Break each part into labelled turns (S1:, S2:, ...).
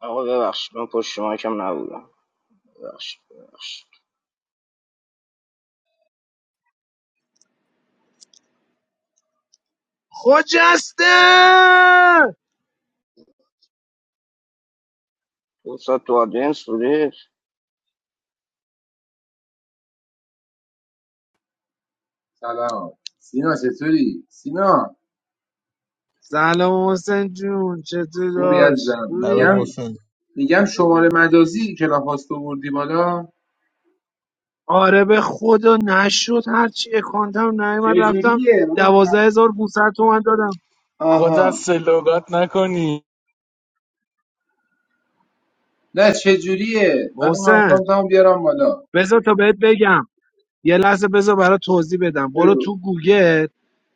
S1: آقا ببخشید من پشت شما کم نبودم ببخشید ببخشید
S2: خجسته
S1: فرصت تو آدینس بودید
S3: سلام سینا چطوری سینا
S2: سلام حسین جون چطور
S3: خوبی
S2: داشت
S3: عزیزم
S4: سلام
S3: میگم
S2: خوبی
S4: حسین
S3: میگم شماره مجازی کلاب هاست رو بردی بالا
S2: آره به خدا نشد هرچی اکانتم نیومد رفتم
S3: چجوریه
S2: دوازده هزار تومن دادم
S5: خود از
S3: آها
S5: سلوگات نکنی
S3: نه چجوریه من اون
S2: محسن
S3: اکانتمو بیارم بالا
S2: بذار تا بهت بگم یه لحظه بذار برات توضیح بدم برو
S3: بگو
S2: تو گوگل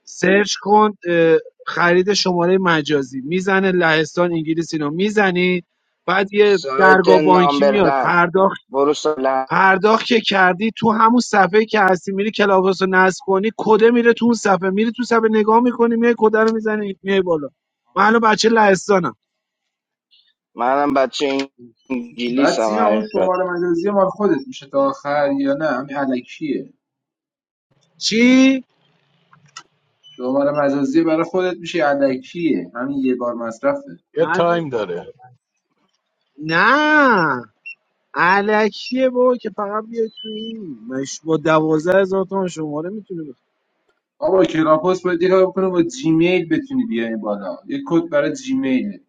S2: سرچ کن اه، خرید شماره مجازی میزنه لهستان انگلیس اینو میزنی بعد یه
S1: سایت
S2: درگاه بانکی میاد
S1: نامبرلند
S2: پرداخت
S1: برو سایلند
S2: پرداخت که کردی تو همون صفحه که هستی میری کلاپاس رو نصب کنی کده میره تو اون صفحه میری تو صفحه نگاه میکنی میای کده رو میزنی میای بالا من الان بچه لهستانم
S1: منم بچه
S3: بعد
S1: انگلیسم
S3: سینا اون
S1: حقیقت
S3: شماره مجازی مال خودت میشه تا آخر یا نه همین علکیه
S2: چی
S3: شماره مجازی برای خودت میشه علکیه همین یه بار مصرفه
S5: یه
S2: نه
S5: تایم داره
S2: نه الکیه بابا که فقط بیا تو این مش با دوازده هزار تومن شماره میتونی بخری.
S3: بابا کلاب هاست باید یه کار بکنه با جیمیل بتونی بیاری بالا یه کد برای جیمیل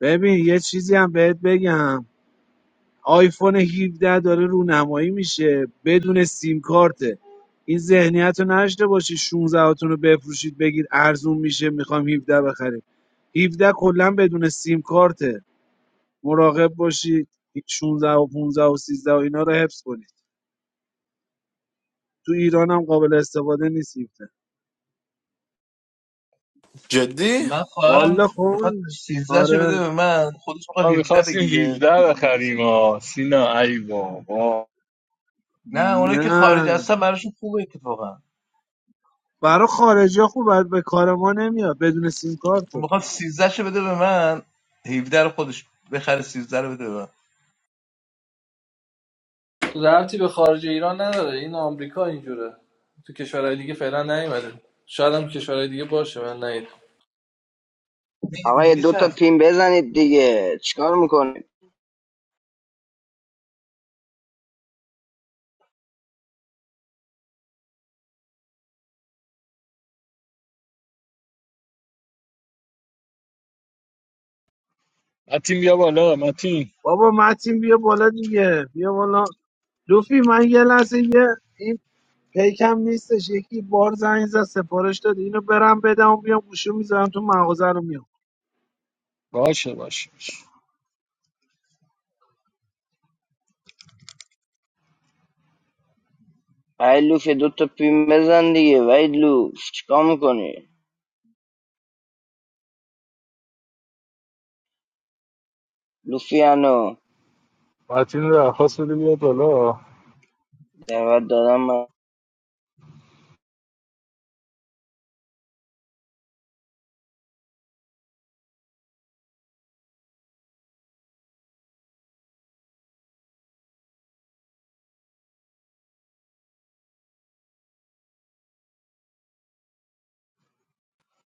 S2: ببین یه چیزی هم بهت بگم آیفون 17 داره رونمایی میشه بدون سیم کارته این ذهنیت رو نداشته باشی 16 هاتون رو بفروشید بگید ارزون میشه میخوام 17 بخریم 17 کلا بدون سیم کارته مراقب باشید 16 و 15 و سیزده و اینا رو حفظ کنید تو ایران هم قابل استفاده نیست 17
S6: جدی
S4: من
S2: والا
S4: خواهرم بخواد
S2: کن
S4: سیزده شو بده
S2: آره
S4: به من خودش
S5: ما
S4: بخواد 17
S5: میخواستیم
S4: بگیره
S5: 17
S4: تو
S5: بخریم
S4: انگلیسه
S5: ها سینا ای بابا
S4: نه اونایی که
S2: نه
S4: خارج هستن براشون خوبه اتفاقا
S2: برا خارجی ها خوب به کار ما نمیاد بدون سیم
S4: اون
S2: کارته
S4: بخواد سیزده شو بده به من 17 رو خودش بخره سیزده رو بده به من
S7: ربطی به خارج ایران نداره این آمریکا اینجوره تو کشورهای دیگه فعلا نیومده شاید هم کشورهای دیگه باشه من نیدم
S4: این
S1: آقا یه دو
S4: انگلیس
S1: تا
S4: هست
S1: پین بزنید دیگه چیکار میکنی؟
S5: متین بیا بالا متین
S2: بابا متین بیا بالا دیگه بیا بالا لوفی من یه لحظه یه این پیکم نیستش یکی بار زنگ زد سفارش داد اینو برم بدم و بیام گوشی میذارم تو مغازه رو میام
S5: باشه باشه
S1: وید لوف یه دو تا پین بزن دیگه وید لوف چیکار میکنی؟ لوفیانو
S5: متین رو درخواست بده بیاد بالا
S1: دعوت دادم من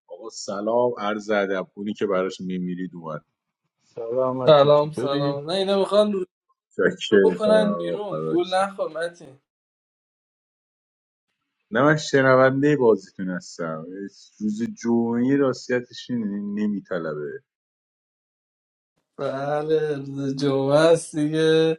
S8: آقا سلام عرض ادب اونی که براش میمیرید اومد
S5: سلام متین
S7: سلام
S5: چطوری؟
S7: سلام نه اینا میخوان روزی رو
S8: چاکر
S7: بکنن
S8: آقا
S7: بیرون
S8: فدات
S7: گول
S8: شم.
S7: نخور متین
S8: نه من شنونده بازیتون هستم روز جمعه راستیتش نمیطلبه
S7: بله روز جمعه است دیگه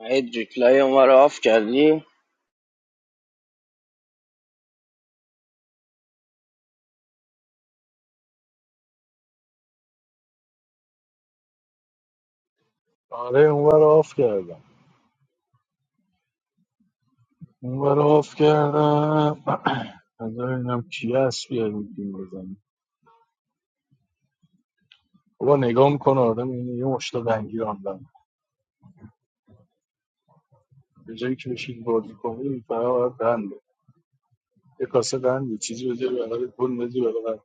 S1: وید ریپلای اون رو آف کردی؟
S5: آره اونور رو آف کردم اونور رو آف کردم نظر اینم کی هست بیاد میتیم بزنیم بابا نگاه میکنه آدم اینه یه مشتا دنگی راندم به جایی که بشید بازی کنی فقط باید قنده. یه کاسه قند یه چیزی بذاری بغل گل بذاری بغل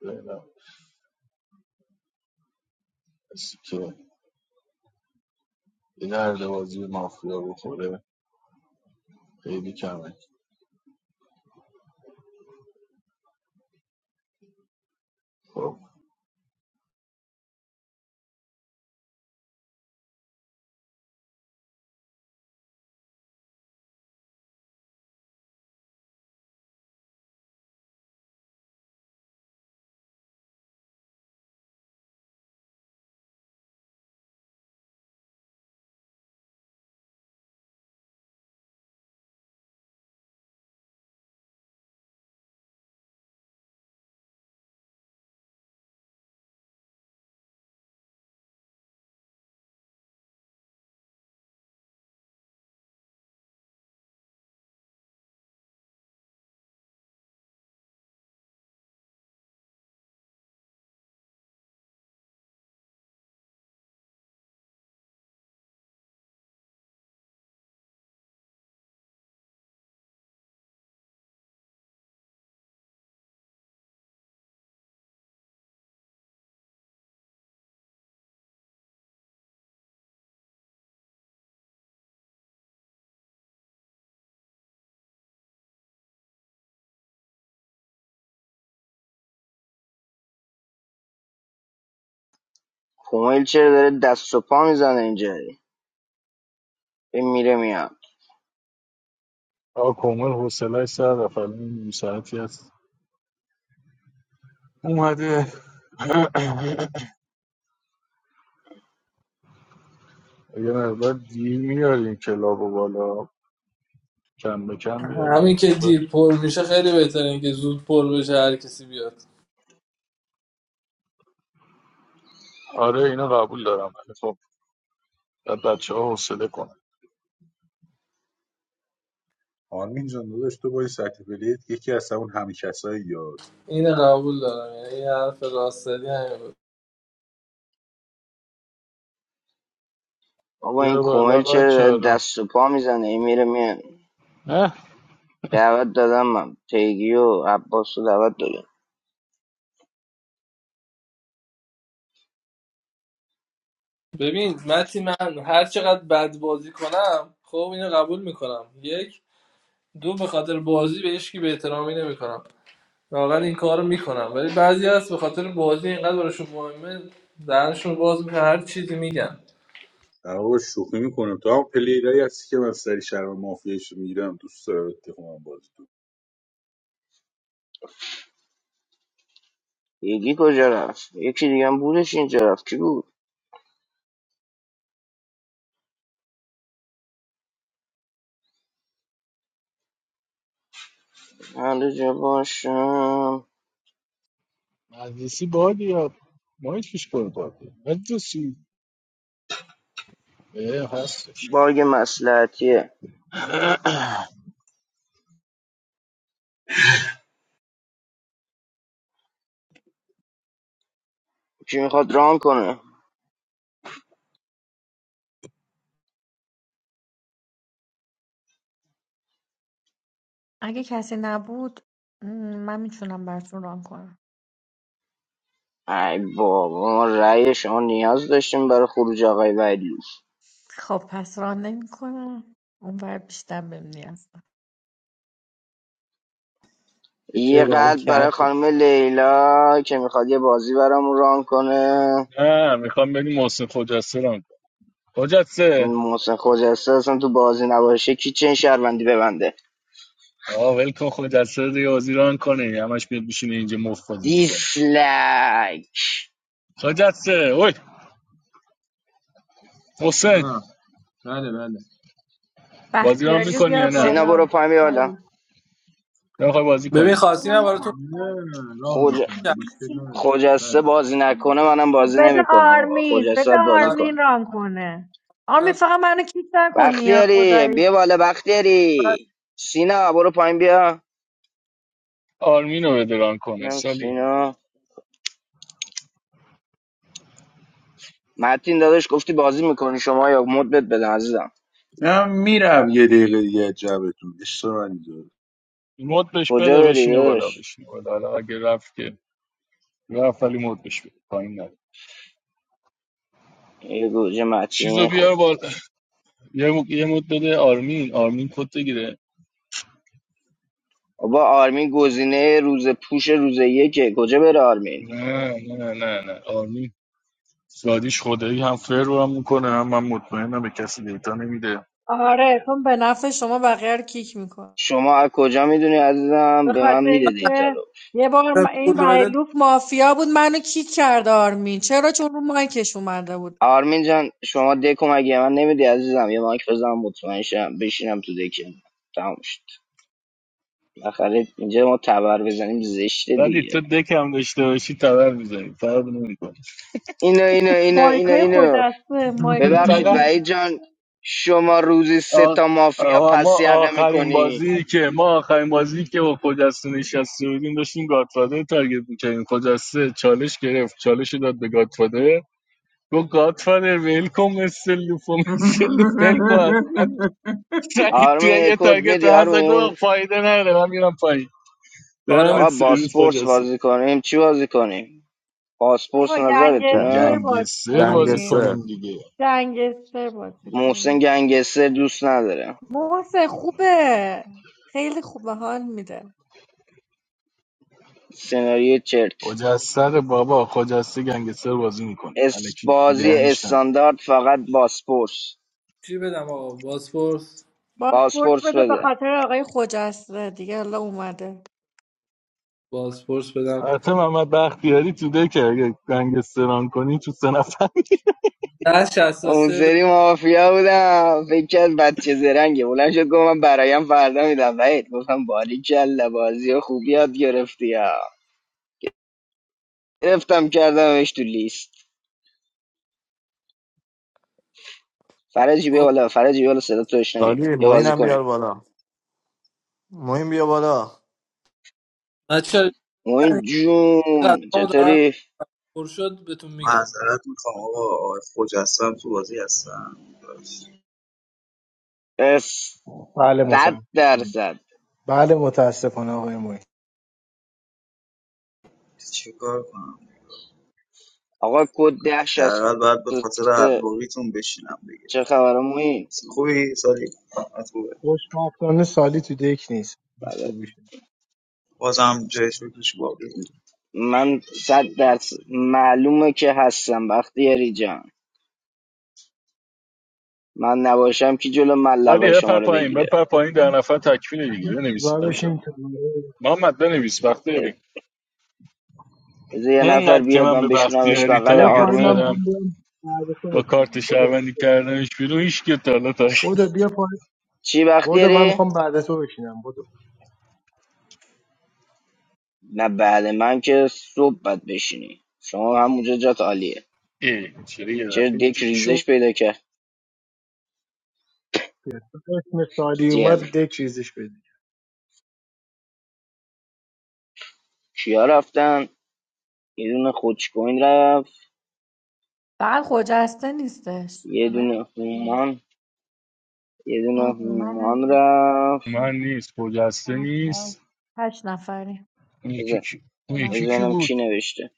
S5: فعلا کسی که به درد بازی مافیا بخوره خیلی کمه خب
S1: کومیل چرا داره دست و پا میزنه اینجا این میره میاد
S5: آقا کامل حوصله سر رفت الان نیم ساعتی هست اومده یه مقدار دیر میاریم کلاب و بالا کم به کم بیاریم
S7: همین که دیر پر میشه خیلی بهتره اینکه زود پر بشه هر کسی بیاد
S5: آره اینو قبول دارم ولی خب بعد بچه ها حوصله کنن
S8: آرمین جان داداش تو با سطح پلیت یکی از همون همیکسایی یا
S7: این قبول دارم یعنی این حرف راست همین بود.
S1: بابا این
S5: بیار
S1: کومل
S5: بالا
S1: چرا
S5: بچه
S1: داره
S5: ها
S1: دست و پا میزنه این میره میان
S5: نه
S1: دعوت دادم من پیگی و عباس رو دعوت دادم
S7: ببین متین من هر چقدر بد بازی کنم خب اینو قبول میکنم یک دو به خاطر بازی به هیچکی به احترامی نمیکنم واقعا این کار میکنم ولی بعضی هست به خاطر بازی اینقدر براشون مهمه دهنشون باز میکنه هر چیزی میگن
S8: در واقع شوخی میکنم تو هم پلیرایی هستی که من سری شهر مافیاش میگیرم دوست دارم اتفاقا بازی تو
S1: پیگی کجا رفت یکی دیگه هم بودش اینجا رفت کی بود حالا جا باشم
S5: مجلسی بادی یا ما هیچ پیش پر بادی مجلسی اه، هستش
S1: باگ مسلحتیه کی میخواد ران کنه
S9: اگه کسی نبود م، من میتونم براتون ران کنم
S1: ای بابا ما رأی شما نیاز داشتیم برای خروج آقای ویدلوف
S9: خب پس ران نمی کنم اون بر بیشتر بهم نیاز
S10: The
S1: یه
S10: turtle on
S1: قلب برای
S10: cap.
S1: خانم لیلا که میخواد یه بازی برامون ران کنه
S5: نه میخوام بریم محسن خجسته رو خجسته
S1: محسن خوجسته اصلا تو بازی نباشه کی چه شهروندی ببنده
S5: آه ول کن خجسته رو دیگه بازی کنی. کنه همش بیاد بشینه اینجا مفت بازی میکنه
S1: دیسلک
S5: خجسته اوی حسین
S3: نه بله بله
S5: بازی ران
S9: بختیاری رو
S5: میکنی
S9: بیار
S5: یا
S1: سینا
S5: نه
S1: برو
S9: بالا
S1: پایین بیا بالا
S9: سالی.
S5: نمیخوای بازی
S7: ببین
S5: کنی
S7: خواستی
S3: نه
S7: من براتون
S3: رام
S1: خوج...
S3: میکنم
S7: میگم
S3: مشکل نداره
S1: خوجسته بازی نکنه منم
S9: خب
S1: بازی
S9: بده
S1: نمیکنم آقا
S9: آرمین
S1: خوجسته
S9: بده
S1: باید بازی
S9: آرمین
S1: کنه
S9: ران کنه آرمین فقط منو کیک نکنی یا
S1: بختیاری
S9: خدایی
S1: بیا بالا بختیاری سینا برو پایین بیا
S5: آرمین رو بده ران کنه
S1: اینم
S5: سالی
S1: سینا متین داداش گفتی بازی میکنی شما یا مدت بدن عزیزم
S8: من میرم یه دقیقه دیگه از جمعتون عشق منی
S5: مد بهش
S1: کجا
S5: بده
S1: بری
S5: بشینه بالا
S1: داداش
S5: بشینه بالا حالا اگه رفت که رفت ولی مد بهش بده پایین نده
S1: یه گوجه
S5: چیزو
S1: متین خب
S5: بیار بالا یه مد یه مد بده آرمین آرمین کد بگیره
S1: بابا آرمین گزینه روز پوش روز یکه کجا بره آرمین
S5: نه نه نه نه آرمین زادیش خدایی هم فر رو هم میکنه هم من مطمئنم به کسی دیتا نمیده
S9: آره چون به نفع شما بقیه رو کیک میکنه
S1: شما از کجا میدونی عزیزم
S9: به
S1: به من
S9: خاطر
S1: میده دیتا رو
S9: اینکه یه بار م-
S7: من
S9: این
S7: پول بده
S9: ویلوف مافیا بود منو کیک کرد آرمین چرا چون رو مایکش اومده بود
S1: آرمین جان شما دکو مگه من نمیدی عزیزم یه مایک بزنم مطمئن شم بشینم تو دکم تموم شد بالاخره اینجا ما تبر بزنیم زشته
S5: ولی
S1: دیگه
S5: تو دکم داشته باشی تبر میزنی فرق نمیکنه
S1: اینو اینو اینو اینو
S9: مایکای
S1: اینو
S9: خودسته مایکای
S1: ببخشید
S9: خودسته
S5: فقط
S1: وحید جان شما روزی سه
S5: آ-
S1: تا مافیا
S5: آقا ما
S1: پس یقه
S5: آخرین
S1: میکنی
S5: بازی که ما آخرین بازی که با خجسته نشسته بودیم داشتیم گادفادر رو تارگت میکردیم خجسته چالش گرفت چالش رو داد به گادفادر گفت گادفادر ویل کن مثل لوف و مثل لوف ویل کن از من
S3: بله
S5: سعید توی
S1: آرمین یه
S5: یه
S1: کد
S5: تارگت
S1: میدی
S5: رو هم زد.
S1: آرمین
S5: گفت فایده نداره من میرم پایین
S7: آره
S5: دهنت
S1: آقا
S5: سرویس
S1: باسپورس
S5: خجسته
S1: بازی کنیم چی بازی کنیم باسپورس
S9: آقا
S1: نظرتونه
S9: گنگستر بازی
S5: گنگستر بازی
S9: کنیم
S6: گنگستر
S5: کنیم دیگه
S9: گنگستر بازی
S1: محسن
S9: کنیم
S1: گنگستر دوست نداره
S9: محسن خوبه خیلی خوبه حال میده
S1: سناریو چرت
S5: خجسته بابا خجسته گنگستر بازی میکنه
S1: اس
S5: الکی
S1: بازی
S5: دهنش نزن
S1: استاندارد فقط باسپورس
S7: چی بدم آقا بازپرس
S9: بازپورت
S1: باسپورس
S9: بده به
S1: بده
S9: خاطر آقای خجسته دیگه حالا اومده
S7: بازپرس بدم
S5: البته محمد بختیاری تو دکه اگه گنگستران کنی تو سه نفر
S7: ده شست
S1: اون
S7: سه
S1: سری مافیا بودم فکر کرد بچه زرنگه بلند شد گفت من برایم فردا میدم وید گفتم باری کلا بازی و خوب یاد گرفتی ها گرفتم کردمش تو لیست فرجی بیا
S7: بدم
S1: بالا فرجی بیا بالا صدا تو بشنویم
S6: سالی
S1: یه بازی
S6: موینم
S1: کنیم
S6: بیار بالا موین بیا بالا
S7: بچه
S1: موین جون
S7: قدمو دارم
S1: چطوری
S7: پر شد بهتون میگم
S11: معذرت میخوام آقا آقای خجستم تو بازی هستم داداش،
S1: اس
S12: بله
S1: صد
S12: متاسفانه
S1: درصد
S12: بله متاسفانه آقای محیط
S11: چه کار کنم
S1: آقا کد ده شست
S11: حداقل باید به
S1: و
S11: خاطر
S1: سه.
S11: علاقیتون بشینم دیگه
S1: چه خبره موین
S11: خوبی سالی حالت خوبه
S12: خوشبختانه سالی تو دک نیست
S1: بله.
S12: خوبی شد
S11: بازم جای شکرش باقی
S1: من صد درصد معلومه که هستم بختیاری جان من نباشم که جلو
S5: ولی
S1: ملقای شما
S5: بپر
S1: رو
S5: پایین
S1: بگیره
S5: بپر پایین در نفر تکمیل دیگه بنویسید
S12: و
S5: بچه
S12: بشین کناره.
S5: محمد بنویس بختیاری
S1: بذار یه نفر
S5: اینقدر که
S1: بیاد
S5: من
S1: من
S5: به
S1: بشونمش
S5: بختیاری
S1: بغل
S12: بیا
S5: تارگت
S12: پایین من
S1: آرمین
S12: میخوام
S5: زدم
S12: بیام بعد تو
S5: با کارت
S12: بشینم بدو
S5: شهروندی کردنش بیرون هیچ که تا حالا تا
S12: بدو بیا پای.
S1: چی
S12: بدو من
S1: بختیاری؟
S12: میخوام بعد تو بشینم بدو
S1: نه بله من که صبح بد بشینی شما همونجا جات عالیه
S5: اه، چرا یه
S1: چرا
S5: دفعه
S1: دیک
S5: اینجوری
S1: ریزش
S5: شد
S1: پیدا کرد
S12: اسم سالی
S1: جر
S12: اومد دک چیزش بدی
S1: کیا رفتن یه دونه خوچکوین رفت
S9: فقط خجسته نیستش
S1: یه
S9: همه
S1: دونه هومان یه دونه
S9: آه منم
S1: هومان
S9: بود
S1: رفت
S5: من نیست خجسته نیست
S9: هشت نفری
S5: اون یکی
S1: بذار
S5: کی
S9: دو
S5: اون یکی
S9: نفر
S1: بذار
S5: کی
S1: ببینم کی
S5: بود
S1: نوشته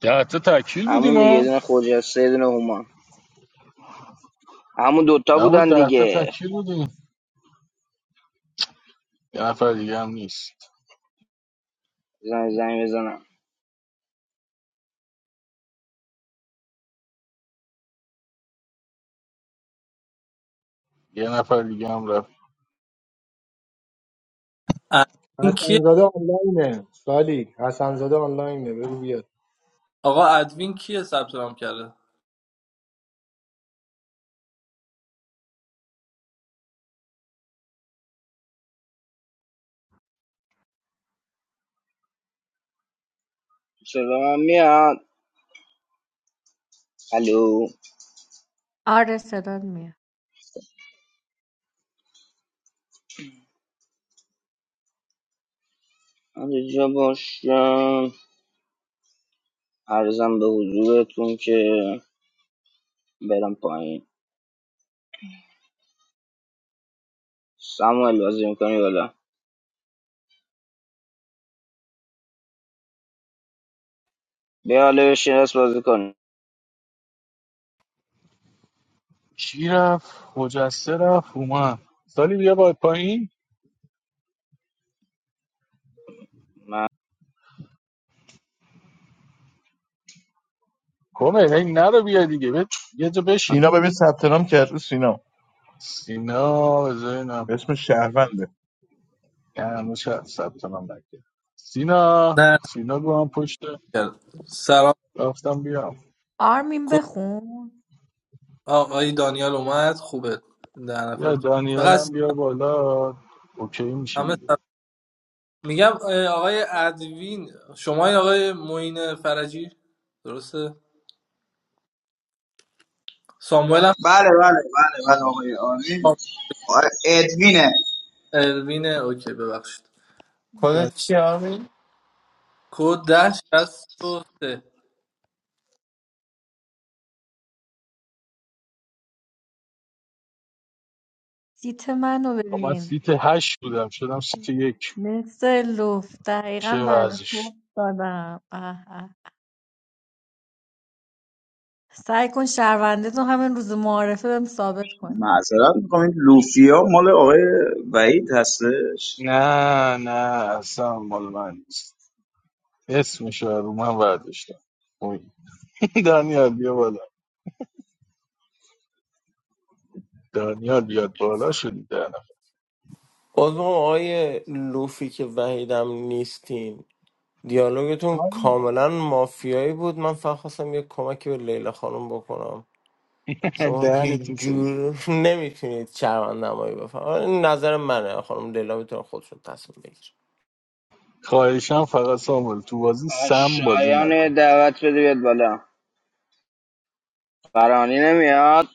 S5: ده تا تکمیل بودیم
S1: همون دیگه
S5: ها
S1: یه دونه خجسته یه دونه هومان همون دوتا
S5: نبود
S1: بودن
S5: ده تا
S1: دیگه
S5: تکی بودیم یه نفر دیگه هم نیست
S1: بزن زنگ بزنم
S5: یه نفر دیگه هم رفت
S7: ادوین کیه
S12: حسنزاده آنلاینه سالی حسنزاده آنلاینه بگو بیاد
S7: آقا ادوین کیه ثبت نام کرده
S1: چرا من میاد الو
S9: آره صدات میاد
S1: من یه جا باشم عرضم به حضورتون که برم پایین ساموئل بازی میکنی بالا بیا حالا بشین دست بازی کن
S5: کی رفت مجسه رفت اومد سالی بیا باید پایین
S1: من
S5: کمه هی نرو بیا دیگه بیا یه جا
S4: اینا
S5: بشین
S4: ببین ثبت نام کرد رو سینا
S5: سینا بذارینم
S4: اسم شهرونده
S5: نه هنوز ثبت نام نکرد سینا
S7: نه
S5: سینا گو هم پشت
S7: کرد سلام
S5: رفتم بیام
S9: آرمین بخون
S7: آقای دانیال اومد خوبه در نفر
S5: بیا دانیل
S7: فقط
S5: هم بیا بالا اوکی میشه
S7: همه
S5: دیگه
S7: سب- میگم اه، آقای ادوین شما این آقای معین فرجی درسته ساموئل هم
S11: بله بله بله بله آقای آمین آقای ادمینه
S7: الوین اوکی ببخشید دان-
S13: خودت چی آرمین؟
S7: کد ده شست و سه
S9: سیت منو
S5: خب من
S9: ببین
S5: سیت هشت بودم شدم سیت یک
S9: مثل لوف دقیقا
S5: چه
S9: بعد
S5: وضعش
S9: صبح دادم سعی کن شهرونده تو همین روز معارفه بهم ثابت کن.
S11: معذرت میخوام این لوفیا مال آقای وحید هستش
S5: نه نه اصلا مال من نیست. اسمشو رو من برداشتم اوی. دانیال بیا بالا دانیال بیاد بالا شدی دهنم
S13: بازم آقای لوفی که وحیدم نیستین دیالوگتون
S12: سالی
S13: کاملا مافیایی بود من فقط خواستم یه کمکی به لیلا خانم بکنم شما
S5: دهن
S13: هیچ
S5: تو سرویس
S13: جور نمیتونید چرمند نمایی بفهم این نظر منه خانم لیلا میتونه خودشون تصمیم بگیره
S5: خواهشم فقط سامول تو بازی
S1: من
S5: سم بازی
S1: شایان یه
S5: نکن
S1: دعوت بده بیاد بالا فرانی نمیاد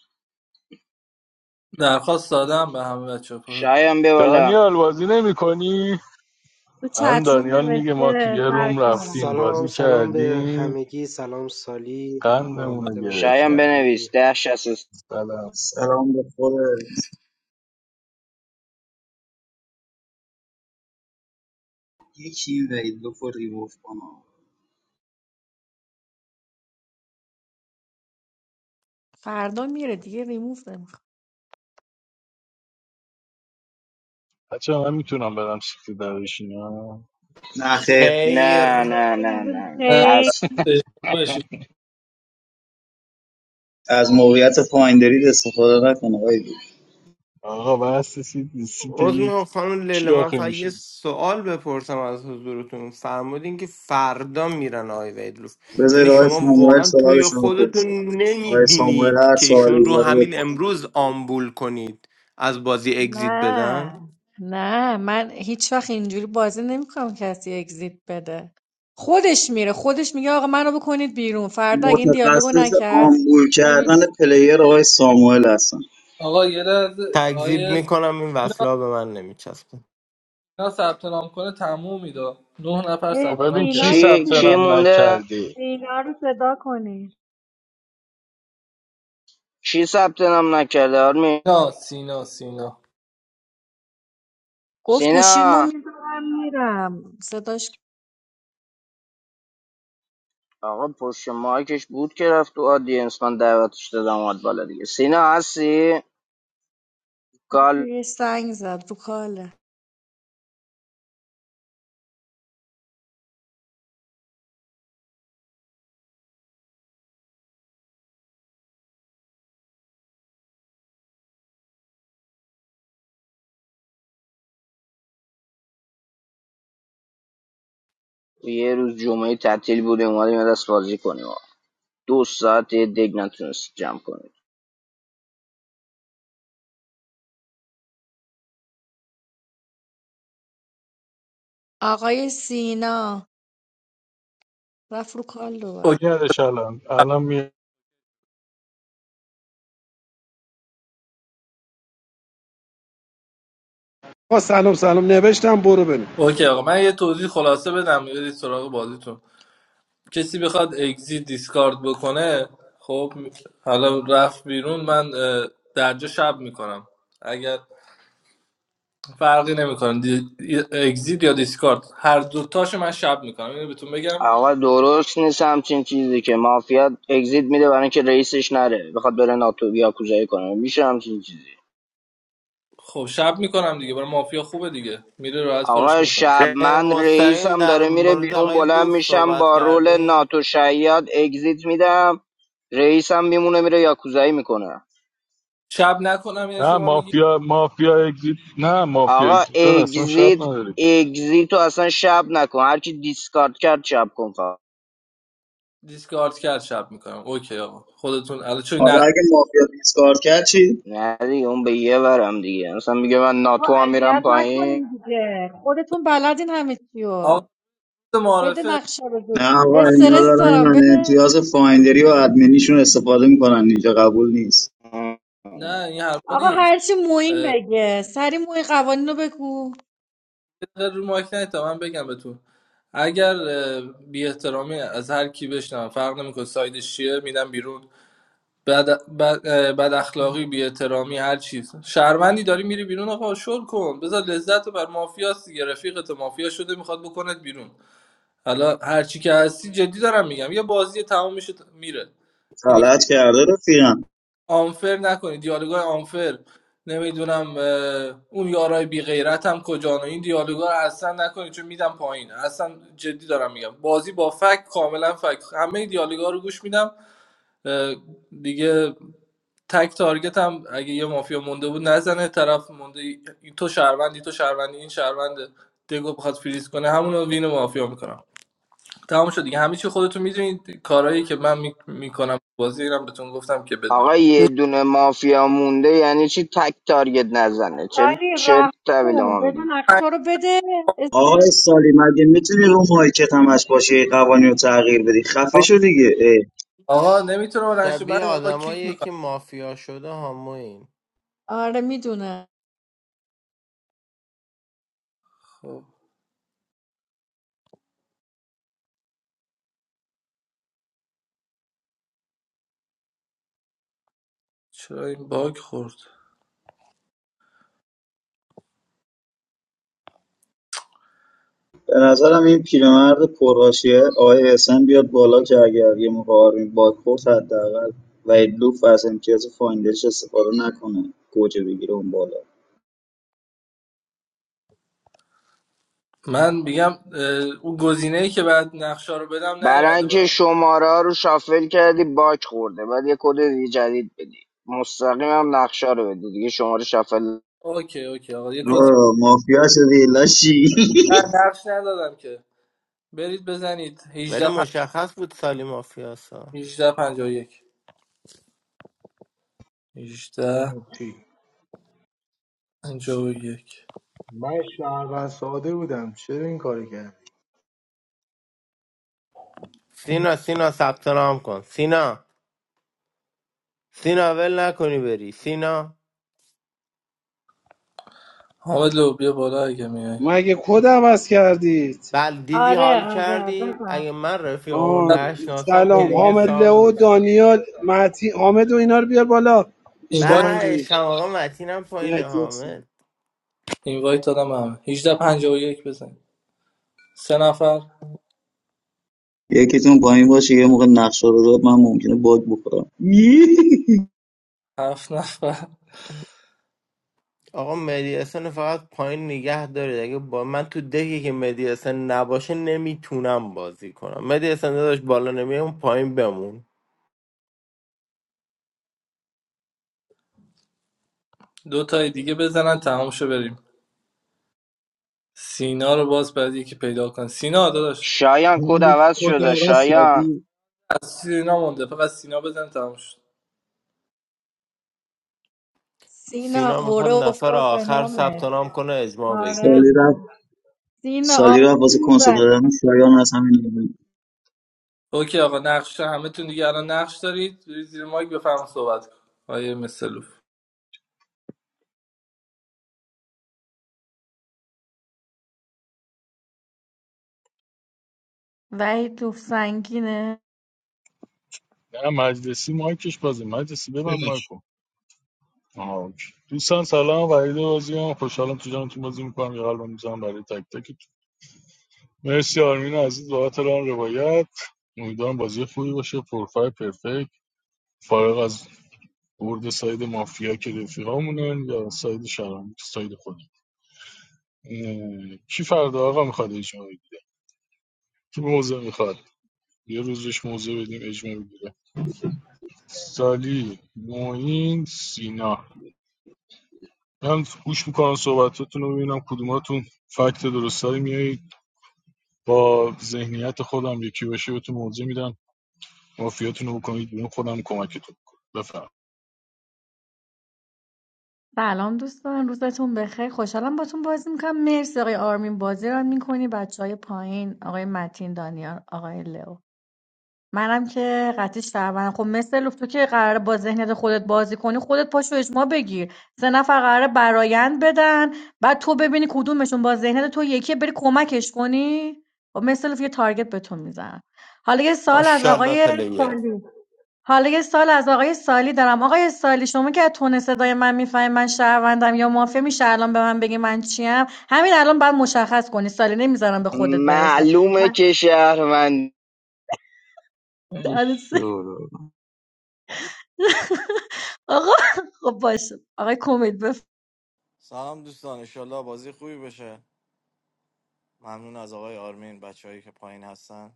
S7: درخواست دادم به همه بچه ها.
S1: شایان بیا بالا
S5: دانیال بازی نمی کنی؟
S9: تو
S5: الان
S9: چتروم
S5: دانیال میگه ما تو
S9: نوشته
S5: یه
S9: سر
S5: روم
S9: کارم
S5: رفتیم
S14: سلام
S5: بازی
S14: سلام به
S5: کردیم
S14: همگی سلام سالی محمد
S5: قندمونو
S1: شایان
S5: گرفتن
S1: بنویس
S14: بختیاری
S1: ده شست و س-
S5: سلام
S11: سلام به خود یکی وحید لوفو ریموف کنم
S9: فردا میره دیگه ریموف نمیخوام
S5: بچه من میتونم برم سیت درشینم
S11: نه خیر
S1: نه
S13: خیر
S1: نه نه
S9: خیلی
S1: نه
S7: نه
S9: خیلی-
S1: از
S7: بشی.
S11: از موقعیت فایندرید استفاده نکن آقای
S5: آقا بس سیت, سیت
S13: عذر میخوام
S5: یک
S13: خانم لیلا
S5: کی
S13: من
S5: آخه
S13: فقط یه
S5: میشید
S13: سوال بپرسم از حضورتون فرمودین که فردا میرن آقای ویدلوف
S11: بذارید
S13: یعنی
S11: آقای
S13: شما
S11: ساموئل
S13: واقعا توی
S11: سوالشون رو
S13: خودتون
S11: پرسه آقای ساموئل
S13: نمیبینید
S11: هر
S13: که ایشون
S11: سوالی
S13: رو
S11: داره
S13: همین
S11: بپرسه
S13: امروز آمبول کنید از بازی اگزیت بدن
S9: نه نه من هیچ وقت اینجوری بازی نمیکنم کسی اگزیت بده خودش میره خودش میگه آقا منو بکنید بیرون فردا اگه این دیالوگو
S11: متخصص
S9: نکرد
S11: آمبول
S9: ببین
S11: کردن پلیر آقای ساموئل هستن
S7: آقا یه لحظه
S13: تکذیب
S7: آقای
S13: میکنم این
S7: سینا
S13: وصلها به من نمیچسبه
S7: سینا ثبت نام کنه تموم میده نه نفر
S9: اه،
S7: ثبت
S5: ببین
S7: نام
S5: کی
S9: سینا
S7: کرده
S1: کی
S5: ثبت
S1: کی
S9: نیست
S5: نام
S1: مونده
S5: نکرده
S9: سینا رو صدا کنی
S1: کی ثبت نام نکرده آرمی
S7: نه سینا سینا
S9: گفت گوشیمو
S1: سینا
S9: میذارم میرم صداش
S1: آقا پشت مایکش بود که رفت تو آدینس من دعوتش دادم اومد بالا دیگه سینا هستی کال
S9: یه سنگ زد رو کاله
S1: یه روز جمعه تعطیل بوده اومدیم یه دست بازی کنیم دو ساعت یه دگ نتونست جمع کنیم
S9: آقای سینا رفت رو کال دوباره
S5: یادش الان الان می...
S2: آقا سلام سلام نوشتم برو ببین
S7: اوکی آقا من یه توضیح خلاصه بدم برید سراغ بازیتون کسی بخواد اگزیت دیسکارد بکنه خب حالا رفت بیرون من اه، درجا شب میکنم اگر فرقی نمیکنه دی... اگزیت یا دیسکارد هر دوتاشو من شب میکنم اینو بهتون بگم
S1: آقا درست نیست همچین چیزی که مافیا اگزیت میده برای اینکه رئیسش نره بخواد بره ناتو یا کوزایی کنه میشه همچین چیزی
S7: خب شب میکنم دیگه برای مافیا خوبه دیگه میره راحت
S1: آقا
S7: کارشو میکنم
S1: شب
S13: غیر
S1: من
S13: مستقیم
S1: رئیسم
S13: در
S1: داره میره
S13: مورد
S1: بیرون
S13: آقای
S1: بلند
S13: لوف
S1: میشم
S13: صحبت
S1: با رول
S13: کردین
S1: ناتو شیاد اگزیت میدم رئیسم میمونه میره یاکوزایی میکنه
S7: شب نکنم یعنی
S5: نه
S7: شما میگی
S5: مافیا مافیا اگزیت نه مافیا
S1: آقا
S5: اگزیت داد اصلا شب
S1: اگزیت
S5: نداره که
S1: اگزیت رو اصلا شب نکن هر کی دیسکارد کرد شب کن فقط
S7: دیسکارد کرد شب میکنم اوکی آقا خودتون الان چون
S11: حالا
S7: نه
S11: اگه مافیا دیسکارد کرد چی؟
S1: نه دیگه اون به یه ورم دیگه اصلا میگه من
S9: آقا
S1: ناتو هم میرم
S9: اذیت
S1: پایین
S9: نکنین دیگه خودتون بلدین همه چیو
S7: آقا
S9: بده
S7: معرفه
S9: نقشه رو زود
S11: نه آقا
S7: اومدی-
S11: اینا
S9: استرس
S11: دارن
S9: دارم
S11: من
S9: بده
S11: امتیاز فایندری و ادمینیشون استفاده میکنن اینجا قبول نیست
S7: نه این حرفا
S9: آقا
S7: نیست
S9: هرچی موین بگه سری موین قوانین رو بگو
S7: دقیقه رو مایک نیاد تا من بگم بهتون اگر بی احترامی از هر کی بشنم فرق نمیکنه سایدش چیه میدم بیرون بد, بد, بد اخلاقی بی احترامی هر چیز شهروندی داری میری بیرون آقا شل کن بذار لذت رو بر مافیاست دیگه رفیقت مافیا شده میخواد بکنت بیرون حالا هر چی که هستی جدی دارم میگم یه بازی تمام میشه میره اینی
S11: غلط کرده رفیقم
S7: آنفر نکنید دیالوگای آنفر نمیدونم اون یارای بی غیرت هم کجان و این دیالوگا رو اصلا نکنید چون میدم پایین اصلا جدی دارم میگم بازی با فک کاملا فک همه دیالوگا رو گوش میدم دیگه تک تارگت هم اگه یه مافیا مونده بود نزنه طرف مونده این تو شهروندی تو شهروندی این شهروند دگو بخواد فریز کنه همون رو وین مافیا میکنم تمام شد دیگه همه چی خودتون میدونید کارهایی که من میکنم بازی اینم بهتون گفتم که بدونید
S1: آقا یه دونه مافیا مونده یعنی چی تک تارگت نزنه چرا
S9: ولی
S1: چرت
S9: رحم
S1: تحویل
S9: کن
S1: ما
S9: بده
S1: میدی
S9: نقشه رو بده استرس
S11: آقای سالی مگه میتونی رو مایکت همش باشی قوانین رو تغییر بدی خفه شو دیگه اه.
S7: آقا نمیتونم بلند شه. من
S13: شبیه
S7: آقا کیک
S13: آدمایی
S7: میکنم
S13: که مافیا شده همون
S9: آره میدونه
S7: خب چرا این باگ خورد
S11: به نظرم این پیرمرد پرحاشیه آقای اسن بیاد بالا که اگر یه موقع آرمین حداقل و لوف از امتیاز فایندرش استفاده نکنه گوجه بگیره اون بالا
S7: من میگم اه، اون گزینه ای که بعد نقشه رو بدم
S1: برای
S7: نیومده
S1: اینکه
S7: برام
S1: شماره ها رو شافل کردی باک خورده بعد یه کد دیگه جدید بدی مستقیم هم نقشه رو بده دیگه شماره شافل
S7: اوکی اوکی آقا یه کد
S11: آه، مافیا شدی لشی
S7: نه، نقش ندادم که برید بزنید
S13: ولی
S7: 18 پن...
S13: مشخص بود سالی مافیاسا
S7: 18 51 18
S12: چی؟
S7: 51
S12: من شهروند ساده بودم چرا این کاری کرد
S13: سینا سینا ثبت نام کن سینا سینا ول نکنی بری سینا
S7: حامد لو بیا بالا اگه میای
S2: مگه کد عوض کردید
S13: بل دیدی
S9: آره
S13: حال
S9: آره
S13: کردی
S9: بزن
S13: اگه من رفیقامو
S2: آه
S13: نشناسم که
S2: سلام
S13: دیگه
S2: حامد
S13: سام
S2: لئو
S13: نیستم
S2: دانیال مهتی حامد و اینا رو بیار بالا
S7: اینوایت
S2: 1851
S13: بعدش هم آقا متینم پایین
S2: مهتی هستم
S13: حامد
S7: اینوایت دادم همه 18 51 بزن سه نفر
S11: یکیتون پایین باشه یه موقع نقشه رو داد من ممکنه باگ بخورم
S7: هفت نفر
S13: آقا مدیاسن فقط پایین نگه دارید اگه با من تو دکی که مدیاسن نباشه نمیتونم بازی کنم مدیاسن داداش بالا نمیای اون پایین بمون
S7: دو تای دیگه بزنن تمام شو بریم سینا رو باز بعد یکی پیدا کن سینا داداش
S1: شایان
S4: اون
S1: کد
S4: بود
S1: عوض
S4: کد
S1: شده
S4: عوض
S1: شایان
S4: کردی
S7: از سینا مونده فقط سینا بزن تموم شد
S9: سینا
S13: سینا
S9: قوره
S13: میخواد نفر
S9: افتاد به
S13: آخر
S9: نامه
S13: ثبت نام کنه اجماع
S9: آره
S13: بگیره
S11: سالی رفت
S9: سینا
S11: سالی رفت واسه کنسول
S9: آمون
S11: دادن شایان از همین
S7: اوکی آقا نقشه همه تون دیگه الان نقش دارید برید زیر مایک بفهم صحبت کن آیه مثلوف
S9: وحید جفت سنگینه
S5: نه مجلسی مایکش بازه مجلسی ببن
S4: بلش
S5: مایکو آها اوکی. دوستان سلام وحید بازی هم خوشحالم تو جانتون بازی میکنم یه قلبم میزنم برای تک تک مرسی آرمین عزیز بابت ران روایت امیدوارم بازی خوبی باشه پرفای پرفکت فارغ از برد ساید مافیا که رفیقامونن یا ساید شرم ساید خودم اه، کی فردا آقا میخواد اجماعی کی موزه میخواد یه روزش موضوع بدیم اجماع بگیره سالی معین سینا من گوش میکنم صحبتاتون رو ببینم کدوماتون فکت درست داری میایید با ذهنیت خودم یکی باشه بهتون موضوع میدم مافیاتون رو بکنید بیرون خودم کمکتون میکنم بفهم
S9: سلام دوستان روزتون بخیر خوشحالم باتون بازی میکنم مرسی آقای آرمین بازی رو میکنی بچه های پایین آقای متین دانیال آقای لو منم که قطعی شهروند خب مثل لوف تو که قراره با ذهنیت خودت بازی کنی خودت پاشو اجماع بگیر سه نفر قراره برایند بدن بعد تو ببینی کدومشون با ذهنیت تو یکی بری کمکش کنی خب مثل لوف یه تارگت به تو میزن حالا یه سال از
S13: ماشاءالله
S9: آقای
S13: پلیر
S9: سالی حالا یه سوال از آقای سالی دارم آقای سالی شما که از تون صدای من میفهمی من شهروندم یا مافیا میشه الان به من بگی من چیم همین الان باید مشخص کنی سالی نمیذارم به خودت برسه
S1: معلومه
S9: من
S1: که شهروند
S4: ای شورو.
S9: آقا خب باشه آقای کمیل
S6: سلام دوستان انشالله بازی خوبی بشه ممنون از آقای آرمین بچههایی که پایین هستن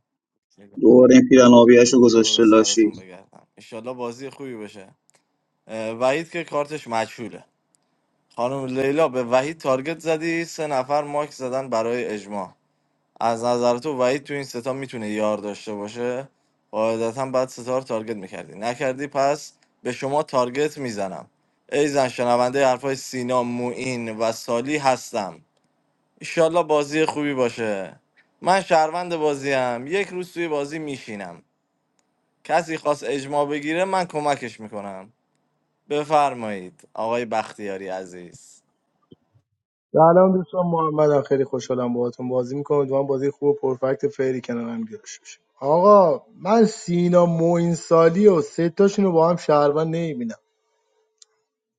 S11: دوباره این پیرن آبیه‌اش
S6: دور
S11: گذاشته لاشی
S6: سرتون بگردم انشالله بازی خوبی بشه اه، وحید که کارتش مجهوله خانم لیلا به وحید تارگت زدی سه نفر ماک زدن برای اجماع از نظر تو وحید تو این ستا میتونه یار داشته باشه قاعدتا بعد ستا رو تارگت میکردی نکردی پس به شما تارگت میزنم ای زن شنونده حرفای سینا موین و سالی هستم ایشالله بازی خوبی باشه من شهروند بازیم یک روز توی بازی میشینم کسی خواست اجماع بگیره من کمکش میکنم بفرمایید آقای بختیاری عزیز
S12: سلام دوستان محمدم خیلی خوشحالم باهاتون بازی میکنم امیدوارم بازی خوب و پرفکت و فری کنار هم گرفته باشه آقا من سینا موین سالی و سه تاشون رو با هم شهروند نمیبینم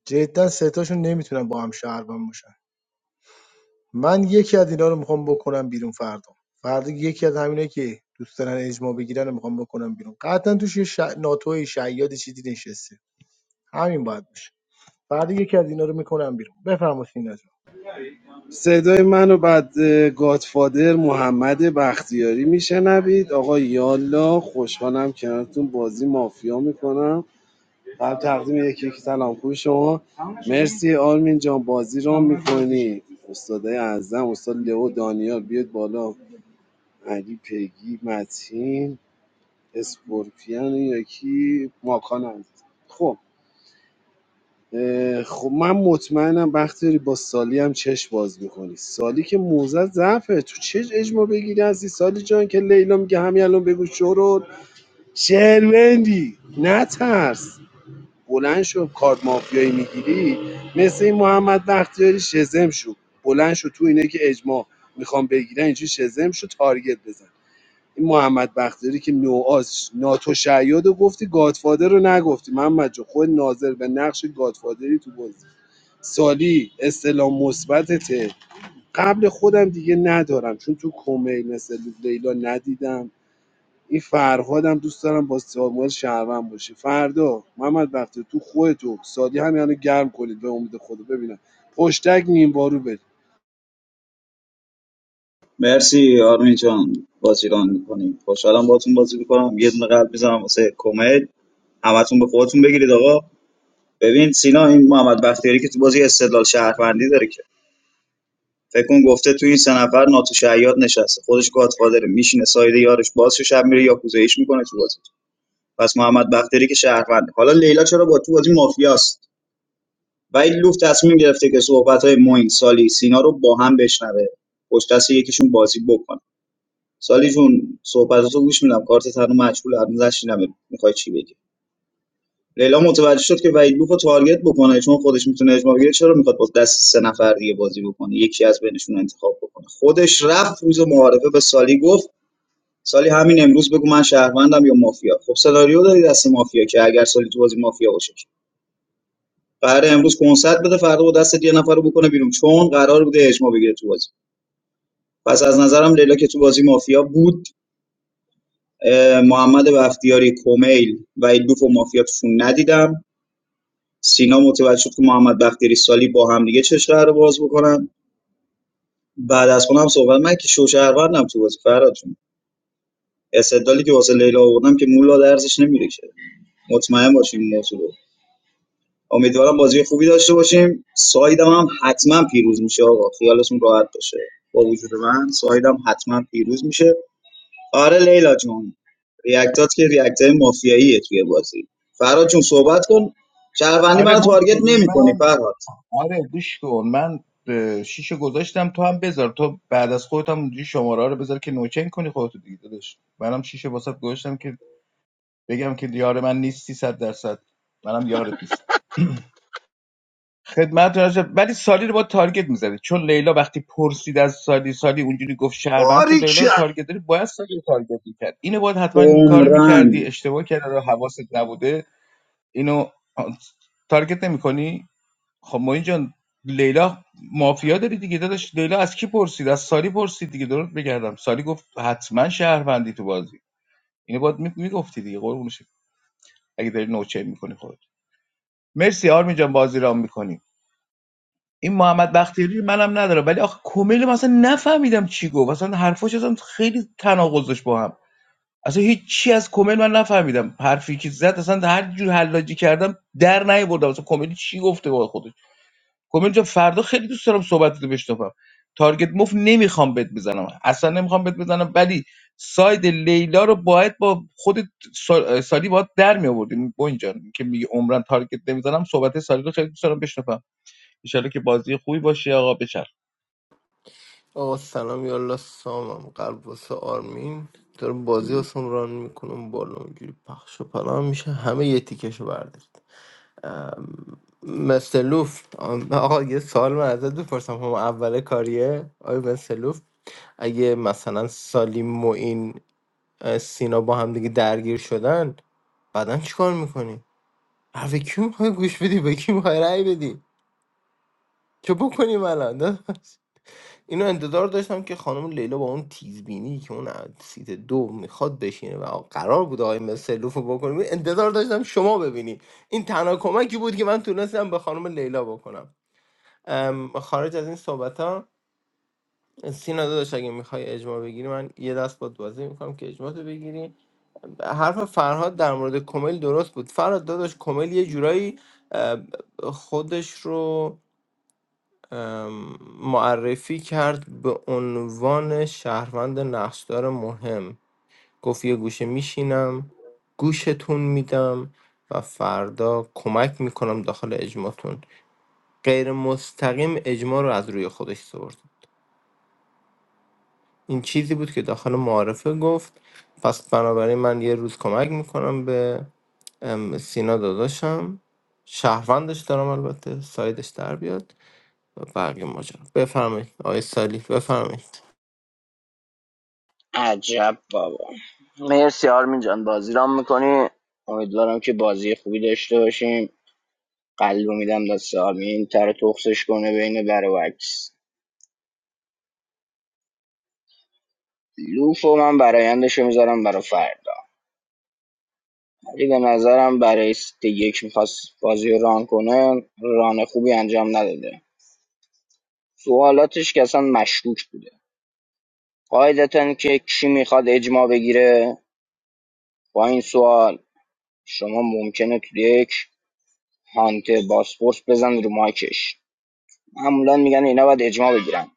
S12: جدا سه تاشون نمیتونن با هم شهروند باشن من یکی از اینا رو میخوام بکنم بیرون فردا فردا یکی از همینایی که دوست دارن اجماع بگیرن رو میخوام بکنم بیرون قطعا توش یه ش... ناتوی شیاد چیزی نشسته همین باید باشه فردا یکی از اینا رو میکنم بیرون بفرمایید سینا جان.
S2: صدای منو بعد اه، گادفادر محمد بختیاری میشنوید آقا یالا خوشحالم کنارتون بازی مافیا میکنم قبل تقدیم یکی یکی سلام خوبی شما مرسی آرمین جان بازی رو میکنی استادای اعظم استاد لئو دانیال بیاد بالا علی پیگی متین اسکورپیان یکی ماکان عزیز خب اه، خب من مطمئنم وقتی با سالی هم چش باز میکنی سالی که موزه ضعفه تو چه اجما بگیری هستی سالی جان که لیلا میگه همین الان بگو شروع شهروندی نترس بلند شو کارت مافیایی میگیری مثل این محمد بختیاری شزم شو بلند شو تو اینه که اجماع میخوام بگیرن اینجوری شزم شو تارگت بزن این محمد بختیاری که نوآز ناتو شیاد رو گفتی گادفادر رو نگفتی محمد جو خود ناظر به نقش گادفادری تو بازی سالی استلام مثبتته قبل خودم دیگه ندارم چون تو کمیل مثل لیلا ندیدم این فرهادم دوست دارم با ساموئل شهروند باشه فردا محمد وقتی تو خودتو سادی همین الان گرم کنید به امید خدا ببینم پشتک نیم بارو برید
S11: مرسی آرمین جان بازی ران میکنی خوشحالم باهاتون بازی میکنم یه دونه قلب میزنم واسه کمیل همتون به خودتون بگیرید آقا ببین سینا این محمد بختیاری که تو بازی استدلال شهروندی داره که فکر کن گفته تو این سه نفر ناتو شیاد نشسته خودش گادفادره میشینه سایده یارش باز شه، شب میره یاکوزایش میکنه تو بازی پس محمد بختیاری که شهرونده حالا لیلا چرا با تو بازی مافیاست و این لوف تصمیم گرفته که صحبت های موین سالی سینا رو با هم بشنوه پشت دست یکیشون بازی بکنه سالی جون صحبتاتو گوش میدم کارت هنوز مجهول هنوز نشینم میخوای چی بگی لیلا متوجه شد که وحید بوفو تارگت بکنه چون خودش میتونه اجماع بگیره چرا میخواد با دست سه نفر دیگه بازی بکنه یکی از بینشون انتخاب بکنه خودش رفت روز معارفه به سالی گفت سالی همین امروز بگو من شهروندم یا مافیا خب سناریو داری دست مافیا که اگر سالی تو بازی مافیا باشه که. قراره امروز کنسرت بده فردا با دست یه نفر رو بکنه بیرون چون قرار بوده اجماع بگیره تو بازی پس از نظرم لیلا که تو بازی مافیا بود محمد بختیاری کمیل و ایلوف و مافیا ندیدم سینا متوجه شد که محمد بختیاری سالی با هم دیگه چه شهر رو باز بکنن بعد از خودم صحبت من که شوشهروندم تو بازی فراد جون استدلالی که واسه لیلا آوردم که مولا درزش نمیریشه مطمئن باشیم این موضوع رو امیدوارم بازی خوبی داشته باشیم سایدم هم حتما پیروز میشه آقا خیالتون راحت باشه با وجود من سایدم حتما پیروز میشه آره لیلا جون ریاکتات که ریاکت مافیاییه توی بازی فرهاد جون صحبت کن شهروندی
S4: آره
S11: منو تارگت نمیکنی
S4: من
S11: فرهاد
S4: آره گوش کن من اه، شیشو گذاشتم تو هم بذار تو بعد از خودت هم اونجوری شماره ها رو بذار که نوچنگ کنی خودتو دیگه داداش منم شیشه واسات گذاشتم که بگم که یار من نیستی صد درصد منم یارت نیستم خدمت راجب ولی سالی رو با تارگت میزدی چون لیلا وقتی پرسید از سالی سالی اونجوری گفت شهروند تو لیلا رو
S2: باریکن
S4: تارگت داری باید سالی رو تارگت میکرد اینو باید حتما این کارو میکردی
S11: عمرن
S4: اشتباه کرده رو حواست نبوده اینو آه، تارگت نمیکنی خب ما جان لیلا مافیا داری دیگه داداش لیلا از کی پرسید از ساری پرسید دیگه درست بگردم ساری گفت حتما شهروندی تو بازی اینو باید می- میگفتی دیگه قربون شکل اگه داری نوچه میکنی خودت مرسی آرمین جان بازی رام میکنی این محمد بختیاری منم ندارم ولی آخه کمیل مثلا نفهمیدم چی گفت اصلا حرفاش اصلا خیلی تناقض داشت با هم اصلا هیچ چی از کمیل من نفهمیدم حرفی که زد اصلا هر جور حلاجی کردم در نیاوردم اصلا کمیل چی گفته با خودش کامل جان فردا خیلی دوست دارم صحبت رو بشنوم تارگت مفت نمیخوام بهت بزنم اصلا نمیخوام بهت بزنم ولی ساید لیلا رو باید با خود سال- سالی باید در می آوردیم با اینجا که میگه عمرن تارگت نمیزنم صحبت سالی رو خیلی دوست دارم بشنوم ان که بازی خوبی باشه آقا بچر
S13: آقا سلام یالا سامم قلب واسه آرمین داره بازی واسم ران میکنم بالا اونجوری پخش و پلا میشه همه یه تیکشو بردارید مستر لوف آم، آقا یه سوال من ازت بپرسم هم اول کاریه آقای مستر لوف اگه مثلا سالیم و این اه، سینا با هم دیگه درگیر شدن بعدا چیکار میکنی؟ حرف کی میخوای گوش بدی به کی میخوای رأی بدی چه بکنیم الان اینو انتظار داشتم که خانم لیلا با اون تیزبینی که اون از سیت دو میخواد بشینه و قرار بود آقای مسلوف رو بکنیم انتظار داشتم شما ببینی این تنها کمکی بود که من تونستم به خانم لیلا بکنم ام، خارج از این صحبت ها سینا داداش اگه میخوای اجماع بگیری من یه دست باد بازی میکنم که اجماع تو بگیری حرف فرهاد در مورد کمیل درست بود فرهاد داداش کمیل یه جورایی ام، خودش رو ام، معرفی کرد به عنوان شهروند نقشدار مهم گفت یه گوشه میشینم گوشتون میدم و فردا کمک میکنم داخل اجماتون غیر مستقیم اجما رو از روی خودش سرد این چیزی بود که داخل معارفه گفت پس بنابراین من یه روز کمک میکنم به ام، سینا داداشم شهروندش دارم البته سایدش در بیاد و بقیه ماجرا بفرمایید آقای سالی بفرمایید
S1: عجب بابا مرسی آرمین جان بازی رام میکنی امیدوارم که بازی خوبی داشته باشیم قلب رو میدم دست آرمین تر تخصش کنه بین بر و عکس لوف من برایندش رو میذارم برا فردا ولی به نظرم برای ست یک میخواست بازی رو ران کنه ران خوبی انجام نداده سوالاتش که اصلا مشکوک بوده قاعدتا که کی میخواد اجماع بگیره با این سوال شما ممکنه تو یک هانت باسپورس بزن رو مایکش معمولا میگن اینا باید اجماع بگیرن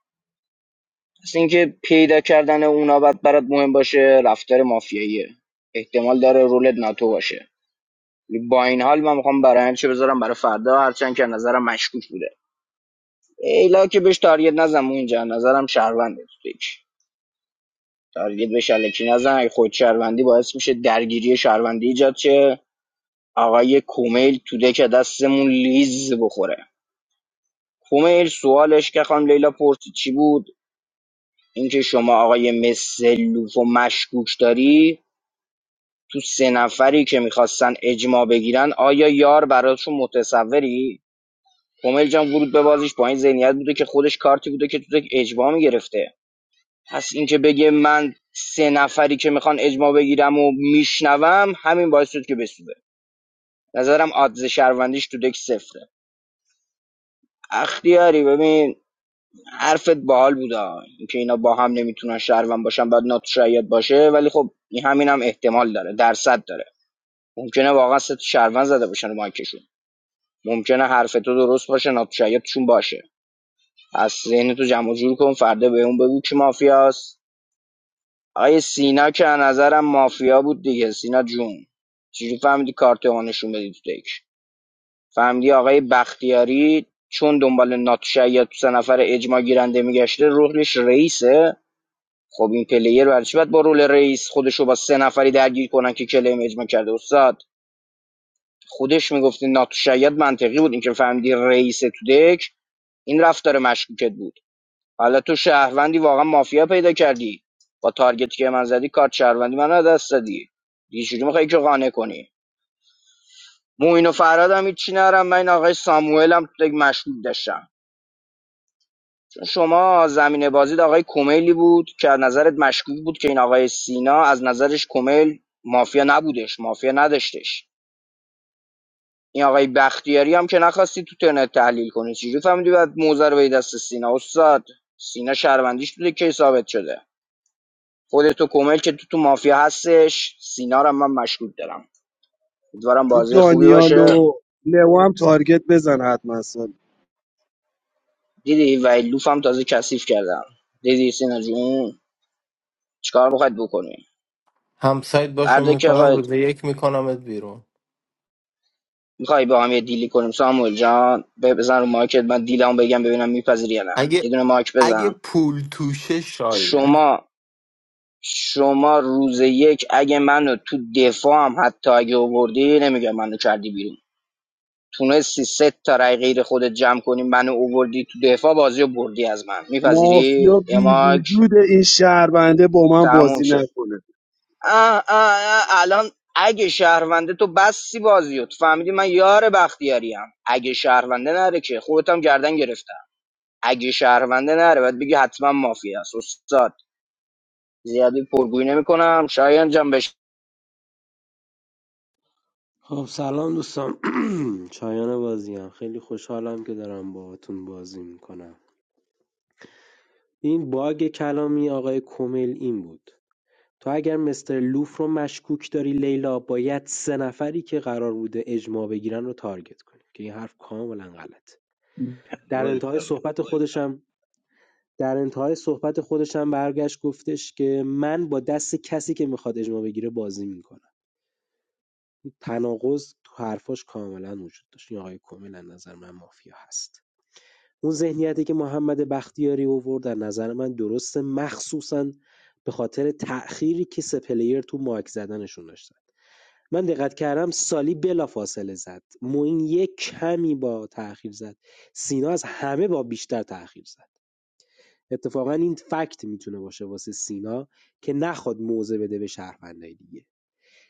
S1: پس اینکه پیدا کردن اونا باید برات مهم باشه رفتار مافیاییه احتمال داره رولت ناتو باشه با این حال من میخوام برای چه بذارم برای فردا هرچند که نظرم مشکوک بوده ایلا که بهش تارگت نزن اون اینجا نظرم شهرونده تو دیک. تارگت بهش الکی نزن اگه خود شهروندی باعث میشه درگیری شهروندی ایجاد شه آقای کومیل تو دک دستمون لیز بخوره کومیل سوالش که خانم لیلا پرسید چی بود اینکه شما آقای مسلوف و مشکوک داری تو سه نفری که میخواستن اجماع بگیرن آیا یار براتشون متصوری کومل جان ورود به بازیش با این ذهنیت بوده که خودش کارتی بوده که تو دک اجماع میگرفته پس اینکه بگه من سه نفری که میخوان اجماع بگیرم و میشنوم همین باعث شد که بسوده نظرم آدز شهروندیش تو دک صفره اختیاری ببین حرفت باحال بودا اینکه اینا با هم نمیتونن شهروند باشن بعد ناتو شاید باشه ولی خب این همین هم احتمال داره درصد داره ممکنه واقعا ست شهروند زده باشن رو مایکشون ممکنه حرف تو درست باشه ناتو شایدشون باشه از ذهن تو جمع و جور کن فردا به اون بگو کی مافیاست آیه سینا که از نظرم مافیا بود دیگه سینا جون چجوری فهمیدی کارت ما نشون بدی تو تک فهمیدی آقای بختیاری چون دنبال ناتو شاید تو سه نفر اجماع گیرنده میگشته روحش رئیسه خب این پلیر برای چی باید با رول رئیس خودشو با سه نفری درگیر کنن که کلیم اجماع کرده استاد خودش میگفتی ناتو شاید منطقی بود اینکه فهمیدی رئیس تو دک این رفتار مشکوکت بود حالا تو شهروندی واقعا مافیا پیدا کردی با تارگتی که من زدی کارت شهروندی من رو دست دادی دیگه چجوری میخوای که قانع کنی موین و فراد هم چی نرم من این آقای ساموئل هم تو دک مشکوک داشتم شما زمین بازی آقای کمیلی بود که از نظرت مشکوک بود که این آقای سینا از نظرش کمیل مافیا نبودش مافیا نداشتش این آقای بختیاری هم که نخواستی تو ترنت تحلیل کنی چجوری فهمیدی بعد موزه رو به دست سینا استاد سینا شهروندیش بوده که ثابت شده خودتو کمیل که تو تو مافیا هستش سینا رو من مشکوک دارم امیدوارم
S2: تو
S1: بازی خوبی
S2: دانیال
S1: باشه
S2: و لو هم تارگت بزن حتما سال
S1: دیدی و لوفم تازه کثیف کردم دیدی سینا جون چیکار میخواید بکنی
S13: همسایت باشون
S1: فردا که
S13: میکنم
S1: آقا
S13: روز یک میکنمت بیرون
S1: میخوای با هم یه دیلی کنیم ساموئل جان ب- بزن رو مایکت من دیلمو بگم ببینم میپذیری یا نه
S13: اگه
S1: یه دونه مایک
S13: اگه
S1: بزن
S13: پول توشه شایه
S1: شما شما روز یک اگه منو تو دفاع هم حتی اگه اووردی نمیگم منو کردی بیرون تونستی سه تا رای غیر خودت جمع کنی منو اووردی تو دفاع بازی رو بردی از من میپذیری
S2: مافیا
S1: یه
S2: بی
S1: مایک
S2: وجود این شهربنده با من
S1: تموم
S2: بازی
S1: شد
S2: نکنه
S1: اه اه اه الان اگه شهرونده تو بسی بازی رو. تو فهمیدی من یار بختیاریم اگه شهرونده نره که خودت هم گردن گرفتی اگه شهرونده نره باید بگی حتما مافیا است استاد زیادی پرگویی نمیکنم شایان جان بش
S14: خب سلام دوستان شایان بازی هم خیلی خوشحالم که دارم باهاتون بازی میکنم این باگ کلامی آقای کومل این بود تو اگر مستر لوف رو مشکوک داری لیلا باید سه نفری که قرار بوده اجماع بگیرن رو تارگت کنی که این حرف کاملا غلط در انتهای صحبت خودشم در انتهای صحبت خودش هم برگشت گفتش که من با دست کسی که میخواد اجماع بگیره بازی میکنم تناقض تو حرفاش کاملا وجود داشت این آقای کمیل نظر من مافیا هست اون ذهنیتی که محمد بختیاری اوورد در نظر من درسته مخصوصا به خاطر تأخیری که سه پلیر تو مایک زدنشون داشتن من دقت کردم سالی بلافاصله زد موین یک کمی با تأخیر زد سینا از همه با بیشتر تأخیر زد اتفاقا این فکت میتونه باشه واسه سینا که نخواد موضع بده به شهروندای دیگه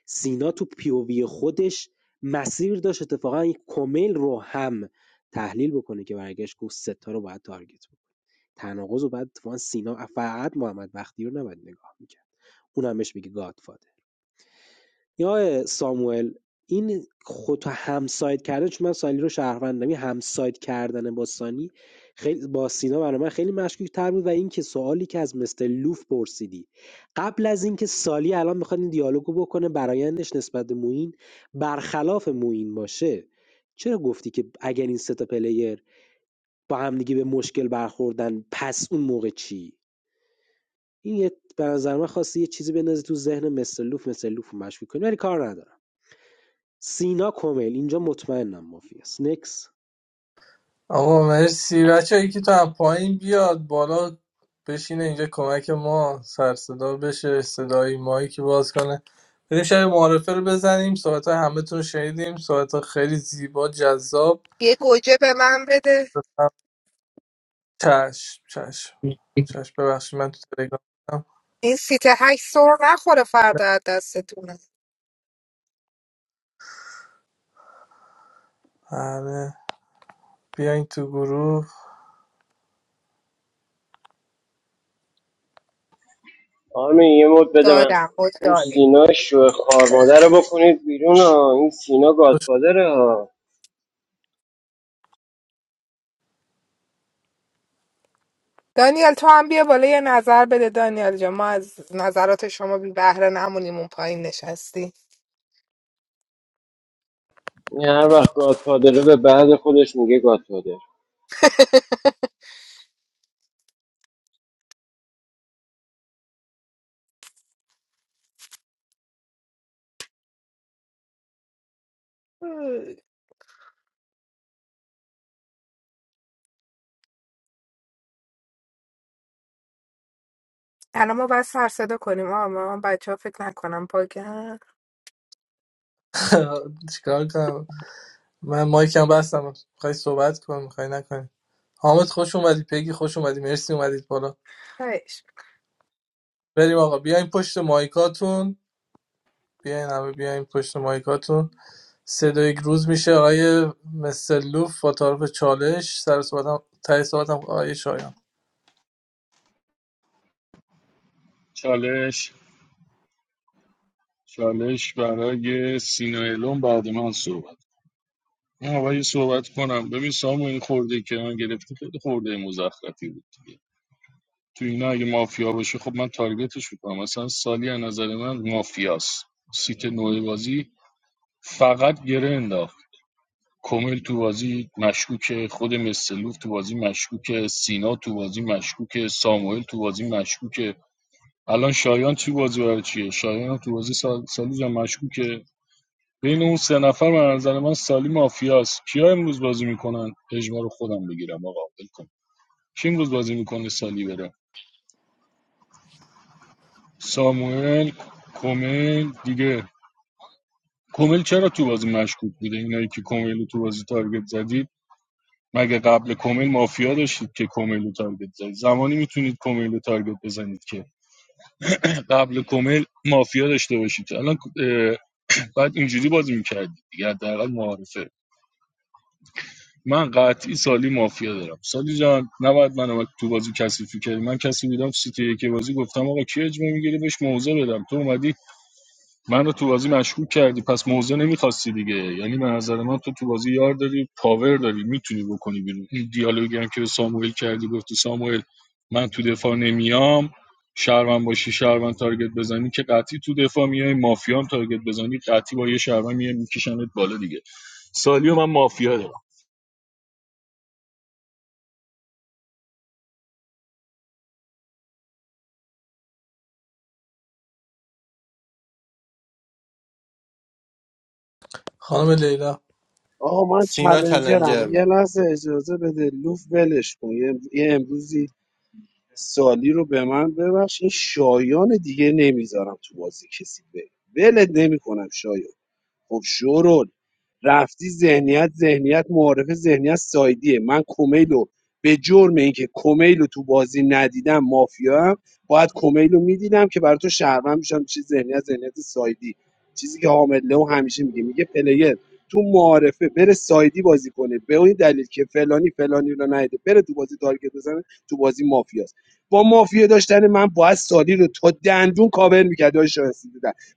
S14: سینا تو پیووی خودش مسیر داشت اتفاقا یک کمیل رو هم تحلیل بکنه که برگشت گفت ستا رو باید تارگت بکنه تناقض رو بعد اتفاقا سینا فقط محمد بختی رو نباید نگاه میکرد اونم بهش میگه گادفادر یا ساموئل این خود همساید کردن چون من سالی رو شهروندم این همساید کردن با سانی خیلی با سینا برای من خیلی مشکوک تر بود و اینکه سوالی که از مستر لوف پرسیدی قبل از اینکه سالی الان بخواد این دیالوگو بکنه برایندش نسبت به موین برخلاف موین باشه چرا گفتی که اگر این سه تا پلیر با همدیگه به مشکل برخوردن پس اون موقع چی این یه به نظر من خواستی یه چیزی بندازی تو ذهن مستر لوف مستر لوف مشکوک کنی ولی کار ندارم سینا کمیل اینجا مطمئنم مافیاست نکس
S7: آقا مرسی بچه هایی که تو از پایین بیاد بالا بشینه اینجا کمک ما سر صدا بشه صدای مایی که باز کنه بریم شب معارفه رو بزنیم صحبت همه تون رو شنیدیم صحبت خیلی زیبا جذاب
S15: یه گوجه به من بده
S7: چشم چشم چشم ببخشید من تو تلگرام بودم.
S15: این سیت هشت سر نخوره فردا از دستتون
S7: آره بیاین تو گروه
S16: آرمین یه مد بده من
S15: دادم خود
S16: این
S15: داری
S16: سینا شو خار مادر رو بکنید بیرون ها این سینا
S7: خوشون
S16: گادفادره ها
S15: دانیل تو هم بیا بالا یه نظر بده دانیل جان ما از نظرات شما بی بهره نمونیم اون پایین نشستی
S16: این هر وقت گادفادره به بعد خودش میگه گادفادر
S15: مم. الان ما باید سر صدا کنیم آه من بچه ها فکر نکنم باگن
S7: چیکار کنم من مایکم بستم میخوای صحبت کن میخوای نکنی حامد خوش اومدی پگی خوش اومدی مرسی اومدید بالا
S15: خیش
S7: بریم آقا بیاین پشت مایکاتون بیاین همه بیاین پشت مایکاتون سه دو یک روز میشه آقای مستر لوف با تعارف چالش سر صحبتم تای صحبتم آقای شایان
S5: چالش چالش برای سینا الون بعد من صحبت من اول یه صحبت کنم ببین سامو این خورده که من گرفتی خیلی خورده مزخرفی بود دیگه. تو اینا اگه مافیا باشه خب من تارگتش میکنم مثلا سالی از نظر من مافیاست سیت نوع بازی فقط گره انداخت کومل تو بازی مشکوکه خود مستلوف تو بازی مشکوکه سینا تو بازی مشکوکه ساموئل تو بازی مشکوکه الان شایان تو بازی برای چیه شایان هم تو بازی سال... سالی جان مشکوکه بین اون سه نفر من نظر من سالی مافیاست کیا امروز بازی میکنن اجماع رو خودم بگیرم آقا ول کن. کی امروز بازی میکنه سالی بره ساموئل کومل دیگه کومل چرا تو بازی مشکوک بوده اینایی که کومل رو تو بازی تارگت زدید مگه قبل کومل مافیا داشتید که کومل رو تارگت زدید زمانی میتونید کومل رو تارگت بزنید که قبل کومل مافیا داشته باشید الان بعد اینجوری بازی میکردید دیگه حداقل معارفه من قطعی سالی مافیا دارم سالی جان نباید من تو بازی کسی فکر من کسی بودم سیتی که بازی گفتم آقا کی اجمه میگیری بهش موضع بدم تو اومدی منو تو بازی مشکوک کردی پس موزه نمیخواستی دیگه یعنی به نظر من تو تو بازی یار داری پاور داری میتونی بکنی بیرون این دیالوگی هم که به ساموئل کردی گفتی ساموئل من تو دفاع نمیام شهروند باشی شهروند تارگت بزنی که قطعی تو دفاع میای مافیا هم تارگت بزنی قطعی با یه شهروند میای میکشنت بالا دیگه سالیو من مافیا
S7: خانم لیلا
S2: آقا من
S13: سینا
S2: چلنجرم
S13: چلنجر
S2: یه
S13: بود.
S2: لحظه اجازه بده لوف ولش کن یه, یه امروزی سالی رو به من ببخش این شایان دیگه نمیذارم تو بازی کسی به ولت نمیکنم شایان خب شورول رفتی ذهنیت ذهنیت معارف ذهنیت سایدیه من کومیلو به جرم اینکه کومیلو تو بازی ندیدم مافیا باید کومیلو میدیدم که برای تو شهروند میشم چه ذهنیت ذهنیت سایدی چیزی که حامد لو همیشه میگه میگه پلیر تو معارفه بره سایدی بازی کنه به این دلیل که فلانی فلانی رو ندیده بره تو بازی تارگت بزنه تو بازی مافیاست با مافیا داشتن من باید سالی رو تا دندون کاور میکرد داشت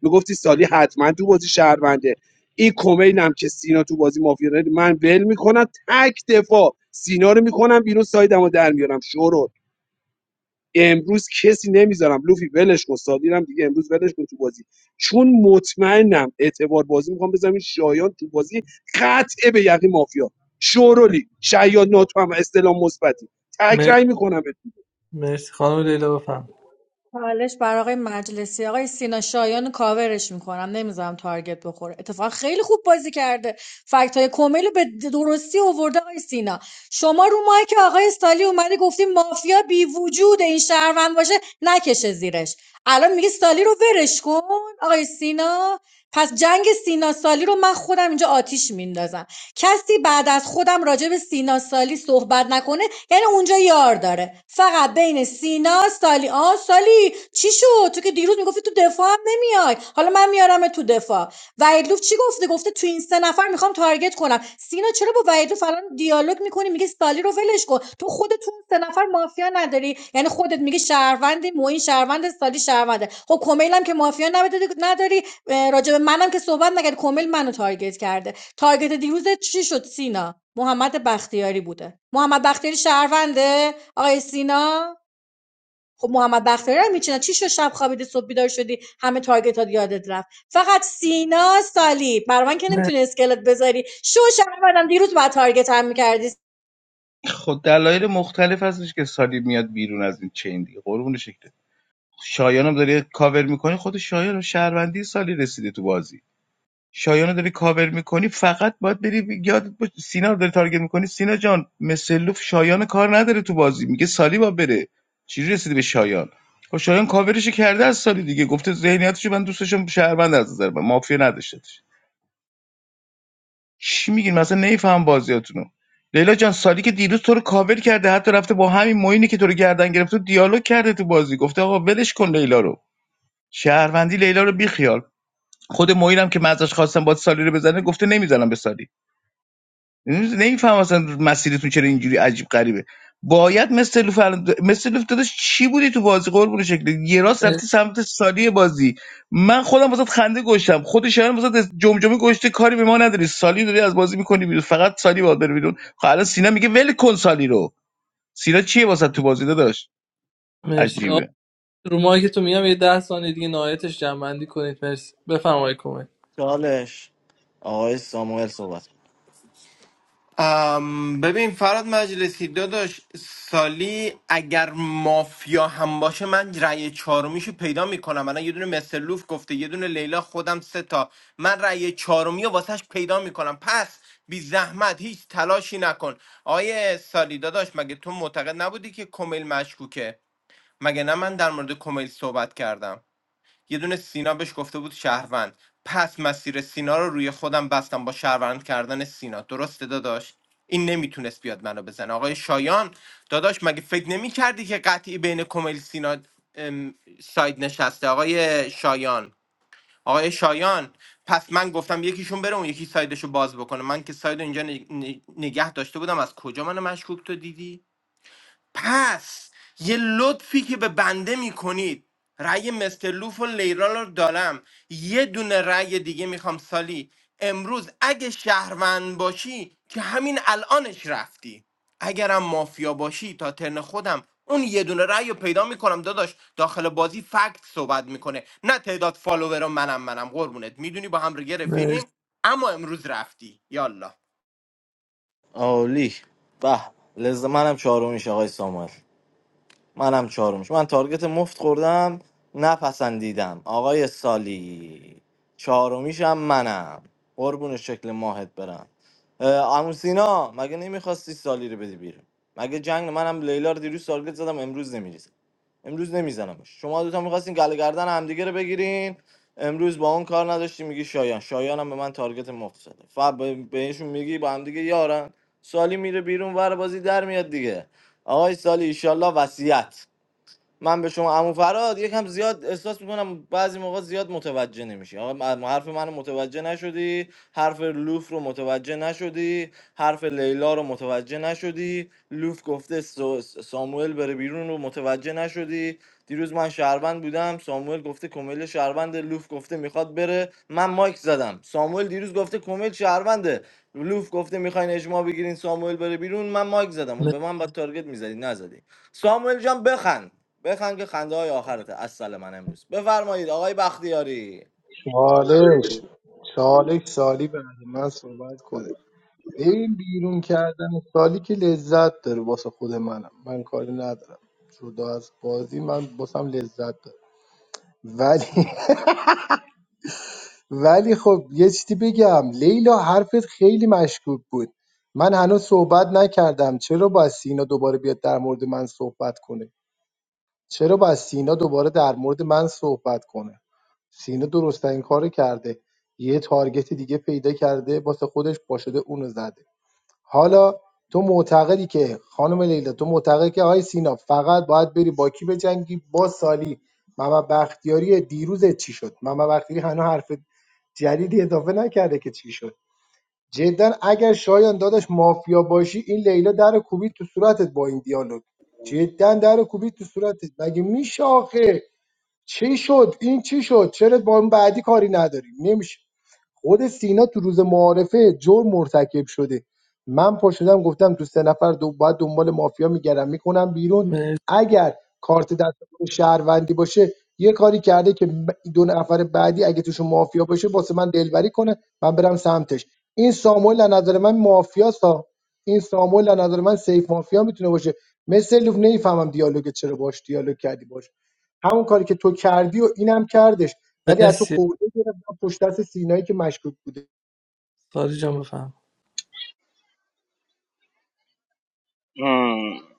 S2: میگفتی سالی حتما تو بازی شهرونده این کومیل هم که سینا تو بازی مافیا داره، من ول میکنم تک دفاع سینا رو میکنم بیرون سایدمو در میارم شورو امروز کسی نمیذارم لوفی ولش کن سادیرم دیگه امروز ولش کن تو بازی چون مطمئنم اعتبار بازی میخوام بذارم این شایان تو بازی قطعه به یقین مافیا شورولی شیاد ناتو هم استلام مثبتی تک
S7: مر-
S2: رای میکنم
S7: مرسی خانم لیلا بفهم
S9: چالش برای آقای مجلسی آقای سینا شایان رو کاورش میکنم نمیذارم تارگت بخوره اتفاقا خیلی خوب بازی کرده فکت های کمیل رو به درستی آورده آقای سینا شما رو ماهی که آقای استالی اومده گفتی مافیا بی وجود این شهروند باشه نکشه زیرش الان میگه سالی رو ورش کن آقای سینا پس جنگ سینا سالی رو من خودم اینجا آتیش میندازم کسی بعد از خودم راجع به سینا سالی صحبت نکنه یعنی اونجا یار داره فقط بین سینا سالی آ سالی چی شد تو که دیروز میگفتی تو دفاع هم نمیای حالا من میارم تو دفاع وحیدلوف چی گفته گفته تو این سه نفر میخوام تارگت کنم سینا چرا با وحیدلوف الان دیالوگ میکنی میگه سالی رو ولش کن تو خودت تو اون سه نفر مافیا نداری یعنی خودت میگه شهروندی موین شهروند سالی شهرونده خب کمیل هم که مافیا نبوده- نداری راجع به منم که صحبت نکرد کمیل منو تارگت کرده تارگت دیروزت چی شد سینا محمد بختیاری بوده محمد بختیاری شهرونده آقای سینا خب محمد بختیاری هم میچینه چی شد شب خوابیدی صبح بیدار شدی همه تارگت یادت رفت فقط سینا سالی برای من که نمیتونی اسکلت بذاری شو شهروندم دیروز با تارگت هم میکردی
S4: خود دلایل مختلف هستش که سالی میاد بیرون از این چین دیگه قربون شکلت شایانم داری کاور میکنی خود شایان شهروندی سالی رسیده تو بازی شایانو داری کاور میکنی فقط باید بری بی- یادت باشه سینا رو داری تارگت میکنی سینا جان مسلوف شایان کار نداره تو بازی میگه سالی با بره چجوری رسیدی به شایان خب شایان کاورش کرده از سالی دیگه گفته ذهنیتش من دوست داشتم شهروند از نظر من مافیا نداشتش چی میگین مثلا نمیفهم بازیاتونو لیلا جان سالی که دیروز تو رو کاور کرده حتی رفته با همین موینی که تو رو گردن گرفته دیالوگ کرده تو بازی گفته آقا ولش کن لیلا رو شهروندی لیلا رو بیخیال خود موینم که من ازش خواستم با سالی رو بزنه گفته نمیزنم به سالی نمیفهم اصلا مسیرتون چرا اینجوری عجیب غریبه باید مثل لوف الان- مثل لوف داداش چی بودی تو بازی قربون شکل یه راست
S7: مر-
S4: رفتی سمت سالی بازی من خودم واسات خنده گشتم خود شهرم واسات جمجمه گشته کاری به ما نداری سالی داری از بازی میکنی بیرون فقط سالی باید بره بیرون خب الان سینا میگه ول کن سالی رو سینا چیه واسات تو بازی داداش
S7: مرسی
S4: عجیبه
S7: رو ماهی که تو میگم یه ده ثانیه دیگه نهایتش جنبندی کنید مرسی بفرمایید کمک
S6: چالش آقای ساموئل صحبت
S13: ام، ببین فراد مجلسی داداش سالی اگر مافیا هم باشه من رأی چهارمیشو پیدا میکنم الان یه دونه مسلوف گفته یه دونه لیلا خودم سه تا من رأی چهارمی رو واسش پیدا میکنم پس بی زحمت هیچ تلاشی نکن آیه سالی داداش مگه تو معتقد نبودی که کمیل مشکوکه مگه نه من در مورد کمیل صحبت کردم یه دونه سینا بهش گفته بود شهروند پس مسیر سینا رو روی خودم بستم با شهروند کردن سینا درسته داداش این نمیتونست بیاد منو بزنه آقای شایان داداش مگه فکر نمیکردی که قطعی بین کمیل سینا ام، ساید نشسته آقای شایان آقای شایان پس من گفتم یکیشون بره اون یکی سایدشو باز بکنه من که ساید اینجا نگ- نگ- نگه داشته بودم از کجا منو مشکوک تو دیدی پس یه لطفی که به بنده میکنید رأی مستر لوف و لیران رو دارم یه دونه رأی دیگه میخوام سالی امروز اگه شهروند باشی که همین الانش رفتی اگرم مافیا باشی تا ترن خودم اون یه دونه رأی رو پیدا میکنم داداش داخل بازی فکت صحبت میکنه نه تعداد فالوور منم منم قربونت میدونی با هم دیگه
S7: مرسی
S13: رفیقیم اما امروز رفتی یالا
S6: عالی به لذت منم چهارمیش آقای سامال منم چهارمش من تارگت مفت خوردم نپسندیدم آقای سالی چهارمیشم منم قربون شکل ماهت برم اه، عمو سینا مگه نمیخواستی سالی رو بدی بیرون مگه جنگ منم لیلا رو دیروز تارگت زدم امروز نمیریزم امروز نمیزنمش شما دوتا میخواستین گله گردن همدیگه رو بگیرین امروز با اون کار نداشتی میگی شایان شایان هم به من تارگت مفت زده فقط به- بهشون میگی با همدیگه یارن سالی میره بیرون ور بازی در میاد دیگه آقای سالی ایشالله وصیت من به شما عمو فراد یکم زیاد احساس میکنم بعضی موقع زیاد متوجه نمیشی آقا م- حرف منو متوجه نشدی حرف لوف رو متوجه نشدی حرف لیلا رو متوجه نشدی لوف گفته سو- ساموئل بره بیرون رو متوجه نشدی دیروز من شهروند بودم ساموئل گفته کمیل شهروند لوف گفته میخواد بره من مایک زدم ساموئل دیروز گفته کمیل شهرونده لوف گفته میخواین اجماع بگیرین ساموئل بره بیرون من مایک زدم اون به
S7: مرسی
S6: من با تارگت میزدی نزدی ساموئل جان بخند بخند که خنده های آخرته اصل من امروز بفرمایید آقای بختیاری
S12: چالش چالش سالی بعد من صحبت کنه ببین بیرون کردن سالی که لذت داره واسه خود منم من کاری ندارم جدا از بازی من باسم لذت داره ولی ولی خب یه چیزی بگم لیلا حرفت خیلی مشکوک بود من هنوز صحبت نکردم چرا باید سینا دوباره بیاد در مورد من صحبت کنه چرا باید سینا دوباره در مورد من صحبت کنه سینا درستترین کارو کرده یه تارگت دیگه پیدا کرده واسه خودش پا شده اونو زده حالا تو معتقدی که خانم لیلا تو معتقدی که آقای سینا فقط باید بری با کی بجنگی با سالی محمد بختیاری دیروز چی شد محمد بختیاری هنوز حرف جدیدی اضافه نکرده که چی شد جدا اگر شایان داداش مافیا باشی این لیلا در کوبید تو صورتت با این دیالوگ جدا در کوبید تو صورتت مگه میشه آخه چی شد این چی شد چرا با اون بعدی کاری نداری نمیشه خود سینا تو روز معارفه جرم مرتکب شده من پا شدم گفتم تو سه نفر دو باید دنبال مافیا میگردم میکنم بیرون
S7: مرسی
S12: اگر کارت دست خود شهروندی باشه یه کاری کرده که ب- دو نفر بعدی اگه توشون مافیا باشه واسه من دلبری کنه من برم سمتش این ساموئل از نظر من مافیاسا این ساموئل از نظر من سیف مافیا میتونه باشه مثل لوف نمیفهمم دیالوگ چرا باش دیالوگ کردی باش همون کاری که تو کردی و اینم کرده. ولی از تو
S7: مرسی.
S12: خورده گرفتم پشت دست سینایی که مشکوک بوده
S7: ساری جان بفهم
S1: هم.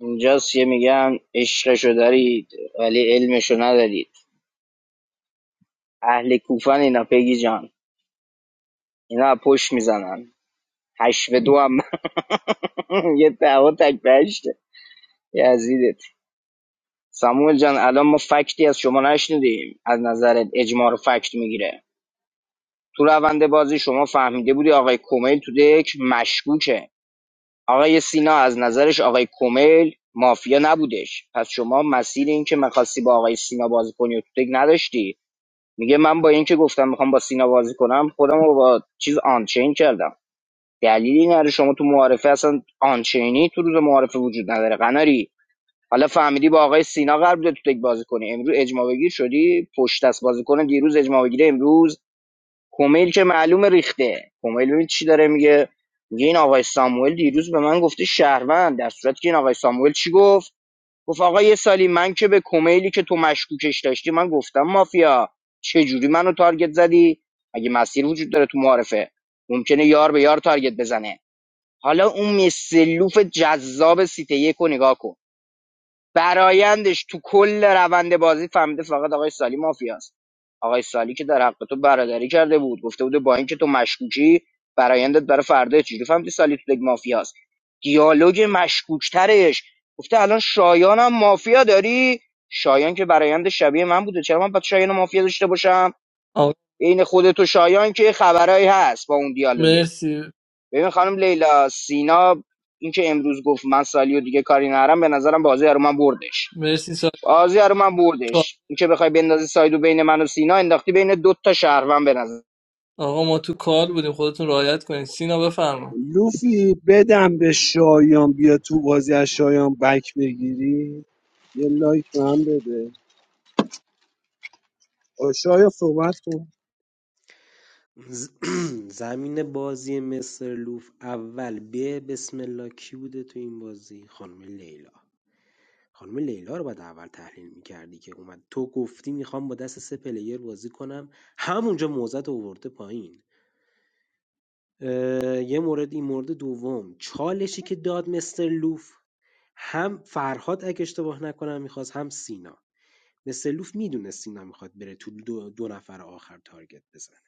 S1: اینجاست یه میگن عشقشو دارید ولی علمشو ندارید اهل کوفن اینا پگی جان اینا از پشت میزنن هشت به دو هم یه دعوا تک به هشته یزیدت ساموئل جان الان ما فکتی از شما نشنیدیم از نظرت اجماع رو فکت میگیره تو روند بازی شما فهمیده بودی آقای کومیل تو دک مشکوکه آقای سینا از نظرش آقای کمیل مافیا نبودش پس شما مسیر این که میخواستی با آقای سینا بازی کنی و تو تک نداشتی میگه من با این که گفتم میخوام با سینا بازی کنم خودم رو با چیز آنچین کردم دلیلی نداره شما تو معارفه اصلا آنچینی تو روز معارفه وجود نداره قناری حالا فهمیدی با آقای سینا قرار بوده تو تک بازی کنی امروز اجماع بگیر شدی پشت دست بازی کنه دیروز اجماع بگیره امروز کمیل که معلومه ریخته کمیل ببین چی داره میگه میگه این آقای ساموئل دیروز به من گفته شهروند در صورتی که این آقای ساموئل چی گفت گفت آقا یه سالی من که به کومیلی که تو مشکوکش داشتی من گفتم مافیا چه جوری منو تارگت زدی اگه مسیر وجود داره تو معارفه ممکنه یار به یار تارگت بزنه حالا اون مسلوف جذاب سیته یک رو نگاه کن برایندش تو کل روند بازی فهمیده فقط آقای سالی مافیاست آقای سالی که در حق تو برادری کرده بود گفته بوده با اینکه تو مشکوکی برایندت برای فردا چجوری فهمیدی سالی تو یک مافیاست دیالوگ مشکوکترش گفته الان شایانم مافیا داری شایان که برایند شبیه من بوده چرا من باید شایان مافیا داشته باشم
S7: آقا
S1: عین خودت و شایان که خبرایی هست با اون دیالوگت
S7: مرسی
S1: ببین خانم لیلا سینا اینکه امروز گفت من سالی دیگه کاری نرم به نظرم بازی رو من بردش
S7: مرسی ساری
S1: بازی رو من
S7: جان.
S1: بردش این که بخوای بندازی سایدو بین من و سینا انداختی بین دو تا شهروند به نظر
S7: آقا ما تو کار بودیم خودتون رعایت کنید سینا بفرما
S2: لوفی بدم به شایان بیا تو بازی از شایان بک بگیری یه لایک به من بده شاید صحبت کن
S14: ز- زمین بازی مستر لوف اول به بسم الله کی بوده تو این بازی خانم لیلا خانم لیلا رو باید اول تحلیل میکردی که اومد تو گفتی میخوام با دست سه پلیر بازی کنم همونجا موزت اوورده پایین اه، یه مورد این مورد دوم چالشی که داد مستر لوف هم فرهاد اگه اشتباه نکنم میخواست هم سینا مثلوف میدونست سینا میخواد بره تو دو, دو نفر آخر تارگت بزنه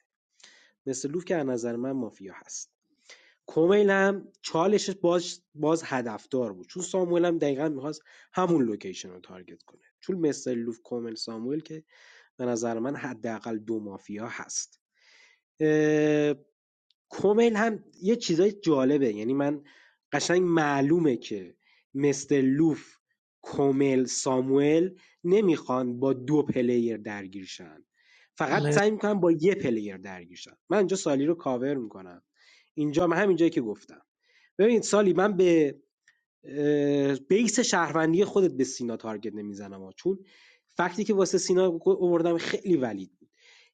S14: مثلوف که از نظر من مافیا هست کومیل هم چالش باز باز هدفدار بود چون ساموئل هم دقیقا میخواست همون لوکیشن رو تارگت کنه چون مثل لوف کومل ساموئل که به نظر من حداقل دو مافیا هست کومیل هم یه چیزای جالبه یعنی من قشنگ معلومه که مثل لوف کومل ساموئل نمیخوان با دو پلیر درگیر شن فقط
S7: مرسی
S14: سعی میکنن با یه پلیر درگیر شن من اینجا سالی رو کاور میکنم اینجا من همین جایی که گفتم ببینید سالی من به بیس شهروندی خودت به سینا تارگت نمیزنم ها. چون فکتی که واسه سینا آوردم خیلی ولید بود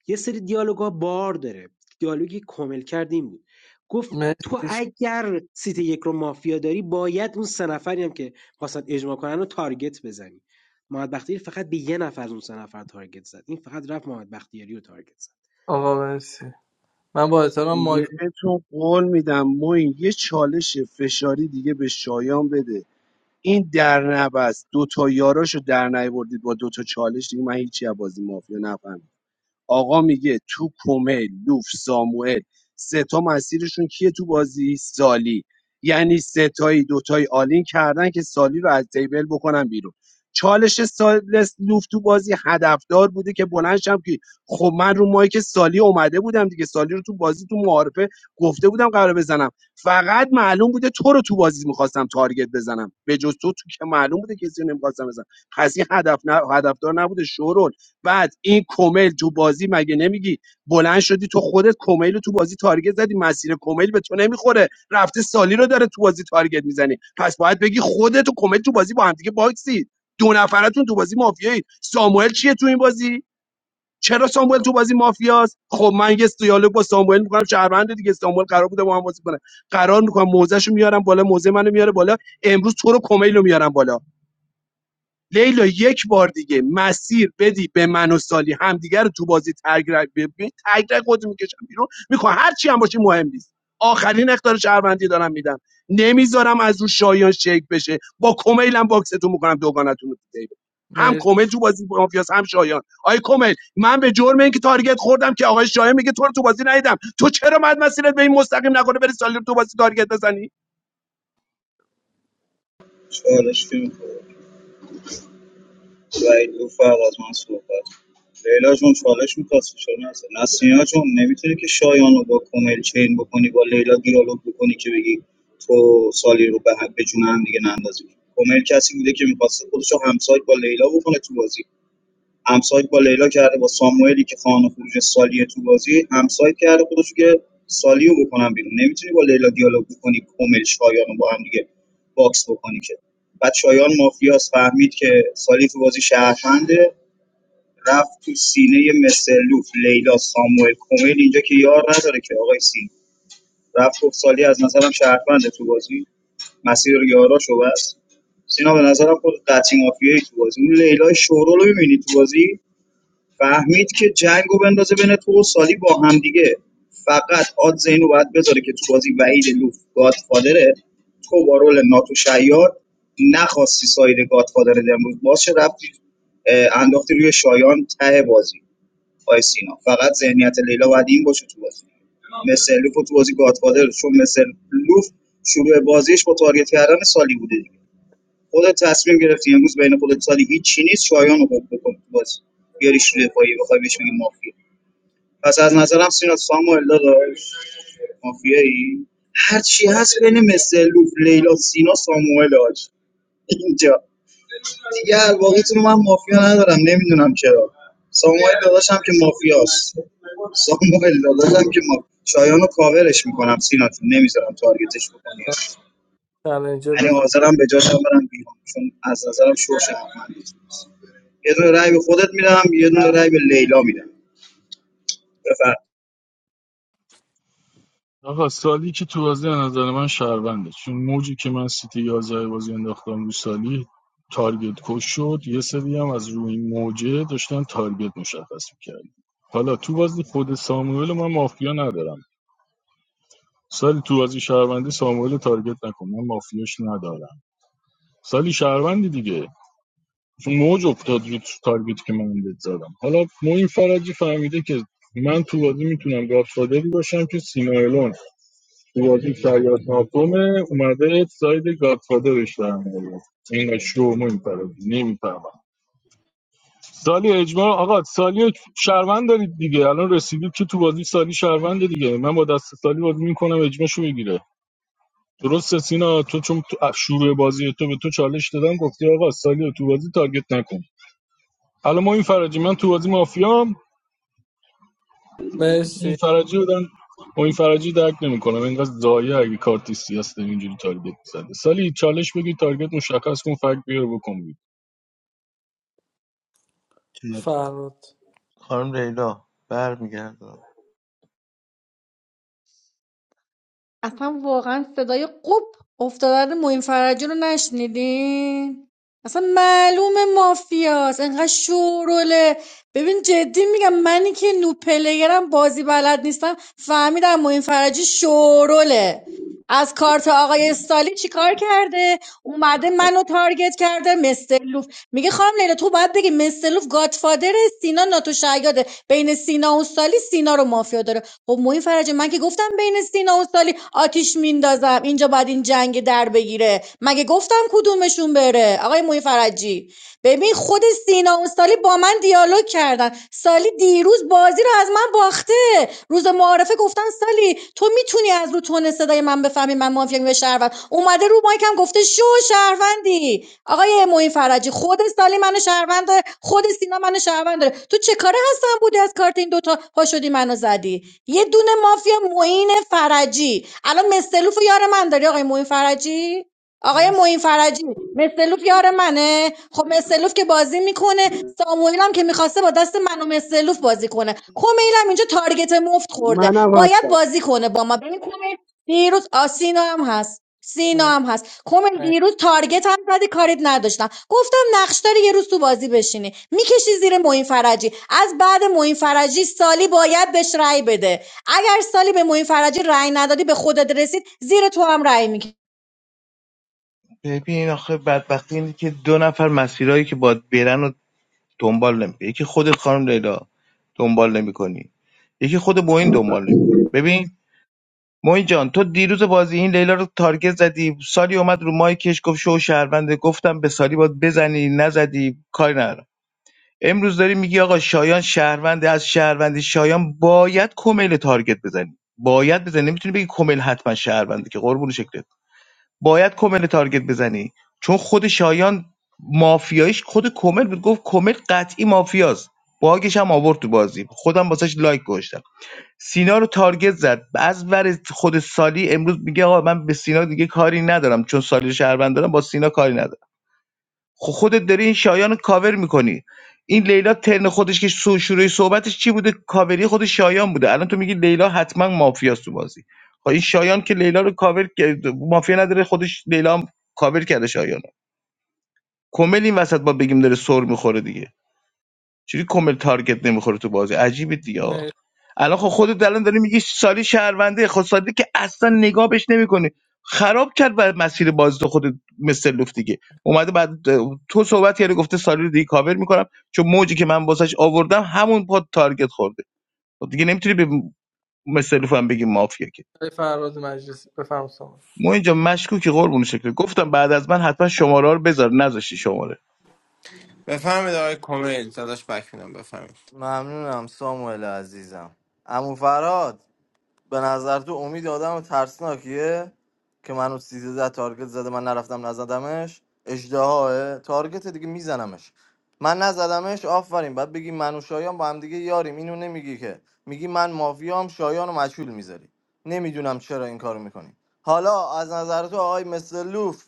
S14: یه سری دیالوگا بار داره دیالوگی کامل کردیم بود گفت تو
S7: مرسی ش-
S14: اگر سیت یک رو مافیا داری باید اون سه نفری هم که خواستن اجماع کنن رو تارگت بزنی محمد بختیاری فقط به یه نفر از اون سه نفر تارگت زد این فقط رفت محمد بختیاری رو تارگت زد
S7: آقا مرسی من با احترام مایک
S2: بهتون قول میدم ما این یه چالش فشاری دیگه به شایان بده این در نبست دو تا یاراشو در نیاوردید با دو تا چالش دیگه من هیچی از بازی مافیا نفهمیدم آقا میگه تو کمیل لوف ساموئل سه تا مسیرشون کیه تو بازی سالی یعنی سه تایی دوتایی آلین کردن که سالی رو از تیبل بکنن بیرون چالش سالس لوف تو بازی هدفدار بوده که بلندشم که خب من رو مایک سالی اومده بودم دیگه سالی رو تو بازی تو معارفه گفته بودم قرار بزنم فقط معلوم بوده تو رو تو بازی میخواستم تارگت بزنم به جز تو تو که معلوم بوده کسی رو نمیخواستم بزنم پس این هدف نه هدفدار نبوده شورول بعد این کمیل تو بازی مگه نمیگی بلند شدی تو خودت کمیل رو تو بازی تارگت زدی مسیر کمیل به تو نمیخوره رفته سالی رو داره تو بازی تارگت میزنی پس باید بگی خودت و کمیل تو بازی با هم دیگه باکسی دو نفرتون تو بازی مافیایی ساموئل چیه تو این بازی چرا ساموئل تو بازی مافیاست خب من یه دیالوگ با ساموئل میکنم شهروند دیگه ساموئل قرار بوده با هم بازی کنه قرار میکنم موزهشو میارم بالا موزه منو میاره بالا امروز تو رو کمیل رو میارم بالا لیلا یک بار دیگه مسیر بدی به من و سالی همدیگه رو تو بازی تگرگ ببین تگرگ خودت میکشم بیرون میخوام هر چی هم باشی مهم نیست آخرین اختار شهروندی دارم میدم نمیذارم از رو شایان شیک بشه با کمیلم باکستون میکنم دوگانتون رو تو هم
S7: مرسی
S2: کمیل تو بازی مافیاس هم شایان آی کمیل من به جرم اینکه تارگت خوردم که آقای شایان میگه تو رو تو بازی ندیدم تو چرا مد مسیرت به این مستقیم نکنه بری سالی رو تو بازی تارگت بزنی
S11: چالش که میخواد وعید رو فرق من صحبت کن. لیلا جون چالش میخواستی چرا نزد نسینا جون نمیتونی که شایان رو با کومل چین بکنی با لیلا دیالوگ بکنی که بگی تو سالی رو به حق به جون هم دیگه نندازی کومل کسی بوده که میخواسته خودش رو همسایت با لیلا بکنه تو بازی همسایت با لیلا کرده با ساموئلی که خانه خروج سالیه تو بازی همسایت کرده خودش که سالیو بکنم بیرون نمیتونی با لیلا دیالوگ بکنی کمیل شایانو با هم دیگه باکس بکنی که بعد شایان مافیاس فهمید که سالی تو بازی شهرونده رفت تو سینه مسلوف لیلا ساموئل کومیل اینجا که یار نداره که آقای سین رفت گفت سالی از نظرم شهرونده تو بازی مسیر یاراشو بس سینا به نظرم خود قطعی مافیایی تو بازی اون لیلا شورو رو می‌بینی تو بازی فهمید که جنگو بندازه بین تو و سالی با هم دیگه فقط آد اینو باید بذاره که تو بازی وحید لوف گادفادره تو با رول ناتو شیاد نخواستی ساید گادفادر امروز باز چه رفتی اه، انداختی روی شایان ته بازی آی سینا فقط ذهنیت لیلا باید این باشه تو بازی مثل لوف تو بازی گادفادر چون مثل لوف شروع بازیش با تارگت کردن سالی بوده دیگه خودت تصمیم گرفتی امروز بین خودت سالی هیچی نیست شایان رو خوب بکن تو بازی بیاریش رو دفاعی بخوای بهش بگی مافیا پس از نظرم سینا ساموئل داداش مافیایی هر چی هست بین مسلوف لیلا سینا ساموئل آج اینجا دیگه هر واقعیتون من مافیا ندارم نمیدونم چرا ساموئل داداشم که مافیاست ساموئل داداشم که ما شایان رو کاورش میکنم سینا نمیذارم تارگتش بکنی
S7: چالنجر
S11: یعنی
S7: بفرما
S11: حاضرم به جاشم برم بیرون چون از نظرم شور شهروندی است. یه دونه رای به خودت میدم یه دونه رای به لیلا میدم بفرم
S5: آقا سالی که تو بازی از نظر من شهرونده چون موجی که من سیتی 11 بازی انداختم رو سالی تارگت کش شد یه سری هم از روی این موجه داشتن تارگت مشخص میکردن حالا تو بازی خود ساموئل من مافیا ندارم سالی تو بازی شهروندی ساموئل رو تارگت نکن من مافیاش ندارم سالی شهروندی دیگه چون موج افتاد رو تارگت که من بهت زدم حالا موین فرجی فهمیده که من تو بازی میتونم گادفادری باشم که سینا الون تو بازی شاید ناکومه اومده ساید گادفادرش در میاد این شو میپره نمیفهمم سالی اجماع آقا سالی رو شهروند دارید دیگه الان رسیدید که تو بازی سالی شهروند دیگه من با دست سالی بازی میکنم اجماعشو میگیره درسته سینا تو چون تو شروع بازی تو به تو چالش دادم گفتی آقا سالی رو تو بازی تارگت نکن الان ما این فراجی من تو بازی مافیام این
S7: مرسی
S5: فرجی بودن و این فرجی درک نمیکنم اینقدر زایه اگه کارت سیاست اینجوری تارگت زده سالی چالش بگی تارگت مشخص کن فکت بیار بکن بید.
S7: فراد
S4: خانم ره-
S9: اصلا واقعا صدای قپ افتادن معین فرجی رو نشنیدین اصلا معلومه مافیاست انقدر شوروله ببین جدی میگم منی که نو پلیرم بازی بلد نیستم فهمیدم معین فرجی شوروله از کارت آقای استالی چیکار کرده اومده منو تارگت کرده مثل میگه خانم لیلا تو باید بگی مسلوف گادفادر سینا ناتو شیاده بین سینا و سالی سینا رو مافیا داره خب موین فرجه من که گفتم بین سینا و سالی آتیش میندازم اینجا باید این جنگ در بگیره مگه گفتم کدومشون بره آقای موین فرجی ببین خود سینا و سالی با من دیالوگ کردن سالی دیروز بازی رو از من باخته روز معارفه گفتن سالی تو میتونی از رو تون صدای من بفهمی من مافیا به شهروند اومده رو مایکم گفته شو شهروندی آقای معین فرجی خود سالی من شهروند داره، خود سینا من شهروند داره تو چه کاره هستن بودی از کارت این دوتا پا شدی منو زدی یه دونه مافیا معین فرجی الان مستلوف و یار من داری آقای معین فرجی آقای
S7: مرسی
S9: معین فرجی مسلوف یار منه خب مسلوف که بازی میکنه ساموئیل هم که میخواسته با دست من و مسلوف بازی کنه کمیل هم اینجا تارگت مفت خورده
S2: منم
S9: باید
S2: هستم
S9: بازی کنه با ما ببین کمیل دیروز آ، سینا هم هست سینا
S7: مرسی
S9: هم هست کمیل دیروز تارگت هم زدی کاریت نداشتم گفتم نقش داری یه روز تو بازی بشینی میکشی زیر معین فرجی از بعد معین فرجی سالی باید بهش رأی بده اگر سالی به معین فرجی رأی ندادی به خودت رسید زیر تو هم رأی
S4: ببین آخه بدبختی اینه که دو نفر مسیرهایی که باید برن و دنبال نمیکنی یکی خودت خانم لیلا دنبال نمیکنی یکی خود موین دنبال نمیکنه ببین موین جان تو دیروز بازی این لیلا رو تارگت زدی سالی اومد رو مایکش گفت شو شهرونده گفتم به سالی باید بزنی نزدی کاری ندارم امروز داری میگی آقا شایان شهرونده از شهروندی شایان باید کمیل تارگت بزنی باید بزنی نمیتونی بگی کمیل حتما شهرونده که قربون شکلت باید کومل تارگت بزنی چون خود شایان مافیایش خود کومل بود گفت کومل قطعی مافیاست باگش هم آورد تو بازی خودم واسش لایک گذاشتم سینا رو تارگت زد از ور خود سالی امروز میگه آقا من به سینا دیگه کاری ندارم چون سالی رو شهروند دارم با سینا کاری ندارم خب خودت داری این شایان رو کاور میکنی این لیلا ترن خودش که سو- شروع صحبتش چی بوده کاوری خود شایان بوده الان تو میگی لیلا حتما مافیاست تو بازی خب این شایان که لیلا رو کاور کرد- مافیا نداره خودش لیلا هم کاور کرده شایان رو. کمل این وسط با بگیم داره سر میخوره دیگه چجوری کامل تارگت نمیخوره تو بازی عجیبه دیگه آقا
S7: مرسی
S4: الان خب خودت الان داری میگی سالی شهرونده خود سالی که اصلا نگاه بهش نمیکنی خراب کرد بر مسیر بازی تو خودت مثل لوف دیگه اومده بعد تو صحبت کردی گفته سالی رو دیگه کاور میکنم چون موجی که من واسش آوردم همون پاد تارگت خورده خب دیگه نمیتونی به مثل لوف هم بگی مافیا که
S7: فراد مجلسی بفهم سامان
S4: ما اینجا مشکوکی قربون شکل گفتم بعد از من حتما شماره ها رو بذار نذاشتی شماره
S13: بفهمید آقای کمیل داداش بک میدم
S6: ممنونم ساموئل عزیزم عمو فراد به نظر تو امید آدم ترسناکیه که منو سیزده تارگت زده من نرفتم نزدمش اجدهاه تارگت دیگه میزنمش من نزدمش آفرین بعد بگی من و شایان با هم دیگه یاریم اینو نمیگی که میگی من مافیام شایان و مجهول میذاری نمیدونم چرا این کارو میکنی حالا از نظر تو آقای مثل لوف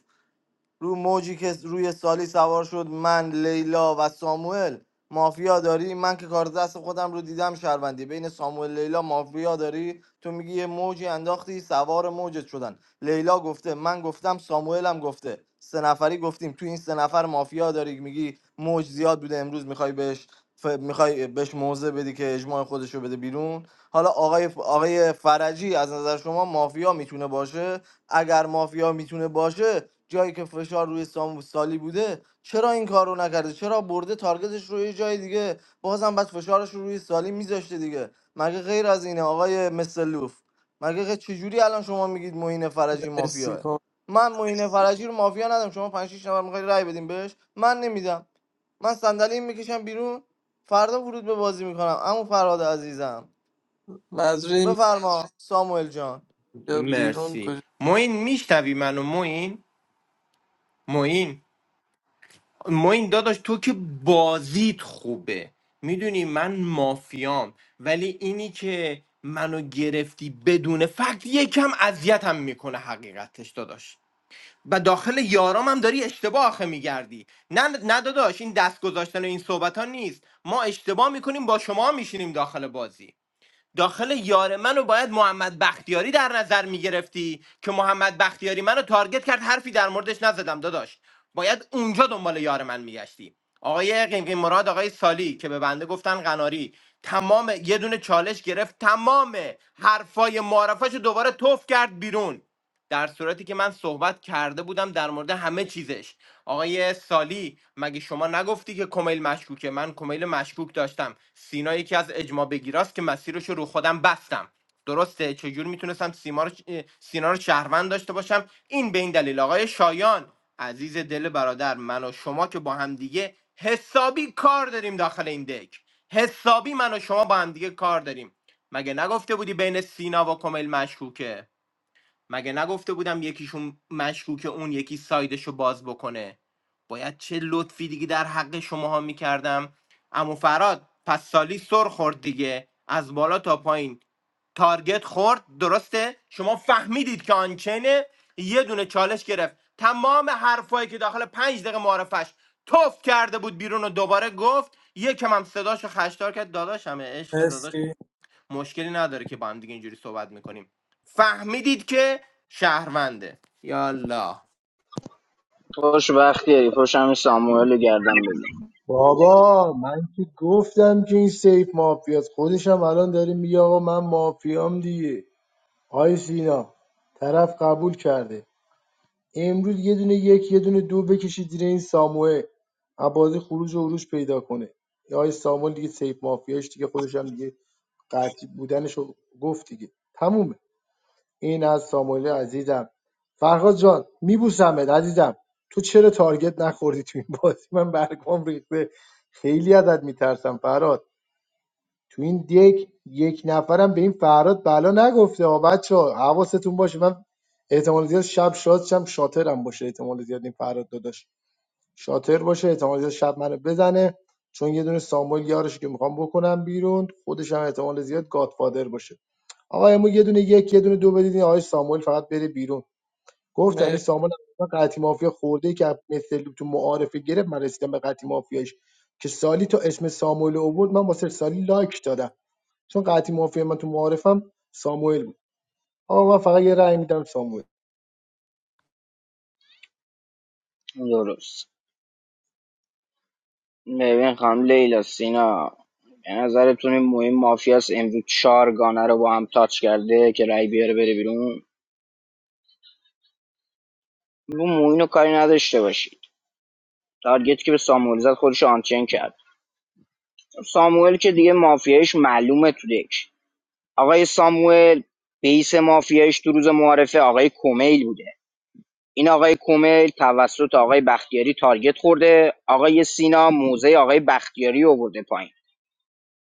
S6: رو موجی که روی سالی سوار شد من لیلا و ساموئل مافیا داری من که کار دست خودم رو دیدم شهروندی بین ساموئل لیلا مافیا داری تو میگی یه موجی انداختی سوار موجت شدن لیلا گفته من گفتم ساموئل هم گفته سه نفری گفتیم تو این سه نفر مافیا داری میگی موج زیاد بوده امروز میخوای بهش ف... میخوای بهش موضع بدی که اجماع خودش رو بده بیرون حالا آقای آقای فرجی از نظر شما مافیا میتونه باشه اگر مافیا میتونه باشه جایی که فشار روی سام سالی بوده چرا این کار رو نکرده چرا برده تارگتش روی جای دیگه بازم بس فشارش رو روی سالی میذاشته دیگه مگه غیر از اینه آقای مسلوف مگه غ- چجوری الان شما میگید معین فرجی
S7: مرسی
S6: مافیاه
S7: کن
S6: من معین فرجی رو مافیا ندم شما 5 6 نفر میخواید رای بدیم بهش من نمیدم من صندلی میکشم بیرون فردا ورود به بازی میکنم اما فراد عزیزم
S7: معذوری
S6: بفرما ساموئل جان
S7: یا بیرون
S13: مرسی
S7: کجا
S13: موین میشتوی منو موین موین موین داداش تو که بازیت خوبه میدونی من مافیام ولی اینی که منو گرفتی بدون فکت یکم اذیتم میکنه حقیقتش داداش و داخل یارام هم داری اشتباه آخه میگردی نه نه داداش این دست گذاشتن و این صحبت ها نیست ما اشتباه میکنیم با شما میشینیم داخل بازی داخل یار منو باید محمد بختیاری در نظر میگرفتی که محمد بختیاری منو تارگت کرد حرفی در موردش نزدم داداش باید اونجا دنبال یار من میگشتی آقای قیمقیم مراد آقای سالی که به بنده گفتن قناری تمام یه دونه چالش گرفت تمام حرفای معرفش دوباره توف کرد بیرون در صورتی که من صحبت کرده بودم در مورد همه چیزش آقای سالی مگه شما نگفتی که کمیل مشکوکه من کمیل مشکوک داشتم سینا یکی از اجماع بگیراست که مسیرش رو رو خودم بستم درسته چجور میتونستم سیما رو سینا رو شهروند داشته باشم این به این دلیل آقای شایان عزیز دل برادر من و شما که با هم دیگه حسابی کار داریم داخل این دک حسابی من و شما با هم دیگه کار داریم مگه نگفته بودی بین سینا و کمیل مشکوکه مگه نگفته بودم یکیشون مشکوک اون یکی سایدشو باز بکنه باید چه لطفی دیگه در حق شماها میکردم اما فراد پس سالی سر خورد دیگه از بالا تا پایین تارگت خورد درسته شما فهمیدید که آنچینه یه دونه چالش گرفت تمام حرفایی که داخل پنج دقیقه معرفش توف کرده بود بیرون و دوباره گفت یکم هم صداشو خشدار کرد داداشمه عشق مشکلی نداره که با هم دیگه اینجوری صحبت میکنیم فهمیدید که شهرونده یالا
S1: خوش وقتی خوش همین ساموئل رو گردن بگیر
S12: بابا من که گفتم که این سیف مافیاست خودشم الان داره میگه آقا من مافیام دیگه آی سینا طرف قبول کرده امروز یه دونه یک یه دونه دو بکشید زیر این ساموئل از بازی خروج و عروج پیدا کنه یا آی ساموئل دیگه سیف مافیاش دیگه خودشم دیگه قطعی بودنشو گفت دیگه تمومه این از ساموئل عزیزم فرهاد جان میبوسمت عزیزم تو چرا تارگت نخوردی تو این بازی من برگام ریخته خیلی ازت میترسم فرهاد تو این دک یک نفرم به این فرهاد بلا نگفته ها بچه حواستون باشه من احتمال زیاد شب شاد شم شاترم باشه احتمال زیاد این فرهاد داداش شاتر باشه احتمال زیاد شب منو بزنه چون یه دونه ساموئل یارش که میخوام بکنم بیرون خودش هم احتمال زیاد گادفادر باشه آقا امو یه دونه یک یه دونه دو بدید این آقای ساموئل فقط بره بیرون
S7: مرسی
S12: گفتم این ساموئل اصلا قطعی مافیا خورده ای که مثل تو معارفه گرفت من رسیدم به قطعی مافیاش که سالی تو اسم ساموئل رو آورد من واسه سالی لایک دادم چون قطعی مافیا من تو معارفم ساموئل بود آقا من فقط یه رأی میدم ساموئل
S1: درست ببین خانم لیلا سینا به نظرتون این مهم مافیاس امروز چهار گانه رو با هم تاچ کرده که رای بیاره بره بیرون رو موین رو کاری نداشته باشید تارگت که به ساموئل زد خودش آنچین کرد ساموئل که دیگه مافیایش معلومه تو دک آقای ساموئل بیس مافیایش تو روز معارفه آقای کومیل بوده این آقای کمیل توسط آقای بختیاری تارگت خورده آقای سینا موزه آقای بختیاری آورده پایین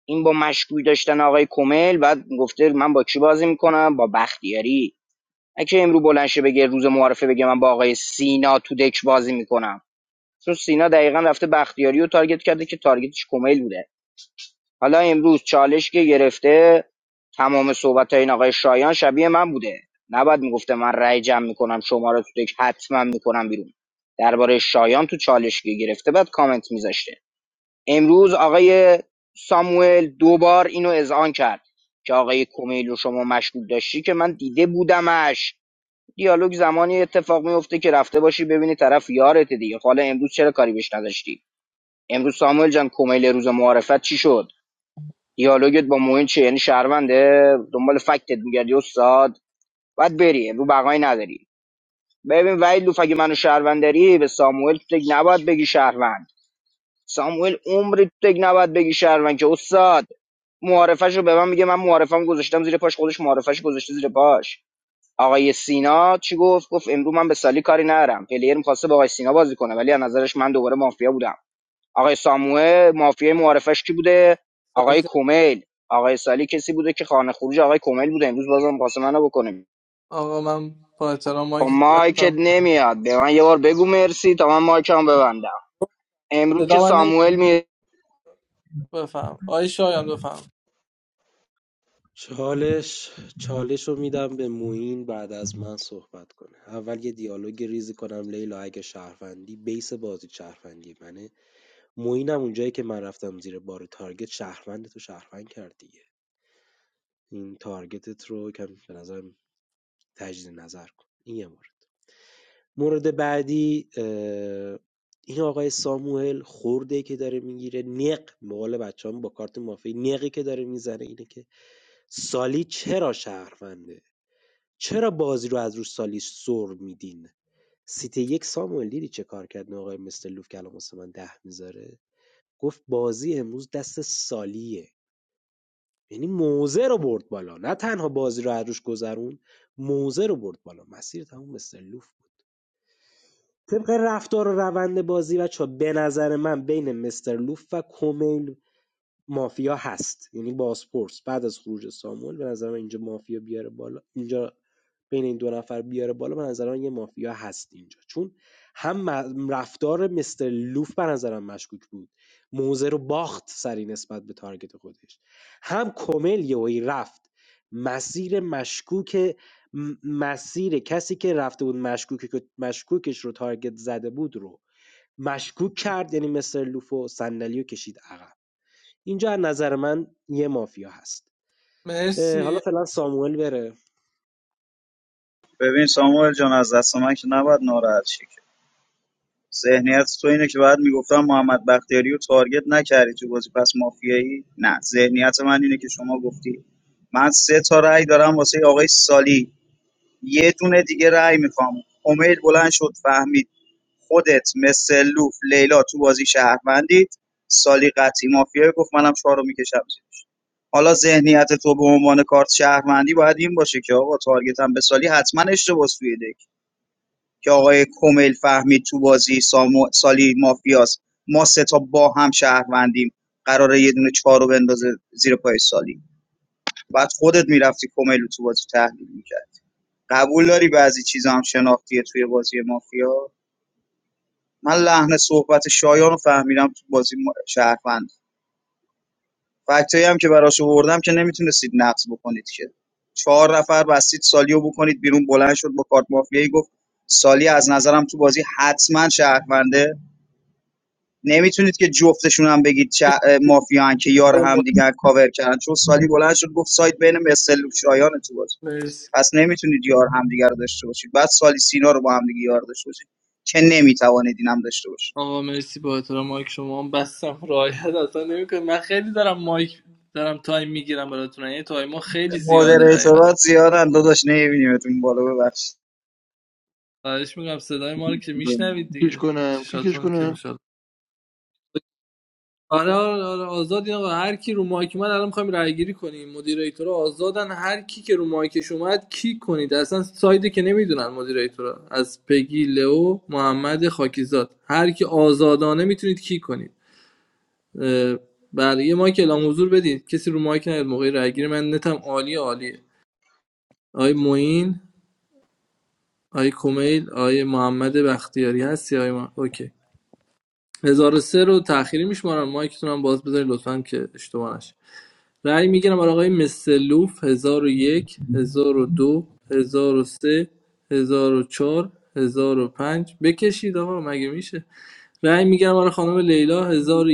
S1: این با مشکوی داشتن آقای کمیل بعد گفته من با کی بازی میکنم با بختیاری اگه امرو بلند شه بگه روز معارفه بگه من با آقای سینا تو دک بازی میکنم چون سینا دقیقا رفته بختیاری رو تارگت کرده که تارگتش کمیل بوده حالا امروز چالش که گرفته تمام صحبت های این آقای شایان شبیه من بوده نباید میگفته من رأی جمع میکنم شما رو تو دک حتما میکنم بیرون درباره شایان تو چالش که گرفته بعد کامنت میذاشته امروز آقای ساموئل دوبار اینو اذعان کرد که آقای کومیل رو شما مشغول داشتی که من دیده بودمش دیالوگ زمانی اتفاق میفته که رفته باشی ببینی طرف یارته دیگه حالا امروز چرا کاری بهش نداشتی امروز ساموئل جان کومیل روز معارفت چی شد دیالوگت با موین چیه یعنی شهرونده دنبال فکتت میگردی استاد باید بری رو بقایی نداری ببین وحید لوف اگه منو شهروندری به ساموئل تو تگ نباید بگی شهروند ساموئل عمری تو تگ نباید بگی شهروند که استاد معارفش رو به من میگه من معارفم گذاشتم زیر پاش خودش معارفش گذاشته زیر پاش آقای سینا چی گفت گفت امرو من به سالی کاری ندارم پلیر میخواسته با آقای سینا بازی کنه ولی از نظرش من دوباره مافیا بودم آقای ساموئل مافیای معارفش کی بوده
S7: سارا
S1: آقای
S7: جان،
S1: کمیل آقای سالی کسی بوده که خانه خروج آقای کمیل بوده امروز بازم پاس منو بکنیم
S7: آقا من با احترام
S1: خب
S7: مایک تو
S1: مایکت
S7: هستم
S1: نمیاد به من یه بار بگو مرسی تا من مایکم ببندم امروز که
S7: صدا من نمی
S1: ساموئل می
S7: بفهم آقای شایان بفهم
S14: چالش چالش رو میدم به موین بعد از من صحبت کنه اول یه دیالوگ ریزی کنم لیلا اگه شهروندی بیس بازی شهروندی منه موینم اونجایی که من رفتم زیر بار تارگت شهروند تو شهروند کرد دیگه این تارگتت رو کم به نظرم تجدید نظر کن این یه مورد مورد بعدی اه، این آقای ساموئل خورده که داره میگیره نق مقال بچه هم با کارت مافی نقی که داره میزنه اینه که سالی چرا شهرونده چرا بازی رو از رو سالی سر میدین سیت یک ساموئل دیدی چه کار کرد این آقای مستر لوف که الان واسه من ده میذاره گفت بازی امروز دست سالیه یعنی موزه رو برد بالا نه تنها بازی رو از روش گذرون موزه رو برد بالا مسیر تموم مستر لوف بود طبق رفتار و روند بازی بچه به نظر من بین مستر لوف و کومیل مافیا هست یعنی بازپرس بعد از خروج ساموئل به نظر من اینجا مافیا بیاره بالا اینجا بین این دو نفر بیاره بالا به نظر من یه مافیا هست اینجا چون هم رفتار مستر لوف به نظرم مشکوک بود موزه رو باخت سری نسبت به تارگت خودش هم کمل یهویی رفت مسیر مشکوک م- مسیر کسی که رفته بود مشکوک مشکوکش رو تارگت زده بود رو مشکوک کرد یعنی مستر لوفو و صندلی رو کشید عقب اینجا از نظر من یه مافیا هست اه،
S7: مرسی
S14: حالا فعلا ساموئل بره
S11: ببین ساموئل جان از دست من که نباید ناراحت شی که ذهنیت تو اینه که بعد میگفتم محمد بختیاری رو تارگت نکردی تو بازی پس مافیایی نه ذهنیت من اینه که شما گفتی من سه تا رأی دارم واسه آقای سالی یه دونه دیگه رأی میخوام امید بلند شد فهمید خودت مثل لوف لیلا تو بازی شهروندید سالی قطعی مافیایی گفت منم چهار رو میکشم زیرش حالا ذهنیت تو به عنوان کارت شهروندی باید این باشه که آقا تارگتم به سالی حتما اشتباه توی دک که آقای کمیل فهمید تو بازی سامو- سالی مافیاس ما سه تا با هم شهروندیم قراره یه دونه چهار رو بندازه زیر پای سالی بعد خودت میرفتی کمیل رو تو بازی تحلیل میکرد قبول داری بعضی چیزا هم شناختیه توی بازی مافیا من لحن صحبت شایان رو فهمیدم تو بازی ما- شهروند فکتایی هم که براش آوردم که نمیتونستید نقص بکنید که چهار نفر بستید سالیو بکنید بیرون بلند شد با کارت مافیایی گفت سالی از نظرم تو بازی حتما شهرونده نمیتونید که جفتشون هم بگید چه- مافیان که یار
S7: آقای
S11: هم
S7: مدیر،
S11: دیگر کاور کردن چون سالی بلند شد گفت سایت بین مثل و شایانه تو بازی
S7: مرسی
S11: پس نمیتونید یار همدیگر رو داشته باشید بعد سالی سینا رو با هم دیگه یار داشته باشید که نمیتوانید این داشته باشید
S7: آقا مرسی با احترام مایک شما هم بستم رایت اصلا نمیکنه من خیلی دارم مایک دارم تایم میگیرم براتون یعنی تایم ما خیلی زیاده حقیقتا
S11: مودریتورات زیادن داداش نمیبینیمتون بالا ببخشید
S7: خواهش میگم صدای ما رو که میشنوید
S17: کیکش
S7: دیگه
S17: کنم کیکش
S7: چشاتون
S17: کنم
S7: که آره آره آره، آزادین آقا هر کی رو مایک من الان میخوایم رای گیری کنیم مدیریتورا آزادن هر کی که رو مایکش اومد کیک کنید اصلا سایده که نمیدونن مدیریتورا از پگی لئو محمد خاکیزاد هر کی آزادانه میتونید کی کنید اه، بله یه مایک اعلام حضور بدید کسی رو مایک نیاد موقع رای گیری من نتم عالی عالیه آی معین آی کمیل آی محمد بختیاری هستی آی ما... اوکی 1003 رو تأخیری میشمارم مایکتون هم باز بذارید لطفا که اشتباه نشه رأی میگیرم برای آقای مسلوف هزار و یک، هزار و دو، هزار و سه، هزار و چهار، هزار و یک دو سه 1001 1002 1003 1004 1005 بکشید آقا مگه میشه رأی میگیرم برای خانم لیلا هزار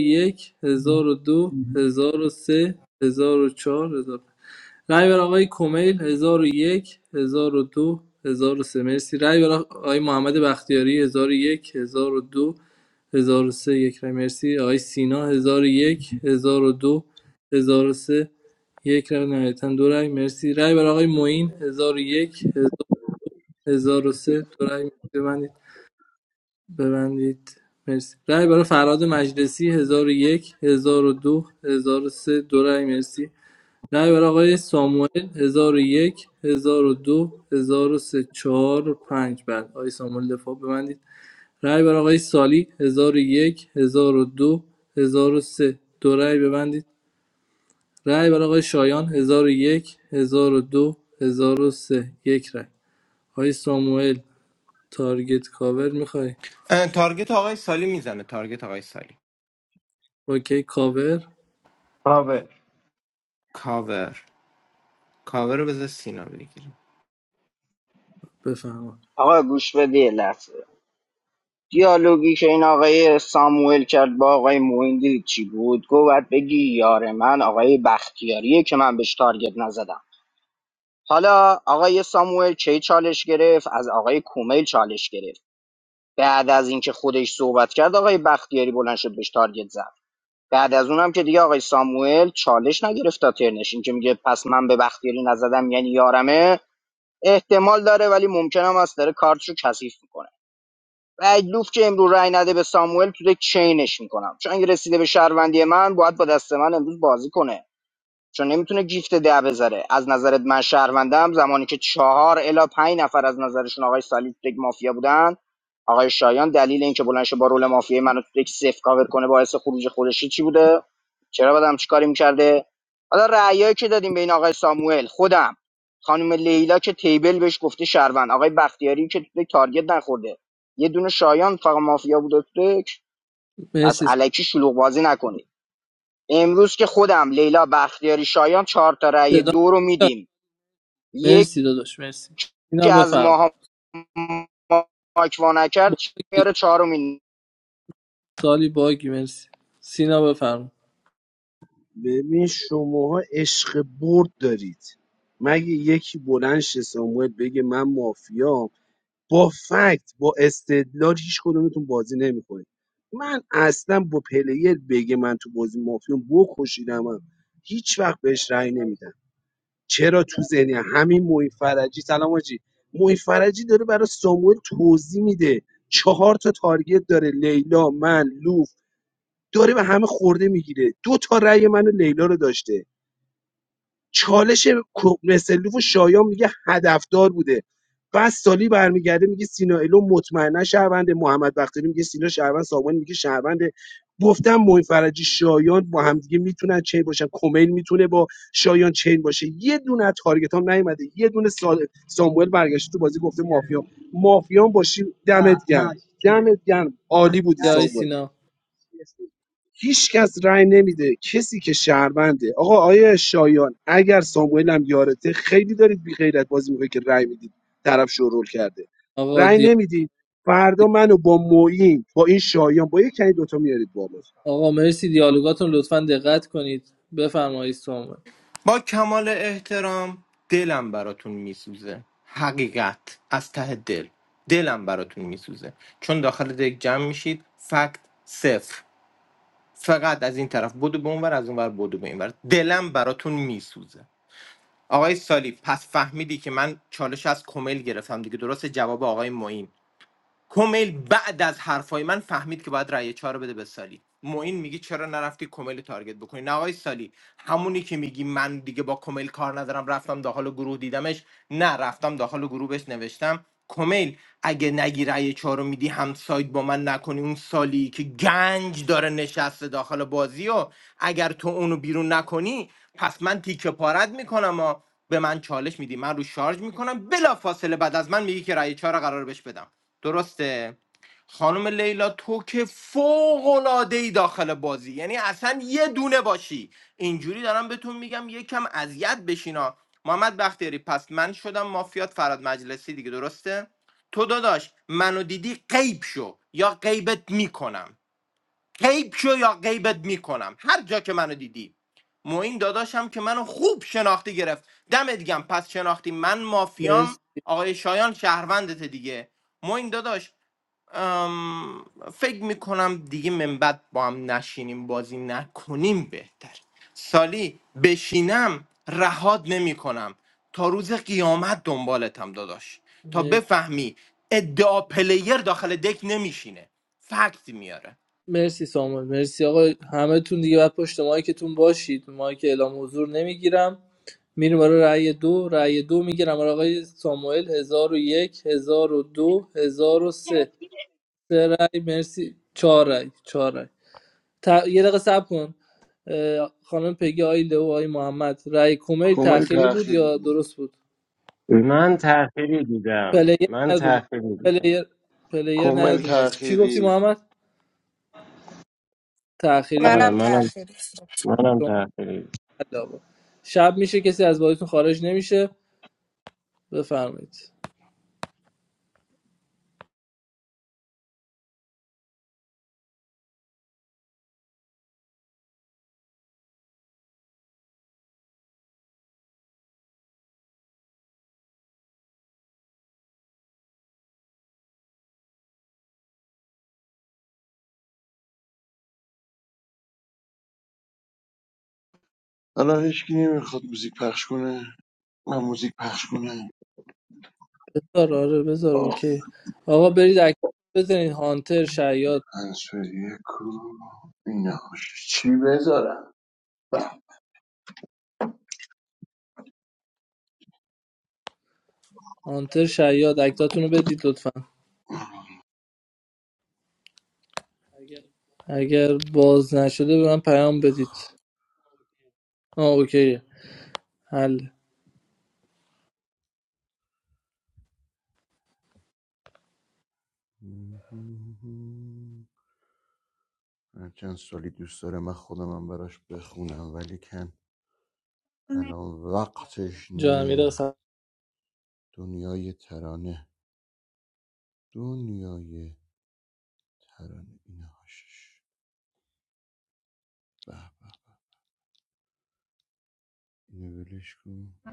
S7: هزار هزار و و و یک دو سه هزار و چهار هزار رای بر آقای کمیل 1001 1002 1003 مرسی رای بر آقای محمد بختیاری 1001 1002 1003 یک رأی مرسی آقای سینا 1001 1002 1003 یک رأی نهایتا دو رأی مرسی رای بر آقای معین 1001 1003 دو رأی ببندید ببندید مرسی رای برای فراد مجلسی 1001 1002 1003 دو هزار و سه. دو رأی مرسی رای برای آقای ساموئل 1001 1002 1003 4 5 بله آقای ساموئل دفاع ببندید رای برای آقای سالی 1001 1002 1003 دو هزار و سه، دو رای ببندید رای برای آقای شایان 1001 1002 1003 یک رای آقای ساموئل تارگت کاور میخوای
S13: تارگت آقای سالی میزنه تارگت آقای سالی
S7: اوکی کاور
S16: کاور
S13: کاور کاور رو بذار سینا بگیریم
S7: بفرما
S1: آقا گوش بده یه لحظه دیالوگی که این آقای ساموئل کرد با آقای موین دیدی چی بود گفت باید بگی یار من آقای بختیاریه که من بهش تارگت نزدم حالا آقای ساموئل چه چالش گرفت از آقای کومیل چالش گرفت بعد از اینکه خودش صحبت کرد آقای بختیاری بلند شد بهش تارگت زد بعد از اونم که دیگه آقای ساموئل چالش نگرفت تا ترنش این که میگه پس من به بختیاری نزدم یعنی یارمه احتمال داره ولی ممکنم است داره کارتشو کثیف میکنه و لوف که امروز رای نده به ساموئل تو یک چینش میکنم چون اگه رسیده به شهروندی من باید با دست من امروز بازی کنه چون نمیتونه گیفت ده بذاره از نظرت من شهروندم زمانی که چهار الا پنج نفر از نظرشون آقای سالی تو یک مافیا بودن آقای شایان دلیل اینکه بلند شه با رول مافیا منو تو یک صفر کاور کنه باعث خروج خودشی چی بوده چرا بعد همچی کاری میکرده حالا رأیایی که دادیم بین آقای ساموئل خودم خانم لیلا که تیبل بهش گفته شهروند آقای بختیاری که تو یک تارگت نخورده یه دونه شایان فقط مافیا بوده تو یک پس
S7: مرسی
S1: الکی شلوغ بازی نکنید امروز که خودم لیلا بختیاری شایان چهار تا رأی
S7: صدا
S1: دو رو
S7: میاد؟
S1: میدیم یکی
S7: مرسی داداش مرسی اینا
S1: از
S7: بفرما
S1: ماها ماک وا نکرد
S7: با
S1: میاره چهارمین
S7: سالی باگی مرسی سینا بفرما
S2: ببین شماها عشق برد دارید مگه یکی بلند شه ساموئل بگه من مافیام با فکت با استدلال هیچ کدومتون بازی نمیکنید من اصلا با پلیر بگه من تو بازی مافیام بکشیدمم هیچ وقت بهش رأی نمیدم چرا تو ذهنیه همین موی فرجی سلام آجی موی فرجی داره برای ساموئل توضیح میده چهار تا تارگت داره لیلا من لوف داره به همه خورده میگیره دو تا رأی منو لیلا رو داشته چالش مثلوف و شایان میگه هدفدار بوده بعد سالی برمیگرده میگه سینا الو مطمئنا شهرونده محمد بختیاری میگه سینا شهروند سامان میگه شهرونده گفتم معین فرجی شایان با همدیگه میتونن چین باشن کمیل میتونه با شایان چین باشه یه دونه از تارگت هم نیومده یه دونه سال ساموئل برگشت تو بازی گفته مافیا مافیان باشی دمت گرم دمت گرم عالی بودی
S7: آقای
S2: ساموئل
S7: سینا
S2: هیچ کس رأی نمیده کسی که شهرونده آقا آیه شایان اگر ساموئل هم یارته خیلی دارید بی غیرت بازی میکنید که رأی میدید طرف شورول کرده
S7: آقا
S2: رأی
S7: دی...
S2: نمیدید فردا منو با معین با این شایان با یکی از دوتا میارید بالا
S7: آقا مرسی دیالوگاتون لطفا دقت کنید بفرمایید سامان
S13: با کمال احترام دلم براتون میسوزه حقیقت از ته دل دلم براتون میسوزه چون داخل دک جمع میشید فکت صفر فقط از این طرف بدو به اونور از اونور بدو به اینور دلم براتون میسوزه آقای سالی پس فهمیدی که من چالش از کمیل گرفتم دیگه درست جواب آقای معین کمیل بعد از حرفای من فهمید که باید رأی چهار رو بده به سالی معین میگی چرا نرفتی کمیل رو تارگت بکنی نه آقای سالی همونی که میگی من دیگه با کمیل کار ندارم رفتم داخل گروه دیدمش نه رفتم داخل گروه بهش نوشتم کمیل اگه نگی رأی چهار رو میدی هم ساید با من نکنی اون سالی که گنج داره نشسته داخل بازی و اگر تو اونو بیرون نکنی پس من تیکه پارت میکنم و به من چالش میدی من رو شارژ میکنم بلا فاصله بعد از من میگی که رأی چهار رو قرار بهش بدم درسته خانم لیلا تو که فوق العاده ای داخل بازی یعنی اصلا یه دونه باشی اینجوری دارم بهتون میگم یکم اذیت بشینا محمد بختیاری پس من شدم مافیات فراد مجلسی دیگه درسته تو داداش منو دیدی غیب شو یا غیبت میکنم غیب شو یا غیبت میکنم هر جا که منو دیدی معین داداشم که منو خوب شناختی گرفت دمت گم پس شناختی من مافیام
S7: مرسی
S13: آقای شایان شهروندت دیگه معین داداش ام، فکر میکنم دیگه من بعد با هم نشینیم بازی نکنیم بهتر سالی بشینم رهاد نمیکنم تا روز قیامت دنبالتم داداش تا
S7: مرسی
S13: بفهمی ادعا پلیر داخل دک نمیشینه فکت میاره
S7: مرسی سامان مرسی آقا همتون دیگه بعد پشت مایکتون باشید مایک اعلام حضور نمیگیرم میریم برای رأی دو رأی دو میگیرم برای آقای ساموئل هزار و یک، هزار و دو، هزار و یک 1001 1002 1003 سه رأی مرسی چهار رأی چهار رأی ت... یه دقیقه صبر کن اه، خانم پگی آقای لو آقای محمد رأی کومیل
S17: کامل
S7: تأخیری بود
S17: تأخیری
S7: یا
S17: بود
S7: درست بود
S16: من تأخیری دیدم
S7: پلیر
S16: من
S7: نیاد رو مایک
S16: تأخیری دیدم
S7: پلیر پلیر نیاد
S17: کامل
S7: رو مایک چی گفتی
S17: تأخیری
S7: محمد تأخیری
S16: آره
S7: بود
S15: منم
S16: منم
S15: تأخیری
S16: منم
S7: شما
S16: تأخیری دیدم.
S7: علاوه. شب میشه کسی از بازیتون خارج نمیشه بفرمایید
S17: الان هیچکی نمیخواد موزیک پخش کنه من موزیک پخش کنم
S7: بذار آره بذار
S17: آه،
S7: اوکی آقا برید اکتات بزنید هانتر شیاد
S17: انسوری کو اینا چی بذارم به،
S7: هانتر شیاد اکتاتونو بدید لطفا اگر باز نشده به من پیام بدید آه اوکی حل
S17: هرچند سالی دوست داره من خودم هم براش بخونم ولی کن الان وقتش
S7: جا امیر
S17: نی دنیای ترانه دنیای ترانه اینا هاشش به به، اینو ولش کن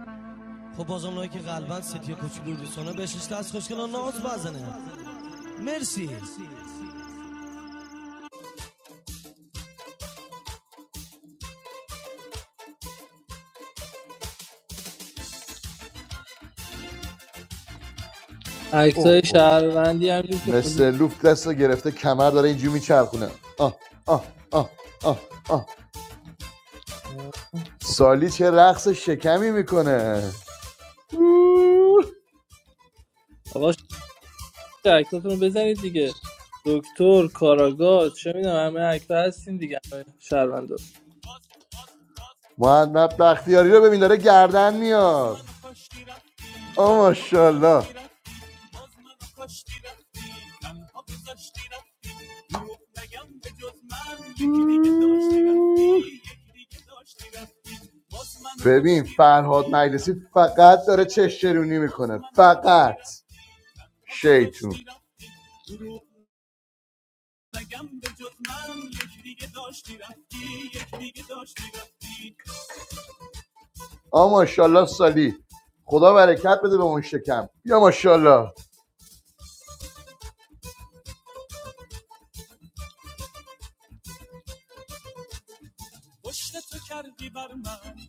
S7: اکتای شهروندی همجور که
S17: مثل
S7: موزیک
S17: لوفت دست گرفته کمر داره اینجوری میچرخونه آه آه آه آه آه
S7: آه.
S17: سالی چه رقص شکمی میکنه
S7: آقا عکساتون رو بزنید دیگه دکتر کاراگاه چه میدونم همه اکتا هستیم دیگه همه شهروندا
S17: محمد بختیاری رو ببین داره گردن میاد آه ماشاءالله ببین فرهاد مجلسی فقط داره چشترونی میکنه فقط شیطون آه ماشاءالله سالی خدا برکت بده به اون شکم یا ماشاءالله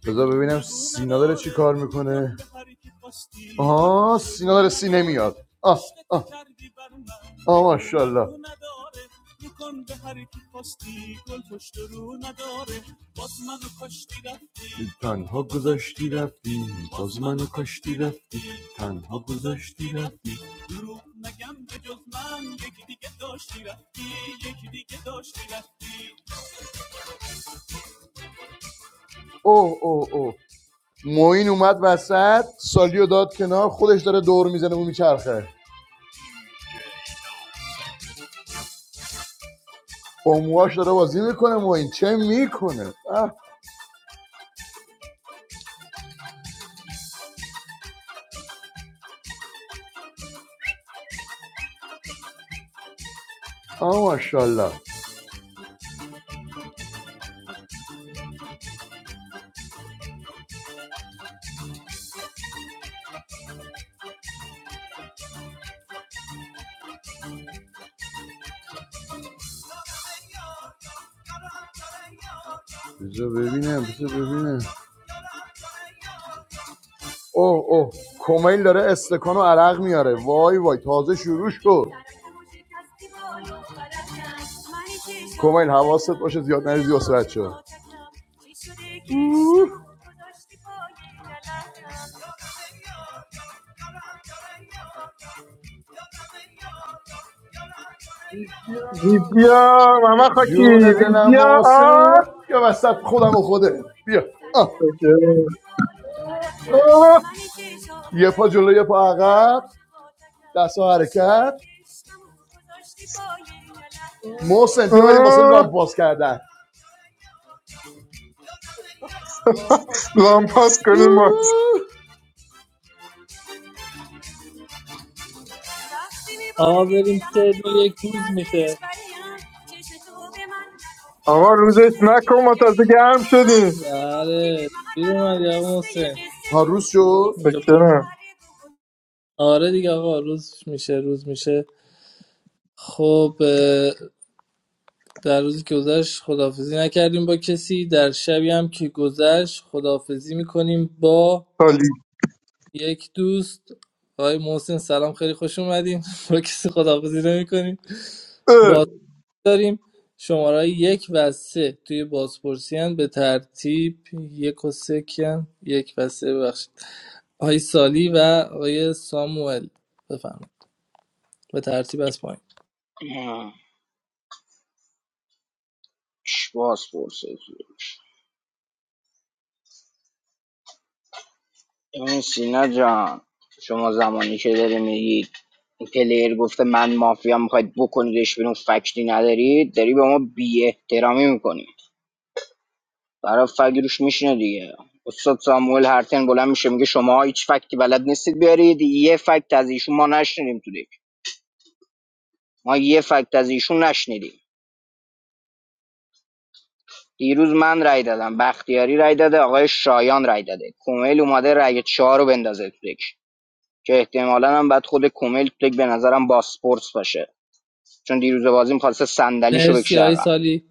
S17: بذار ببینم سالی میکنه میاد آه آه تنها گذاشتی رفتی اوه اوه اوه موین اومد وسط سالیو داد کنار خودش داره دور میزنه و میچرخه با موهاش داره بازی میکنه موین چه میکنه آه ماشاءالله بذار ببینم بذار ببینم اوه اوه کمیل داره استکان و عرق میاره وای وای تازه شروع شد
S18: Vidya, mama خاکی
S17: جون دلم
S18: Vidya
S17: محسن
S18: آب
S17: یا وسط خودم و خوده بیا آه.
S18: آه،
S17: یه پا جلو یه پا عقب دست ها حرکت محسن بیا بریم واسه
S18: آه،
S17: لامپ باز کردن
S18: لامپاس کنیم باز
S17: اوه.
S7: آقا بریم سه دو یک روز میشه
S18: آقا روزش نکن ما تازه گرم شدیم
S7: بله دیر اومدی آقا محسن
S17: روز شد
S7: اینجا پا...
S18: فکرم
S7: آره دیگه آقا روز میشه روز میشه خب اه، در روزی که گذشت خداحافظی نکردیم با کسی در شبی هم که گذشت خداحافظی میکنیم با
S18: سالی
S7: یک دوست آقای محسن سلام خیلی خوش اومدین با کسی خداحافظی نمیکنیم
S18: اه،
S7: داریم شماره یک و سه توی بازپرسی هن. به ترتیب یک و سه کن یک و سه ببخشید آقای سالی و آقای ساموئل بفرمایید به ترتیب از پایین
S1: باز پرسه این سینا جان شما زمانی که داری میگید پلیر گفته من مافیا میخواید بکنیدش بیرون فکتی ندارید داری به ما بی احترامی میکنی برای فکت روش میشینه دیگه استاد ساموئل هرتن بلند میشه میگه شما هیچ فکتی بلد نیستید بیارید یه فکت از ایشون ما نشنیدیم تو دیگه. ما یه فکت از ایشون نشنیدیم دیروز من رای دادم بختیاری رای داده آقای شایان رای داده کومل اومده رای چهار رو بندازه تو دک که احتمالا هم بعد خود کومل تو دک به نظرم باسپورس باشه چون دیروز بازی میخواسته صندلیشو
S7: مرسی
S1: بکشه
S7: آقای
S1: عقب
S7: سالی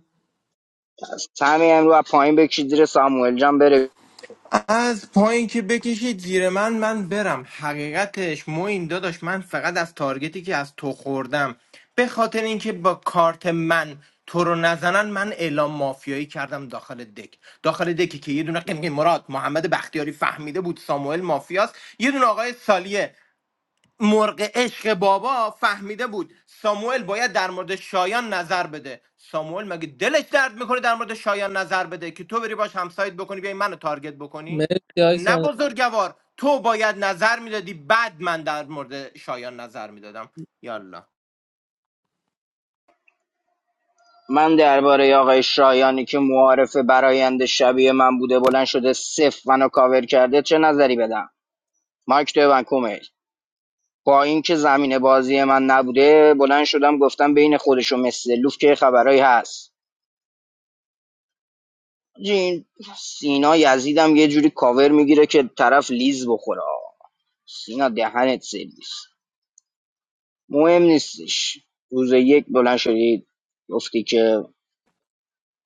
S1: از همین امرو پایین بکشید زیر ساموئل جان بره
S13: از پایین که بکشید زیر من من برم حقیقتش موین داداش من فقط از تارگتی که از تو خوردم به خاطر اینکه با کارت من تو رو نزنن من اعلام مافیایی کردم داخل دک داخل دکی که یه دونه قمقی مراد محمد بختیاری فهمیده بود ساموئل مافیاست یه دونه آقای سالیه مرغ عشق بابا فهمیده بود ساموئل باید در مورد شایان نظر بده ساموئل مگه دلش درد میکنه در مورد شایان نظر بده که تو بری باش همسایت بکنی بیای منو تارگت بکنی
S7: مرسی آقای
S13: نه
S7: ساموئل
S13: بزرگوار تو باید نظر میدادی بعد من در مورد شایان نظر میدادم یالا
S1: من درباره آقای شایانی که معارف برایند شبیه من بوده بلند شده صفر منو کاور کرده چه نظری بدم مایک تو کومل با اینکه زمین بازی من نبوده بلند شدم گفتم بین خودش و مثل لوف که یه خبرایی هست حاجی، این سینا یزیدم یه جوری کاور میگیره که طرف لیز بخوره آه. سینا دهنت سرویس مهم نیستش روز یک بلند شدی گفتی که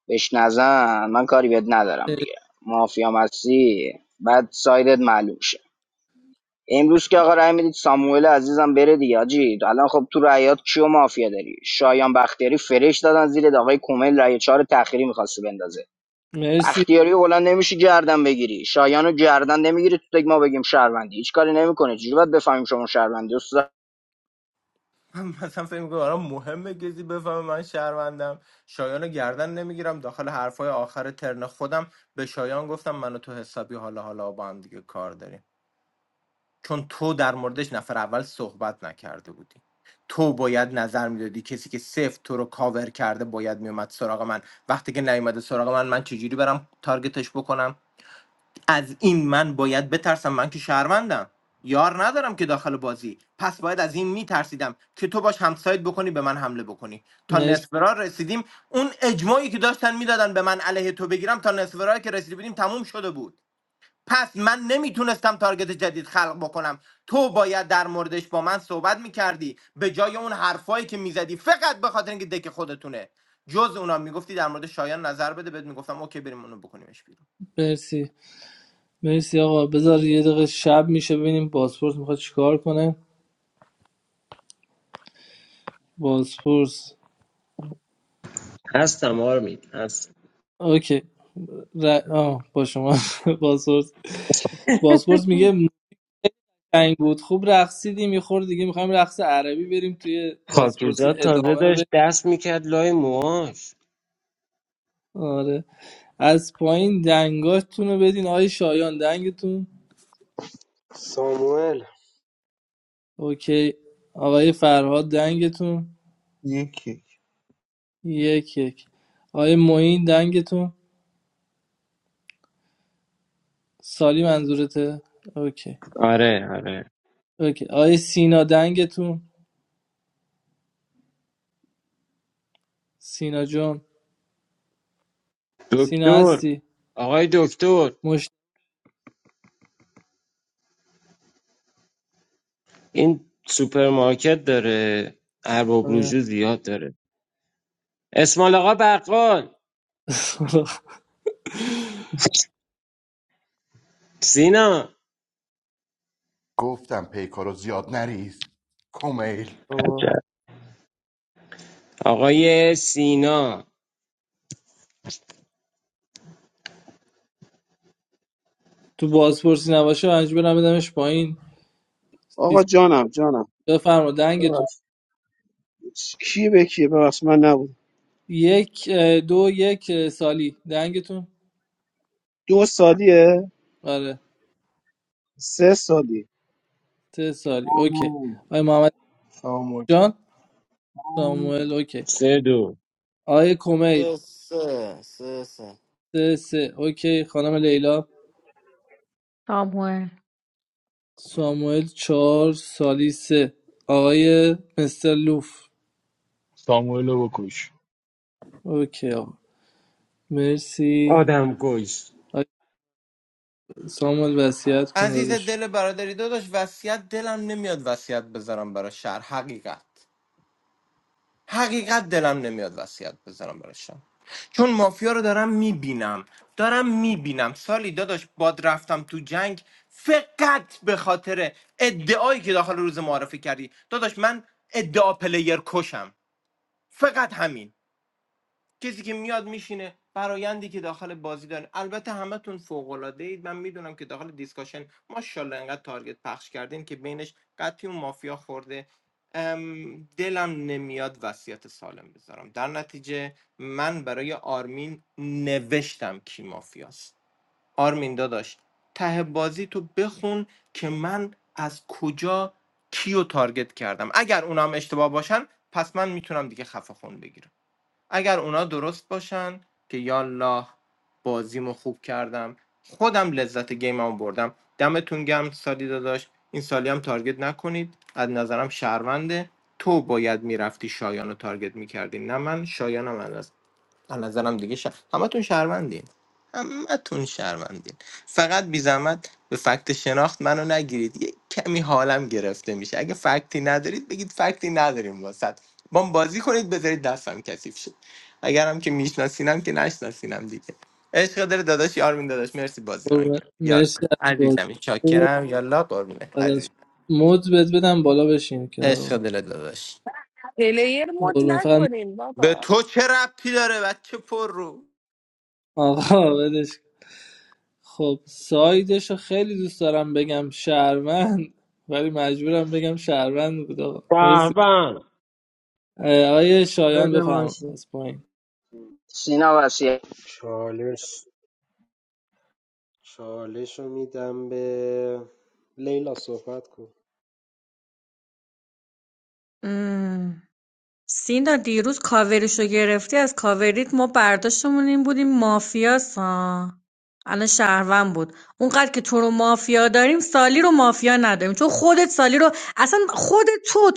S1: بهش نزن من کاری بهت ندارم دیگه مافیام هستی بعد سایدت معلوم شه. امروز که آقا رای میدید ساموئل عزیزم بره دیگه حاجی الان خب تو رایات کیو مافیا داری شایان بختیاری فرش دادن زیر آقای کومل رای چهار تأخیری میخواسته بندازه
S7: مرسی
S1: بختیاری رو بلند نمیشه گردن بگیری شایانو گردن نمیگیری تو تک ما بگیم شهروندی هیچ کاری نمیکنه چجوری باید بفهمیم شما شهروندی استاد
S13: من مثلا فکر میکنم برام مهمه کسی بفهمه من شهروندم شایان رو گردن نمیگیرم داخل حرفای آخر ترن خودم به شایان گفتم منو تو حسابی حالا حالا با هم دیگه کار داریم چون تو در موردش نفر اول صحبت نکرده بودی تو باید نظر میدادی کسی که صفر تو رو کاور کرده باید میومد سراغ من وقتی که نیومده سراغ من من چجوری برم تارگتش بکنم از این من باید بترسم من که شهروندم یار ندارم که داخل بازی پس باید از این میترسیدم که تو باش همسایت بکنی به من حمله بکنی تا
S7: مرسی
S13: نصفرا رسیدیم اون اجماعی که داشتن میدادن به من علیه تو بگیرم تا نصفرا که رسیدیم بودیم تموم شده بود پس من نمیتونستم تارگت جدید خلق بکنم تو باید در موردش با من صحبت میکردی به جای اون حرفایی که میزدی فقط به خاطر اینکه دک خودتونه جز اونا میگفتی در مورد شایان نظر بده بهت میگفتم اوکی بریم اونو بکنیمش بیرون
S7: مرسی مرسی آقا بذار یه دقیقه شب میشه ببینیم بازپرس میخواد چیکار کنه بازپرس
S16: هستم آرمید هست
S7: اوکی ر... آه با شما بازپرس بازپرس میگه قشنگ بود خوب رقصیدی میخور دیگه میخوایم رقص عربی بریم توی پاسپورتی
S16: خاکیزاد تازه
S7: ادامه رو بریم
S16: داشت دست میکرد لای موهاش
S7: آره از پایین دنگاتون رو بدین آقای شایان دنگتون
S14: ساموئل
S7: اوکی آقای فرهاد دنگتون
S4: یکی
S7: یک یک آقای معین دنگتون سالی منظورته اوکی
S16: آره آره
S7: اوکی آقای سینا دنگتون سینا جان سینا
S16: دکتر
S7: هستی
S16: آقای دکتر
S7: مشت
S16: این سوپرمارکت داره ارباب
S7: آره.
S16: رجوع زیاد داره اسمال آقا بقال سینا
S7: بابا.
S16: عجب آقای سینا
S7: تو بازپرسی نباشه من برم بدمش پایین
S2: آقا جانم جانم
S7: بفرما دنگتون
S2: کی به کی ببخش من نبود
S7: یک اه، دو یک اه، سالی دنگتون
S2: دو سالیه
S7: آره
S2: سه سالی
S7: سه سالی اوکی آقای محمد
S12: ساموئل
S7: جان ساموئل اوکی
S16: سه دو
S7: آقای کمیل
S6: سه سه سه سه.
S7: سه سه اوکی خانم لیلا
S9: میکشی
S7: ساموئل چهار سالی سه آقای مستر لوف
S5: ساموئل رو بکش
S7: اوکی آقا مرسی
S16: آدم کش
S7: آقای ساموئل وصیت کن
S13: عزیز
S7: داداش
S13: دل برادری داداش وصیت دلم نمیاد وصیت بذارم برای شهر حقیقت حقیقت دلم نمیاد وصیت بذارم برشم چون مافیا رو دارم میبینم دارم میبینم سالی داداش باد رفتم تو جنگ فقط به خاطر ادعایی که داخل روز معرفی کردی داداش من ادعا پلیر کشم فقط همین کسی که میاد میشینه برایندی که داخل بازی داره البته همتون فوق العاده اید من میدونم که داخل دیسکاشن ماشاءالله انقدر تارگت پخش کردین که بینش قطعی اون مافیا خورده ام، دلم نمیاد وصیت سالم بذارم در نتیجه من برای آرمین نوشتم کی مافیاست آرمین داداش ته بازی تو بخون که من از کجا کیو تارگت کردم اگر اونام اشتباه باشن پس من میتونم دیگه خفه خون بگیرم اگر اونا درست باشن که یا بازیمو خوب کردم خودم لذت گیممو بردم دمتون گم سالی داداش این سالی هم تارگت نکنید از نظرم شهرونده تو باید میرفتی شایانو رو تارگت میکردی نه من شایانم از از نظرم دیگه ش... همتون شهروندین همتون شهروندین فقط بی زحمت به فکت شناخت منو نگیرید یه کمی حالم گرفته میشه اگه فکتی ندارید بگید فکتی نداریم واسط با هم بازی کنید بذارید دستم کثیف شد اگرم که میشناسینم که نشناسینم دیگه عشق داره داداش یارمین داداش مرسی بازی ران
S7: قربونت.
S13: کرد یالا
S7: مرسی از بازی
S13: عزیزم
S7: خوبت.
S13: چاکرم یالا قربونه
S7: بعد از-
S13: عزیز
S7: مد بد بدم بالا بشین
S13: عشق
S7: کنارم
S13: دل داداش
S15: پلیر مد
S7: قربون فقط
S15: نکنیم
S13: به
S15: بابا
S13: تو چه ربطی داره بچه پر رو
S7: آقا ولش خب سایدش رو خیلی دوست دارم بگم شهروند ولی مجبورم بگم شهروند بود آقا مرسی
S16: فهمم
S7: اه، آقای شایان
S2: بده من
S7: بفرم از پایین
S1: سینا وصیت
S14: چالش چالش رو میدم به لیلا صحبت کن
S9: مم. سینا دیروز کاوریشو گرفتی از کاوریت ما برداشتمون این بود این مافیاس ها الان شهروند بود اونقدر که تو رو مافیا داریم سالی رو مافیا نداریم چون خودت سالی رو اصلا خود تو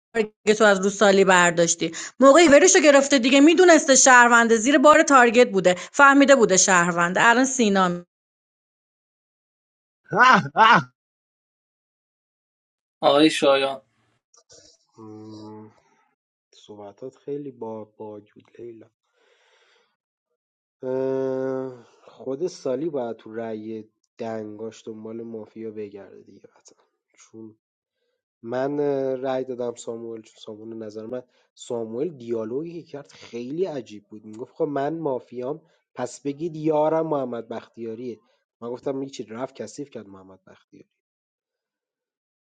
S9: تارگت رو از رو سالی برداشتی موقعی ورشو گرفته دیگه میدونسته شهرونده زیر بار تارگت بوده فهمیده بوده شهرونده الان سینا
S7: آقای شایان
S14: مم، صحبتات خیلی با باگ بود لیلا خود سالی باید تو رأی دنگاش دنبال مافیا بگرده دیگه قطعا چون من اه، رأی دادم ساموئل چون ساموئل به نظر من ساموئل دیالوگی که کرد خیلی عجیب بود میگفت خب من مافیام پس بگید یارم محمد بختیاریه من گفتم این چی رفت کثیف کرد محمد بختیاری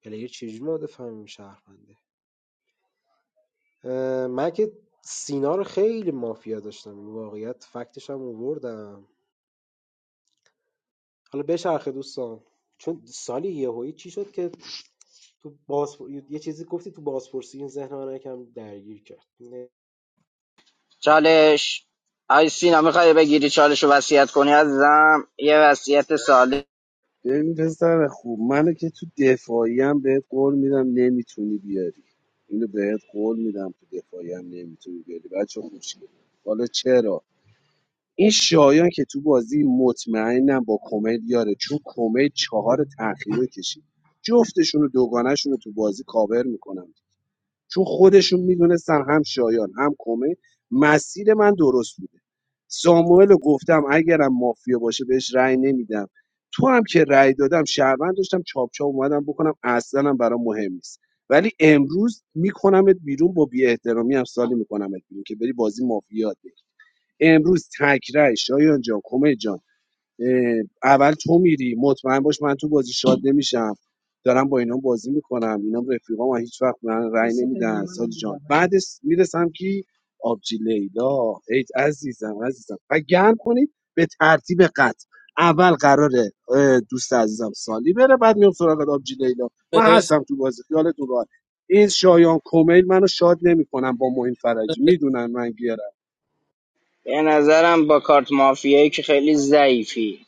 S14: پلیر چجوری مورد فهمیم شهرونده اه، من که سینا رو خیلی مافیا داشتم این واقعیت فکتش هم آوردم حالا بچرخه دوستان چون سالی یهویی چی شد که تو بازپر... یه چیزی گفتی تو بازپرسی این ذهن من یکم درگیر کرد نه.
S1: چالش آی سینا میخوای بگیری چالش رو وصیت کنی عزیزم یه وصیت ساله
S2: ببین پسر خوب منو که تو دفاعی هم بهت قول میدم نمیتونی بیاری اینو بهت قول میدم تو دفاعی هم نمیتونی بیاری بچه خوشگل حالا چرا این شایان که تو بازی مطمئنم با کمیل یاره چون کمیل چهار تأخیره کشید جفتشون رو دوگانهشون رو تو بازی کاور میکنم چون خودشون میدونستن هم شایان هم کمه مسیر من درست بوده ساموئل رو گفتم اگرم مافیا باشه بهش رأی نمیدم تو هم که رأی دادم شهروند داشتم چاپ چاپ اومدم بکنم اصلا هم برام مهم نیست ولی امروز میکنمت بیرون با بی احترامی هم سالی میکنمت بیرون که بری بازی مافیا دی. امروز تک رأی شایان جان کمه جان اول تو میری مطمئن باش من تو بازی شاد نمیشم دارم با اینا بازی میکنم اینا رفیقام و هیچ وقت به من رأی نمیدن سادی جان بعد میرسم که آبجی لیلا ای عزیزم عزیزم و گرم کنید به ترتیب قطع اول قراره اه، دوست عزیزم سالی بره بعد میام سراغ آبجی لیلا من
S7: مرسی
S2: هستم تو بازی خیالتون راحت این شایان کمیل منو شاد نمیکنم با معین فرجی
S7: مرسی
S2: میدونن من گیرم.
S1: به نظرم با کارت مافیایی که خیلی ضعیفی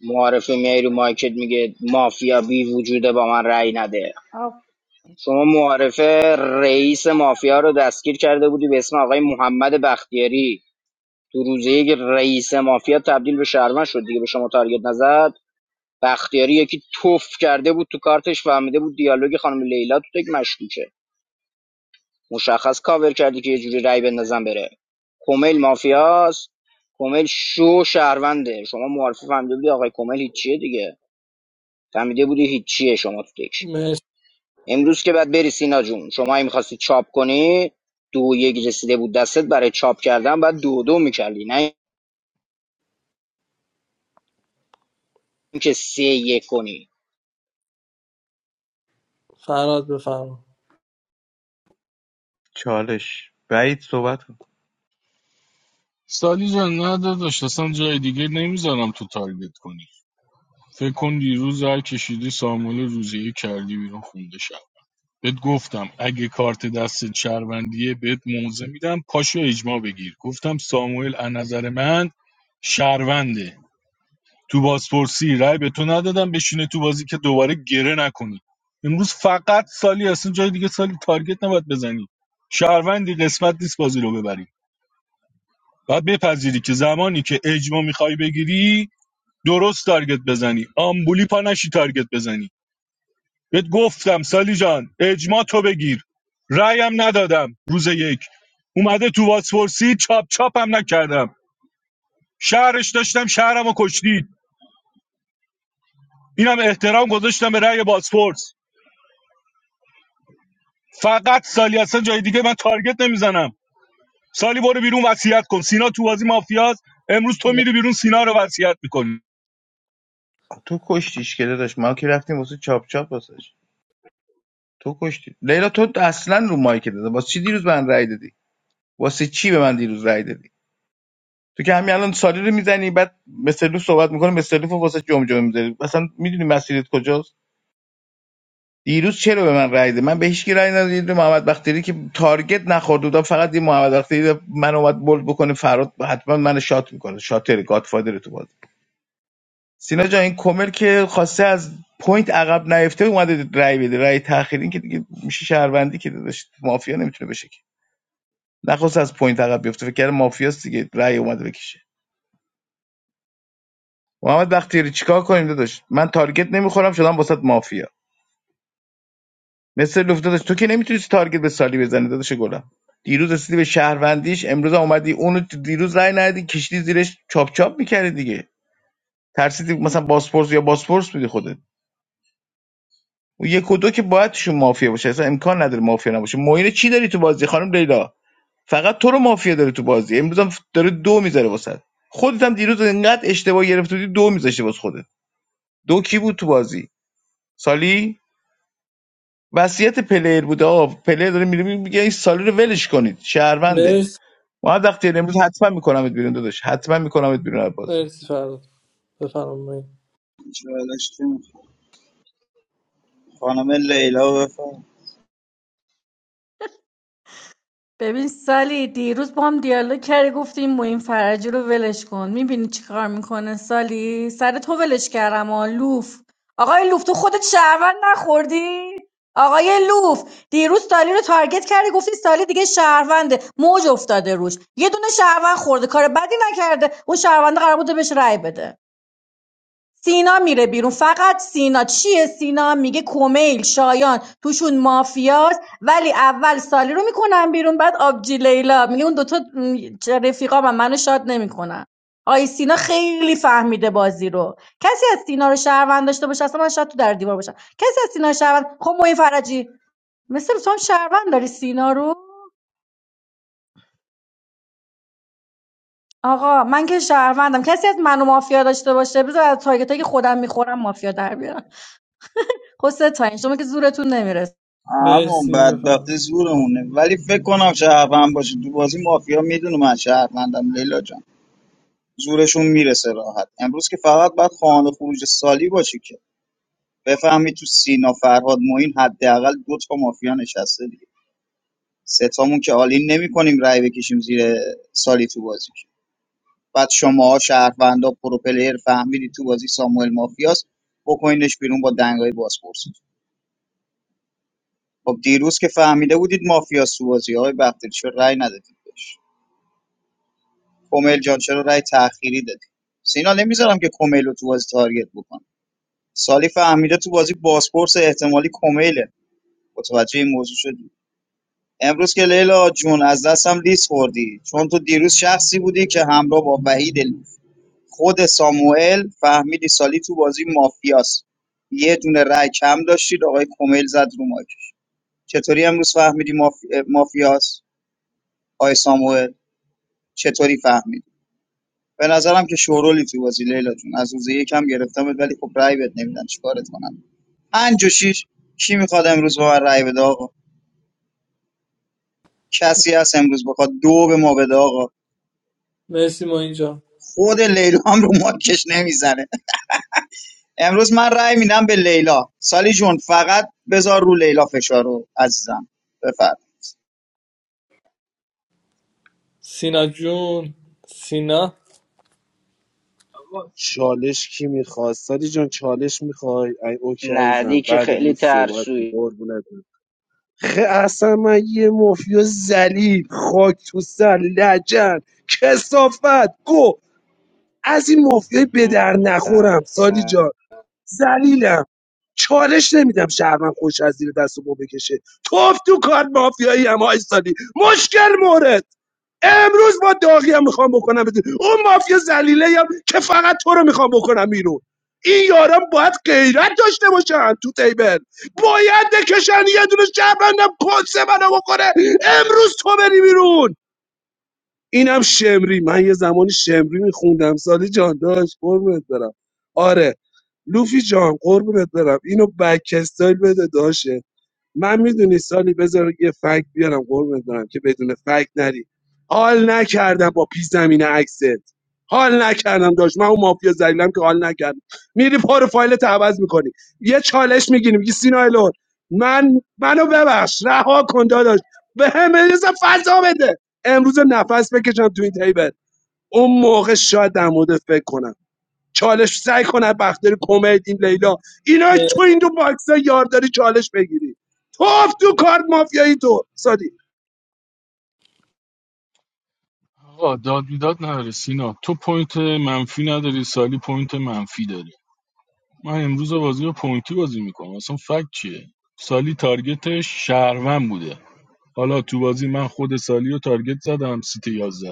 S1: معارفه میای رو مایکت میگه مافیا بی وجوده با من رأی نده شما معارفه رئیس مافیا رو دستگیر کرده بودی به اسم آقای محمد بختیاری تو روزه یک رئیس مافیا تبدیل به شهروند شد دیگه به شما تارگت نزد بختیاری یکی توف کرده بود تو کارتش فهمیده بود دیالوگ خانم لیلا تو تک مشکوکه مشخص کاور کردی که یه جوری رأی بندازن بره کومیل مافیاست کومیل شو شهرونده شما معارفه فهمیده بودی آقای کومیل هیچیه دیگه فهمیده بودی هیچیه شما تو تکش.
S7: مرسی.
S1: امروز که بعد بری سینا جون شما اگه میخواستی چاپ کنی دو یک رسیده بود دستت برای چاپ کردن بعد دو دو میکردی نه اینکه سه یک کنی
S7: فراد بفرم
S4: چالش بعید صحبت کن.
S5: سالی جان نه داداش اصلا جای دیگه نمیذارم تو تارگت کنی فکر کن دیروز هر کشیدی ساموئل روزی کردی بیرون خونده شد. بهت گفتم اگه کارت دست شهروندیه بهت موزه میدم پاشو اجماع بگیر گفتم ساموئل از نظر من شهرونده تو بازپرسی رای به تو ندادم بشینه تو بازی که دوباره گره نکنی امروز فقط سالی هستن جای دیگه سالی تارگت نباید بزنی شهروندی قسمت نیست بازی رو ببری و بپذیری که زمانی که اجماع میخوای بگیری درست تارگت بزنی آمبولی پا نشی تارگت بزنی بهت گفتم سالی جان اجماع تو بگیر رایم ندادم روز یک اومده تو واسپورسی چاپ چاپم نکردم شهرش داشتم شهرم و کشتید اینم احترام گذاشتم به رأی بازپرس فقط سالی اصلا جای دیگه من تارگت نمیزنم سالی برو بیرون وصیت کن سینا تو بازی مافیاست امروز تو
S7: م-
S5: میری بیرون سینا رو وصیت میکنی
S4: تو کشتیش که داداش ما که رفتیم واسه چاپ چاپ واسش تو کشتی لیلا تو اصلا رو مایک داده واسه چی دیروز به من رأی دادی واسه چی به من دیروز رأی دادی تو که همین الان سالی رو میزنی بعد مثلو صحبت میکنه مثلو واسه جمجمه میذاری اصلا میدونی مسیرت کجاست دیروز چرا به من رأی دادی من به هیچ کی رأی ندادم یه محمد بختیاری که تارگت نخورد بودم فقط این محمد بختیاری من اومد بولد بکنه فراد حتما من شات میکنه شاتر گادفادر تو بازی سینا جان این کمر که خواسته از پوینت عقب نیفته اومده رای بده رای تاخیر این که دیگه میشه شهروندی که داشت مافیا نمیتونه بشه که نخواست از پوینت عقب بیفته فکر کردم مافیاست دیگه رای اومده بکشه محمد بختیاری چیکار کنیم داداش من تارگت نمیخورم شدم واسط مافیا مثل لوفت داداش تو که نمیتونی تارگت به سالی بزنی داداش گلم دیروز رسیدی به شهروندیش امروز هم اومدی اونو تو دیروز رای ندی کشیدی زیرش چاپ چاپ میکردی دیگه ترسیدی مثلا باسپورس یا باسپورس بودی خودت و یک و دو که باید توشون مافیا باشه اصلا امکان نداره مافیا نباشه معین چی داری تو بازی خانم لیلا فقط تو رو مافیا داره تو بازی امروز هم داره دو میذاره واسه خودت هم دیروز انقدر اشتباه گرفته بودی دو میذاشتی واسه خودت دو کی بود تو بازی سالی وصیت پلیر بوده آه پلیر داره میره میگه این سالی رو ولش کنید شهرونده
S7: مرسی
S4: ما وقتی امروز حتما میکنمت بیرون داداش حتما میکنمت بیرون از بازی
S7: مرسی فراد بفرم مهین.
S11: چالش کن. خانم لیلا بفرم
S9: ببین سالی دیروز با هم دیالوگ کردی گفتی این موین فرجی رو ولش کن میبینی چیکار میکنه سالی سر تو ولش کردم آ لوف آقای لوف تو خودت شهروند نخوردی آقای لوف دیروز سالی رو تارگت کردی گفتی سالی دیگه شهرونده موج افتاده روش یه دونه شهروند خورده کار بدی نکرده اون شهرونده قرار بوده بهش رأی بده سینا میره بیرون فقط سینا چیه سینا میگه کمیل شایان توشون مافیاست ولی اول سالی رو میکنن بیرون بعد آبجی لیلا میگه اون دوتا م، چه رفیقا من منو شاد نمیکنن آی سینا خیلی فهمیده بازی رو کسی از سینا رو شهروند داشته باشه اصلا من شاید تو در دیوار باشم کسی از سینا رو شهروند خب موین فرجی مثل تو هم شهروند داری سینا رو آقا من که شهروندم کسی از منو مافیا داشته باشه بذار از تارگتایی که خودم میخورم مافیا در بیارم حسه تا این شما که زورتون نمیرسه
S11: همون
S7: مرسی بفرم
S11: بدبختی زورمونه ولی فکر کنم شهروند باشه تو بازی مافیا میدونه من شهروندم لیلا جان زورشون میرسه راحت امروز که فقط باید خانه خروج سالی باشی که بفهمی تو سینا فرهاد معین حداقل دو تا مافیا نشسته دیگه سه تامون که آلین نمی کنیم رای بکشیم زیر سالی تو بازی بعد شماها شهروندا پروپلر فهمیدی تو بازی ساموئل مافیاس بکنینش بیرون با دنگای بازپرسی خب دیروز که فهمیده بودید مافیاس تو بازی های بختیاری چرا رأی ندادید بهش کومل جان چرا رأی تأخیری دادی سینا نمیذارم که کومل رو تو بازی تارگت بکن سالی فهمیده تو بازی بازپرس احتمالی کومله متوجه این موضوع شدی امروز که لیلا جون از دستم لیس خوردی چون تو دیروز شخصی بودی که همراه با وحید خود ساموئل فهمیدی سالی تو بازی مافیاست یه دونه رای کم داشتید آقای کمیل زد رو ماکش چطوری امروز فهمیدی مافی... مافیاست آقای ساموئل چطوری فهمیدی به نظرم که شورولی تو بازی لیلا جون از روز یکم گرفتم ولی خب رای بد نمیدن چیکارت کنم پنج و شیش کی میخواد امروز به من رای بده آقا کسی هست امروز بخواد دو به ما بده آقا
S7: مرسی ما اینجا
S11: خود لیلا هم رو ماکش نمیزنه امروز من رأی میدم به لیلا سالی جون فقط بذار رو لیلا فشار رو عزیزم بفرم.
S7: سینا جون سینا
S2: چالش کی میخواد سالی جان چالش میخوای ای اوکی
S1: نه دی
S2: عزیزم
S1: که
S2: بعد
S1: خیلی
S2: لوف صحبت کن
S1: ترسوی
S2: قربونت برم. خه اصلا من یه مافیا زلیل خاک تو سر لجن کسافت گو از این مافیای به در نخورم سالی جان زلیلم چالش نمیدم شهرمن خوش از زیر دست و پا بکشه توف تو کار مافیایی هم های سالی مشکل مورد امروز با داغی هم میخوام بکنم بیرون. اون مافیا زلیله هم که فقط تو رو میخوام بکنم بیرون این یاران باید غیرت داشته باشن تو تیبل باید بکشن یه دونه شهروندم کسه منو بکنه امروز تو بری بیرون اینم شمری من یه زمانی شمری میخوندم سالی جان داشت قربونت برم آره لوفی جان قربونت برم اینو بک استایل بده داشه من میدونی سالی بذار یه فکت بیارم قربونت دارم که بدون فکت نری حال نکردم با پی زمین عکست حال نکردم داشت من اون مافیا زلیلم که حال نکردم میری پروفایلت عوض میکنی یه چالش میگیری میگی سینا الون من منو ببخش رها کن داداش به هم اصلا فضا بده امروز نفس بکشم تو این تیبل اون موقع شاید در مورد فکر کنم چالش سعی کنه بختیاری کمد این لیلا اینا
S7: مر-
S2: تو این دو باکس یار داری چالش بگیری توف تو کارت مافیایی تو سادی
S5: آقا داد بیداد نداره سینا تو پوینت منفی نداری سالی پوینت منفی داری من امروز بازی رو پوینتی بازی میکنم اصلا فکت چیه سالی تارگت شهروند بوده حالا تو بازی من خود سالی رو تارگت زدم سیت 11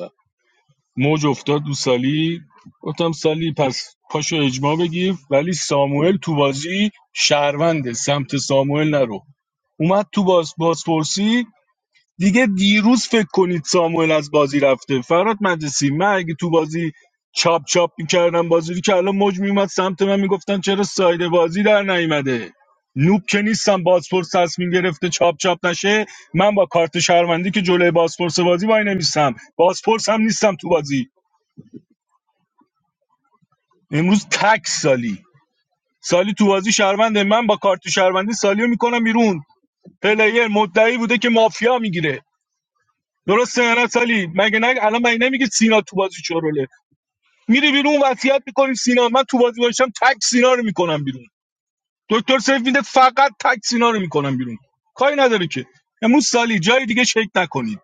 S5: موج افتاد رو سالی گفتم سالی پس پاشو اجماع بگیر ولی ساموئل تو بازی شهرونده سمت ساموئل نرو اومد تو باز بازپرسی دیگه دیروز فکر کنید ساموئل از بازی رفته فرات مجلسی من اگه تو بازی چاپ چاپ میکردم بازی رو که الان موج میومد سمت من میگفتن چرا ساید بازی در نیومده نوب که نیستم بازپرس تصمیم گرفته چاپ چاپ نشه من با کارت شهروندی که جلوی بازپرس بازی وای نمیستم بازپرس هم نیستم تو بازی امروز تک سالی سالی تو بازی شهرونده من با کارت شهروندی سالی رو میکنم بیرون پلیر مدعی بوده که مافیا میگیره درسته یا نه سالی مگه نه الان مگه نمیگه سینا تو بازی چوروله میری بیرون وصیت میکنی سینا من تو بازی باشم تک سینا رو میکنم بیرون دکتر سیف میده فقط تک سینا رو میکنم بیرون کاری نداره که امروز سالی جای دیگه شک نکنید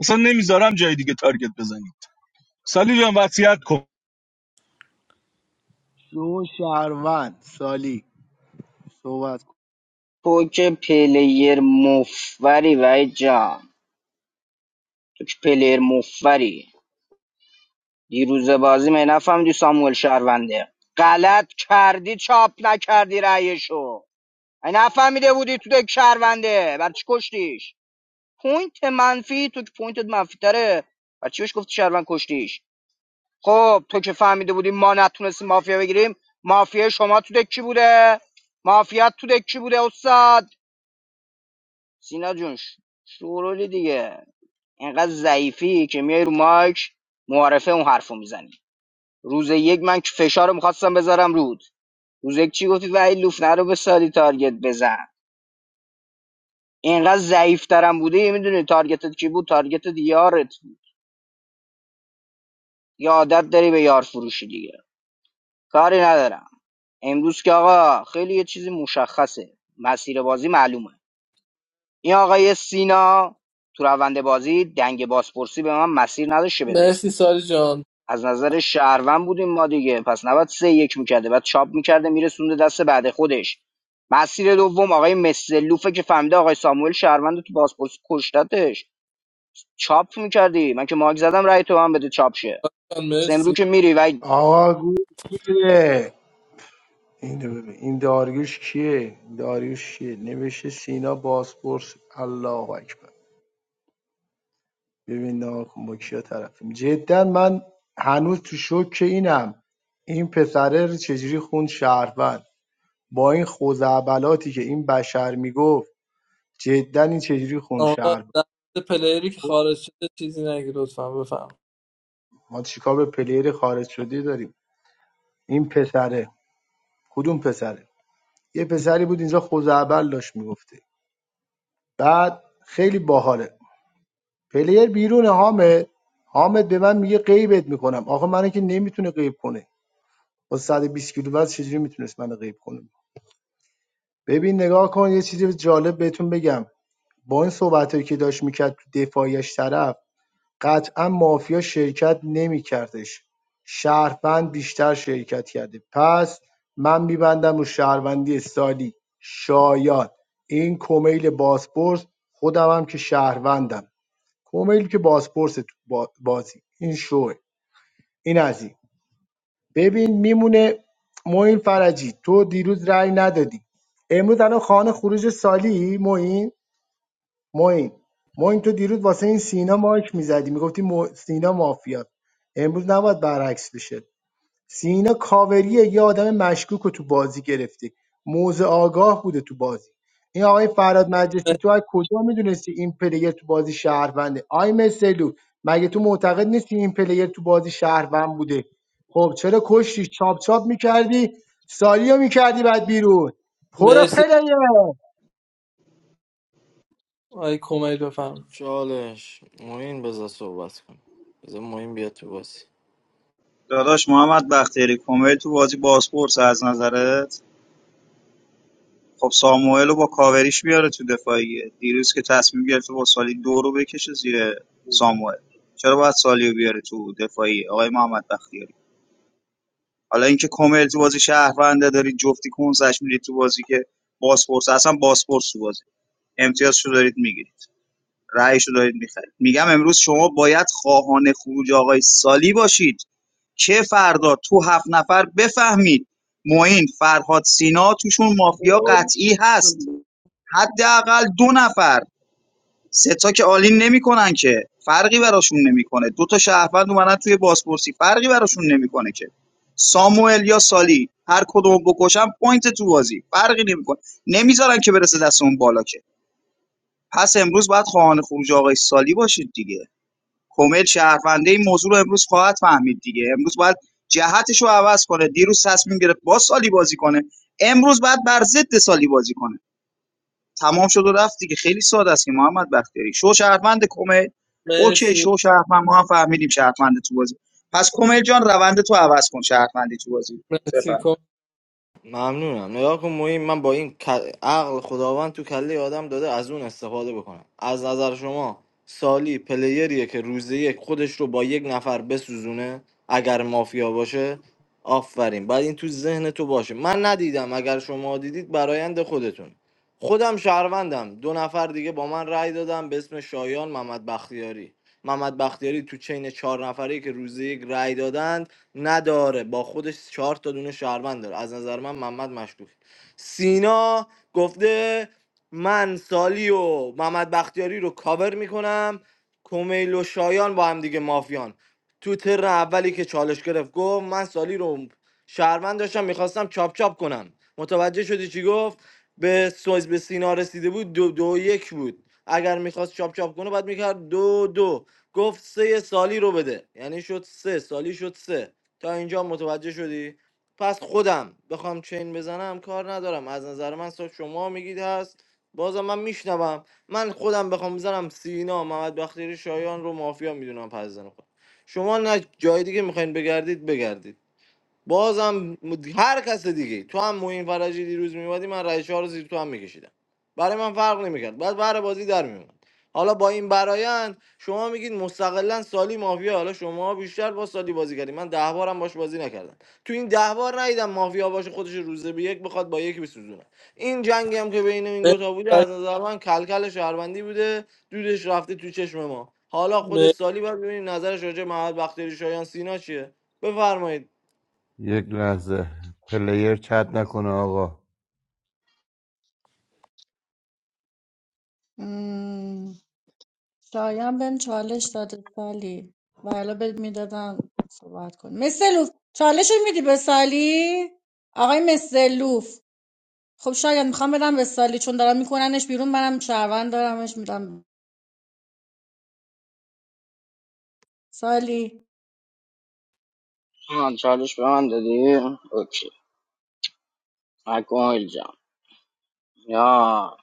S5: اصلا نمیذارم جای دیگه تارگت بزنید سالی جان وصیت کن
S12: شو شهروند سالی صحبت کن
S1: تو که پلیر مفوری وای جان تو که پلیر مفوری دیروز بازی می نفهمیدی ساموئل شهرونده غلط کردی چاپ نکردی رأیشو ای نفهمیده بودی تو دک شهرونده بر چی کشتیش پوینت منفی تو که پوینتت منفی تره و چی بهش گفتی شهروند کشتیش خب تو که فهمیده بودی ما نتونستیم مافیا بگیریم مافیا شما تو دکی بوده مافیات تو دکی بوده استاد سینا جون ش- شورولی دیگه اینقدر ضعیفی که میای رو مایک معارفه اون حرفو میزنی روز یک من که فشار رو میخواستم بذارم رود روز یک چی گفتی ولی لوفنه رو به سالی تارگت بزن اینقدر ضعیف ترم بوده میدونی تارگتت کی بود تارگتت یارت یه عادت داری به یار فروشی دیگه کاری ندارم امروز که آقا خیلی یه چیزی مشخصه مسیر بازی معلومه این آقای سینا تو روند بازی دنگ بازپرسی به من مسیر نداشته بده
S7: مرسی سالی جان
S1: از نظر شهروند بودیم ما دیگه پس نباید سه یک میکرده بعد چاپ میکرده میرسونده دست بعد خودش مسیر دوم آقای مسلوفه که فهمیده آقای ساموئل شهروند تو بازپرسی کشتتش چاپ میکردی من که ماک زدم رای تو هم بده چاپ شه
S7: جان
S1: سمرو
S7: مرسی
S1: که میری و
S12: آقا گوش بده. اینو ببین این داریوش کیه این داریوش کیه نوشته سینا باسپورس الله اکبر ببین نگاه کن با کیا طرفیم جدا من هنوز تو شوک اینم این پسره رو چجوری خوند شهروند با این خوزعبلاتی که این بشر میگفت جدا این چجوری خوند
S7: آقا
S12: شهروند
S7: در مورد پلیری که خارج شده چیزی نگی لطفا بفهم
S12: ما چیکار به پلیر خارج شده داریم این پسره کدوم پسره یه پسری بود اینجا خوزعبل داشت میگفته بعد خیلی باحاله پلیر بیرونه حامد حامد به من میگه غیبت میکنم آخه منو که نمیتونه غیب کنه با صد و بیست کیلو وزن چجوری میتونست منو غیب کنه ببین نگاه کن یه چیزی جالب بهتون بگم با این صحبتایی که داشت میکرد تو دفاعیش طرف قطعا مافیا شرکت نمیکردش شهروند بیشتر شرکت کرده پس من میبندم رو شهروندی سالی شایان این کمیل باسپورس خودم هم که شهروندم کمیل که بازپرس تو با- بازی این شوه این از این ببین میمونه معین فرجی تو دیروز رأی ندادی امروز الان خانه خروج سالی معین معین معین تو دیروز واسه این سینا مایک میزدی میگفتی مو... سینا مافیات امروز نباید برعکس بشه سینا کاوریه یه آدم مشکوک رو تو بازی گرفتی موزه آگاه بوده تو بازی این آقای فراد مجلسی تو از کجا میدونستی این پلیر تو بازی شهرونده آی مسلو مگه تو معتقد نیستی این پلیر تو بازی شهروند بوده خب چرا کشتی چاپ چاپ میکردی سالیو میکردی بعد بیرون پرو
S7: مرسی
S12: پلیر
S7: آی کمیل بفهم
S6: چالش معین بذار صحبت کن بذار معین بیاد تو بازی
S11: داداش محمد بختیاری کومل تو بازی بازپرس از نظرت خب ساموئل رو با کاوریش بیاره تو دفاعیه دیروز که تصمیم گرفته با سالی دو رو بکشه زیر ساموئل چرا باید سالی رو بیاره تو دفاعی؟ آقای محمد بختیاری حالا اینکه کومل تو بازی شهرونده داری جفتی کنسش میرید تو بازی که بازپرس اصلا بازپرس تو بازی امتیازشو دارید میگیرید رأیشو دارید میخرید میگم امروز شما باید خواهان خروج آقای سالی باشید که فردا تو هفت نفر بفهمید معین فرهاد سینا توشون مافیا قطعی هست حداقل دو نفر سه تا که عالی نمیکنن که فرقی براشون نمیکنه دو تا شهروند اومدن توی بازپرسی فرقی براشون نمیکنه که ساموئل یا سالی هر کدوم بکشن پوینت تو بازی فرقی نمیکنه نمیذارن که برسه دست اون بالا که پس امروز باید خواهان خروج آقای سالی باشید دیگه کمیل شهرونده این موضوع رو امروز خواهد فهمید دیگه امروز باید جهتش رو عوض کنه دیروز تصمیم گرفت با سالی بازی کنه امروز باید بر ضد سالی بازی کنه تمام شد و رفت دیگه خیلی ساده است که محمد بختیاری شو شهروند کمیل اوکی
S7: مرسی
S11: شو شهروند ما هم فهمیدیم شهروند تو بازی پس کمیل جان روند تو عوض کن شهروندی تو بازی
S7: مرسی
S11: بفرم
S7: کمیل
S6: ممنونم نگاه کن مهم من با این ک- عقل خداوند تو کله آدم داده از اون استفاده بکنم از نظر شما سالی پلیریه که روز یک خودش رو با یک نفر بسوزونه اگر مافیا باشه آفرین بعد این تو ذهن تو باشه من ندیدم اگر شما دیدید برایند خودتون خودم شهروندم دو نفر دیگه با من رأی دادم به اسم شایان محمد بختیاری محمد بختیاری تو چین چهار نفری که روز یک رأی دادند نداره با خودش چهار تا دونه شهروند داره از نظر من محمد مشکوک سینا گفته من سالی و محمد بختیاری رو کاور میکنم کمیل و شایان با هم دیگه مافیان تو تر اولی که چالش گرفت گفت من سالی رو شهروند داشتم میخواستم چاپ چاپ کنم متوجه شدی چی گفت به سویز به سینا رسیده بود دو دو یک بود اگر میخواست چاپ چاپ کنه باید میکرد دو دو گفت سه سالی رو بده یعنی شد سه سالی شد سه تا اینجا متوجه شدی پس خودم بخوام چین بزنم کار ندارم از نظر من سا شما میگید هست بازم من میشنوم من خودم بخوام بزنم سینا محمد بختیاری شایان رو مافیا میدونم پس زن خودم شما نه جای دیگه میخواین بگردید بگردید بازم هر کس دیگه تو هم موین فرجی دیروز میومدی من رای چهار رو زیر تو هم میکشیدم برای من فرق نمیکرد بعد بر بازی در میومد حالا با این برایند شما میگید مستقلا سالی مافیا حالا شما بیشتر با سالی بازی کردی من ده بارم باش بازی نکردم تو این ده بار ندیدم مافیا باشه خودش روزه به یک بخواد با یکی بسوزونه این جنگی هم که بین این دوتا بوده از نظر من کلکل شهروندی بوده دودش رفته تو چشم ما حالا خود
S7: مرسی
S6: سالی باید ببینیم نظرش راجع به محمد بختیاری شایان سینا چیه بفرمایید
S17: یک لحظه پلیر چت نکنه آقا
S9: مم، شایان بهم چالش داده سالی و الا بهت میدادم صحبت کن مسلوف چالش رو میدی به سالی آقای مسلوف خب شاید میخوام بدم به سالی چون دارم میکننش بیرون منم شهروند دارمش میدم سالی
S1: آه، چالش به من دادی؟ اوکی مکمل جان یا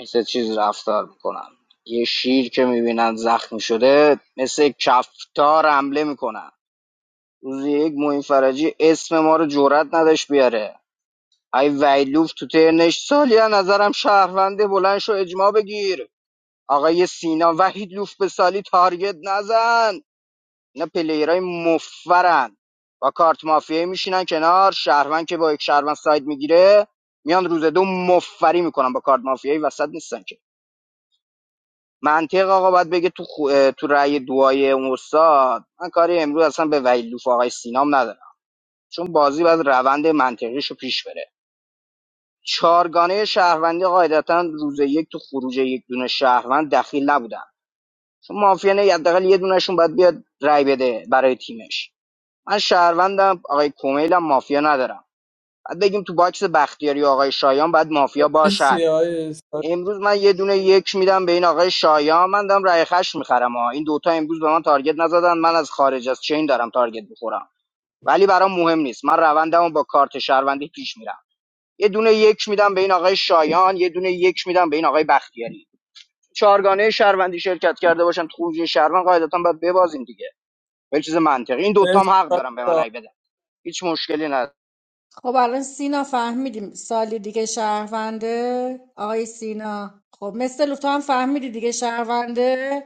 S1: مثل چیز رفتار میکنن یه شیر که میبینن زخمی شده مثل کفتار حمله میکنن روز یک معین فرجی اسم ما رو جرأت نداشت بیاره ای ویلوف تو ترنش سالیا نظرم شهرونده بلند شو اجماع بگیر آقای سینا وحید لوف به سالی تارگت نزن اینا پلیرای مفرن با کارت مافیایی میشینن کنار شهروند که با یک شهروند ساید میگیره میان روز دو مفری میکنن با کارت مافیایی وسط نیستن که منطق آقا باید بگه تو خو... تو رأی دوای اون استاد من کاری امروز اصلا به ویلوف آقای سینام ندارم چون بازی باید روند منطقیشو پیش بره چارگانه شهروندی قاعدتا روز یک تو خروج یک دونه شهروند دخیل نبودن چون مافیا نه حداقل یه دونهشون باید بیاد رای بده برای تیمش من شهروندم آقای کومیل هم مافیا ندارم بعد بگیم تو باکس بختیاری و آقای شایان بعد مافیا باشد
S7: مرسی آی استاد.
S1: امروز من یه دونه یک میدم به این آقای شایان من دارم رای خش میخرم ها این دوتا امروز به من تارگت نزدن من از خارج از چین دارم تارگت بخورم ولی برام مهم نیست من روندمو با کارت شهروندی پیش میرم یه دونه یک میدم به این آقای شایان یه دونه یک میدم به این آقای بختیاری چهارگانه شهروندی شرکت کرده باشن تو خروجی شهروند قاعدتا باید ببازیم دیگه خیلی چیز منطقی این دوتا هم
S7: مرسی
S1: حق
S7: آی
S1: دارم به من
S7: جان.
S1: رای بدن هیچ مشکلی نداره
S9: خب الان سینا فهمیدیم سالی دیگه شهرونده آقای سینا خب مثل لوف تو هم فهمیدی دیگه شهرونده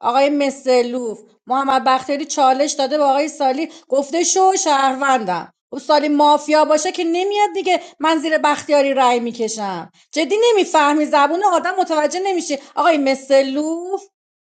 S9: آقای مسلوف محمد بختیاری چالش داده به آقای سالی گفته شو شهروندم او سالی مافیا باشه که نمیاد دیگه من زیر بختیاری رأی میکشم جدی نمیفهمی زبون آدم متوجه نمیشه آقای مسلوف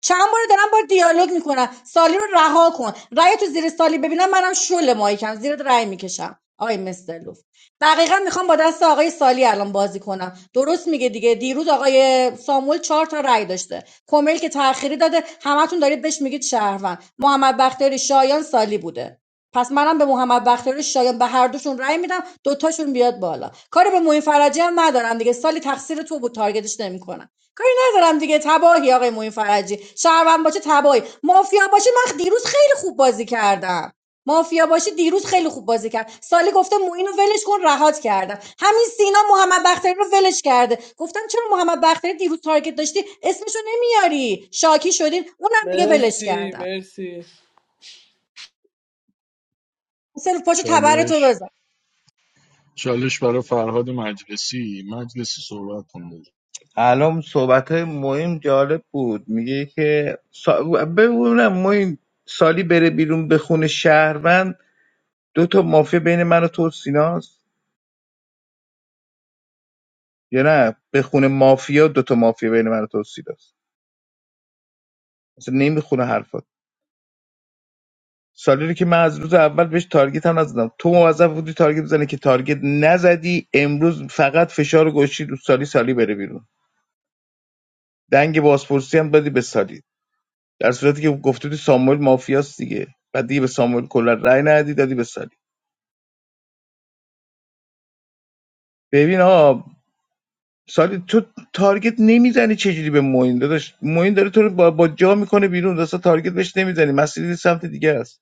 S9: چند بار دارم با دیالوگ میکنم سالی رو رها کن رأی تو زیر سالی ببینم منم شل ماهی کم زیرت رأی میکشم آقای مستر لو دقیقا میخوام با دست آقای سالی الان بازی کنم درست میگه دیگه دیروز آقای ساموئل چهار تا رأی داشته کمیل که تأخیری داده همتون دارید بهش میگید شهروند محمد بختیاری شایان سالی بوده پس منم به محمد بختیاری شایان به هر دوشون رأی میدم دوتاشون بیاد بالا کاری به معین فرجی هم ندارم دیگه سالی تقصیر تو بود تارگتش نمیکنم کاری ندارم دیگه تباهی آقای معین فرجی شهروند باشه تباهی مافیا باشه من دیروز خیلی خوب بازی کردم مافیا باشی دیروز خیلی خوب بازی کرد سالی گفته مو اینو ولش کن رهات کردم همین سینا محمد بختیاری رو ولش کرده گفتم چرا محمد بختیاری دیروز تارگت داشتی اسمشو نمیاری شاکی شدین اونم دیگه ولش
S7: مرسی
S9: کردم
S7: مرسی
S9: سلف پاشو تبرتو
S5: چالش
S9: بزن
S5: چالش برای فرهاد مجلسی مجلسی صحبت کن
S4: الان صحبت های مهم جالب بود میگه که سا... ببینم ما این سالی بره بیرون به خونه شهروند دو تا مافیا بین من و تو و سیناست یا نه به خونه مافیا دو تا مافیا بین من و تو و سیناست اصلا نمیخونه حرفات سالی رو که من از روز اول بهش تارگت هم نزدم تو موظف بودی تارگت بزنی که تارگت نزدی امروز فقط فشار رو گوشی رو سالی سالی بره بیرون دنگ بازپرسی هم دادی به سالی در صورتی که گفته بودی ساموئل مافیاست دیگه بعد دیگه به ساموئل کلا رأی ندی دادی به سالی ببین ها سالی تو تارگت نمیزنی چجوری به موین داداش موین داره تو رو با, با جا میکنه بیرون دستا تارگت بهش نمیزنی مسیری سمت دیگه است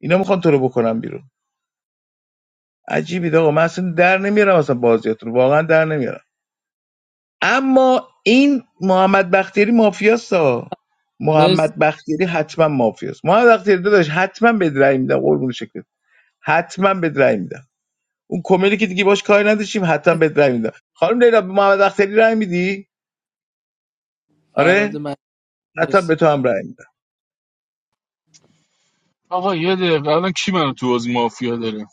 S4: اینا میخوان تو رو بکنن بیرون عجیبی آقا من اصلا در نمیارم اصلا بازیاتون رو. واقعا در نمیارم اما این محمد بختیاری مافیاست ها
S7: مرسی
S4: محمد بختیاری حتما مافیاست محمد بختیاری داداش حتما به رأی میدم قربون شکلت حتما به رأی میدم اون کمدی که دیگه باش کاری نداشتیم حتما بهت رای میدم خانم لیلا به محمد اختری رای میدی
S7: فراد
S4: آره
S7: من
S4: حتما به
S7: مرسی
S4: تو هم رای میدم
S5: آقا یه دقیقه الان کی منو تو از مافیا داره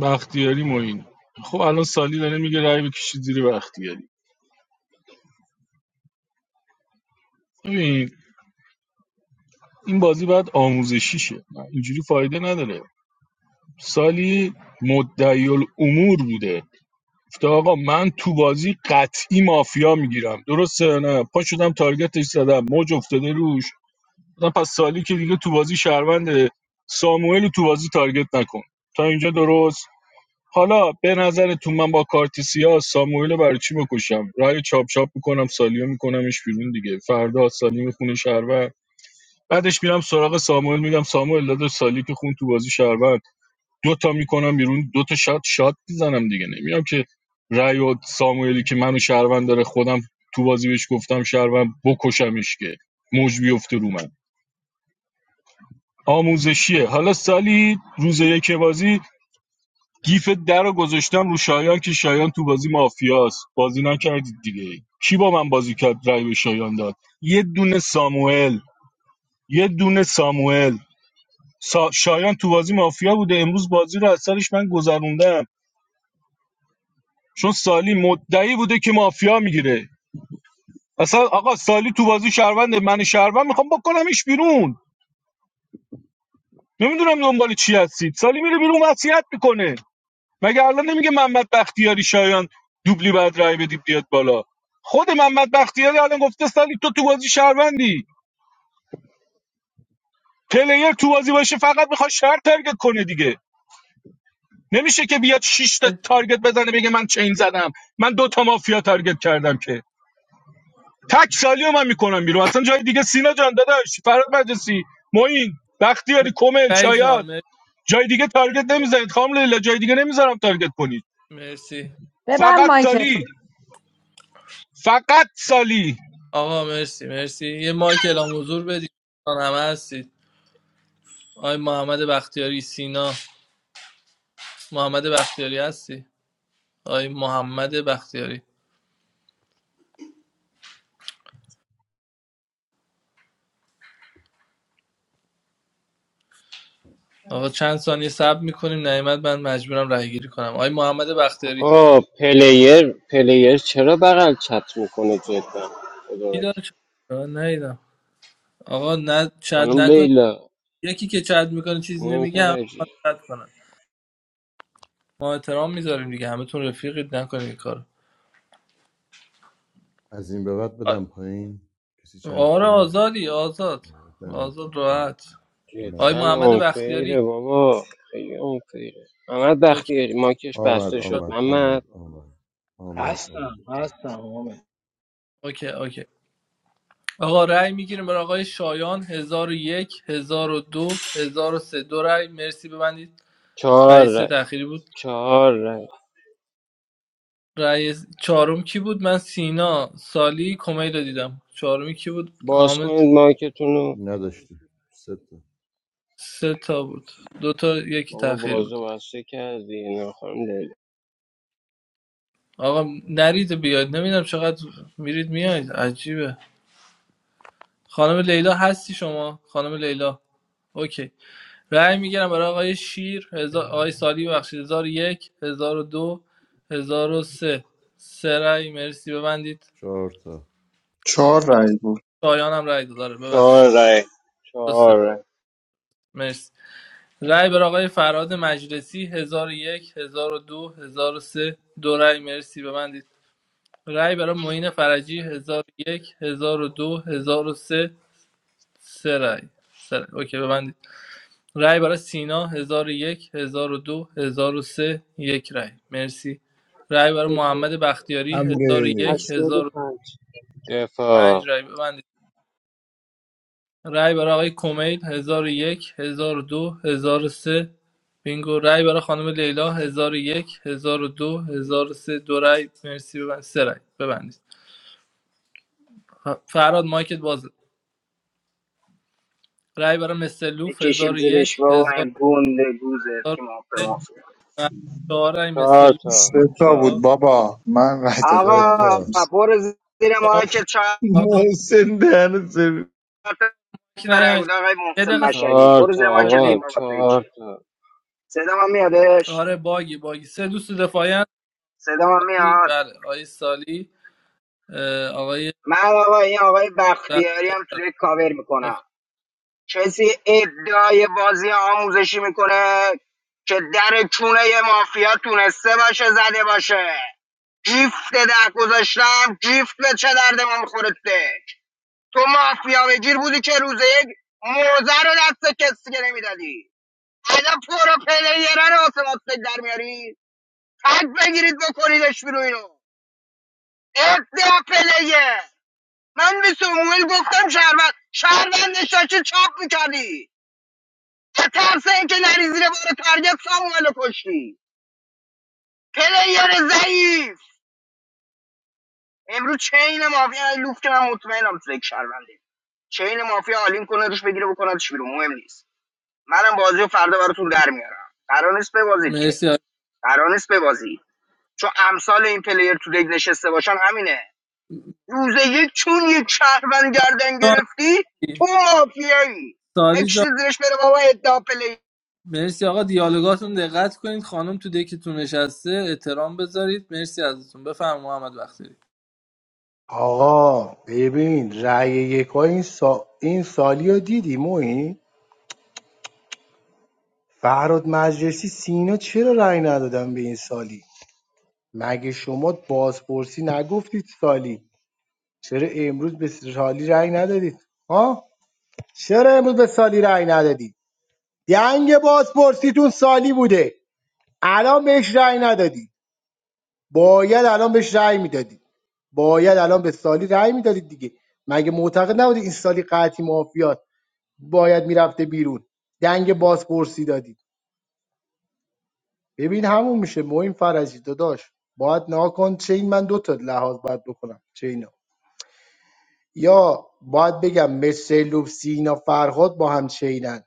S5: بختیاری معین خب الان سالی داره میگه رای بکشید زیر بختیاری ببین این بازی باید آموزشی شه اینجوری فایده نداره سالی مدعی الامور بوده گفته آقا من تو بازی قطعی مافیا میگیرم درسته نه پا شدم تارگتش زدم موج افتاده روش گفتم پس سالی که دیگه تو بازی شهروند ساموئل تو بازی تارگت نکن تا اینجا درست حالا به نظر تو من با کارت سیاه ساموئل رو برای چی بکشم رای چاپ چاپ میکنم سالیو میکنمش بیرون دیگه فردا سالی میخونه شهروند بعدش میرم سراغ ساموئل میگم ساموئل داده سالی که خون تو بازی شهروند دو تا میکنم بیرون دو تا شات شات میزنم دیگه نمیام که رای و ساموئلی که منو شهروند داره خودم تو بازی بهش گفتم شهروند بکشمش که موج بیفته رو من آموزشیه حالا سالی روز یک بازی گیف در رو گذاشتم رو شایان که شایان تو بازی مافیاست بازی نکردید دیگه کی با من بازی کرد رای به شایان داد یه دونه ساموئل یه دونه ساموئل سا- شایان تو بازی مافیا بوده امروز بازی رو از سرش من گذروندم چون سالی مدعی بوده که مافیا میگیره اصلا آقا سالی تو بازی شهروند من شهروند میخوام بکنمش بیرون نمیدونم دنبال چی هستید سالی میره بیرون وصیت میکنه مگه الان نمیگه محمد بختیاری شایان دوبلی باید رای بدی بیاد بالا خود محمد بختیاری الان گفته سالی تو تو بازی شهروندی پلیر تو بازی باشه فقط میخواد شهر تارگت کنه دیگه نمیشه که بیاد شش تا
S7: مرسی
S5: تارگت بزنه بگه من چین زدم من دو تا مافیا تارگت کردم که تک سالیو من میکنم بیرون اصلا جای دیگه سینا جان داداش فراد مجلسی معین بختیاری کمل
S7: آی جان
S5: شایان
S7: مرسی
S5: جای دیگه تارگت نمیزنید خام لیلا جای دیگه نمیذارم تارگت کنید
S7: مرسی.
S9: ببند
S5: فقط
S9: مایکتو
S5: سالی فقط سالی
S7: آقا مرسی مرسی یه مایک اعلام حضور بدید دوستان همه هستید آی محمد بختیاری سینا محمد بختیاری هستی آی محمد بختیاری آقا چند ثانیه صبر میکنیم نعمت من مجبورم رای گیری کنم آی محمد بختیاری
S16: آقا پلیر پلیر چرا بغل چت میکنه جدا خدا
S7: بیدار
S16: وکیل.
S7: شد آه، ندیدم آقا نه چت
S16: خانم
S7: نکن
S16: لیلا
S7: یکی که چت میکنه چیزی
S16: مهم
S7: نمیگه همه
S16: فرجی
S7: می‌خوان چت کنن ما احترام میذاریم دیگه همه تون رفیقید نکنید این کارو
S17: از این به بعد
S7: آ-
S17: بدم پایین کسی چت
S7: آره
S17: کرد
S7: آزادی آزاد
S17: آه، دمت گرم،
S7: آزاد
S17: دمت
S7: راحت
S17: نه
S7: آقای
S16: جدا
S7: محمد
S17: مجوز شد
S7: بختیاری
S16: آنفیره بابا خیلی آنفیره محمد
S7: اوکی
S16: بختیاری مایکش
S17: آمد
S16: بسته شد
S17: آمد
S16: محمد
S17: آمد آمد آمد
S12: هستم
S17: آمد
S12: هستم حامد
S7: اوکی اوکی آقا رأی میگیریم برای آقای شایان هزار 1002 1003 دو هزار و سه. دو رأی مرسی ببندید رأی
S16: چهار
S7: سه
S16: رای
S7: تأخیری بود
S16: چهار رای
S7: رأی چهارم کی بود من سینا سالی کمیل رو دیدم چهارمی کی بود
S16: باز
S7: حامد
S16: کنید مایکتون رو
S17: نداشتیم سه تا
S7: سه تا بود دو تا یکی
S16: بابا
S7: تاخیر بود
S16: بازو بسته کردی نه خانم لیلا
S7: آقا نرید بیاید نمیدونم چقدر میرید میایید عجیبه خانم لیلا هستی شما خانم لیلا اوکی رأی میگیرم برای آقای شیر هزار... آقای سالی ببخشید 1001 1002 1003 سه سه رأی مرسی ببندید
S17: چهار تا
S18: چهار رای بود
S7: شایان هم رأی داره ببخشید
S16: چهار رای
S7: درسته
S16: چهار رای
S7: مرسی رأی برای آقای فراد مجلسی هزار 1002 1003 دو هزار و سه، دو رأی مرسی ببندید رای برای معین فرجی 1001 1002 1003 سه سه رای سه رای. اوکی ببندید رای برای سینا 1001 1002 1003 یک رای مرسی رای برای محمد بختیاری
S4: حمله
S7: 1001 1005
S16: دفاع
S7: رای ببندید رای برای آقای کمیل 1001 1002 1003 بینگو رای برای خانم لیلا 1001 1002 1003 دو هزار و سه. دو رای مرسی ببند سه رای ببندید ف- فرهاد مایکت باز رای برای مثلوف
S1: بکشید زیرش
S7: 1001
S1: بابا این گنده گوزه تیم آب
S7: 1003
S1: مافیا
S7: و 4 رای
S16: چهار
S7: مثلوف
S16: تا
S18: سه تا
S16: چهار
S18: بود
S7: با
S18: بابا من رای دادم علی
S1: آقا
S18: کیس
S1: برو زیر
S7: 4
S1: مایکت چهار
S7: رو
S4: محسن دهن سرویس.
S1: تا
S7: مایک
S1: رای
S7: نیاین
S1: بود آقای
S7: یه
S1: محسن
S7: دقیقه
S1: مشهدی
S16: چهار
S1: برو
S16: تا
S1: زیر
S7: صبر
S1: مایکت
S16: آقا
S7: کنید.
S1: ببین بابا توی چی
S16: چهار تا
S1: صدا من میادش
S7: آره باگی باگی سه دوست دفاعی هست
S1: صدا من میاد
S7: بله آقای سالی اه، آقای
S1: من آقا این آقای بختیاری هم توی کاور
S7: رخ-
S1: میکنم کسی ادعای بازی آموزشی میکنه که در چونه یه مافیا تونسته باشه زده باشه جیفت ده گذاشتم جیفت به چه درد ما میخورده تو مافیا بگیر بودی که روز یک موزه رو دست کسی که نمیدادی الان پرو پلیره رو واسه ما سگ در میاری تک بگیرید بکنیدش بیرو اینو ادعا پلیه من به سموئل گفتم شهروند شهروند نشاشی چاپ میکردی به ترس اینکه نری زیر بار تارگت ساموئل رو کشتی پلیر ضعیف امروز چین مافیا لوفت که من مطمئنم سگ شهرونده چین مافیا آلین کنه روش بگیره بکنه بیرون مهم نیست منم بازی رو فردا براتون در میارم قرار نیست ببازید که
S7: مرسی آقای
S1: قرار نیست ببازید چون امثال این پلیر تو دیگ نشسته باشن همینه روز یک چون یک شهروند گردن
S7: جان
S1: گرفتی تو مافیایی
S7: سالی
S1: بکشی
S7: جان
S1: زیرش بره بابا ادعا پلیر
S7: مرسی آقا دیالوگاتون دقت کنید خانم تو دکتون نشسته احترام بذارید مرسی ازتون بفرم محمد بختیاری
S12: آقا ببین رأی یکای این, سا... این سالی رو دیدی موین فرهاد مجلسی سینا چرا رأی ندادن به این سالی مگه شما بازپرسی نگفتید سالی چرا امروز به سالی رأی ندادید ها چرا امروز به سالی رأی ندادید دنگ بازپرسیتون سالی بوده الان بهش رأی ندادی باید الان بهش رأی میدادی باید الان به سالی رأی میدادید دیگه مگه معتقد نبودید این سالی قطعی مافیات باید میرفته بیرون دنگ بازپرسی دادی ببین همون میشه معین فرجی داداش باید نها کن چه من دو تا لحاظ باید بکنم چه اینا یا باید بگم مثل سینا فرهاد با هم چینن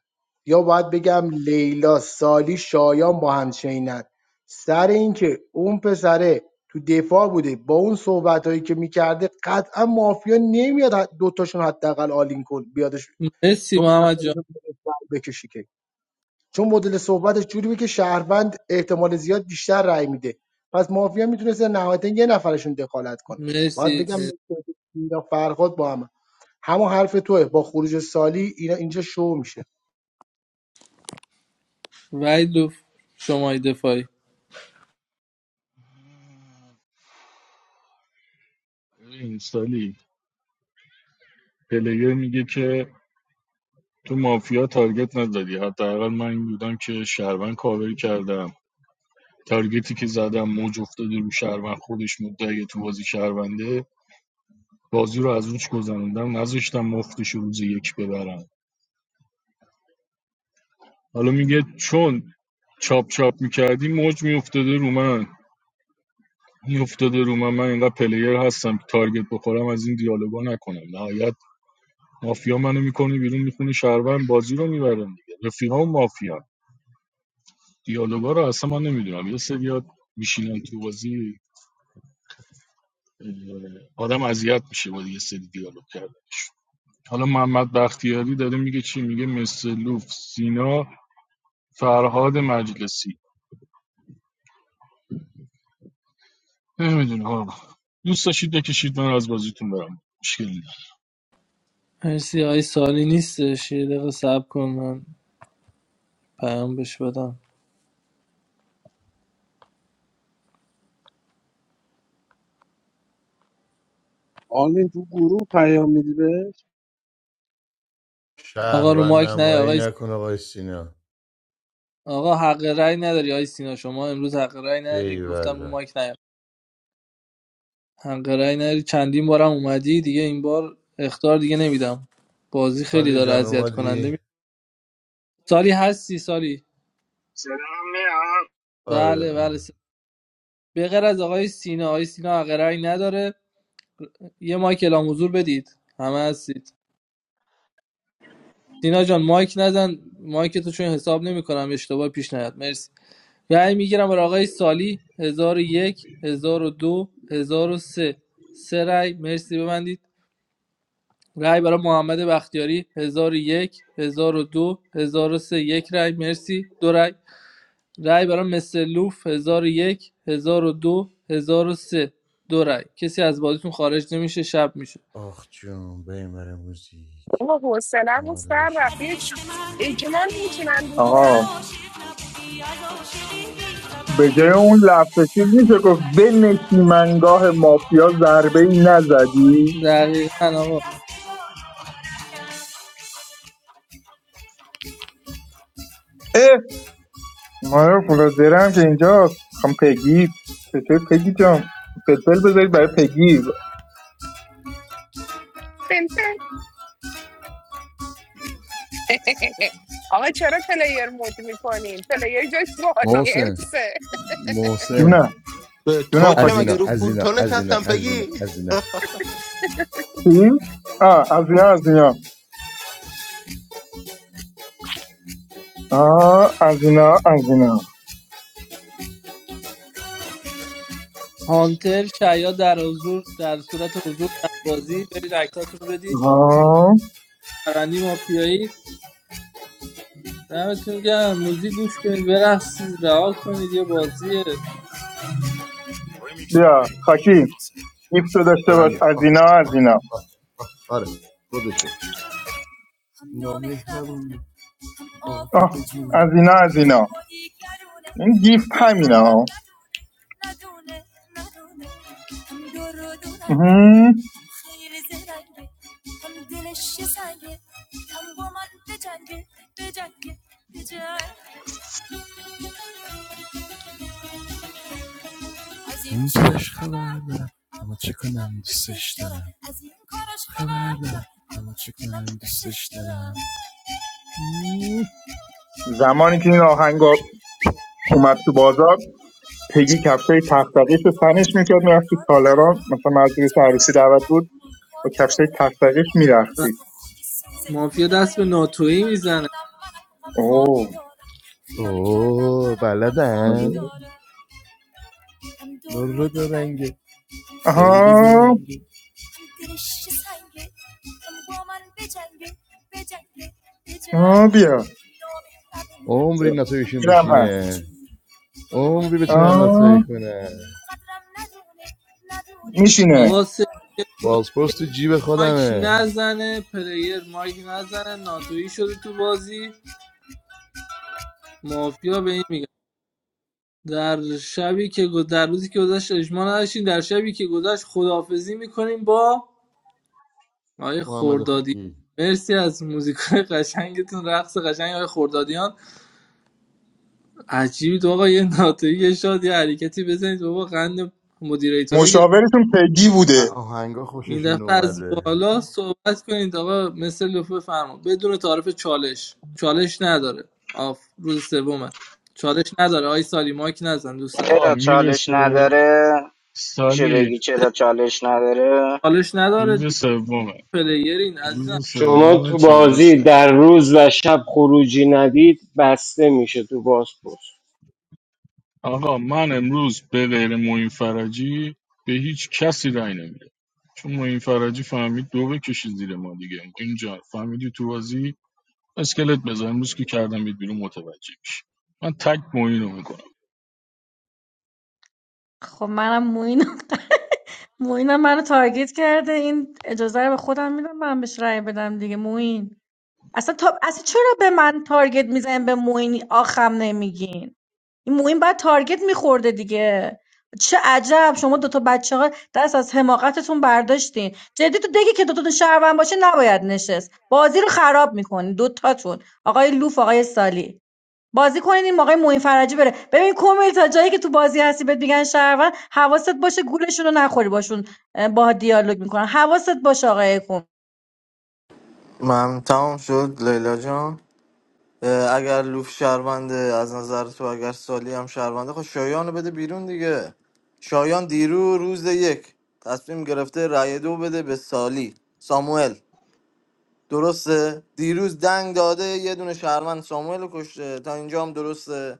S12: یا باید بگم لیلا سالی شایان با هم چینن سر اینکه اون پسره تو دفاع بوده با اون صحبت هایی که میکرده قطعا مافیا نمیاد حد- دوتاشون حداقل آلین کن بیادش
S7: مرسی
S12: دو
S7: محمد جان
S12: نفرشون بکشی که. چون مدل صحبتش جوری بود که شهروند احتمال زیاد بیشتر رأی میده پس مافیا میتونسته نهایتا یه نفرشون دخالت کنه باید
S7: مرسی,
S12: بگم
S7: مرسی.
S12: اینا فرهاد با هم همون حرف توه با خروج سالی اینا اینجا شو میشه
S7: وحید لطف، شمای دفاعی
S5: ببین سالی پلیر میگه که تو مافیا تارگت نزدی حداقل من این بودم که شهروند کاور کردم تارگتی که زدم موج افتاده رو شهروند خودش مدعی تو بازی شهرونده بازی رو از روش گذراندم نذاشتم مفتش رو روز یک ببرن حالا میگه چون چاپ چاپ میکردی موج میافتاده رو من میافتاده رو من من اینقدر پلیر هستم که تارگت بخورم از این دیالوگا نکنم نهایت مافیا منو میکنه بیرون میخونه شهروند بازی رو میبرن دیگه رفیقام مافیا دیالوگا رو اصلا من نمیدونم یه سری میشینن تو بازی اه، آدم اذیت میشه با یه سری دیالوگ کردنش حالا محمد بختیاری داره میگه چی میگه مسلوف سینا فرهاد مجلسی نمیدونم آقا دوست داشتید بکشید من از بازیتون برم مشکل نداره.
S7: مرسی آقای سالی نیستش یه دقیقه صبر کن من پیام بش بدم
S2: آرمین تو گروه پیام میدی بهش
S7: آقا رو
S17: شهروند
S7: مایک نه
S17: نمایی
S7: آقای
S17: نکن آقای سینا
S7: آقا حق رأی نداری آقای سینا شما امروز حق رأی نداری گفتم رو
S17: ایوالله
S7: مایک نه حق رأی نداری چندین بارم اومدی دیگه این بار اختار دیگه نمیدم بازی خیلی
S17: سالی
S7: داره
S17: جان
S7: اذیت کننده
S17: اومدی؟
S7: می سالی هستی سالی
S1: سلام میاد
S17: آره
S7: بله بله
S17: آره
S7: س... به غیر از آقای سینا آقای سینا حق رأی نداره یه مایک اعلام حضور بدید همه هستید سینا جان مایک نزن مایک تو چون حساب نمیکنم اشتباه پیش نیاد مرسی رأی میگیرم برای آقای سالی 1001 1002 1003 سه سه رأی مرسی ببندید رأی برای محمد بختیاری 1001 1002 1003 یک رأی مرسی دو رأی رأی برای مسلوف 1001 1002 1003 دو هزار و سه، دو رأی کسی از بازیتون خارج نمیشه شب میشه
S17: آخ جون بیمر موزیک
S15: بابا حوصله‌مو
S17: آماده
S15: سر
S17: باشی
S15: رفت یه ج- اجماع میتونن
S18: آقا
S15: بگیرن
S18: به جای اون لفظ چیز میشه گفت به نسیمنگاه مافیا ضربه ای نزدی
S7: دقیقاً آقا
S18: اه ما بلوزرم که اینجاست میخوام پگی چطور پگی جان فلفل بذارید برای پگی
S15: آقا چرا پلیر مود میکنین پلیر جای تو
S17: محسن
S15: آدینسه
S17: محسن
S18: جونم
S13: به تو
S18: جونم
S13: چه
S18: خاکی
S13: مگه رو کولتو نشستم پگی
S17: نه
S18: چی؟ آه از اینا از اینا آه از اینا از اینا
S7: هانتر شاید در حضور در صورت حضور در بازی برید عکساتون رو بدید
S18: آه
S7: پرندی مافیایی دمتون گرم موزیک گوش کنید برقصید رها کنید یه بازی
S18: بیا خاکی گیفت رو داشته باش از اینا از اینا
S17: خودش
S18: آه از اینا از اینا این گیفت همینا مهم. زمانی که این آهنگ اومد تو بازار پگی کفشای تختقیش رو تنش میکرد میرفت تو تالاران مثلا مجلس عروسی دعوت بود با کفشای تق تقش میرختی
S7: مافیا دست به ناتویی میزنه
S18: اوه آها آها بیا اینم هست
S17: عمری بتونن نتایی
S18: آه
S17: کنن
S18: میشینه
S7: آقا سه
S17: بازپرس تو جیب
S7: مایک نزنه پلیر مایک نزنه ناتویی شده تو بازی مافیا به این میگن در شبی که گذ- در روزی که گذشت اجماع نداشتیم در شبی که گذشت خداحافظی میکنیم با آقای خوردادی مرسی از موزیکای قشنگتون رقص قشنگ آقای خوردادیان عجیبید آقا یه ناتایی یه شاد یه حرکتی بزنید بابا قند مدیریتورا گرفت
S18: مشاورتون پگی بوده
S17: آهنگا
S7: این
S17: خوششون
S7: دفعه از
S17: اومده
S7: بالا صحبت کنید آقا مثل لوف بفرما بدون تعارف چالش چالش نداره آف روز سومه چالش نداره آی سالی مایک نزن دوست
S5: آقا
S7: عزیز
S1: چرا چالش
S5: میرسه
S1: نداره میشه
S5: سالی
S1: بگی چرا چالش نداره
S7: چالش نداره
S5: روز
S7: دیگه
S5: سومه
S7: پلیرین عزیزم
S5: روز
S16: شما
S5: سوم
S16: تو
S5: چالش
S16: بازی
S5: نه
S16: در روز و شب خروجی ندید بسته میشه تو بازپرس
S5: آقا من امروز به غیر معین فرجی به هیچ کسی رأی نمیدم چون معین فرجی فهمید دو بکشید زیر ما دیگه اینجا فهمیدی تو بازی اسکلت بزن امروز که کردم بید بیرون متوجه میشه من تک معین رو میکنم
S9: خب منم موین موین منو تارگت کرده این اجازه رو به خودم میدم من بهش رأی بدم دیگه موین اصلا تا... اصلا چرا به من تارگت میزنین به موین آخم نمیگین این موین بعد تارگت میخورده دیگه چه عجب شما دوتا بچه ها دست از حماقتتون برداشتین جدی تو دیگه که دوتاتون شهروند باشه نباید نشست بازی رو خراب میکنین دوتاتون آقای لوف آقای سالی بازی کنین این آقای موین فرجی بره ببین کومیل تا جایی که تو بازی هستی بهت میگن شهروند حواست باشه گولشون رو نخوری باشون اه، با دیالوگ میکنن حواست باشه آقای کومیل
S6: من تمام شد لیلا جان اه، اگر لوف شهرونده از نظر تو اگر سالی هم شهرونده خب شایان رو بده بیرون دیگه شایان دیرو روز یک تصمیم گرفته رأی دو بده به سالی ساموئل درسته دیروز دنگ داده یه دونه شهروند ساموئل رو کشته تا اینجا هم درسته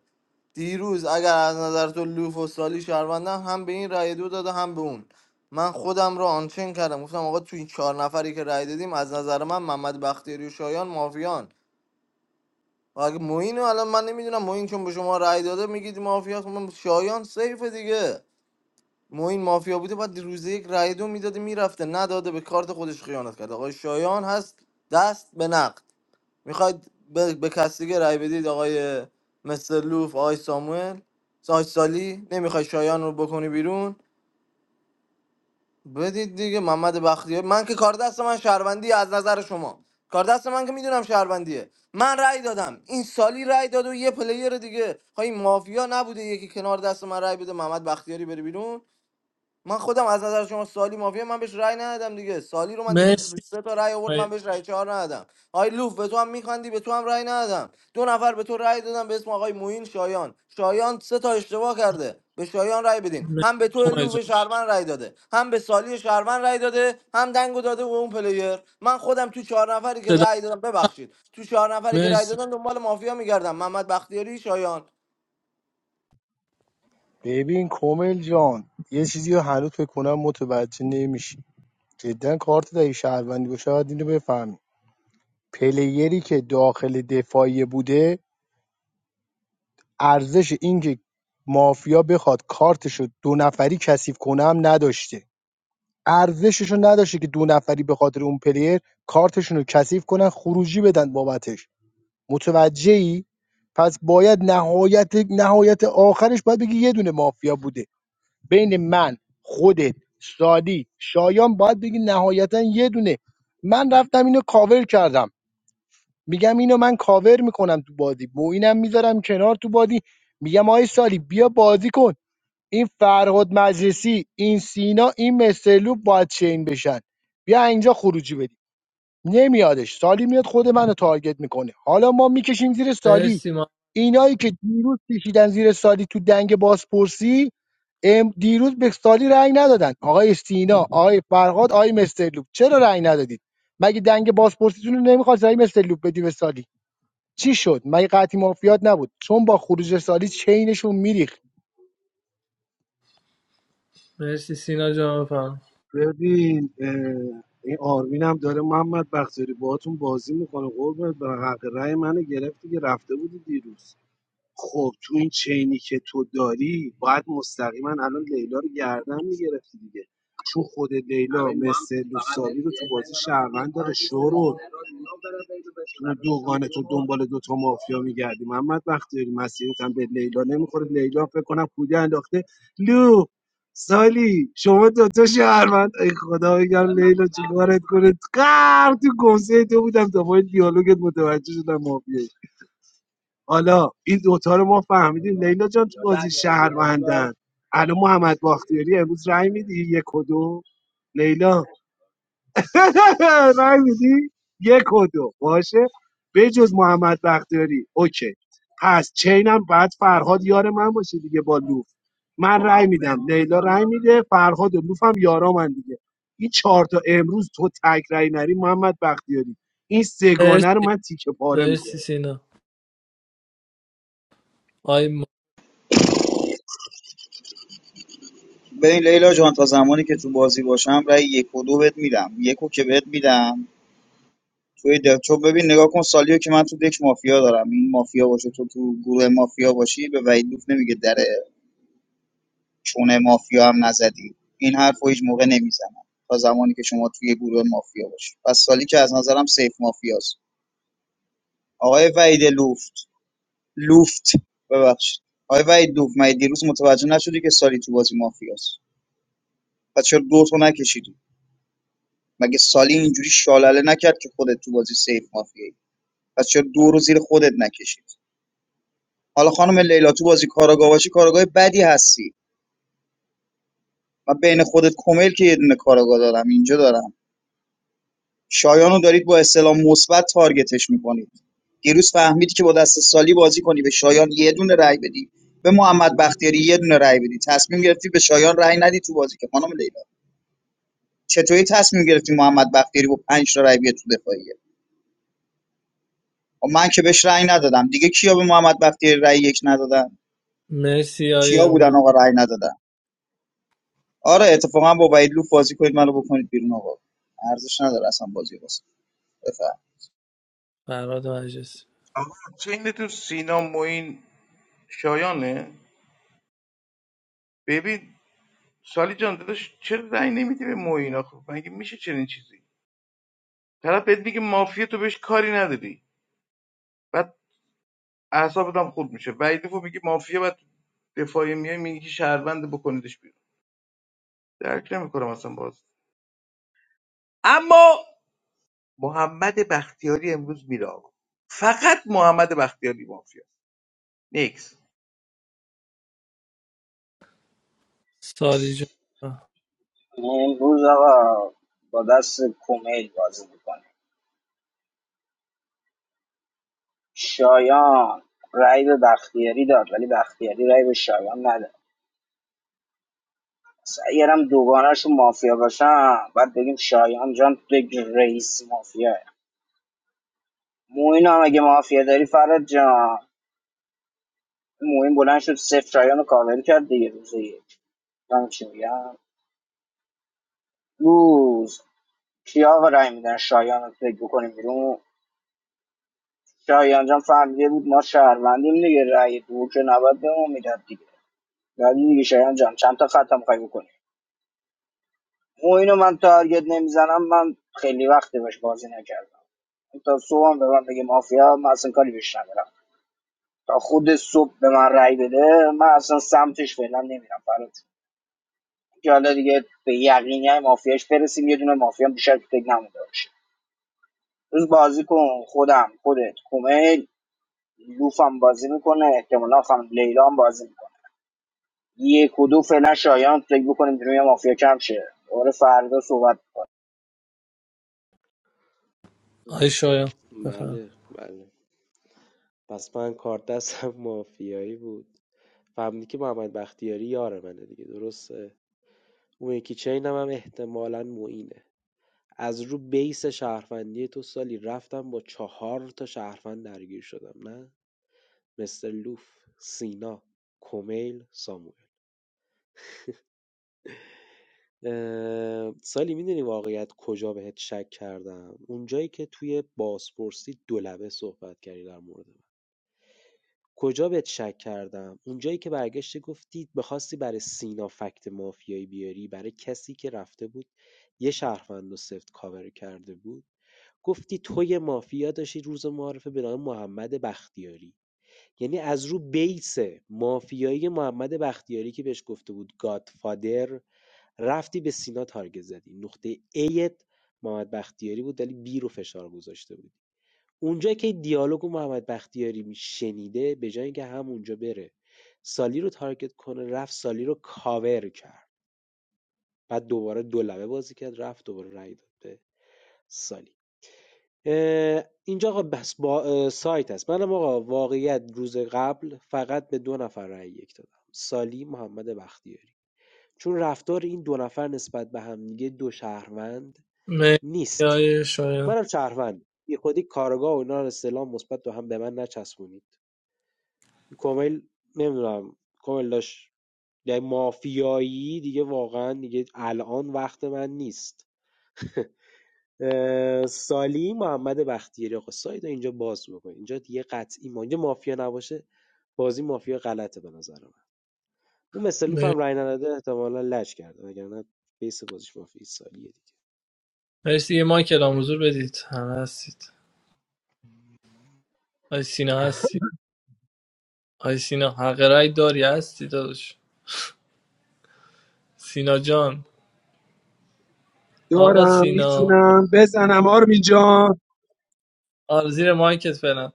S6: دیروز اگر از نظر تو لوف و سالی شهروندن هم به این رأی دو داده هم به اون من خودم رو آنچین کردم گفتم آقا تو این چهار نفری که رأی دادیم از نظر من محمد بختیاری و شایان مافیان مگه موین الان من نمیدونم موین چون به شما رأی داده میگید مافیا خب من شایان سیف دیگه موین مافیا بوده بعد روز یک رأی دو میداده میرفته نداده به کارت خودش خیانت کرد آقای شایان هست دست به نقد میخواید به, به کسی دیگه رأی بدید آقای مستر لوف آقای ساموئل آقای سالی نمیخوای شایان رو بکنی بیرون بدید دیگه محمد بختیاری من که کار دست من شهروندی از نظر شما کار دست من که میدونم شهروندیه من رأی دادم این سالی رأی داد و یه پلیر دیگه خواهی مافیا نبوده یکی کنار دست من رأی بده محمد بختیاری بره بیرون من خودم از نظر شما سالی مافیا من بهش رأی ندادم دیگه سالی رو من دیروز رو
S7: مرسی
S6: سه تا رأی آورد من
S7: آی-
S6: بهش رأی چهار ندادم آی لوف به تو هم میخندی به تو هم رأی ندادم دو نفر به تو رأی دادم به اسم آقای موین شایان شایان سه تا اشتباه کرده به شایان رأی بدین
S7: مرسی
S6: هم به تو
S7: کمه
S6: لوف
S7: جان.
S6: شهرمن رأی داده هم به سالی شهرمن رأی داده هم دنگو داده به اون پلیر من خودم تو چهار نفری که
S7: صدا
S6: رأی دادم ببخشید تو چهار نفری که رأی
S7: مرسی
S6: دادم دنبال مافیا میگردم محمد بختیاری شایان
S12: ببین کامل جان یه چیزی رو هنوز فکر کنم متوجه نمیشی جدا کارت دایی شهروندی باشه باید اینو بفهمی پلیری که داخل دفاعی بوده ارزش اینکه مافیا بخواد کارتشو دو نفری کثیف کنه هم نداشته ارزششو نداشته که دو نفری به خاطر اون پلیر کارتشونو کثیف کنن خروجی بدن بابتش متوجهی پس باید نهایت نهایت آخرش باید بگی یه دونه مافیا بوده بین من خودت سالی شایان باید بگی نهایتا یه دونه من رفتم اینو کاور کردم میگم اینو من کاور میکنم تو بازی موینم میذارم کنار تو بازی میگم آی سالی بیا بازی کن این فرهاد مجلسی این سینا این مسلوب باید چین بشن بیا اینجا خروجی بدیم نمیادش سالی میاد خود منو تارگت میکنه حالا ما میکشیم زیر سالی
S7: مرسی ما
S12: اینایی که دیروز کشیدن زیر سالی تو دنگ بازپرسی ام- دیروز به سالی رأی ندادن آقای سینا آقای فرهاد آقای مسلوب چرا رأی ندادید مگه دنگ بازپرسیتون رو نمیخواست آقای مسلوب بدی به سالی چی شد مگه قطعی مافیات نبود چون با خروج سالی چینشون میریخت
S7: مرسی سینا جان بفرما
S2: ببین اه، این آرمین هم داره محمد بختیاری باهاتون بازی میکنه قربونت برم حق رأی منو گرفتی که رفته بودی دیروز خب تو این چینی که تو داری باید مستقیما الان لیلا رو گردن میگرفتی دیگه چون خود لیلا مثل لوسابی رو تو بازی شهروند داره شورو تو دوگانه تو دنبال دوتا مافیا میگردی محمد وقتی مسیرت هم به لیلا نمیخوره لیلا فکر کنم پولی انداخته لو سالی شما دوتا شهروند ای خدا بگم لیلا چیکارت کنه قرار تو گمسه تو بودم تا با این دیالوگت متوجه شدم مافیایی حالا این دوتا رو ما فهمیدیم لیلا جان تو بازی شهروندن الان محمد باختیاری امروز رای میدی یک و دو لیلا رای میدی یک و دو باشه به جز محمد بختیاری اوکی پس چینم بعد فرهاد یار من باشه دیگه با لوف من رای میدم لیلا رای میده فرهاد و لوف هم یارا من دیگه این چهار تا امروز تو تک رای نری محمد بختیاری این سگانه رو
S7: مرسی
S2: من تیکه پاره میکنم
S7: مرسی سینا آی م-
S11: ببین لیلا جان تا زمانی که تو بازی باشم رای یک و دو بهت میدم یکو که بهت میدم توی دل چون ببین نگاه کن سالیو که من تو دک مافیا دارم این مافیا باشه تو تو گروه مافیا باشی به وحید لوف نمیگه در چونه مافیا هم نزدی این حرف رو هیچ موقع نمیزنم تا زمانی که شما توی گروه مافیا باشی پس سالی که از نظرم سیف مافیاست آقای وحید لوفت لوفت ببخشید آقای وحید لوفت مگه دیروز متوجه نشدی که سالی تو بازی مافیاست پس چرا دو تو نکشیدی مگه سالی اینجوری شالله نکرد که خودت تو بازی سیف مافیایی پس چرا دو رو زیر خودت نکشید حالا خانم لیلا تو بازی کاراگاه باشی کاراگاه بدی هستی و بین خودت کمیل که یه دونه کاراگاه دارم اینجا دارم شایانو دارید با استلام مثبت تارگتش میکنید دیروز فهمیدی که با دست سالی بازی کنی به شایان یه دونه رای بدی به محمد بختیاری یه دونه رای بدی تصمیم گرفتی به شایان رای ندی تو بازی که خانم لیلا چطوری تصمیم گرفتی محمد بختیاری با 5 تا رای بیاد تو دفاعیه و من که بهش رای ندادم دیگه کیا به محمد بختیاری رای یک ندادن
S7: مرسی
S11: کیا
S7: آی
S11: بودن
S7: مهم
S11: آقا رای ندادن آره اتفاقا با وحید لوف بازی کنید منو بکنید بیرون آقا ارزش نداره اصلا بازی واسه بفهم
S7: فراد مجلسی
S4: آقا چین تو سینا موین شایانه ببین سالی جان داداش چرا رأی نمیدی به موین آخه مگه میشه چنین چیزی طرف بهت میگه مافیا تو بهش کاری نداری بعد اعصابت هم خود میشه ویدیفو میگه مافیا بعد دفاعی میای میگی که شهروند بکنیدش بیرون درک نمیکنم اصلا باز اما محمد بختیاری امروز میره آقا فقط محمد بختیاری مافیا نیکس
S7: سالی جان
S1: امروز آقا با دست کمیل بازی میکنه شایان رای به بختیاری داد ولی بختیاری رای به شایان نداد اگرم دوگانهشون مافیا باشم بعد بگیم شایان جان بگ رئیس مافیا موین هم اگه مافیا داری فراد جان موین بلند شد صفر شایان رو کاور کرد دیگه روز یک من چی میگم روز کیا رای میدن شایان رو فکر بکنیم بیرون شایان جان فهمیده بود ما شهروندیم دیگه رای دو که نباید به ما میداد دیگه ولی دیگه شایان جان چند تا خط هم می‌خوای بکنی ما اینو من تارگت نمیزنم من خیلی وقتی باش بازی نکردم تا صبحم به من بگه مافیا من اصلا کاری بهش ندارم تا خود صبح به من رأی بده من اصلا سمتش فعلا نمیرم فرات که حالا دیگه به یقینی های مافیاش برسیم یه دونه مافیا هم بیشتر فکر نمونده باشه روز بازی کن خودم خودت کومل لوفم بازی میکنه احتمالا خانم لیلا هم بازی میکنه یک و دو فعلا شایان فکر بکنیم روی مافیا کم شه دوباره فردا صحبت میکنه
S7: آی شایان بفهم
S14: بله بله پس من کارت دستم مافیایی بود فهمیدی که محمد بختیاری یار منه دیگه درسته اون یکی چینم هم احتمالا معینه از رو بیس شهروندی تو سالی رفتم با چهار تا شهروند درگیر شدم نه مثل لوف، سینا، کومیل، ساموئل. اه، سالی میدونی واقعیت کجا بهت شک کردم اونجایی که توی بازپرسی دولبه صحبت کردی در مورد من کجا بهت شک کردم اونجایی که برگشتی گفتی بخواستی برای سینا فکت مافیایی بیاری برای کسی که رفته بود یه شهروند و سفت کاور کرده بود گفتی تو یه مافیا داشتی روز معارفه به نام محمد بختیاری یعنی از رو بیس مافیایی محمد بختیاری که بهش گفته بود گادفادر رفتی به سینا تارگت زدی نقطه ایت محمد بختیاری بود ولی بی رو فشار گذاشته بود اونجا که دیالوگو محمد بختیاری شنیده به جای اینکه هم اونجا بره سالی رو تارگت کنه رفت سالی رو کاور کرد بعد دوباره دو لبه بازی کرد رفت دوباره رای داد به سالی اینجا آقا بس با سایت است. منم آقا واقعیت روز قبل فقط به دو نفر رأی یک دادم سالی محمد بختیاری چون رفتار این دو نفر نسبت به هم دیگه دو شهروند
S7: مرسی
S14: نیست
S7: آی شایان
S14: منم شهروند بی خودی کارگاه و اینا رو استعلام مثبت رو هم به من نچسبونید کمیل نمیدونم کمیل داشت یعنی مافیایی دیگه واقعا دیگه الان وقت من نیست سالی محمد بختیاری آقا ساید اینجا باز بکن اینجا دیگه قطعی ما اینجا مافیا نباشه بازی مافیا غلطه به نظر من اون مثل لوف
S7: مرسی
S14: هم رای نداده احتمالا لج کرده وگرنه بیس بازیش مافیا سالیه دیگه
S7: مرسی. یه مایک الان حضور بدید همه هستید آی سینا هستی آی سینا حق رأی داری هستی داداش سینا جان آقا
S2: دارم
S7: سینا
S2: میتونم بزنم آرمین جان
S7: آ، زیر مایکت فعلا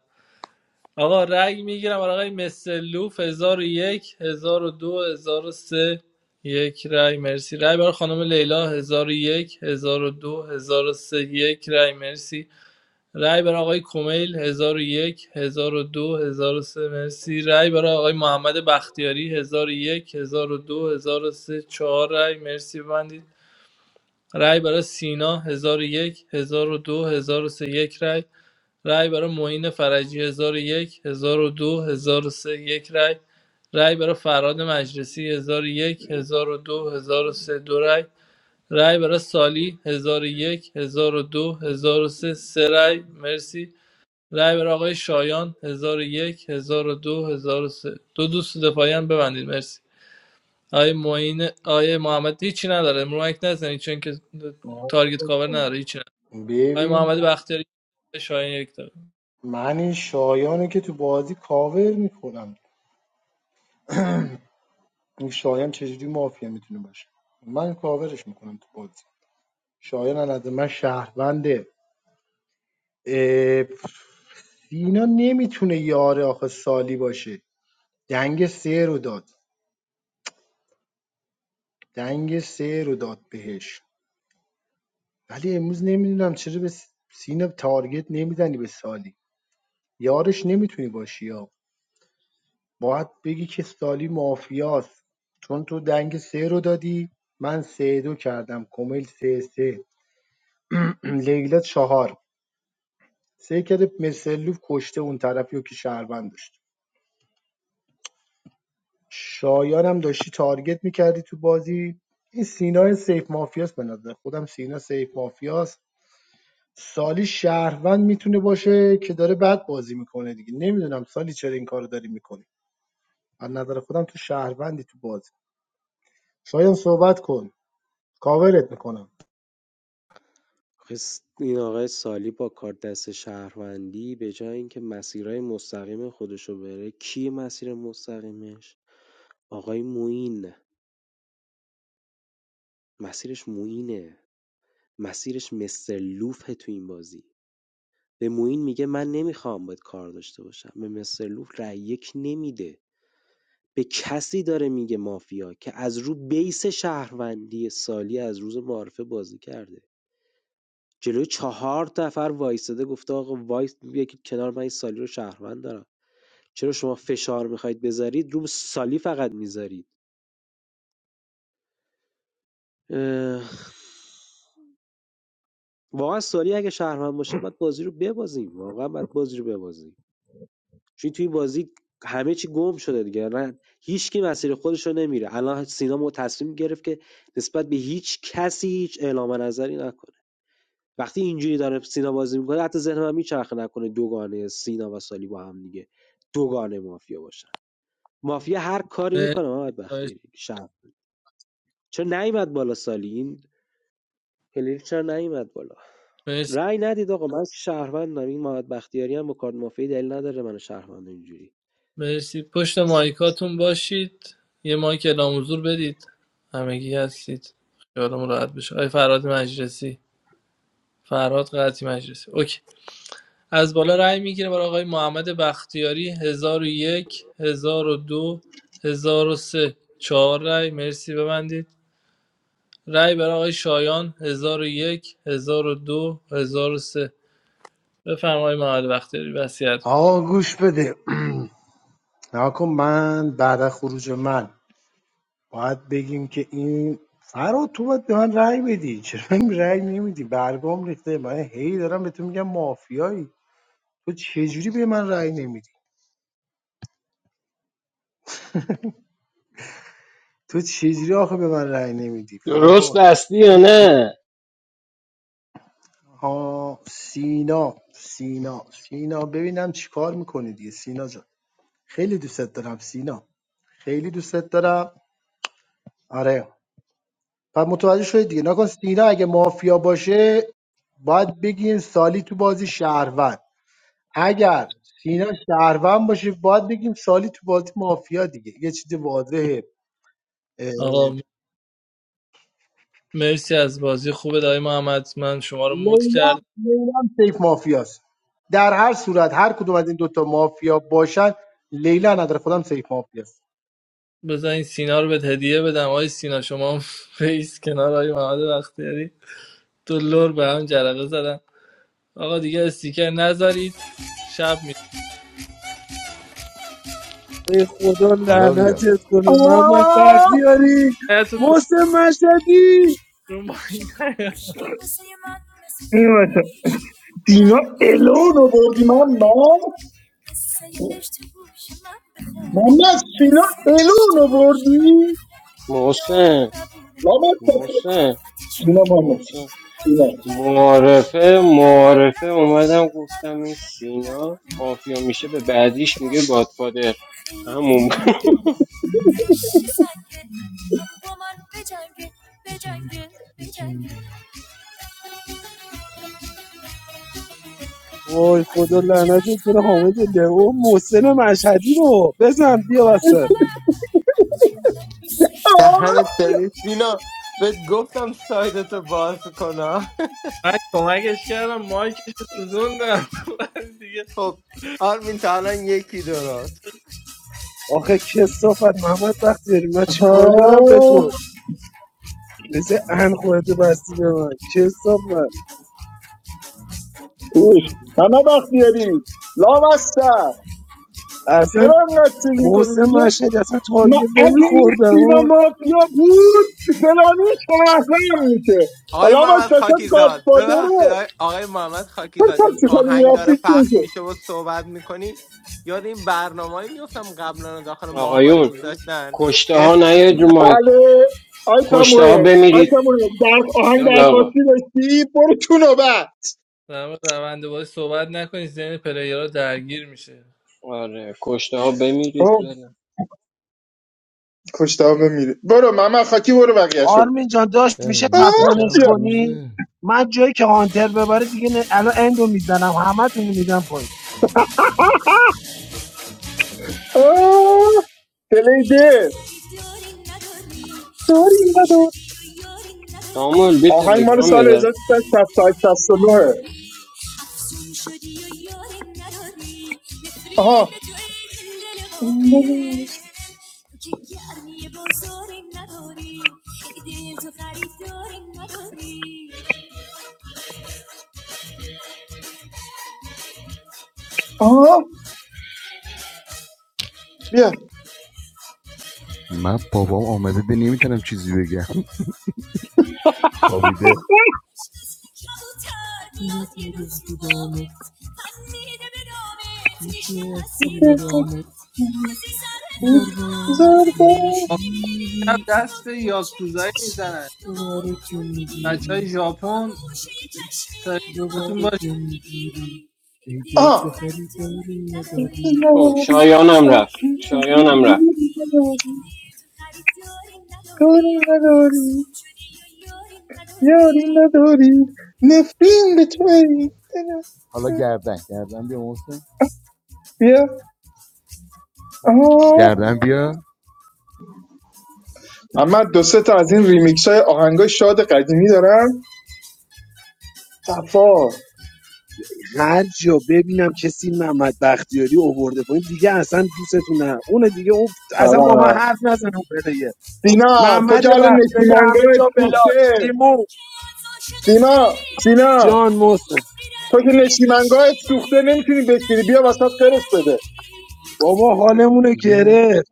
S7: آقا رأی میگیرم برای آقای مسلوف 1001 1002 سه یک رأی مرسی رأی برای خانم لیلا هزار هزار یک، 1001 1002 سه یک رأی مرسی رای برای آقای کمیل 1001 1002 1003 مرسی رای برای آقای محمد بختیاری 1001 1002 1003 4 رای مرسی ببندید رای برای سینا 1001 1002 1003 یک رای رای برای معین فرجی 1001 1002 1003 یک رای رای برای فراد مجلسی 1001 1002 1003 دو هزار و سه دو رای رای برای سالی 1001 1002 1003 سه سه رای مرسی رای برای آقای شایان 1001 1002 1003 دو هزار و سه. دو دوست دفاعی هم ببندید مرسی آقای معین آقای محمد هیچی نداره مرومک نزنید چون که تارگت کاور نداره هیچی نداره آقای
S12: ببین
S7: محمد بختیاری شایان یک داره
S12: من این شایانه که تو بازی کاور میکنم این شایان چجوری مافیا میتونه باشه من کاورش میکنم تو بازی شایان از نظر من شهرونده اه، سینا نمیتونه یاره آخه سالی باشه دنگ سه رو داد دنگ سه رو داد بهش ولی امروز نمیدونم چرا به س- سینا تارگت نمیزنی به سالی یارش نمیتونی باشی یا باید بگی که سالی مافیاست چون تو دنگ سه رو دادی من سه دو کردم کمیل سه سه لیلا چهار سه کرده مثلوف کشته اون طرفی رو که شهروند داشت شایانم داشتی تارگت میکردی تو بازی این سینا سیف مافیاست به نظر خودم سینا سیف مافیاست سالی شهروند میتونه باشه که داره بد بازی میکنه دیگه نمیدونم سالی چرا این کارو داری میکنی از نظر خودم تو شهروندی تو بازی شایان صحبت کن کاورت میکنم
S14: آخه این آقای سالی با کارت دست شهروندی به جای اینکه مسیرهای مستقیم خودشو بره کی مسیر مستقیمش آقای موین مسیرش موینه مسیرش مستر لوفه تو این بازی به موئین میگه من نمیخوام باهات کار داشته باشم به مستر لوف رأی یک نمیده به کسی داره میگه مافیا که از رو بیس شهروندی سالی از روز معارفه بازی کرده جلوی چهار نفر وایستده گفته آقا وایس یکی کنار من این سالی رو شهروند دارم چرا شما فشار میخواید بذارید رو سالی فقط میذارید اه، واقعا سالی اگه شهروند باشه باید بازی رو ببازیم واقعا باید بازی رو ببازیم چون توی بازی همه چی گم شده دیگه نه هیچکی مسیر خودش رو نمیره الان سینا مو تصمیم گرفت که نسبت به هیچ کسی هیچ اعلام نظری نکنه وقتی اینجوری داره سینا بازی میکنه حتی ذهن من میچرخه نکنه دوگانه سینا و سالی با هم دیگه دوگانه مافیا باشن مافیا هر کاری
S7: مرسی
S14: میکنه محمد
S7: آقای-
S14: بختیاری شب چون نیومد بالا سالی این پلیر چرا نیومد بالا
S7: مرسی
S14: رأی ندید آقا من شهروندم این محمد بختیاری هم با کارت مافیا دلیل نداره من شهروند اینجوری
S7: مرسی پشت مایکاتون باشید یه مایک اعلام حضور بدید همگی هستید خیالمون راحت بشه آقای فراد مجلسی فراد قطعی مجلسی اوکی از بالا رأی میگیرم برای آقای محمد بختیاری 1001 1002 1003 چهار رأی مرسی ببندید رأی برای آقای شایان 1001 1002 1003 بفرمایید آقای محمد بختیاری وصیت
S12: آقا گوش بده نکن من بعد از خروج من باید بگیم که این فراد تو باید به من رأی بدی چرا به من رأی نمیدی برگام ریخته من هی دارم به تو میگم مافیایی تو چجوری به من رأی نمیدی تو چجوری آخه به من رأی نمیدی
S16: درست
S12: فرهاد
S16: بستی یا نه
S12: ها سینا سینا سینا ببینم چی کار میکنی دیگه سینا جان خیلی دوستت دارم سینا خیلی دوستت دارم آره و متوجه شدید دیگه نکن سینا اگه مافیا باشه باید بگیم سالی تو بازی شهروند اگر سینا شهروند باشه باید بگیم سالی تو بازی مافیا دیگه یه چیز واضحه اه،
S7: آقا مرسی از بازی خوبه آقای محمد من شما رو مد
S12: لیلا
S7: کرد
S12: لیلا هم سیف مافیاست در هر صورت هر کدوم از این دوتا مافیا باشن لیلا نداره خودم سیف مافیاست
S7: بزن این سینا رو به هدیه بدم آقای سینا شما هم فیس کنار آقای محمد بختیاری دلار به هم جرقه زدن آقا دیگه استیکر نذارید شب
S2: ای خدا
S17: حالا بیا
S2: لعنتت کنه محمد
S18: آه
S2: بختیاری
S7: می
S2: محسن مشهدی
S7: رو مایک نیا.
S18: این واسه دینا الون آوردی من من من از سینا الون آوردی
S16: محسن
S18: لامت بسه.
S16: محسن
S18: دینا محمد
S16: محسن
S18: دینا
S16: معارفه معارفه اومدم گفتم این سینا مافیا میشه به بعدیش میگه گادفادر همون
S2: وای خدا لعنتت کنه حامد لئو محسن مشهدی رو بزن بیا وسط
S13: دهنت سرویس دینا بهت گفتم سایدتو باز کنم
S7: من کمکش کردم مایکش رو سوزوندم بعد دیگه
S13: خب آرمین تا الان یکی درست
S2: آخه کسافت محمد بختیاری من چیکار دارم به
S18: آه
S2: تو مثل ان خودتو بستی به من کسافت
S18: خوش همه وقت بیاری لامستر
S2: اصلا
S18: چرا اینقدر سیل میکنی
S2: محسن
S18: میگه
S2: مشهدی اصلا
S18: ما
S2: تارگت
S18: اگه این
S2: نمیخوردم
S18: سینا
S2: و
S18: مافیا بود فلانی شهرم میشه
S13: آقای
S18: حالا ما
S13: محمد
S18: سشم
S13: خاکیزاد ببخشید
S18: گادفادره
S13: آقای آقای محمد
S18: تو
S13: خاکیزاد این
S18: تاکسی کنی
S13: آهنگ
S18: میافتی
S13: داره
S18: چی
S13: پخش
S18: میشه
S13: میشه و صحبت میکنی یاد این برنامه میفتم قبلا داخل ماهواره
S16: آقایون
S13: میذاشتن
S16: کشته ها نیاید رو
S18: بله آی
S16: کشته ها
S18: ساموئل آی
S16: بمیرید
S18: ساموئل در آهنگ
S16: یا لاغا
S18: درخواستی داشتی برو تو نوبت
S7: در مورد روند بازی صحبت نکنید ذهن پلیرها درگیر میشه
S16: آره کشته ها بمیرید
S18: اوه
S16: برن
S18: کشتامه میره برو ماما خاکی برو بقیه شو
S2: آرمین جان داشت
S17: اه،
S2: میشه
S17: من فکر
S18: آه
S2: تپانش
S17: کردم
S18: بیا
S2: کنی
S17: روزه
S2: من جایی که هانتر ببره دیگه نه- الان اندو میزنم همه تونو میدم پایین.
S18: آه، کلیده داری اینقدر
S16: ساموئل بی
S18: آهنگ مال
S16: تلگرام
S18: سال
S16: داره
S18: 1969 آها آها بیا ضربه
S7: امشب دست به یاکوزایی میزنن بچه های ژاپن سلامتون باش
S18: آها
S16: او
S18: یاری
S16: شایانم رفت
S18: افشین شدی
S16: شایانم رفت
S18: یاری نداری کاری نداری یاری نداری نفرین به تو ای.
S17: حالا گردن گردن بیا محسن
S18: بیا آها
S17: گردن بیا
S18: اما دو سه تا از این ریمیکس های آهنگای شاد قدیمی دارم صفا
S2: هر جا ببینم کسی محمد بختیاری اوورده پایین دیگه اصلا دوستتون نه اون دیگه اون اصلا با من
S18: سلام
S2: حرف نزن اون پلیه
S18: دینا تو
S2: محمد
S18: که حال
S2: بختیاری همه
S18: نشیمنگاهت
S2: جا بلاک
S18: سوخته
S2: نیمو
S18: دینا سینا
S2: جان محسن
S18: تو که نشیمنگاهت سوخته نمیتونی بشیری بیا وسط قرص بده
S2: بابا حالمون رو
S17: میگه
S2: گرفت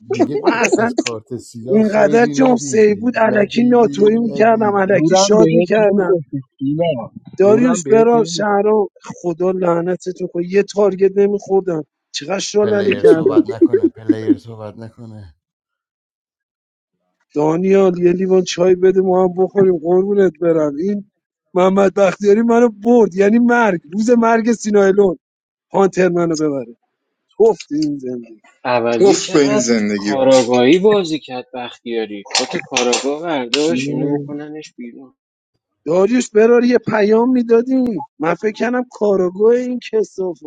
S17: میگه
S2: من
S17: تو که از
S2: اصلا
S17: کارت سیاه
S2: اینقدر
S17: خیری
S2: جام سی
S17: ندیدی
S2: بود علکی
S17: ندیدی
S2: ناتویی میکردم
S17: ندیدی
S2: علکی
S12: زورم
S2: شاد
S12: بهت
S2: میکردم
S12: نمیگفتی سینا زورم
S2: داریوش
S12: بهت
S2: برام
S12: نمیگفتی
S2: شهرام خدا لعنتتون کنه یه تارگت نمیخوردم چقدر شلله کردم دانیال یه لیوان چای بده ما هم بخوریم قربونت برم این محمد بختیاری منو برد یعنی مرگ روز مرگ سینایلون پانتر منو ببره توفت این زندگی
S16: عوضی
S18: توف به این
S16: چقدر
S18: زندگی
S16: کاراگاهی بازی کرد بختیاری کت کاراگاه برداشت اینو بکننش بیرون
S2: داریوش برار یه پیام میدادیم من فکر کردم کاراگاه این کسافت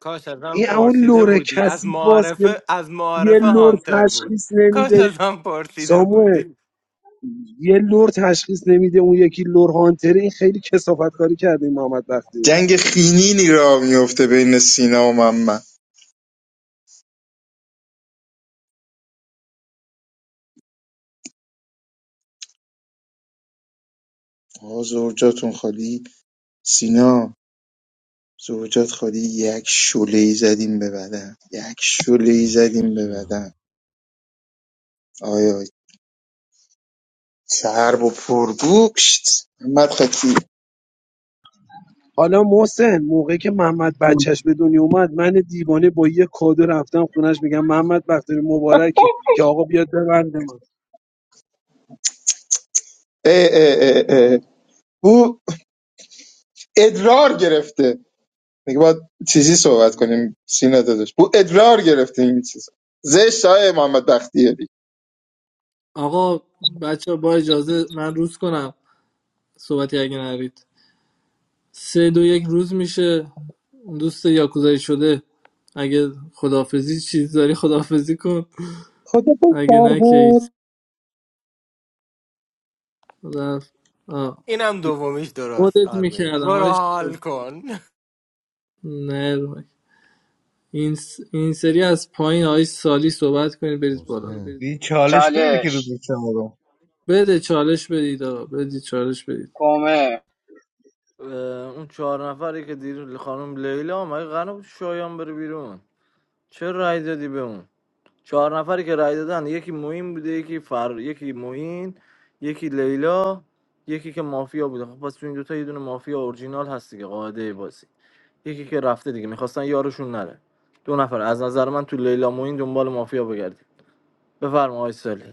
S13: کاش ازم
S2: این اون
S13: پرسیده
S2: لور
S13: بودی از
S2: کثیفاست که
S13: معارفه از
S2: یه
S13: معارفه
S2: لور
S13: هانتر بود
S2: تشخیص
S13: کاش
S2: نمیده
S13: ازم پرسیده
S2: ساموئل
S13: بودی
S2: یه لور تشخیص نمیده اون یکی لور هانتره این خیلی کسافت کاری کرده این محمد بختیاری
S18: جنگ خینی راه میفته بین سینا و محمد آقا زوجاتون خالی سینا زوجات خالی یک شله زدیم به بدن یک شله ای زدیم به
S17: شجاع
S18: بدن آیا چرب و پرگوشت محمد خطی
S2: حالا محسن موقعی که محمد بچهش به دنیا اومد من دیوانه با یه کادو رفتم خونش میگم محمد بختیاری مبارکه که آقا بیاد ببنده من
S18: اه اه اه اه. او ادرار گرفته میگه باید چیزی صحبت کنیم سینا داداش او ادرار گرفته این چیز زشت های محمد بختیاری
S7: آقا بچه با اجازه من روز کنم صحبتی اگه نرید سه دو یک روز میشه اون دوست یاکوزایی شده اگه خدافزی چیز داری خدافزی کن
S18: خدا
S7: اگه
S18: بستر
S7: نه که
S18: بود
S7: هیچ. رفت آه.
S13: اینم دومیش درست
S7: مدت
S13: آرمین
S7: میکردم
S13: برو
S7: آیش
S13: حال کن
S7: نه رو مایک. این, س- این سری از پایین آیش سالی صحبت کنید برید بالا
S17: محسن
S4: دی چالش داره که
S1: چالش
S4: روز چهارم
S7: بده چالش بدید آقا بدید چالش بدید
S1: کومل
S6: اه، اون چهار نفری که دیر خانم لیلا مگه قرار بود شایان بره بیرون چه رای دادی به اون چهار نفری که رای دادن یکی موین بوده یکی فر یکی موین یکی لیلا یکی که مافیا بوده خب پس تو این دوتا یه دونه مافیا اورجینال هست دیگه قاعده بازی یکی که رفته دیگه میخواستن یارشون نره دو نفر از نظر من تو لیلا موین دنبال مافیا بگردی بفرما آی سالی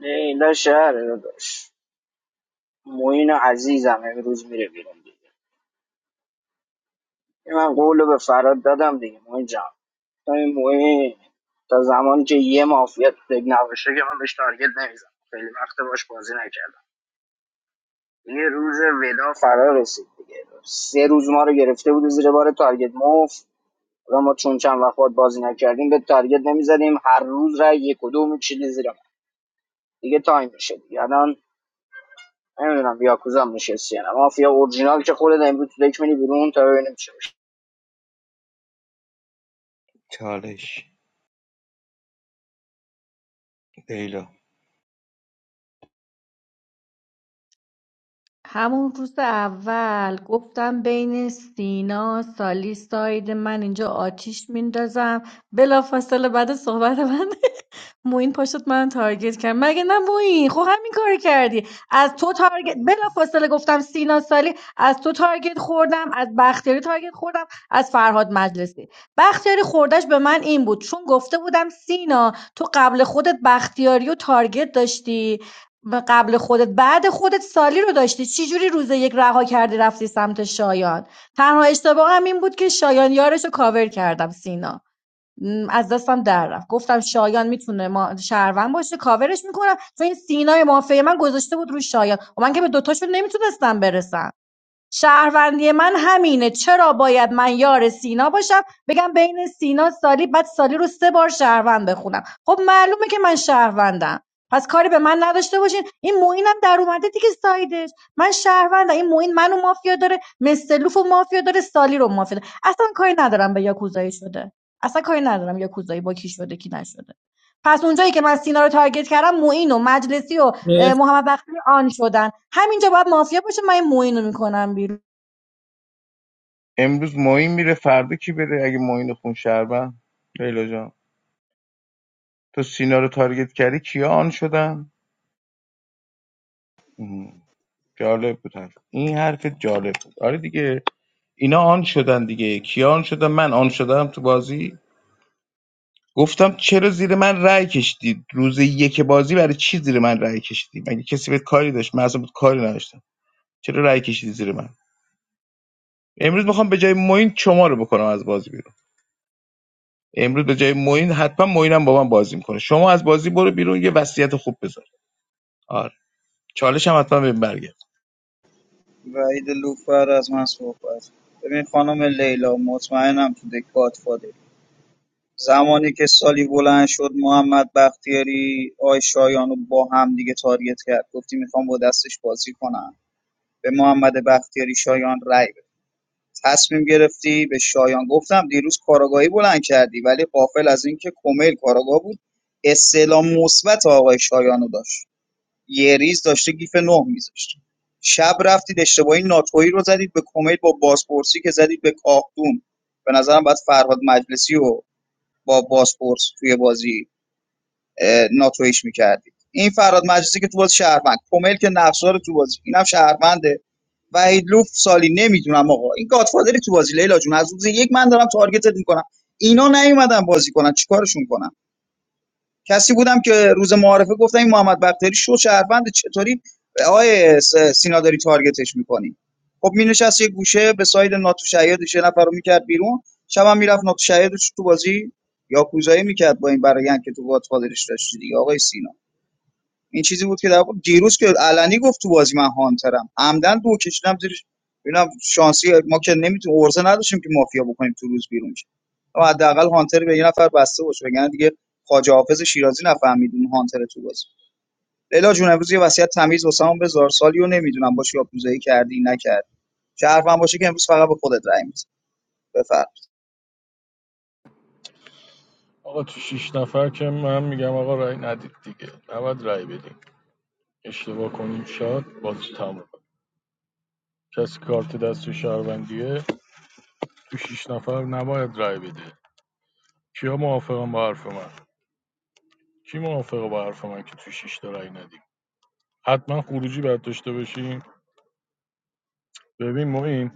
S1: نه اینا شهر داداش موین عزیزم امروز میره بیرون دیگه این من قول به فراد دادم دیگه موین جان تا این موین تا زمانی که یه مافیا تو دیگ نباشه که من بهش تارگت نمیزم خیلی وقت باش بازی نکردم یه روز ودا فرا رسید دیگه سه روز ما رو گرفته بود زیر بار تارگت مفت و ما چون چند وقت باهات بازی نکردیم به تارگت نمیزدیم هر روز رای یک و دو میکشیدی زیر من دیگه تایم میشه دیگه الان نمیدونم یاکوزا هم نشستی یا مافیا اورجینال که خودت امروز تو دک منی بیرون تا ببینیم چی میشه
S4: چالش لیلا
S9: همون روز اول گفتم بین سینا سالی ساید من اینجا آتیش میندازم بلافاصله بعد از صحبت من موین پاشد من تارگت کرد مگه نه موین خب همین کار کردی از تو تارگت بلا فاصله گفتم سینا سالی از تو تارگت خوردم از بختیاری تارگت خوردم از فرهاد مجلسی بختیاری خوردش به من این بود چون گفته بودم سینا تو قبل خودت بختیاری و تارگت داشتی و قبل خودت بعد خودت سالی رو داشتی چی جوری روز یک رها کردی رفتی سمت شایان تنها اشتباهم این بود که شایان یارش رو کاور کردم سینا از دستم در رفت گفتم شایان میتونه ما شهروند باشه کاورش میکنم چون این سینای مافیای من گذاشته بود روی شایان و من که به دوتاشون نمیتونستم برسم شهروندی من همینه چرا باید من یار سینا باشم بگم بین سینا سالی بعد سالی رو سه بار شهروند بخونم خب معلومه که من شهروندم پس کاری به من نداشته باشین این موینم در اومده دیگه سایدش من شهروندم این موین منو مافیا داره مستلوف و مافیا داره سالی رو مافیا داره اصلا کاری ندارم به یاکوزایی شده اصلا کاری ندارم یاکوزایی با کی شده کی نشده پس اونجایی که من سینا رو تارگت کردم موین و مجلسی و
S7: مرسی
S9: محمد بختیاری آن شدن همینجا باید مافیا باشه من این موین رو میکنم بیرون
S4: امروز ماین میره فردا کی بره اگه ماین خون شربن لیلا جان تو سینا رو تارگت کردی کیا آن شدن مم. جالب بود حرف. این حرفت جالب بود آره دیگه اینا آن شدن دیگه کیا آن شدن من آن شدم تو بازی گفتم چرا زیر من رأی کشیدید روز یک بازی برای چی زیر من رأی کشیدی؟ مگه کسی به کاری داشت من اصلا بهت کاری نداشتم چرا رأی کشیدی زیر من امروز میخوام به جای موین شما رو بکنم از بازی بیرون امروز به جای موین حتما موینم با من بازی میکنه شما از بازی برو بیرون یه وصیت خوب بذار آره چالش هم حتما بهم برگرد
S11: وحید لوف بعد از من صحبت ببین خانم لیلا مطمئنم تو دکات فاده زمانی که سالی بلند شد محمد بختیاری آی شایانو با هم دیگه تاریت کرد گفتی میخوام با دستش بازی کنم به محمد بختیاری شایان رای بده تصمیم گرفتی به شایان گفتم دیروز کاراگاهی بلند کردی ولی قافل از اینکه کمیل کاراگاه بود استعلام مثبت آقای شایانو داشت یه ریز داشته گیف نه میذاشته شب رفتید اشتباهی ناتویی رو زدید به کمیل با بازپرسی که زدید به کاختون به نظرم باید فرهاد مجلسی و با بازپرس توی بازی ناتویش میکردید این فرهاد مجلسی که تو باز شهروند کمیل که نقصار تو بازی اینم شهرونده وحید لوف سالی نمیدونم آقا این گادفادری تو بازی لیلا جون از روز یک من دارم تارگتت میکنم اینا نیومدن بازی کنن چیکارشون کنم کسی بودم که روز معارفه گفتم این محمد بختیاری شو شهروند چطوری آقای س- سینا داری تارگتش میکنی خب مینشست یه گوشه به ساید ناتو شهیدش یه نفر رو میکرد بیرون شب هم میرفت ناتو شهیدش تو بازی یا کوزایی میکرد با این برایند که تو گادفادرش داشتی دیگه آقای سینا این چیزی بود که در واقع دیروز که علنی گفت تو بازی من هانترم عمدن دو کشیدم زیرش ببینم شانسی ما که نمیتونیم ارزه نداشتیم که مافیا بکنیم تو روز بیرون شه اما حداقل هانتر به یه نفر بسته باشه وگرنه دیگه خواجه حافظ شیرازی نفهمید اون هانتر تو بازی لیلا جون امروز یه وصیت تمیز واسمون بذار سالی رو نمیدونم باشه یا پوزایی کردی نکرد چه حرفم باشه که امروز فقط به خودت رأی می‌دم بفرم
S5: آقا تو شیش نفر که من میگم آقا رأی ندید دیگه نباید رأی بدیم اشتباه کنیم شاد بازی تموم کسی کارت دست شهروندیه تو شیش نفر نباید رأی بده کیا موافقم با حرف من کی موافقه با حرف من که تو شیش تا رأی ندی حتما خروجی باید داشته باشیم ببین ما این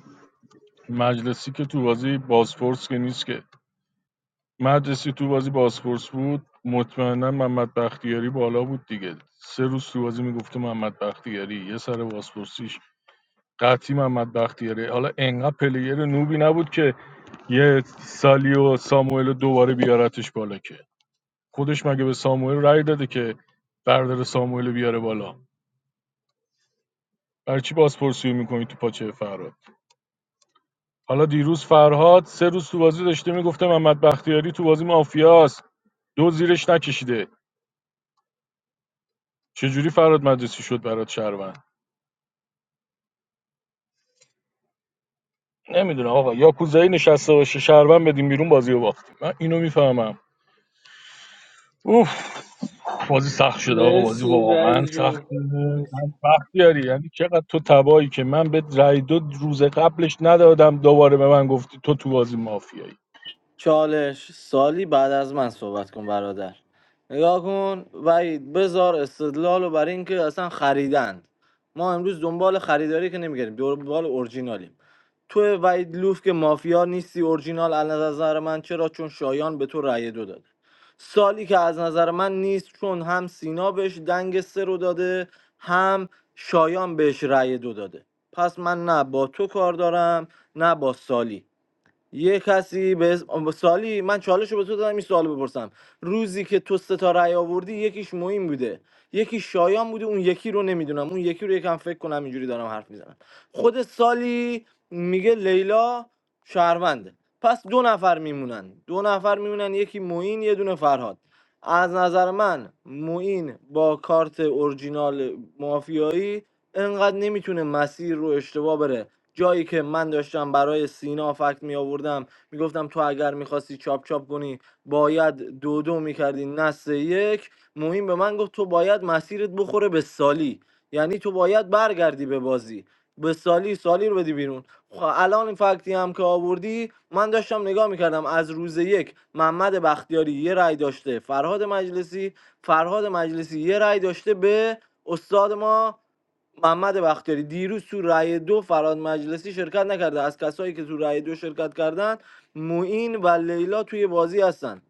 S5: مجلسی که تو بازی بازپرس که نیست که مجلسی تو بازی بازپرس بود مطمئنا محمد بختیاری بالا بود دیگه سه روز تو بازی میگفته محمد بختیاری یه سر بازپرسیش قطعی محمد بختیاری حالا انقدر پلیر نوبی نبود که یه سالیو ساموئل رو دوباره بیارتش بالا که خودش مگه به ساموئل رأی داده که بردار ساموئل بیاره بالا برای چی بازپرسی میکنی تو پاچه فراد حالا دیروز فرهاد سه روز تو بازی داشته میگفته محمد بختیاری تو بازی مافیاست دو زیرش نکشیده چجوری فراد مجلسی شد برات شهروند نمیدونم آقا یا کوزایی نشسته باشه شهروند بدیم بیرون بازی رو باختیم من اینو میفهمم اوف بازی سخت شده آقا بازی
S7: مرسی
S5: واقعا
S7: رئیس
S5: سخت
S7: جون
S5: شده
S7: مرسی
S5: من بختیاری یعنی چقدر تو تبایی که من به رای دو روز قبلش ندادم دوباره به من گفتی تو تو بازی مافیایی
S6: چالش سالی بعد از من صحبت کن برادر نگاه کن وحید بزار استدلال رو برای اینکه اصلا خریدند ما امروز دنبال خریداری که نمیگردیم دنبال اورجینالیم تو وحید لوف که مافیا نیستی اورجینال از نظر من چرا چون شایان به تو رأی دو داد سالی که از نظر من نیست چون هم سینا بهش دنگ سه رو داده هم شایان بهش رأی دو داده پس من نه با تو کار دارم نه با سالی یه کسی به اسم- سالی من چالش رو به تو دادم این سوال بپرسم روزی که تو سه تا رأی آوردی یکیش موین بوده یکی شایان بوده اون یکی رو نمیدونم اون یکی رو یکم فکر کنم اینجوری دارم حرف میزنم خود سالی میگه لیلا شهرونده پس دو نفر میمونن دو نفر میمونن یکی موین یه دونه فرهاد از نظر من موین با کارت اورجینال مافیایی انقدر نمیتونه مسیر رو اشتباه بره جایی که من داشتم برای سینا فکت می آوردم می گفتم تو اگر میخواستی چاپ چاپ کنی باید دو دو میکردی نه سه یک مهم به من گفت تو باید مسیرت بخوره به سالی یعنی تو باید برگردی به بازی به سالی سالی رو بدی بیرون خب الان این فکتی هم که آوردی من داشتم نگاه میکردم از روز یک محمد بختیاری یه رأی داشته فرهاد مجلسی فرهاد مجلسی یه رأی داشته به استاد ما محمد بختیاری دیروز تو رأی دو فراد مجلسی شرکت نکرده از کسایی که تو رأی دو شرکت کردن موین و لیلا توی بازی هستن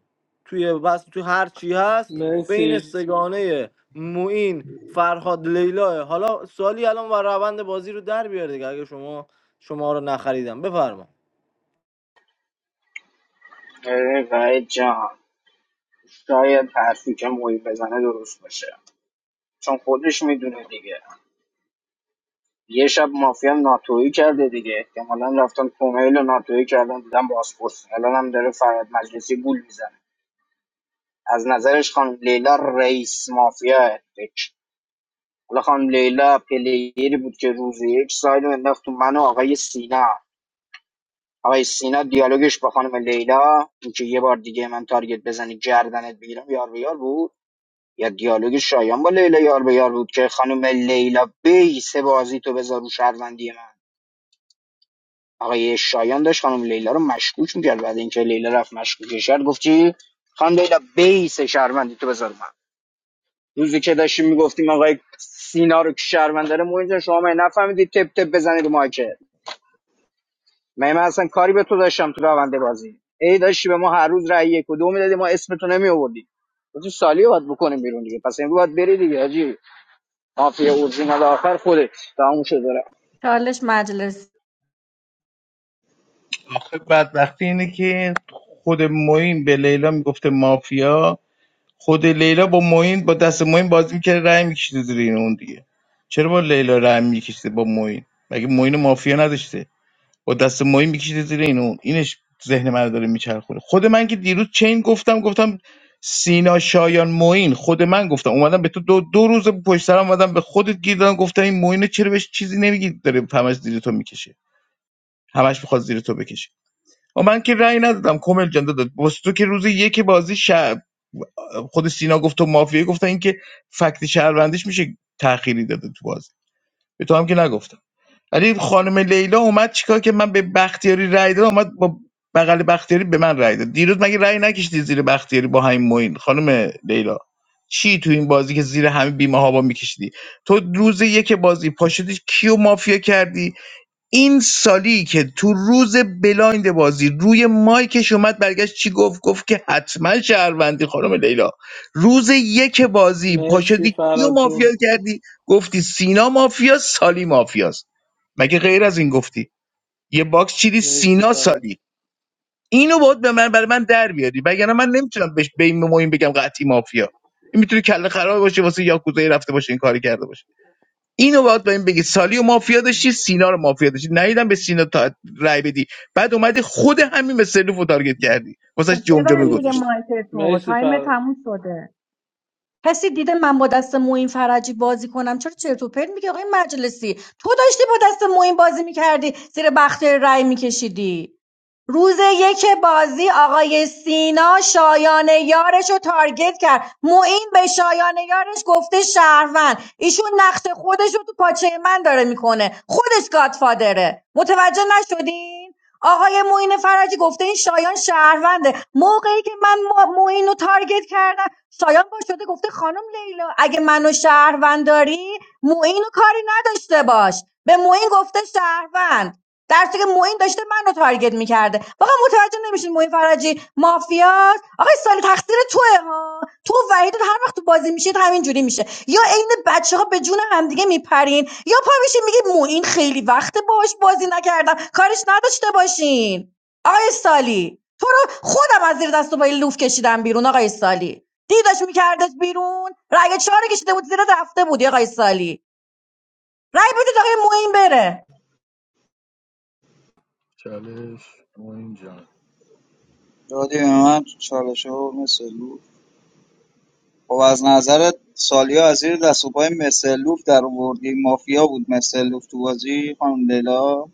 S6: توی بس تو هر چی هست بین
S7: مرسی
S6: سگانه موین فرهاد لیلا حالا سالی الان و روند بازی رو در بیار دیگه اگه شما شما رو نخریدم بفرما
S1: ای وحید جان شاید حرفی که محیط بزنه درست باشه چون خودش میدونه دیگه یه شب مافیا ناتویی کرده دیگه احتمالا رفتن کومیل و ناتویی کردن دیدن بازپرس الان هم داره فراد مجلسی گول میزنه از نظرش خانم لیلا رئیس مافیا دک. حالا خانم لیلا پلیری بود که روز یک ساید رو انداخت تو من و آقای سینا آقای سینا دیالوگش با خانم لیلا اینکه یه بار دیگه من تارگت بزنی گردنت بگیرم یار به یار بود یا دیالوگ شایان با لیلا یار به یار بود که خانم لیلا بیس بازی تو بذار رو شهروندی من آقای شایان داشت خانم لیلا رو مشکوک میکرد بعد اینکه لیلا رفت مشکوکش کرد گفتی خانم لیلا بیس شهروندی تو بذار من روزی که داشتیم میگفتیم آقای سینا رو که شهروند داره مهم اینه شما مگه نفهمیدید تپ تپ بزنید رو مایکت؟ من من اصلا کاری به تو داشتم تو رونده بازی ای داشتی به ما هر روز رأی یک و دو میدادی ما اسم تو نمی آوردی تو سالی رو باید بکنیم بیرون دیگه پس امروز باید بری دیگه حاجی مافیا اورجینال آخر خودت تموم شد داره
S9: چالش مجلس
S4: آخه بدبختی اینه که خود موین به لیلا میگفته مافیا خود لیلا با معین با دست معین بازی میکرد رأی میکشیده زیر این اون دیگه چرا با لیلا رأی میکشیده با معین مگه معین مافیا نداشته با دست معین میکشیده زیر این اون اینش ذهن من رو داره میچرخونه خود من که دیروز چین گفتم گفتم سینا شایان معین خود من گفتم اومدم به تو دو, دو روز پشت سر هم اومدم به خودت گیر دادم گفتم این معین چرا بهش چیزی نمیگی داره همش زیر تو میکشه همش میخواد زیر تو بکشه و من که رأی ندادم کامل جان داد واسه تو که روز یک بازی شب خود سینا گفت و مافیا گفتن اینکه فکت شهروندیش میشه تأخیری داده تو بازی به تو هم که نگفتم ولی خانم لیلا اومد چیکار که من به بختیاری رأی دادم اومد با بغل بختیاری به من رأی داد دیروز مگه رأی نکشیدی زیر بختیاری با همین موین خانم لیلا چی تو این بازی که زیر همه بیمه ها با میکشیدی تو روز یک بازی پاشدی کیو مافیا کردی این سالی که تو روز بلایند بازی روی مایکش اومد برگشت چی گفت گفت که حتما شهروندی خانم لیلا روز یک بازی
S7: مرسی
S4: پاشدی کیو
S7: فراد
S4: مافیا
S7: جون
S4: کردی گفتی سینا مافیا سالی مافیاست مگه غیر از این گفتی یه باکس چیدی
S7: مرسی
S4: سینا
S7: فراد
S4: سالی اینو باید به من برای من در بیاری وگرنه من نمیتونم بهش به این مهم بگم قطعی مافیا این میتونه کله خراب باشه واسه یاکوزایی رفته باشه این کاری کرده باشه اینو باید بهم بگی سالی و مافیا داشتی سینا رو مافیا داشتی نیدم به سینا تا رای بدی بعد اومدی خود همین به سلوف تارگت کردی واسه
S9: خب
S4: جمجمه
S9: ببند دیگه
S7: مرسی
S4: گذاشتی
S9: مایک تو
S7: مرسی
S9: تایم
S7: فراد
S9: تموم شده کسی دیده من با دست موین فرجی بازی کنم چرا چرت و پرت میگی آقای مجلسی تو داشتی با دست موین بازی میکردی زیر بخته رای میکشیدی روز یک بازی آقای سینا شایان یارش رو تارگت کرد معین به شایان یارش گفته شهروند ایشون نقش خودش رو تو پاچه من داره میکنه خودش گادفادره متوجه نشدین آقای معین فرجی گفته این شایان شهرونده موقعی که من ما- معین رو تارگت کردم شایان با شده گفته خانم لیلا اگه منو شهروند داری معین رو کاری نداشته باش به معین گفته شهروند در صورتی که معین داشته منو تارگت میکرده واقعا متوجه نمیشین معین فرجی مافیاست آقای سالی تقصیر توه ها تو و وحید هر وقت تو بازی میشید همین جوری میشه یا عین بچه‌ها به جون همدیگه میپرین یا پا میشین میگی موین خیلی وقت باهاش بازی نکردم کارش نداشته باشین آقای سالی تو رو خودم از زیر دست و پای لوف کشیدم بیرون آقای سالی دیدش میکردش بیرون رأی چهار رو کشیده بود زیر رفته بودی آقای سالی رأی بدید آقای موین بره
S5: چالش تو اینجا
S11: دادی به من چالشه و مثل لو. خب از نظرت سالیا از زیر دست و پای مسلوف در آوردی مافیا بود مسلوف تو بازی خانم لیلا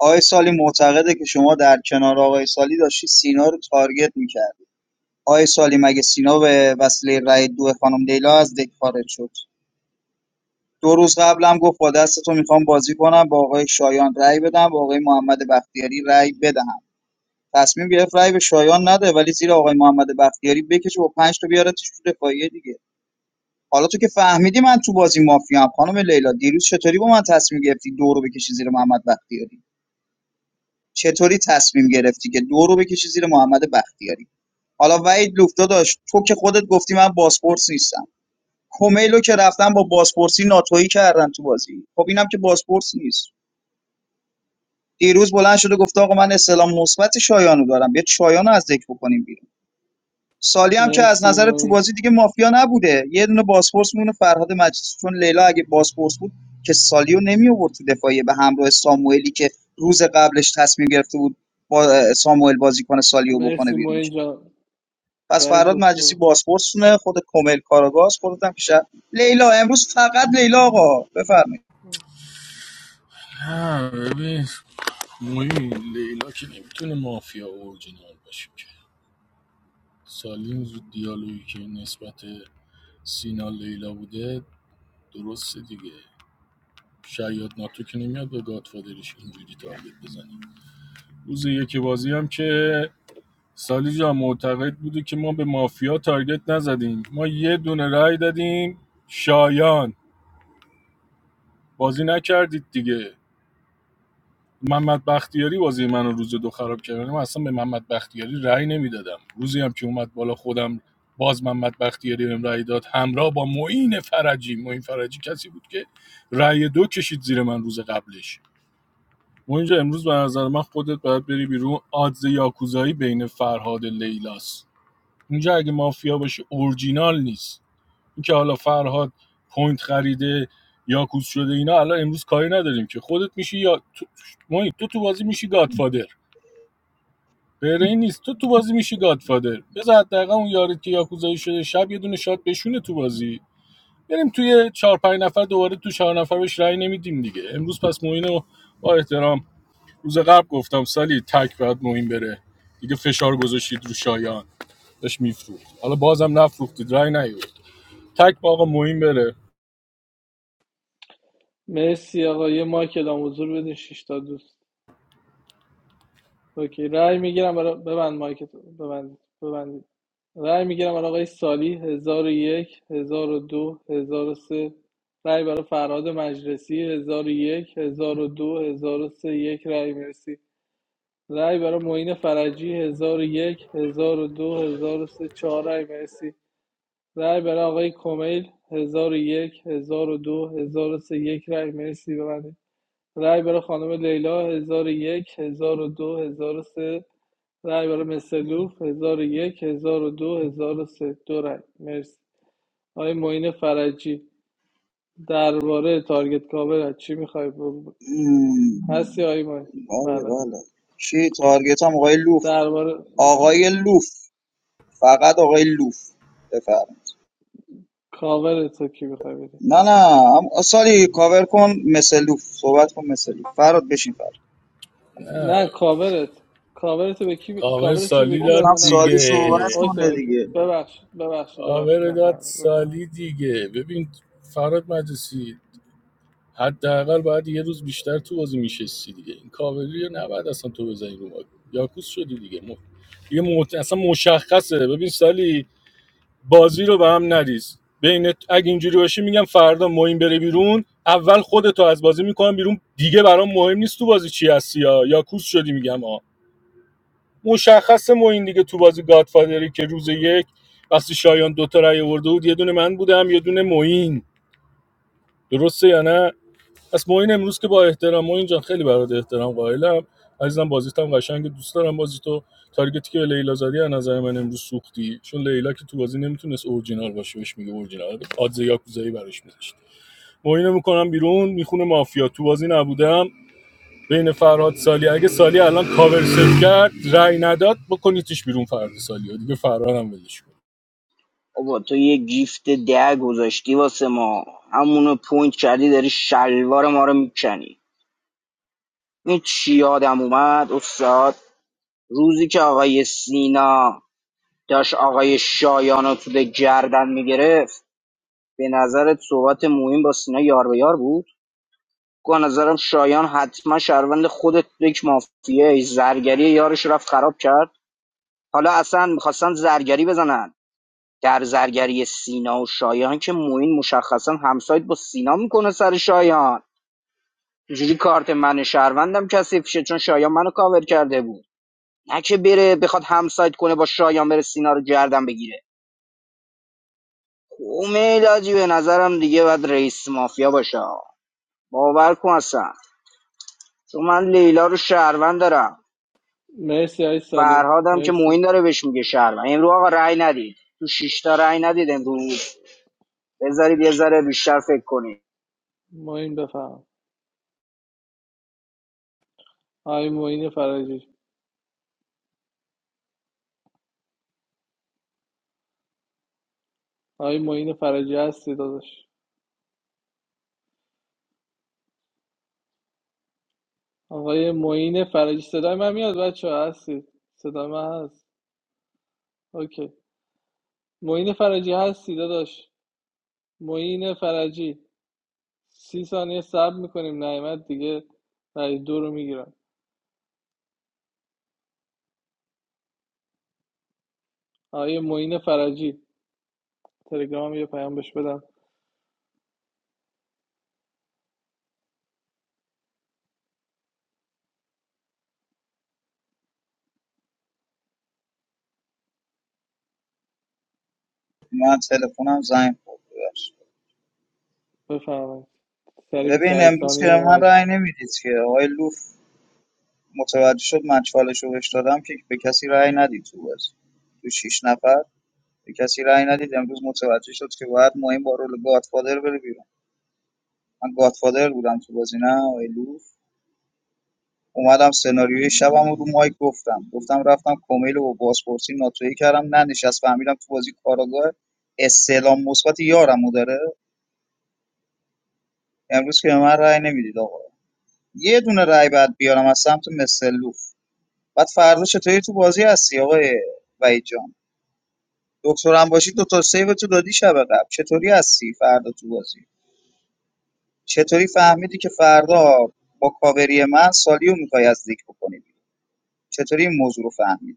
S11: آقای سالی معتقده که شما در کنار آقای سالی داشتی سینا رو تارگت میکردی آقای سالی مگه سینا به وسیله رای دو خانم لیلا از دک خارج شد دو روز قبلم گفت با دست تو میخوام بازی کنم با آقای شایان رای بدم با آقای محمد بختیاری رای بدهم تصمیم گرفت رای به شایان نده ولی زیر آقای محمد بختیاری بکشه و پنج تا بیارتش تو دفاعیه دیگه حالا تو که فهمیدی من تو بازی مافیام خانم لیلا دیروز چطوری با من تصمیم گرفتی دو رو بکشی زیر محمد بختیاری چطوری تصمیم گرفتی که دو رو بکشی زیر محمد بختیاری حالا وحید لوفتا داشت تو که خودت گفتی من باسپورس نیستم کومیلو که رفتن با باسپورسی ناتویی کردن تو بازی خب اینم که باسپورس نیست دیروز بلند شده گفته آقا من استلام مثبت شایانو دارم بیا شایانو از ذکر بکنیم بیرون سالی هم که از
S7: مرسی
S11: نظر تو
S7: موین
S11: بازی دیگه مافیا نبوده یه دونه بازپرس مونه فرهاد مجلسی چون لیلا اگه بازپرس بود که سالیو نمی آورد تو دفاعیه به همراه ساموئلی که روز قبلش تصمیم گرفته بود با ساموئل بازی کنه سالیو بکنه
S7: مرسی
S11: بیرون
S7: موین جان
S11: پس
S7: رئیس
S11: فرهاد مجلسی
S7: دکتر
S11: بازپرس مونه خود کمیل کاراگاز خودت هم که شهر- لیلا امروز فقط لیلا آقا بفرمایید
S5: نه ببین مهم لیلا که نمیتونه مافیا اورجینال باشه که سالیم زود دیالوگی که نسبت سینا لیلا بوده درسته دیگه شاید ناتو که نمیاد به گادفادرش اینجوری تارگت بزنه روز یکی بازی هم که سالی جان معتقد بوده که ما به مافیا تارگت نزدیم ما یه دونه رای دادیم شایان بازی نکردید دیگه محمد بختیاری بازی منو روز دو خراب کرد من اصلا به محمد بختیاری رأی نمیدادم روزی هم که اومد بالا خودم باز محمد بختیاری بهم رأی داد همراه با معین فرجی معین فرجی کسی بود که رأی دو کشید زیر من روز قبلش ما اینجا امروز به نظر من خودت باید بری بیرون آدز یاکوزایی بین فرهاد لیلاس اونجا اگه مافیا باشه اورجینال نیست اینکه حالا فرهاد پوینت خریده یا یاکوز شده اینا الان امروز کاری نداریم که خودت میشی یا تو... محیط، تو تو بازی میشی گادفادر غیر این نیست تو تو بازی میشی گادفادر بذار دقیقا اون یارت که یاکوزایی شده شب یه دونه شات بشونه تو بازی بریم توی چهار پنج نفر دوباره تو چهار نفر بهش رأی نمیدیم دیگه امروز پس موین رو با احترام روز قبل گفتم سالی تک باید موین بره دیگه فشار گذاشتید رو شایان داشت میفروخت حالا بازم نفروختید رأی نیورد تک با آقا موین بره
S7: مرسی آقا یه مایک دام حضور بدین شش تا دوست اوکی رأی میگیرم برای ببند مایکت ببند ببند رأی میگیرم برای آقای سالی هزار هزار یک 1001 1002 سه رأی برای فرهاد مجلسی هزار هزار یک 1001 1002 سه یک رأی مرسی رأی برای معین فرجی 1001 1002 سه چهار رأی مرسی رأی برای آقای کمیل 1001 1002 سه یک رأی مرسی ببندید رأی برای خانم لیلا 1001 1002 سه رای برای مثلوف یک هزار و دو هزار و سه دو رای مرسی آقای معین فرجی درباره تارگت کاور چی میخوای ب... هستی
S11: مم.
S7: آقای معین
S11: بله
S7: بله
S11: بله چی تارگت هم آقای لوف
S7: درباره
S11: آقای لوف فقط آقای لوف بفرمایید
S7: کاورت رو کی میخوای بدی
S11: نه نه ام- سالی کاور کن مثل لوف صحبت کن مثل لوف فراد بشین فراد
S7: نه کاورت کاورت به کی می-
S5: کاور
S7: کاورت چی به
S5: سالی
S7: کی
S5: داد
S7: داد
S11: گفتم
S7: من نفهم
S11: سالی صحبت
S5: دیگه
S7: اوکی
S11: کنه
S7: اوکی
S11: دیگه
S7: ببخشید ببخشید ببخشید
S5: کاور داد
S7: نفهمیدم بفهم
S5: سالی دیگه ببین فراد مجلسی حداقل باید یه روز بیشتر تو بازی میشستی دیگه این کاوری رو نباید اصلا تو بزنی رو ما. یاکوس شدی دیگه م... دیگه مت... اصلا مشخصه ببین سالی بازی رو به هم نریز بین اگه اینجوری باشی میگم فردا مهم بره بیرون اول خودتو از بازی میکنم بیرون دیگه برام مهم نیست تو بازی چی هستی یا یاکوس شدی میگم آ. مشخص ما این دیگه تو بازی گادفادری که روز یک وقتی شایان دوتا رای آورده بود یه دونه من بودم یه دونه موین درسته یا نه پس موین امروز که با احترام موین جان خیلی برات احترام قائلم عزیزم بازیت هم قشنگ دوست دارم بازی تو تارگتی که لیلا زدی از نظر من امروز سوختی چون لیلا که تو بازی نمیتونست اورجینال باشه بهش میگه اورجینال آدزه یاکوزایی براش میذاشت موین میکنم بیرون میخونه مافیا تو بازی نبودم بین فرهاد سالی اگه سالی الان کاور سیو کرد رأی نداد بکنیدش بیرون فردا سالی دیگه فرهاد هم ولش کن
S1: بابا تو یه گیفت ده گذاشتی واسه ما همونو پوینت کردی داری شلوار ما رو میکنی این چی یادم اومد استاد روزی که آقای سینا داشت آقای شایان رو تو ده گردن میگرفت به نظرت صحبت موین با سینا یار به یار بود به نظرم شایان حتما شهروند خودت تو یک مافیایی زرگری یارش رفت خراب کرد حالا اصلا میخواستن زرگری بزنن در زرگری سینا و شایان که موین مشخصا همسایت با سینا میکنه سر شایان جوری کارت من شهروندم کثیف شه چون شایان منو کاور کرده بود نه که بره بخواد همسایت کنه با شایان بره سینا رو گردن بگیره اومیلاجی به نظرم دیگه باید رئیس مافیا باشه باور کن اصلا چون من لیلا رو شهروند دارم
S7: مرسی آقای سالی
S1: فرهادم که
S7: مرسی
S1: معین داره بهش میگه شهر امروز آقا رأی ندید تو شش تا رأی ندید امروز بذارید یه ذره بیشتر فکر کنید
S7: معین بفهم آقای معین فرجی آقای معین فرجی هستی داداش آقای معین فرجی صدای من میاد بچه ها؟ هستید صدای من هست اوکی معین فرجی هستی داداش معین فرجی سی ثانیه صبر میکنیم نعمت دیگه رای دو رو میگیرم آقای معین فرجی تلگرام یه پیام بهش بدم
S11: من تلفنم زنگ خورد ببخشید.
S7: بفرمایید سری
S11: ببین
S7: 28
S11: امروز که
S7: ثانیه
S11: به من
S7: اومدی
S11: رأی نمیدید که آقای لوف متوجه شد من چالش رو بهش دادم که به کسی رأی ندید تو بازی تو شیش نفر به کسی رأی ندید امروز متوجه شد که باید مهم با رول گادفادر بره بیرون من گادفادر بودم تو بازی نه آقای لوف اومدم سناریوی شبم رو مایک گفتم گفتم رفتم کمیل و بازپرسی ناتویی کردم ننشست فهمیدم تو بازی کاراگاه استعلام مثبت یارمو داره امروز که به من رأی نمیدید آقا یه دونه رأی بعد بیارم از سمت مسلوف بعد فردا چطوری تو بازی هستی آقای وحید جان دکترم باشی دو تا سیو تو دادی شب قبل چطوری هستی فردا تو بازی چطوری فهمیدی که فردا با کاوری من سالیو میخوای از ذکر بکنی چطوری این موضوع رو فهمیدی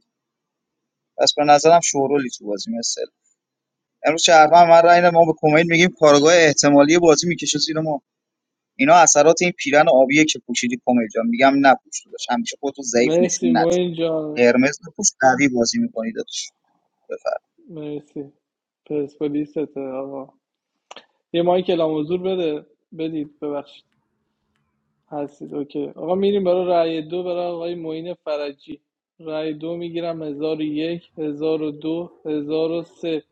S11: پس به نظرم شورولی تو بازی مثل امروز شهروند من رای نده، ما به کمیل میگیم کارگاه احتمالی بازی میکشه زیر ما اینا اثرات این پیرن آبیه که پوشیدی کمیل جان میگم نپوش داداش همیشه خودتو ضعیف
S7: مرسی
S11: نشون ند
S7: معین جان
S11: قرمز بپوش قوی بازی میکنی داداش بفر
S7: مرسی پرسپولیست آقا یه مایک اعلام حضور بده بدید ببخشید هستید اوکی آقا میریم برای رأی دو برای آقای معین فرجی رأی دو میگیرم هزار و یک هزار و دو هزار و سه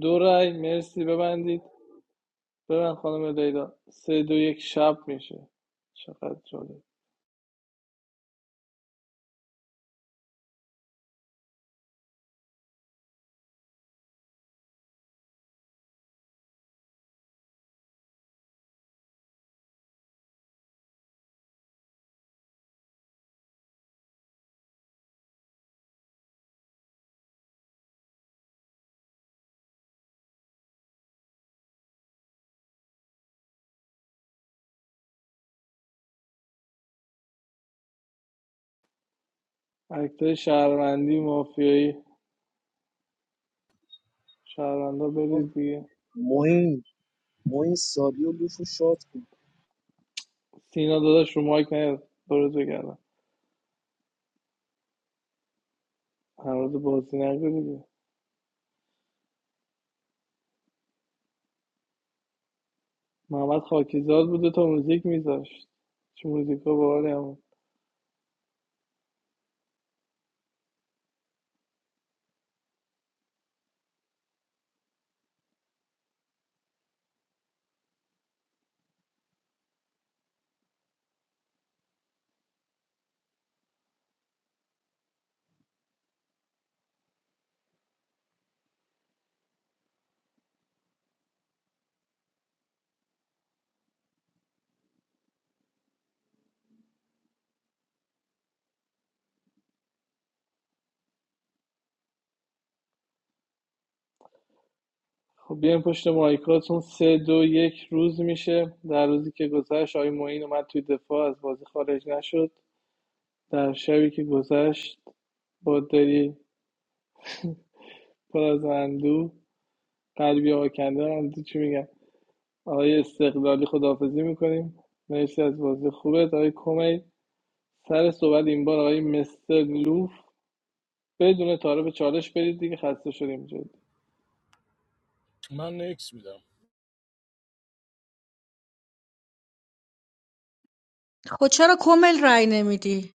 S7: دو رأی مرسی ببندید ببند خانم لیلا سه دو یک شب میشه چقدر جالب اکتای شهروندی مافیایی شهروندا
S2: آقا،
S7: برید دیگه
S2: معین معین سالی و لوف رو شاد کن
S7: سینا داداش رو مایک نیاد برو بگردم هر روز بازی نگو دیگه محمد خاکیزاد بوده تا موزیک میذاشت چه موزیکا باحالی همون خب بیایم پشت مایکاتون سه دو یک روز میشه در روزی که گذشت آقای معین اومد توی دفاع از بازی خارج نشد در شبی که گذشت با دلی پر از اندو قلبی آکنده من تو چی میگم آقای استقلالی خداحافظی میکنیم مرسی از بازی خوبت آقای کمی سر صحبت این بار آقای مستر لوف بدون تعارف چالش برید دیگه خسته شدیم جدی
S5: من نکس میدم
S9: خب چرا کمیل رای نمیدی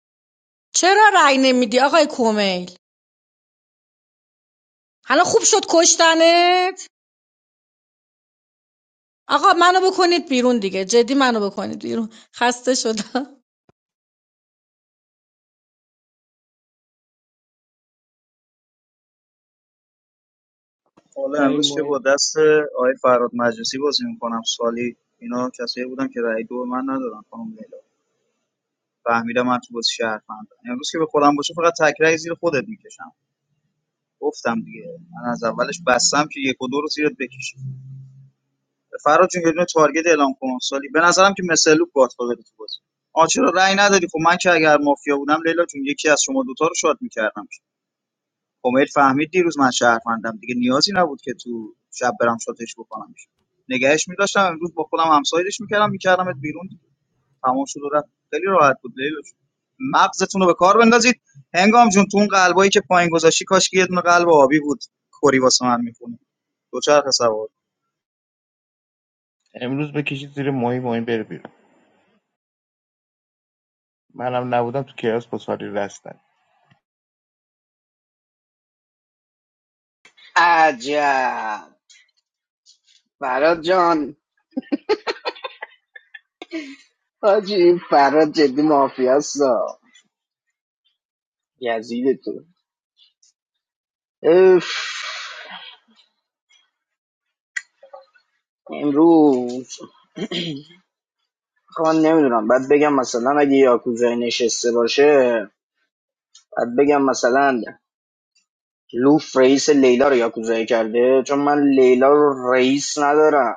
S9: چرا رای نمیدی آقای کمیل حالا خوب شد کشتنت آقا منو بکنید بیرون دیگه جدی منو بکنید بیرون خسته شدم
S11: حالا
S7: آقای
S11: امروز که با
S7: معین
S11: دست آقای فراد مجلسی بازی میکنم سالی اینا کسایی بودن که رای دو به من ندادن خانم لیلا فهمیدم من تو بازی شهروندم امروز که به خودم باشه فقط تک رأی زیر خودت میکشم گفتم دیگه من از اولش بستم که یک و دو رو زیرت بکشم فراد جون یه دونه تارگت اعلام کن سالی به نظرم که مثلوب گاتفادر تو بازی آ چرا رأی ندادی خب من که اگر مافیا بودم لیلا جون یکی از شما دوتا رو شاد میکردم امید فهمید دیروز من شهروندم دیگه نیازی نبود که تو شب برم شاتش بکنم نگهش میداشتم امروز با خودم همسایدش میکردم میکردمت بیرون تمام شد و رفت خیلی راحت بود لیلا جون مغزتون رو به کار بندازید هنگام جون تو اون قلبایی که پایین گذاشتی کاش که یه دونه قلب آبی بود کری واسه من میکنه دوچرخه سوار
S4: امروز بکشید زیر ماهی ماهی بره بیرون منم نبودم تو کیاس با ساری رستن
S1: عجب فراد جان حاجی این فراد جدی مافیاستا یزید تو اف. امروز آخه من نمیدونم بعد بگم مثلا اگه یاکوزای نشسته باشه بعد بگم مثلا لوف رئیس لیلا رو یاکوزایی کرده چون من لیلا رو رئیس ندارم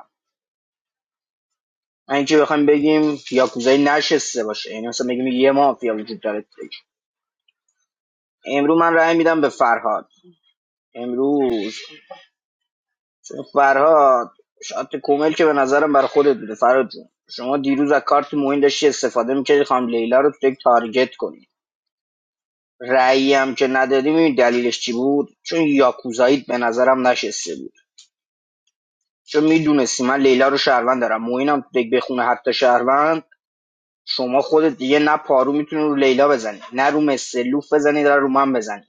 S1: و اینکه بخوایم بگیم یاکوزای نشسته باشه یعنی مثلا بگیم یه مافیا وجود داره امروز من رأی میدم به فرهاد امروز چون فرهاد شات کومل که به نظرم برای خودت بوده فرهاد جون شما دیروز از کارت موین داشتی استفاده میکردی خانم لیلا رو تو یک تارگت کنی رأیی هم که ندادی می‌دونی دلیلش چی بود چون یاکوزایی به نظرم نشسته بود چون میدونستی من لیلا رو شهروند دارم موینم تو دک بخونه حتی شهروند شما خودت دیگه نه پارو میتونی رو لیلا بزنی نه رو مثل لوف بزنی نه رو من بزنی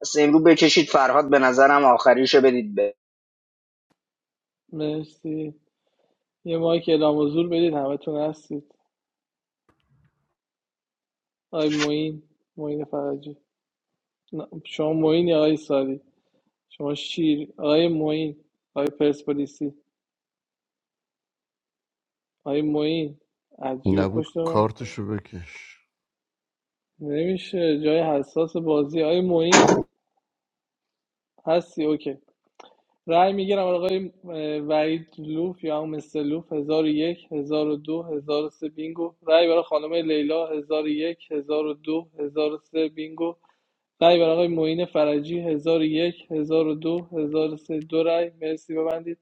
S1: پس امرو بکشید فرهاد به نظرم آخریشو بدید به
S7: مرسی یه مایک اعلام حضور بدید همتون هستید آقای معین معین فرجی نه، شما معین یا آقای ساری شما شیر آقای معین آقای پرسپولیسی آقای معین عجیب
S17: نبود
S7: پشت ما
S17: کارتشو بکش
S7: نمیشه جای حساس بازی آقای معین هستی اوکی رأی میگیرم آقای اه، وحید لوف یا هم مستر لوف هزار هزار یک 1001 1002 سه بینگو رأی برای خانم لیلا هزار هزار یک 1001 1002 سه بینگو رای برای آقای معین فرجی 1001 1002 1003 دو هزار و سه، دو رأی مرسی ببندید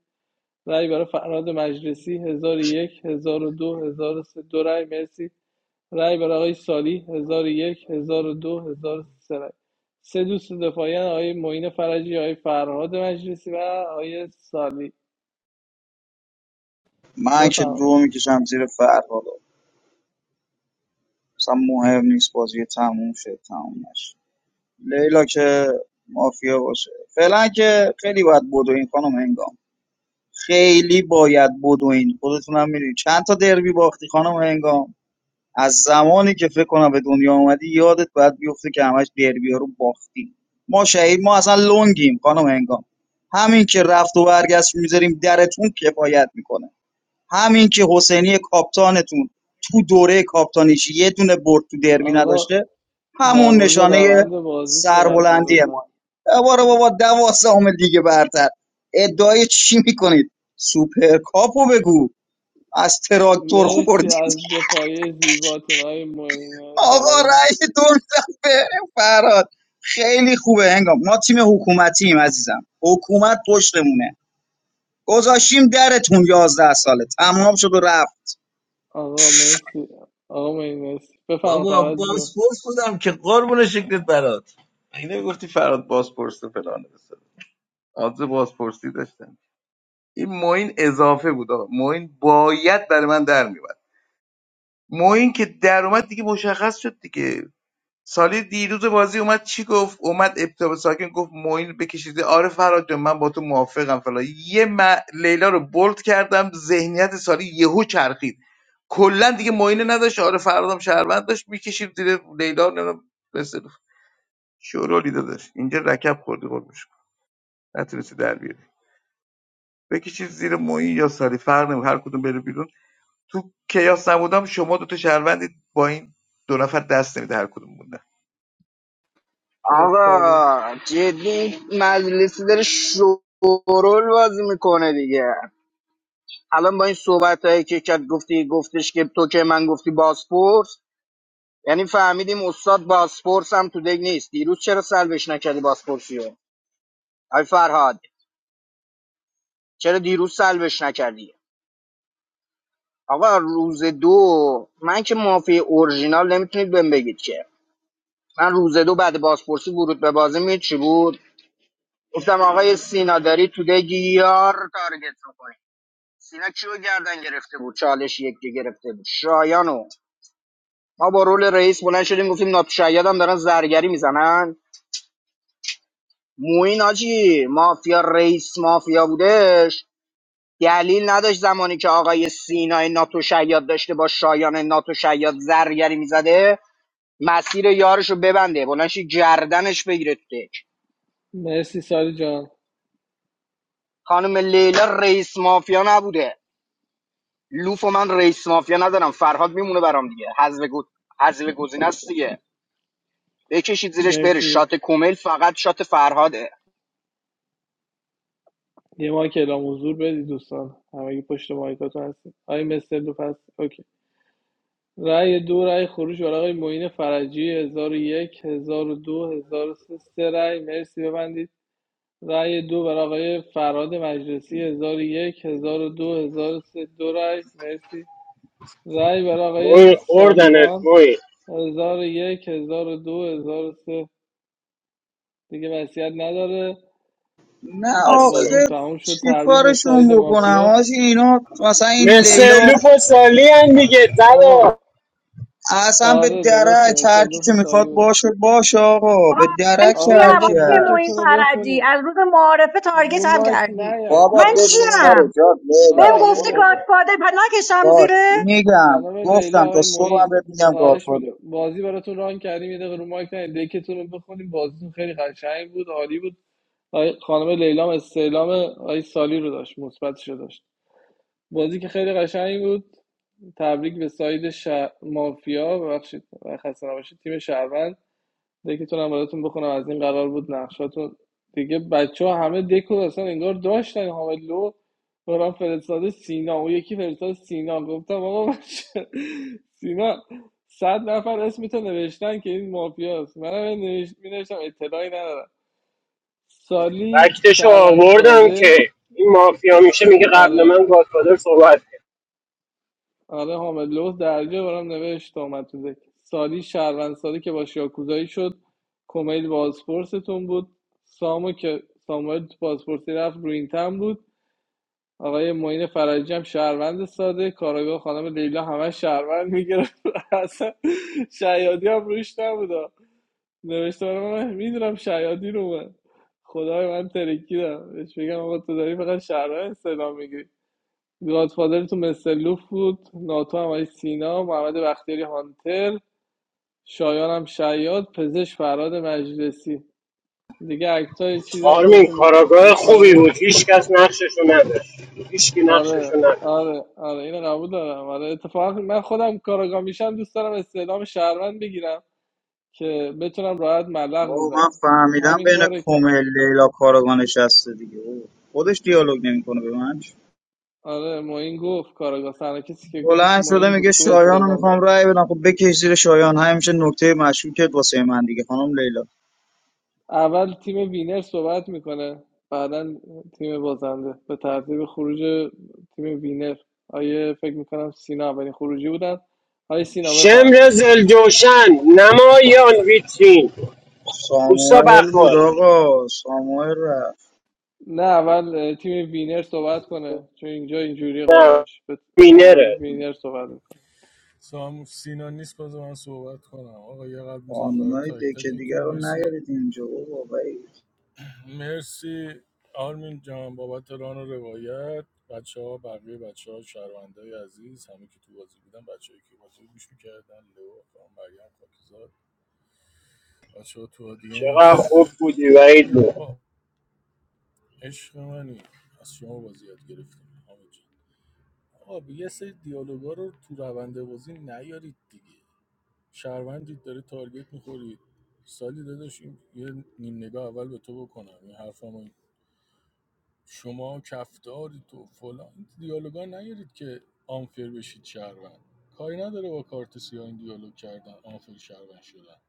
S7: رای برای فراد مجلسی 1001 1002 1003 دو هزار و سه، دو رأی مرسی رای برای آقای سالی 1001 1002 1003 رأی سه دوست دفاعی هستند: آقای معین فرجی آقای فرهاد مجلسی و آقای سالی
S11: من که
S7: بفرمایید
S11: دو میکشم زیر فرهاد اصلا مهم نیست بازی تموم شد تموم نشد لیلا که مافیا باشه فعلا که خیلی باید بدوین خانم هنگام خیلی باید بدوین خودتون هم میدونید چند تا دربی باختی خانم هنگام از زمانی که فکر کنم به دنیا اومدی یادت باید بیفته که همش دربی رو باختی ما شهید ما اصلا لونگیم خانم هنگام همین که رفت و برگشت میذاریم درتون کفایت میکنه همین که حسینی کاپتانتون تو دوره کاپتانیش یه دونه برد تو دربی
S7: آقا
S11: نداشته
S7: در
S11: همون
S7: مورد
S11: نشانه
S7: روند بازی صحبت کنید
S11: سربلندی ما
S7: لطفا
S11: دوباره بابا دوازدهم دیگه برتر ادعای چی میکنید سوپر کاپو بگو از تراکتور
S7: مرسی
S11: خوردید
S7: از دفاعی زیباتون آقای معین
S11: آقا
S7: فرجی
S11: رأی دور می‌دم به فراد خیلی خوبه هنگام ما تیم حکومتیم عزیزم حکومت پشتمونه گذاشیم درتون یازده ساله تمام شد و رفت
S7: آقا مرسی آقا مهدی مرسی بفهم فراد جون
S4: که قول شکلت بر اینه گفتی فراد بازپرس و فلانه بسار آدز بازپرسی داشتن این موین اضافه بود آقا موین باید برای من در میومد موین که در اومد دیگه مشخص شد دیگه سالی دیروز بازی اومد چی گفت اومد ابتاب ساکن گفت موین بکشیده آره فراد جان من با تو موافقم فلان یه م... لیلا رو بولد کردم ذهنیت سالی یهو چرخید کلا دیگه موینه نداشت آره فرادم شهروند داشت میکشید زیر لیلا نمیدونم مثل شورولی داداش اینجا رکب خوردی قربونش برم. نتونستی در بیاری بکشید زیر موین یا سالی فرق نمیکنه هر کدوم بره بیرون تو کیاس نبودم شما دو تا شهروندی با این دو نفر دست نمیده هر کدوم موندن.
S7: ای سالی
S1: آقا جدی این مجلسی داره شورول بازی میکنه دیگه الان با این صحبت هایی که کرد گفتی گفتش که تو که من گفتی باسپورس یعنی فهمیدیم استاد باسپورس هم تو دگ نیست دیروز چرا سلبش نکردی باسپورسیو آی فرهاد چرا دیروز سلبش نکردی آقا روز دو من که مافی اورژینال نمیتونید بهم بگید که من روز دو بعد بازپرسی ورود به بازی می چی بود گفتم آقای سینا داری تو دیگی یار تارگت میکنی سینا کیو گردن گرفته بود چالش یکی گرفته بود شایانو ما با رول رئیس بلند شدیم گفتیم ناتشاید هم دارن زرگری میزنن موین آجی مافیا رئیس مافیا بودش دلیل نداشت زمانی که آقای سینای ناتو شیاد داشته با شایان ناتو شیاد زرگری میزده مسیر یارشو ببنده بلنشی گردنش بگیره تو دک
S7: مرسی سالی جان
S1: خانم لیلا رئیس مافیا نبوده لوف و من رئیس مافیا ندارم فرهاد میمونه برام دیگه حذف گو... حذف گزینه است دیگه بکشید زیرش بره
S7: مرسی
S1: شات کومل فقط شات فرهاده
S7: یه ماه که اعلام حضور بدید دوستان همگی پشت مایکاتون هستید آقای مستر دو پس اوکی رأی دو رأی خروج برای آقای معین فرجی 1001 1002 1003 سه سه رأی مرسی ببندید رأی دو برای آقای فراد مجلسی 1001 هزار و دو هزار و سه، دو رأی مرسی رأی برای آقای
S16: موی خوردنت
S7: سالیوان
S16: موی
S7: هزار و یک هزار و دو هزار و سه دیگه وصیت نداره
S11: نه
S16: خسته
S7: بازی
S11: آخه
S7: تموم شد
S11: چی
S7: تبریک به ساید
S11: کارشون بکنم
S7: مافیا
S11: حاجی اینا مثلا این
S16: مثل
S11: لیلا
S16: لوف و سالی هم دیگه
S7: آقا
S16: زدا
S11: اصلا به
S7: آره درسته
S11: درک
S7: مثل
S11: هر کی که
S7: دو سالی
S11: میخواد
S7: بودم
S11: باشه باشه آقا
S9: آقا
S11: به
S9: من
S11: درک
S7: آقا
S9: چیم
S11: هر کی
S7: بذار
S9: آقای معین
S7: دکتون رو
S11: هست
S9: فرجی
S7: بخونی
S9: از روز معارفه تارگت
S7: رو
S9: هم
S7: مایک
S9: کردی
S7: نیاین
S11: بابا
S9: من
S7: آقا رو
S11: بشین
S7: مایک
S11: سر
S9: چیم
S11: جات لیلا
S9: بهم
S7: آقا یه
S9: گفتی
S11: برو
S7: دقیقه
S11: بابا
S9: گادفادر پا نکشم
S11: باش
S9: زیره
S11: میگم
S7: خانم لیلا
S11: گفتم تا
S7: آقای
S11: صبح هم
S7: معین
S11: بهت میگم
S7: خواهش
S11: گادفادر
S7: میگم بازی براتون ران کردیم یه دقیقه رو مایک نیاین دکتون رو بخونیم بازیتون خیلی قشنگ بود عالی بود آی- خانم لیلام استعلام آی سالی رو داشت مثبتش رو داشت بازی که خیلی قشنگ بود تبریک به ساید شهر... مافیا ببخشید خسته نباشید تیم شهروند دکتون هم براتون بخونم از این قرار بود نقشاتون دیگه بچه ها همه دکو اصلا انگار داشتن حامد لو برام فرستاده سینا اون یکی فرستاده سینا گفتم آقا من سینا صد نفر اسمتو نوشتن که این مافیاست منم نوشت... اطلاعی ندارم سالی
S16: فکتشو
S7: شهروند
S16: آوردم
S7: ساده
S16: که این مافیا میشه میگه قبل
S7: آره
S16: من گادفادر صحبت
S7: آره حامد لوز درجه برام نوشت اومد تو ذکر سالی شهروند سالی که با شیاکوزایی شد کمیل بازپرستون بود سامو که ساموئل تو بازپرسی رفت رو این تن بود آقای معین فرجی هم شهروند ساده کاراگاه خانم لیلا همه شهروند میگرفت اصلا شیادی هم روش نبود نوشته برام، من میدونم شیادی رو من خدای من ترکیدم بهش بگم آقا تو داری فقط شهروند سلام میگیری گادفادر تو مستر لوف بود ناتو هم آقای سینا محمد بختیاری هانتر شایان هم شیاد پزشک فراد مجلسی دیگه عکسای چیزی هم
S16: آرمین
S7: خودتون
S16: کاراگاه
S7: می...
S16: خوبی بود
S7: پایان
S16: هیچ کس نقششو نداشت هیچکی نقششو
S7: آره
S16: نداشت
S7: آره آره اینو قبول دارم آره اتفاقا من خودم کاراگاه میشم دوست دارم استعلام شهروند بگیرم که بتونم راحت ملق
S11: بابا من
S7: بزنم
S11: فهمیدم
S7: همین
S11: بین
S7: کاره کرد
S11: کمیل لیلا کارگانش هسته دیگه بابا. خودش دیالوگ نمیکنه به من
S7: آره معین گفت کاراگاه سرنا کسی که گفت
S11: بلند شده
S7: معین بود
S11: میگه
S7: گفت
S11: شایان رو
S7: استعلام داره
S11: میخوام رأی بدم خب بکش زیر شایان همیشه نکته مشکوکت واسه من دیگه خانم لیلا
S7: اول تیم وینر صحبت میکنه بعدا تیم بازنده به ترتیب خروج تیم وینر آیه فکر میکنم سینا اولین خروجی بودن آیه سینا
S16: شمر
S7: بفرمایید
S16: زلجوشن نمایان ویترین اوستا
S11: ساموئل بود
S16: بخور
S11: آقا ساموئل رفت
S7: نه اول تیم وینر صحبت کنه چون اینجا اینجوری
S16: نه
S7: قانونش به- اول
S16: مینره
S7: وینر صحبت میکنه
S5: سامو سینا نیست باز من صحبت کنم آقا یه قلب میزنم برای
S11: قانونای
S5: تک
S11: دکه دیگه
S5: تکتون
S11: رو
S5: مرسی
S11: نیارید اینجا بابا
S5: مرسی آرمین جان بابت ران و روایت بچه ها بقیه بچه‌ها ها شهروندای عزیز همه که تو بازی بودن بچه که بازی رو گوش میکردن لو خانم مریم خاکزاد بچه ها تو
S16: چقدر
S5: آدینس
S16: خوب بودی وعید
S5: ببین
S16: بود
S5: آقا، عشق منی از شما بازی یاد گرفتیم حامد جان آقا به یه سری دیالوگا رو تو روند بازی نیارید دیگه شهروندید داره تارگت میخورید سالی داداش این یه نیم نگاه اول به تو بکنم این حرفمو شما کفداری تو فلان این دیالوگا نیارید که آنفر بشید شهروند کاری نداره با کارت سیاه این دیالوگ کردن آنفر شهروند شدن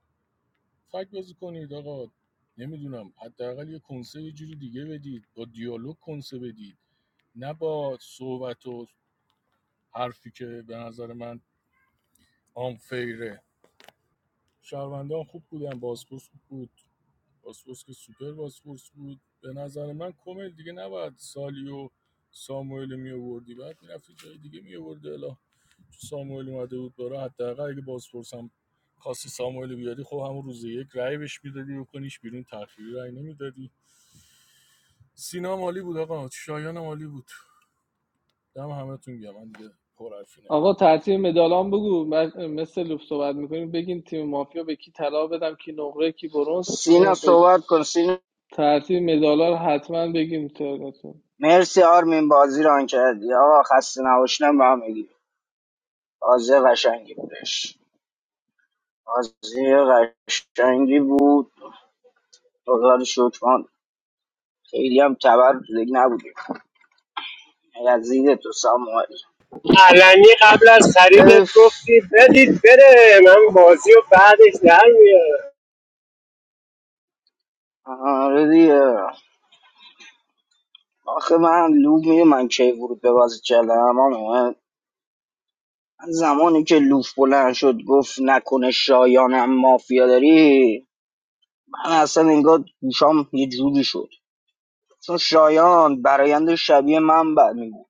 S5: فکر بازی کنید آقا نمیدونم حداقل یه کنسه یه جوری دیگه بدید با دیالوگ کنسه بدید نه با صحبت و حرفی که به نظر من آنفیره شهروندان خوب بودن بازپرس خوب بود بازپرس که سوپر بازپرس بود به نظر من کامل دیگه نباید سالی و ساموئل می آوردی بعد میرفتی جای دیگه می آوردی الا ساموئل اومده بود برا حداقل اگه بازپرس هم خواستی ساموئل بیاری خب همون روز یک رأی بهش میدادی بکنیش بیرون تأخیری رای نمیدادی سینا مالی بود آقا شایان مالی بود دم همتون گم من دیگه پرحرفی نمی‌کنم.
S7: آقا ترتیب مدالام بگو من- مثل لوف صحبت میکنیم بگین تیم مافیا به کی طلا بدم کی نقره کی برنز
S1: سینا
S7: اینو بگین
S1: صحبت کن سینا
S7: ترتیب مدالا رو حتما بگیم ترنتون
S1: مرسی آرمین بازی ران کردی آقا خسته نباشنم به هم بگی بازی قشنگی بودش بازی قشنگی بود خدا رو شکر ما خیلی هم تبر تو دیگ نبودیم یزید تو ساموئل
S16: علنی قبل از خریدت
S1: اف
S16: گفتی بدید بره من بازی و بعدش در میارم
S1: آره دیگه آخه من لوب میگه من کی ورود به بازی کردم اما من زمانی که لوف بلند شد گفت نکنه شایانم مافیا داری من اصلا انگار گوشام یه جوری شد چون شایان برایند شبیه من بعد می بود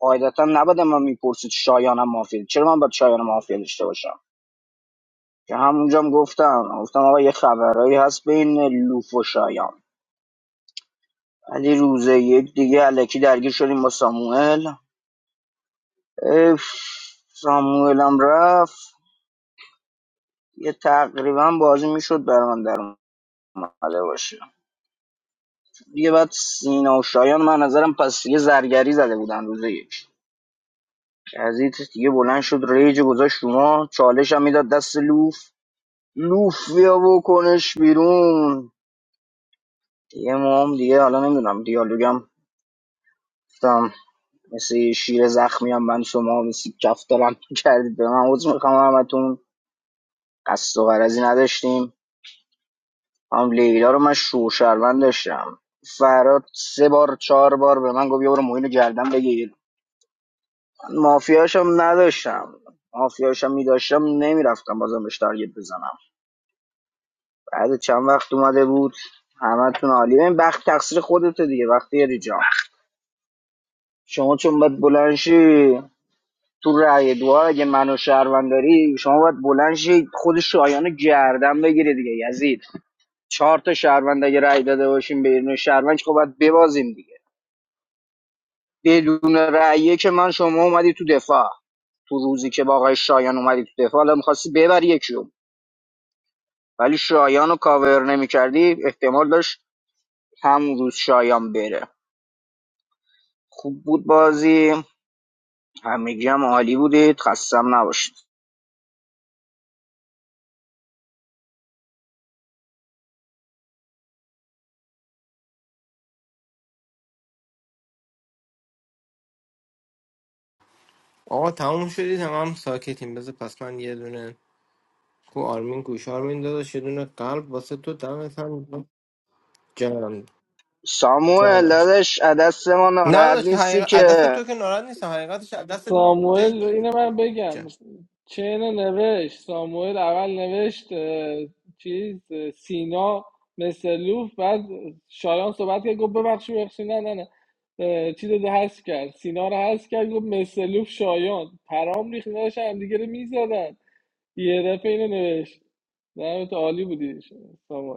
S1: قاعدتا نباید من میپرسید شایانم مافیا داری. چرا من باید شایان مافیا داشته باشم که همونجا هم گفتم گفتم آقا یه خبرایی هست بین لوف و شایان ولی روز یک دیگه الکی درگیر شدیم با ساموئل اف، ساموئلم رفت یه تقریبا بازی میشد بر من در اومده باشه دیگه بعد سینا و شایان من نظرم پس یه زرگری زده بودن روز یک یزید دیگه بلند شد ریج گذاشت شما چالش هم میداد دست لوف لوف بیا بکنش بیرون دیگه ما هم دیگه حالا نمیدونم دیالوگم گفتم مثل یه شیر زخمی هم من شما مثل کف کردید به من عوض میخوام همتون قصد و غرضی نداشتیم خانم لیلا رو من شو داشتم فراد سه بار چهار بار به من گفت بیا برو موین رو گردن بگیر من مافیاشم نداشتم مافیاشم میداشتم نمیرفتم بازم بهش تارگت بزنم بعد چند وقت اومده بود همتون عالی این بخت تقصیر خودته دیگه وقتی یاری جان شما چون باید بلنشی تو رأی دعا اگه منو شهروند داری شما باید بلنشی خود شایان رو گردن بگیری دیگه یزید چهار تا شهروند اگه رأی داده باشیم به یه دونه شهروند که خب باید ببازیم دیگه بدون رأیه که من شما اومدی تو دفاع تو روزی که با آقای شایان اومدی تو دفاع حالا میخواستی ببری یکیو ولی شایان رو کاور نمیکردی احتمال داشت همون روز شایان بره خوب بود بازی همگی هم عالی بودید خستم نباشید
S13: آقا تموم شدی تمام ساکتیم بذار پس من یه دونه کو آرمین گوش آرمین داداش یه دونه قلب واسه تو دمت هم گرم. جانم
S1: ساموئل
S13: جانم
S1: دادش دست ما
S13: نه
S1: ناراحت
S13: داداش
S1: نیستی
S13: حقیقت از
S1: که
S13: دست تو که ناراحت نیستم حقیقتش از دست
S7: ساموئل اینو من
S13: جان.
S7: بگم چه اینو نوشت ساموئل اول نوشت اه، چیز اه، سینا مثل لوف بعد شایان صحبت کرد گفت ببخشید ببخشید نه نه نه اه، چیز رو هست کرد سینا رو هست کرد گفت مثل لوف شایان پرام ریخت داشتن هم دیگه رو میزدن یه دفعه اینو نوشت نه تو عالی بودی ساموئل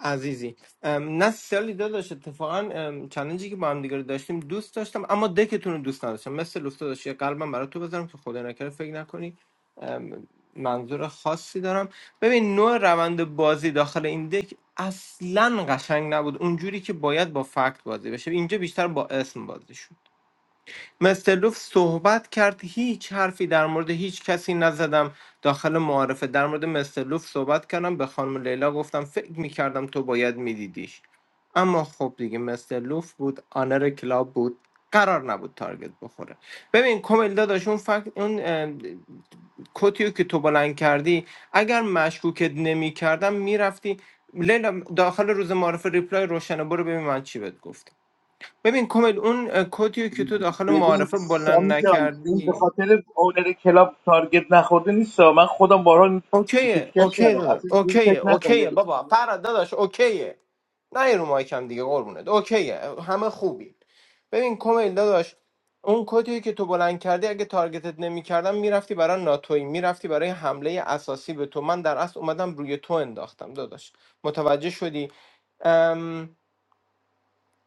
S13: عزیزی ام، نه سیالی داداش اتفاقا ام، چالنجی که با هم دیگه رو داشتیم دوست داشتم اما دکتون رو دوست نداشتم مثل لوفت داشت یه قلبم برای تو بذارم که خدا نکره فکر نکنی ام، منظور خاصی دارم ببین نوع روند بازی داخل این دک اصلا قشنگ نبود اونجوری که باید با فکت بازی بشه اینجا بیشتر با اسم بازی شد مستلوف صحبت کرد هیچ حرفی در مورد هیچ کسی نزدم داخل معارفه در مورد مستلوف صحبت کردم به خانم لیلا گفتم فکر میکردم تو باید میدیدیش اما خب دیگه مستلوف بود آنر کلاب بود قرار نبود تارگت بخوره ببین کومیل داداش اون فکت اون اه، کتیو که تو بلند کردی اگر مشکوکت نمی کردم میرفتی لیلا داخل روز معرف ریپلای روشنه برو ببین من چی بهت گفتم ببین کمیل اون اه، کدیو که تو داخل
S4: ببین
S13: معارفه بلند
S4: سامی جان این به
S13: نکردی
S4: خاطر اونر کلاب تارگت نخورده نیست من خودم بارها این تیکه
S13: اوکیه
S4: تیکش
S13: اوکی
S4: کردم
S13: داداش
S4: اصلا اینجوری
S13: اوکیه
S4: فکر نکن
S13: اوکیه
S4: بزن.
S13: بابا فراد داداش اوکیه نه رو مایکم دیگه قربونت اوکیه همه خوبی ببین کمیل داداش اون کدیو که تو بلند کردی اگه تارگتت نمیکردم میرفتی برای ناتوی میرفتی برای حمله اساسی به تو من در اصل اومدم روی تو انداختم داداش متوجه شدی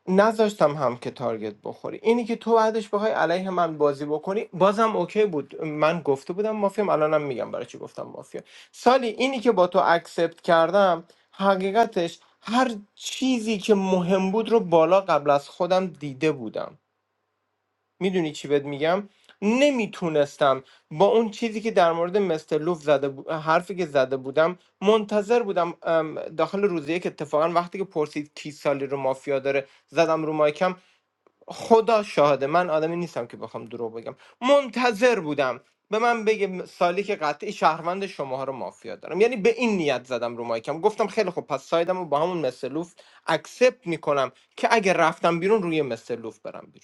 S13: نذاشتم هم که تارگت بخوری اینی که تو بعدش بخوای علیه من بازی بکنی بازم اوکی بود من گفته بودم مافیام الانم میگم برای چی گفتم مافیا سالی اینی که با تو اکسپت کردم حقیقتش هر چیزی که مهم بود رو بالا قبل از خودم دیده بودم میدونی چی بهت میگم نمیتونستم با اون چیزی که در مورد مستر لوف زده بو- حرفی که زده بودم منتظر بودم ام، داخل روزیه که اتفاقا وقتی که پرسید کی سالی رو مافیا داره زدم رو مایکم خدا شاهده من آدمی نیستم که بخوام دروغ بگم منتظر بودم به من بگه سالی که قطعی شهروند شماها رو مافیا دارم یعنی به این نیت زدم رو مایکم گفتم خیلی خوب پس سایدم رو با همون مثلوف اکسپت میکنم که اگه رفتم بیرون روی مثلوف برم بیرون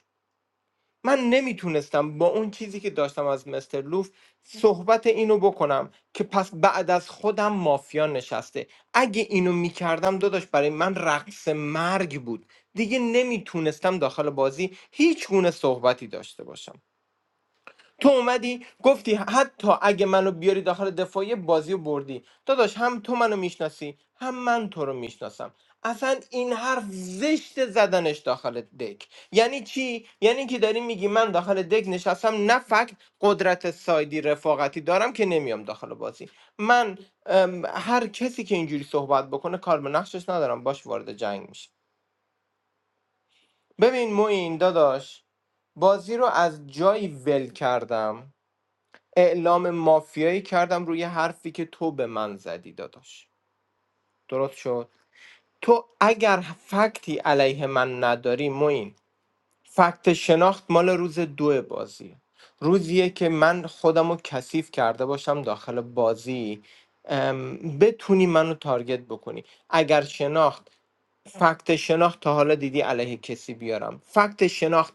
S13: من نمیتونستم با اون چیزی که داشتم از مستر لوف صحبت اینو بکنم که پس بعد از خودم مافیا نشسته اگه اینو میکردم داداش برای من رقص مرگ بود دیگه نمیتونستم داخل بازی هیچ گونه صحبتی داشته باشم تو اومدی گفتی حتی اگه منو بیاری داخل دفاعی بازی و بردی داداش هم تو منو میشناسی هم من تو رو میشناسم اصلا این حرف زشت زدنش داخل دک یعنی چی یعنی که داری میگی من داخل دک نشستم نه فقط قدرت سایدی رفاقتی دارم که نمیام داخل بازی من ام، هر کسی که اینجوری صحبت بکنه کار به نقشش ندارم باش وارد جنگ میشه ببین موین داداش بازی رو از جایی ول کردم اعلام مافیایی کردم روی حرفی که تو به من زدی داداش درست شد تو اگر فکتی علیه من نداری موین فکت شناخت مال روز دو بازیه روزیه که من خودم رو کثیف کرده باشم داخل بازی ام، بتونی منو تارگت بکنی اگر شناخت فکت شناخت تا حالا دیدی علیه کسی بیارم فکت شناخت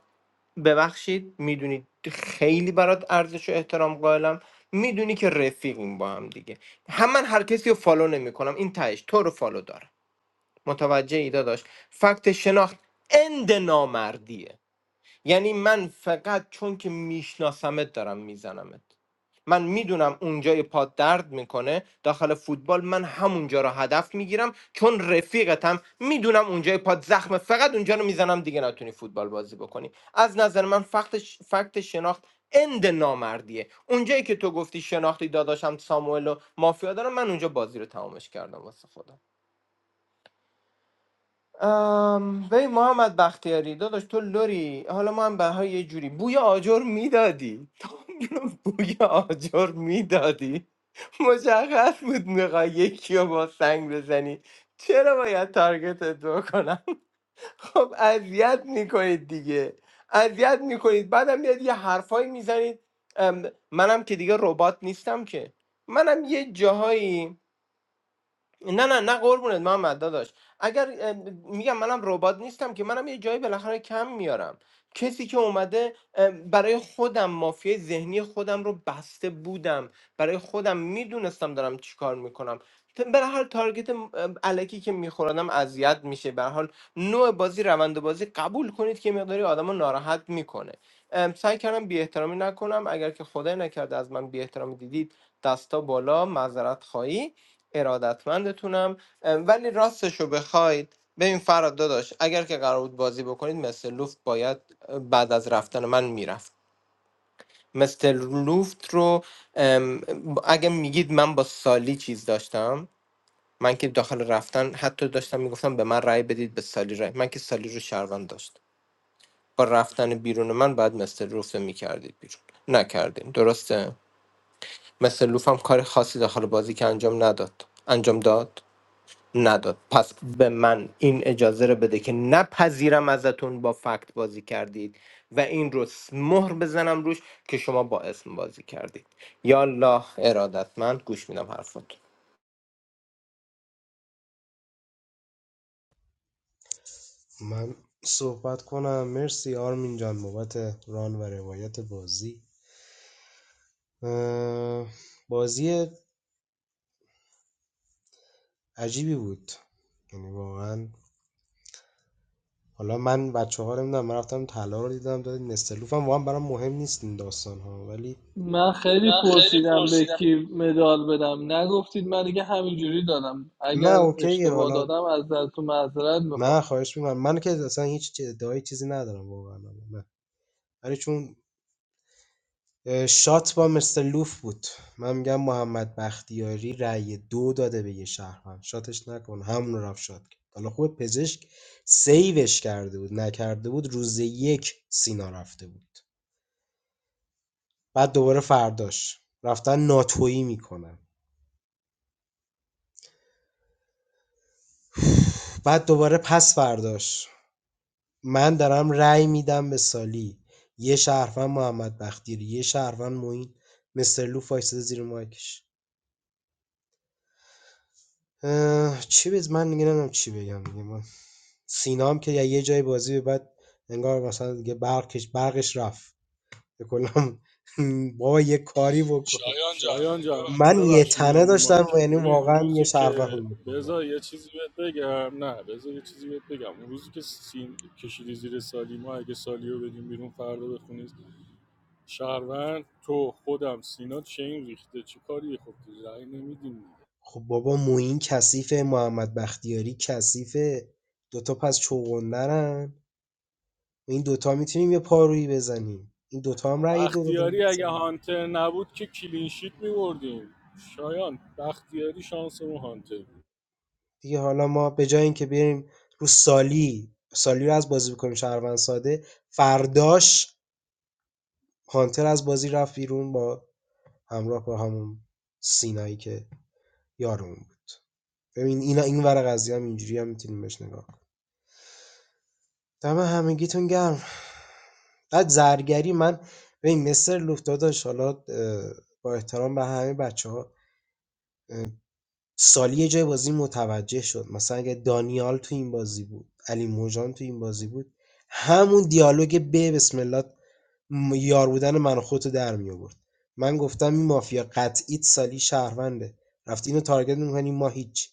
S13: ببخشید میدونید خیلی برات ارزش و احترام قائلم میدونی که رفیقیم با هم دیگه هم من هر کسی رو فالو نمیکنم این تهش تو رو فالو دارم متوجه ای داداش فکت شناخت اند نامردیه یعنی من فقط چون که میشناسمت دارم میزنمت من میدونم اونجای پا درد میکنه داخل فوتبال من همونجا رو هدف میگیرم چون رفیقتم میدونم اونجای پا زخمه فقط اونجا رو میزنم دیگه نتونی فوتبال بازی بکنی از نظر من فقط فکت شناخت اند نامردیه اونجایی که تو گفتی شناختی داداشم ساموئل و مافیا دارم من اونجا بازی رو تمامش کردم واسه خودم ام، ببین محمد بختیاری داداش تو لوری حالا ما هم بهها یه جوری بوی آجر میدادی تو بوی آجر میدادی مشخص بود میخوای یکی رو با سنگ بزنی چرا باید تارگتت بکنم خب اذیت میکنید دیگه اذیت میکنید بعدم میاد یه حرفایی میزنید منم که دیگه ربات نیستم که منم یه جاهایی نه نه نه قربونت محمد داداش اگر اه، میگم منم ربات نیستم که منم یه جایی بالاخره کم میارم کسی که اومده اه، برای خودم مافیای ذهنی خودم رو بسته بودم برای خودم میدونستم دارم چیکار میکنم به هر حال تارگت م- اه، الکی که میخوردم اذیت میشه به هر حال نوع بازی روند بازی قبول کنید که مقداری آدمو ناراحت میکنه ام، سعی کردم بی احترامی نکنم اگر که خدای نکرده از من بی احترامی دیدید دستا بالا معذرت خواهی ارادتمندتونم اه، ولی راستشو بخواید ببین فراد داداش اگر که قرار بود بازی بکنید مثل لوفت باید بعد از رفتن من میرفت مثل لوفت رو ام، اگه میگید من با سالی چیز داشتم من که داخل رفتن حتی داشتم میگفتم به من رأی بدید به سالی رأی من که سالی رو شهروند داشت با رفتن بیرون من بعد مثل لوفت رو میکردید بیرون نکردیم درسته مثل لوف هم کار خاصی داخل بازی که انجام نداد انجام داد نداد پس به من این اجازه رو بده که نپذیرم ازتون با فکت بازی کردید و این رو س- مهر بزنم روش که شما با اسم بازی کردید یا الله ارادتمند گوش میدم حرفات
S14: من صحبت کنم مرسی آرمین جان بابت ران و روایت بازی اه، بازی عجیبی بود یعنی واقعا حالا من بچه ها رو نمیدونم من رفتم طلا رو دیدم دادیم نستلوف هم واقعا برام مهم نیست این داستان ها ولی
S7: من خیلی
S14: من خیلی
S7: پرسیدم به
S14: پرسیدم
S7: کی مدال بدم نگفتید من دیگه همینجوری دادم اگر
S14: نه اوکیه
S7: اشتباه
S14: حالا
S7: دادم از تو معذرت
S14: من
S7: میخوام
S14: خواهش میکنم من که اصلا هیچ چی- ادعای چیزی ندارم واقعا نه ولی چون شات با مستر لوف بود من میگم محمد بختیاری رأی دو داده به یه شهروند شاتش نکن همون رو رفت شات کرد حالا خوب پزشک سیوش کرده بود نکرده بود روز یک سینا رفته بود بعد دوباره فرداش رفتن ناتویی میکنن بعد دوباره پس فرداش من دارم رأی میدم به سالی یه شهروند محمد بختیاری یه شهروند معین مستر لوف وایساده زیر مایکش اه، چی بز من دیگه نمیدونم چی بگم دیگه من سینا هم که یه جای بازی به بعد انگار مثلا دیگه برقش برقش رفت کلا بابا یه کاری بکن شایان جان
S5: شایان جان
S14: من یه
S5: ببخشی
S14: تنه
S5: میام رو
S14: داشتم و
S5: مایکت
S14: یعنی
S5: ببین اون
S14: واقعا یه
S5: روزی
S14: شربت
S5: که
S14: میکنم
S5: بذار یه چیزی بهت بگم نه بذار یه چیزی بهت بگم اون روزی که سین کشیدی زیر سالی ما اگه سالی رو بدیم بیرون فردا بخونید شهروند تو خودم سینا چین ریخته چه کاری خب رأی نمیدیم دیگه
S14: خب بابا موین کثیفه محمد بختیاری کثیفه دوتا پس چوغندرن این دوتا میتونیم یه پارویی بزنیم این دوتا هم
S5: خب
S14: رأی دو
S5: بختیاری اگه
S14: دادن
S5: هانتر نبود که کلینشیت میبردیم شایان بختیاری شانسمون هانتر بود
S14: دیگه حالا ما به جای اینکه بریم رو سالی سالی رو از بازی بکنیم شهروند ساده فرداش هانتر از بازی رفت بیرون با همراه با همون سینایی که یارمون بود ببین این این ور قضیه هم اینجوری هم میتونیم بهش نگاه کنیم دم همگیتون گرم بعد زرگری من ببین مستر لوفت داداش حالا اه، با احترام به همه بچه سالی یه جای بازی متوجه شد مثلا اگه دانیال تو این بازی بود علی موجان تو این بازی بود همون دیالوگ به بسم الله م- یار بودن من و خودتو در می آورد من گفتم این مافیا قطعیت سالی شهرونده رفتی اینو تارگت میکنی ما هیچ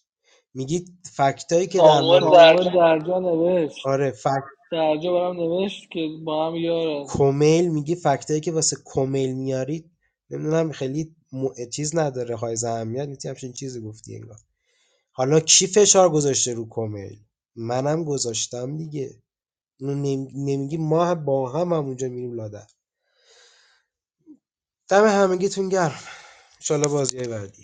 S14: میگی فکتایی که در آمار مورد
S7: ساموئل
S14: زرجن
S7: درجا نوشت
S14: آره فکت
S7: درجا برام نوشت که با هم یارم
S14: کومیل میگی فکتایی که واسه کومیل میارید نمیدونم خیلی م... چیز نداره های اهمیت نیتی همچین چیزی گفتی انگار حالا کی فشار گذاشته رو کمیل منم گذاشتم دیگه اینو نمی- نمیگی ما با هم همونجا میریم لادر دم همگیتون گرم ان بازی بعدی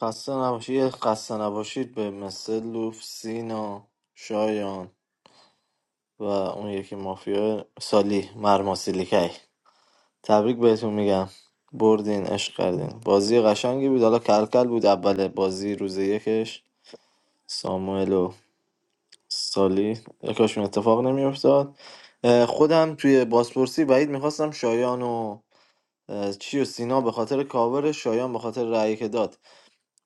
S6: خسته نباشید خسته نباشید به مثل لوف سینا شایان و اون یکی مافیا سالی مرماسیلیکی تبریک بهتون میگم بردین عشق کردین بازی قشنگی بود حالا کلکل بود اول بازی روز یکش ساموئل و سالی یکاشون اتفاق نمیافتاد خودم توی بازپرسی بعید میخواستم شایان و اه، چی و سینا به خاطر کاور شایان به خاطر رأیی که داد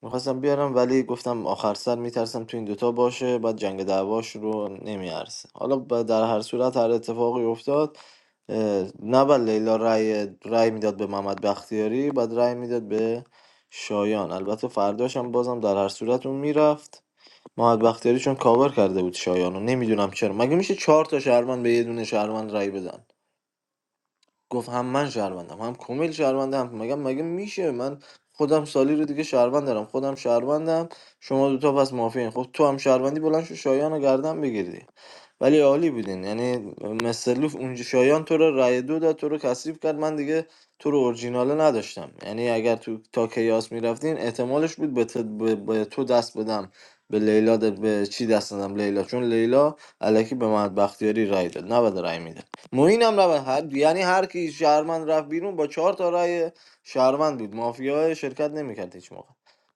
S6: میخواستم بیارم ولی گفتم آخر سر میترسم تو این دوتا باشه بعد جنگ دعواش رو نمیارسه حالا ب- در هر صورت هر اتفاقی افتاد اه، نه بعد لیلا رأی رأی میداد به محمد بختیاری بعد رأی میداد به شایان البته فرداش هم بازم در هر صورت اون میرفت محمد بختیاری چون کاور کرده بود شایان رو نمیدونم چرا مگه میشه چهار تا شهروند به یه دونه شهروند رأی بدن گفت هم من شهروندم هم کمیل شهرونده هم مگه مگه میشه من خودم سالی رو دیگه شهروند دارم خودم شهروندم شما دوتا پس مافین خب تو هم شهروندی بلند شو شایان رو گردن بگیری ولی عالی بودین یعنی مثلوف اونجا شایان تو رو رای دو داد تو رو کثیف کرد من دیگه تو رو اورجیناله نداشتم یعنی اگر تو تا کیاس میرفتین احتمالش بود به, تو به- به تو دست بدم به لیلا د- به چی دست دادم لیلا چون لیلا الکی به محمد بختیاری رای داد نباید رای میداد موین هم رفت هر... یعنی هر کی شهرمند رفت بیرون با چهار تا رأی شهرمند بود مافیا شرکت نمیکرد هیچ موقع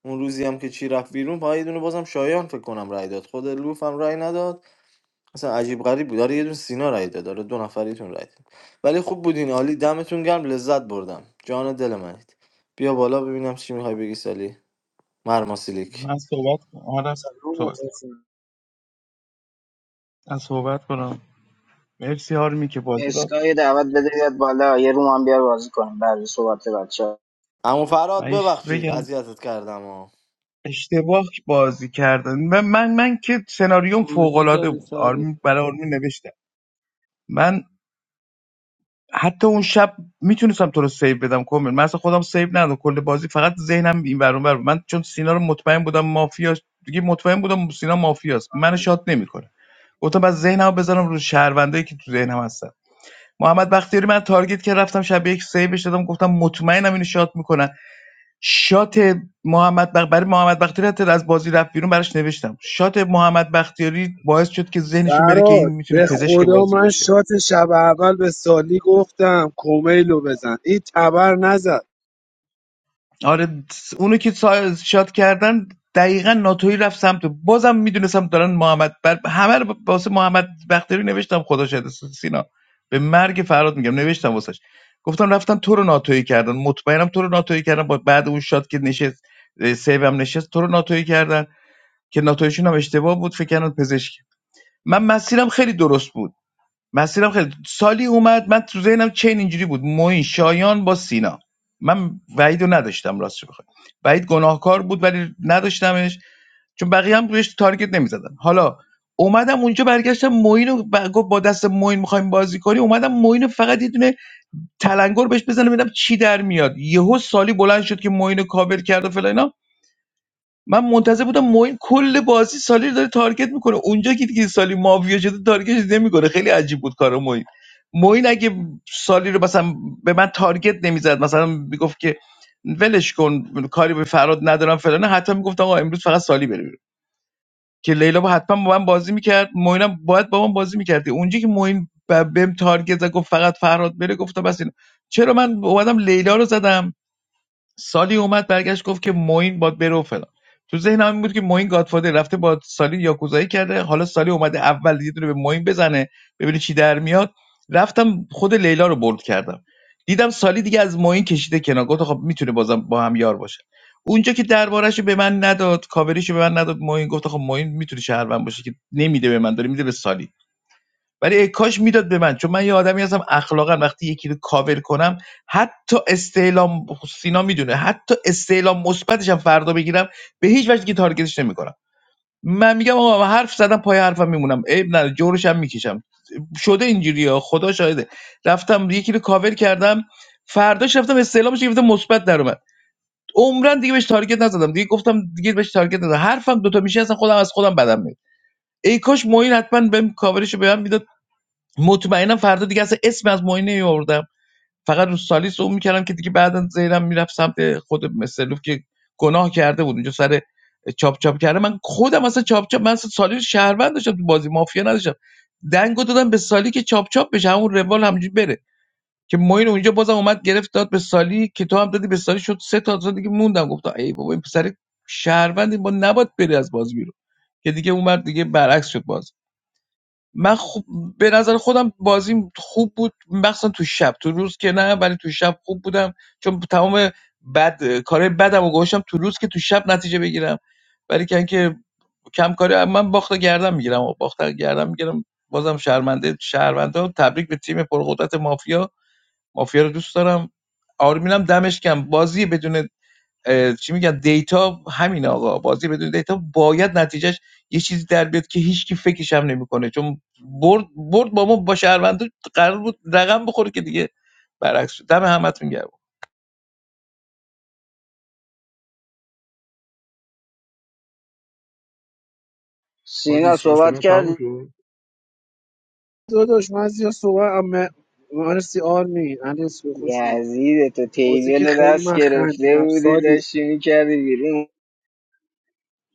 S6: اون روزی هم که چی رفت بیرون پای یه دونه بازم شایان فکر کنم رأی داد خود لوف هم رأی نداد اصلا عجیب غریب بود داره یه دونه سینا رأی داد داره دو نفریتون رأی داد ولی خوب بودین عالی دمتون گرم لذت بردم جان و دل منید بیا بالا ببینم چی میخوای بگی سالی مرماسیلیک
S4: من صحبت کنم آره
S2: سلام
S4: صحبت
S2: مخلصم
S4: من صحبت کنم مرسی هارمی که بازی را
S1: اسکای دعوت بده بیاد بالا یه روم هم بیار بازی کنیم بعد صحبت بچه
S6: عمو فراد
S4: من یه
S6: ببخشید
S4: بگم
S6: اذیتت کردم ها
S4: اشتباه بازی کردن من من, من که سناریوم فوق
S7: گوجه
S4: العاده
S7: داری
S4: بود
S7: ساری
S4: آرمی برای آرمی نوشتم من حتی اون شب میتونستم تو رو سیو بدم کامل من اصلا خودم سیو ندادم کل بازی فقط ذهنم این ور اون ور بود. من چون سینا رو مطمئن بودم مافیاست دیگه مطمئن بودم سینا مافیاست من شات نمیکنه گفتم بس ذهنمو بذارم رو شهروندایی که تو ذهنم هستن محمد بختیاری من تارگت که رفتم شب یک سیوش دادم گفتم مطمئنم اینو شات میکنن شات محمد بخ... برای محمد بختیاری حتی از بازی رفت بیرون براش نوشتم شات محمد بختیاری باعث شد که ذهنشون بره که این
S2: فراد
S4: میتونه
S2: به
S4: پزشک
S2: خدا
S4: بازی
S2: من
S4: باشه
S2: شات شب اول به سالی گفتم کومیلو بزن این تبر نزد
S4: آره اونو که سا- شاد کردن دقیقا ناتوی رفت سمت بازم میدونستم دارن محمد بر... همه رو واسه محمد بختیاری نوشتم خدا شده سینا به مرگ فراد میگم نوشتم واسش گفتم رفتن تو رو ناتوی کردن مطمئنم تو رو ناتوی کردن با بعد اون شاد که نشست اه، سیو هم نشست تو رو ناتوی کردن که ناتویشون هم اشتباه بود فکر کردن پزشک من مسیرم خیلی درست بود مسیرم خیلی سالی اومد من تو ذهنم چین اینجوری بود موین شایان با سینا من وعید رو نداشتم راستش بخوای وعید گناهکار بود ولی نداشتمش چون بقیه هم روش تارگت نمیزدن حالا اومدم اونجا برگشتم موین رو با دست موین میخوایم بازی کنی اومدم موین فقط یه دونه تلنگر بهش بزنم ببینم چی در میاد یهو سالی بلند شد که موین رو کاور کرد و فلان من منتظر بودم معین کل بازی سالی رو داره تارگت میکنه اونجا که دیگه سالی مافیا شده تارگت نمیکنه خیلی عجیب بود کار معین معین اگه سالی رو مثلا به من تارگت نمیزد مثلا میگفت که ولش کن کاری به فراد ندارم فلانه حتی میگفت آقا امروز فقط سالی بره بیرون. که لیلا با حتما با من بازی میکرد معینم باید با من بازی میکرد اونجا که معین ب- بهم تارگت زد گفت فقط فراد بره گفتم بس این چرا من اومدم لیلا رو زدم سالی اومد برگشت گفت که معین باد بره و فلان تو ذهنم این بود که معین گادفادر رفته با سالی یاکوزایی کرده حالا سالی اومده اول یه دونه به معین بزنه ببینه چی در میاد رفتم خود لیلا رو برد کردم دیدم سالی دیگه از معین کشیده کنار گفت خب میتونه بازم با هم یار باشه اونجا که دربارش به من نداد کاوریشو به من نداد معین گفت خب معین میتونه شهروند باشه که نمیده به من داره میده به سالی ولی ای کاش میداد به من چون من یه آدمی هستم اخلاقا وقتی یکی رو کاور کنم حتی استعلام سینا میدونه حتی استعلام مثبتش هم فردا بگیرم به هیچ وجه که تارگتش نمیکنم من میگم آقا من حرف زدم پای حرفم میمونم عیب نداره جورش هم میکشم شده اینجوریه خدا شاهده رفتم یکی رو کاور کردم فرداش رفتم استعلامش گرفتم مثبت در اومد عمرن دیگه بهش تارگت نزدم دیگه گفتم دیگه بهش تارگت نزدم حرفم دوتا میشه اصلا خودم از خودم بدم میاد ای کاش موین حتما بهم کاورشو به من میداد مطمئنم فردا دیگه اصلا اسم از معین نمیآوردم فقط رو سالیس اون میکردم که دیگه بعدا زیرم میرفت سمت خود مسلوف که گناه کرده بود اونجا سر چاپ چاپ کرده من خودم اصلا چاپ چاپ من اصلا سالی رو شهروند داشتم تو بازی مافیا نداشتم دنگو دادم به سالی که چاپ چاپ بشه همون روال همینجوری بره که ماین اونجا بازم اومد گرفت داد به سالی که تو هم دادی به سالی شد سه تا تا دیگه موندم گفتم ای بابا این پسر شهروندی ما نباید بره از بازی بیرون که دیگه اون مرد دیگه برعکس شد بازی من خوب به نظر خودم بازیم خوب بود مخصوصا تو شب تو روز که نه ولی تو شب خوب بودم چون تمام بد کارهای بدم و گوشم تو روز که تو شب نتیجه بگیرم ولی که اینکه کم کاری من باخت گردم گردن میگیرم و باخت رو میگیرم بازم شرمنده شهروندا تبریک به تیم پرقدرت مافیا مافیا رو دوست دارم آرمینم دمش کم بازی بدون اه، چی میگن دیتا همین آقا بازی بدون دیتا باید نتیجهش یه چیزی در بیاد که هیچکی فکرش هم نمیکنه چون برد برد با ما با شهروندو قرار بود رقم بخوره که دیگه برعکس شد دم همتون گرم
S19: ما
S1: سینا
S19: دیسکاشن
S1: صحبت
S19: ها
S1: کرد
S19: تموم شد
S2: داداش من زیاد صحبت ام- مرسی آرمین علی اسمی، خوش اومد
S1: یزید تو
S2: بازی
S1: تیبل
S2: که
S1: رو
S2: خیلی
S1: دست
S2: من
S1: گرفته
S2: خندیدم
S1: بودی
S2: سالی
S1: داشتی میکردی بیرون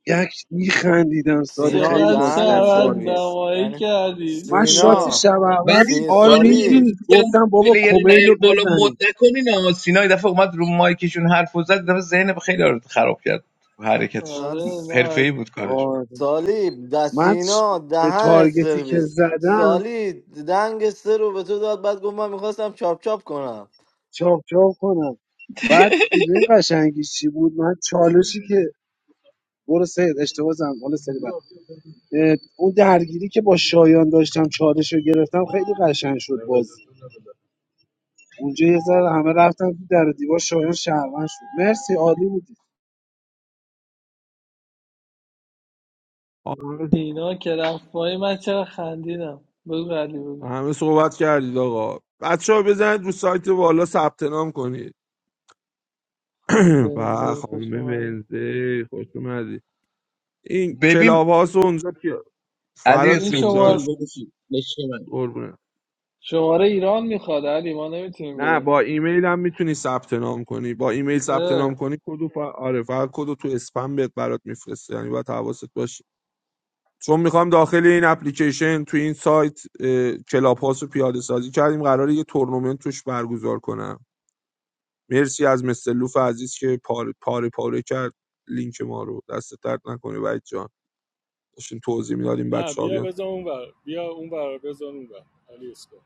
S2: یک میخندیدم سالی
S6: سینا
S2: خیلی
S7: چقدر
S2: بازی
S6: دهنت
S2: بهم
S7: شرط
S2: حال داد
S6: سرویس
S7: نمایی
S6: یعنی
S7: کردی
S2: من
S6: سینا
S2: شات
S7: سیرا
S2: شب
S4: ولی
S2: اول
S6: سی
S2: آرمین
S6: سالی
S2: بود
S4: آرمین میگن
S2: گفتم بابا
S4: پلیر
S2: کمیلو
S4: نیر بالا
S2: بزنیم
S4: مد نکنین اما سینا یه دفعه اومد رو مایکشون حرف و زد یه دفعه ذهن خیلی رو خراب کرد حرکتش
S6: مثلا
S7: آره نباید
S4: حرفه‌ای بود کارش
S2: آره
S6: سالی د
S2: من
S6: سینا
S2: چ-
S6: دهنت
S2: تارگتی که
S6: سرویس
S2: زدم
S6: سالی دنگ سه رو به تو داد بعد گفت من میخواستم چاپ چاپ کنم
S2: چاپ چاپ کنم بعد میدونی قشنگی چی بود من چالشی که برو سید اشتباه زدم حالا سری بعد. اه، اون درگیری که با شایان داشتم چالش رو گرفتم خیلی قشنگ شد بازی اونجا یه ذره همه رفتم تو در و دیوار شایان شهروند شد مرسی عالی بود
S19: همه
S7: سینا که رفت پای من چرا خندیدم بگو علی بگو
S19: همه صحبت کردید آقا بچه ها بزنید رو سایت والا ثبت نام کنید
S7: خانم
S19: و
S7: بنزه خوش
S19: خانم
S7: اومدی
S19: ونزه خوش اومدی این
S4: ببین
S19: کلاب هاست اونجا که فراد
S7: این
S4: علی
S19: جون داشت
S7: شمار
S19: قربونه
S7: شماره ایران میخواد علی ما نمیتونیم
S19: نه
S7: بریم
S19: با ایمیل هم میتونی ثبت نام کنی با ایمیل ثبت
S7: 嗯，
S19: نام کنی کدو ف... آره فقط کدو تو اسپم بهت برات میفرسته یعنی باید حواست باشه چون میخوام داخل این اپلیکیشن تو این سایت اه، کلاب هاست رو پیاده سازی کردیم قراره یه تورنمنت توش برگزار کنم مرسی از مستر لوف عزیز که پاره پاره, پاره کرد لینک ما رو دست درد نکنه وحید جان داشتیم توضیح میدادیم
S5: نه
S19: بچه ها
S5: بیا
S19: بیان
S5: بذار اون بیا اون بر بذار اون بر علی اسکا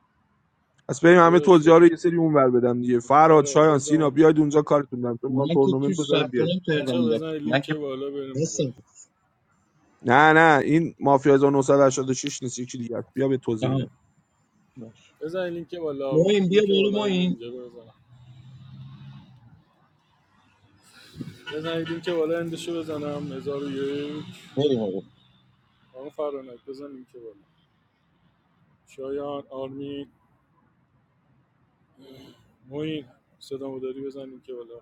S19: پس بریم همه
S5: بذارش
S19: توضیح ها رو
S5: بذار
S19: یه
S5: اون
S19: سری اونور بدم دیگه فرهاد
S5: آره
S19: شایان
S5: بذار
S19: سینا
S5: اون
S19: بیاید اونجا کارتون دارم چون
S4: من
S19: میخوام
S4: که
S19: تورنمنت
S4: توش
S19: بذارم
S4: ثبت
S19: بیاید
S4: نام کردم
S5: بچه ها بزنید
S4: من
S5: لینک
S4: که
S5: بالا بریم اون بر
S4: هستم
S19: نه نه این مافیا 1986 نیست یکی دیگه است. بیا به توضیح
S4: آها
S19: میدم
S5: بزنید لینک بالا
S4: معین بیا
S5: لینک
S4: بالا
S5: بالا اند
S4: معین
S5: اینجا رو بزنم بزنید لینک بالا اندشو بزنم هزار و یک
S4: بریم
S5: آن فرانک بزن لینک بالا شایان آرمین موین صدا مداری بزن لینک بالا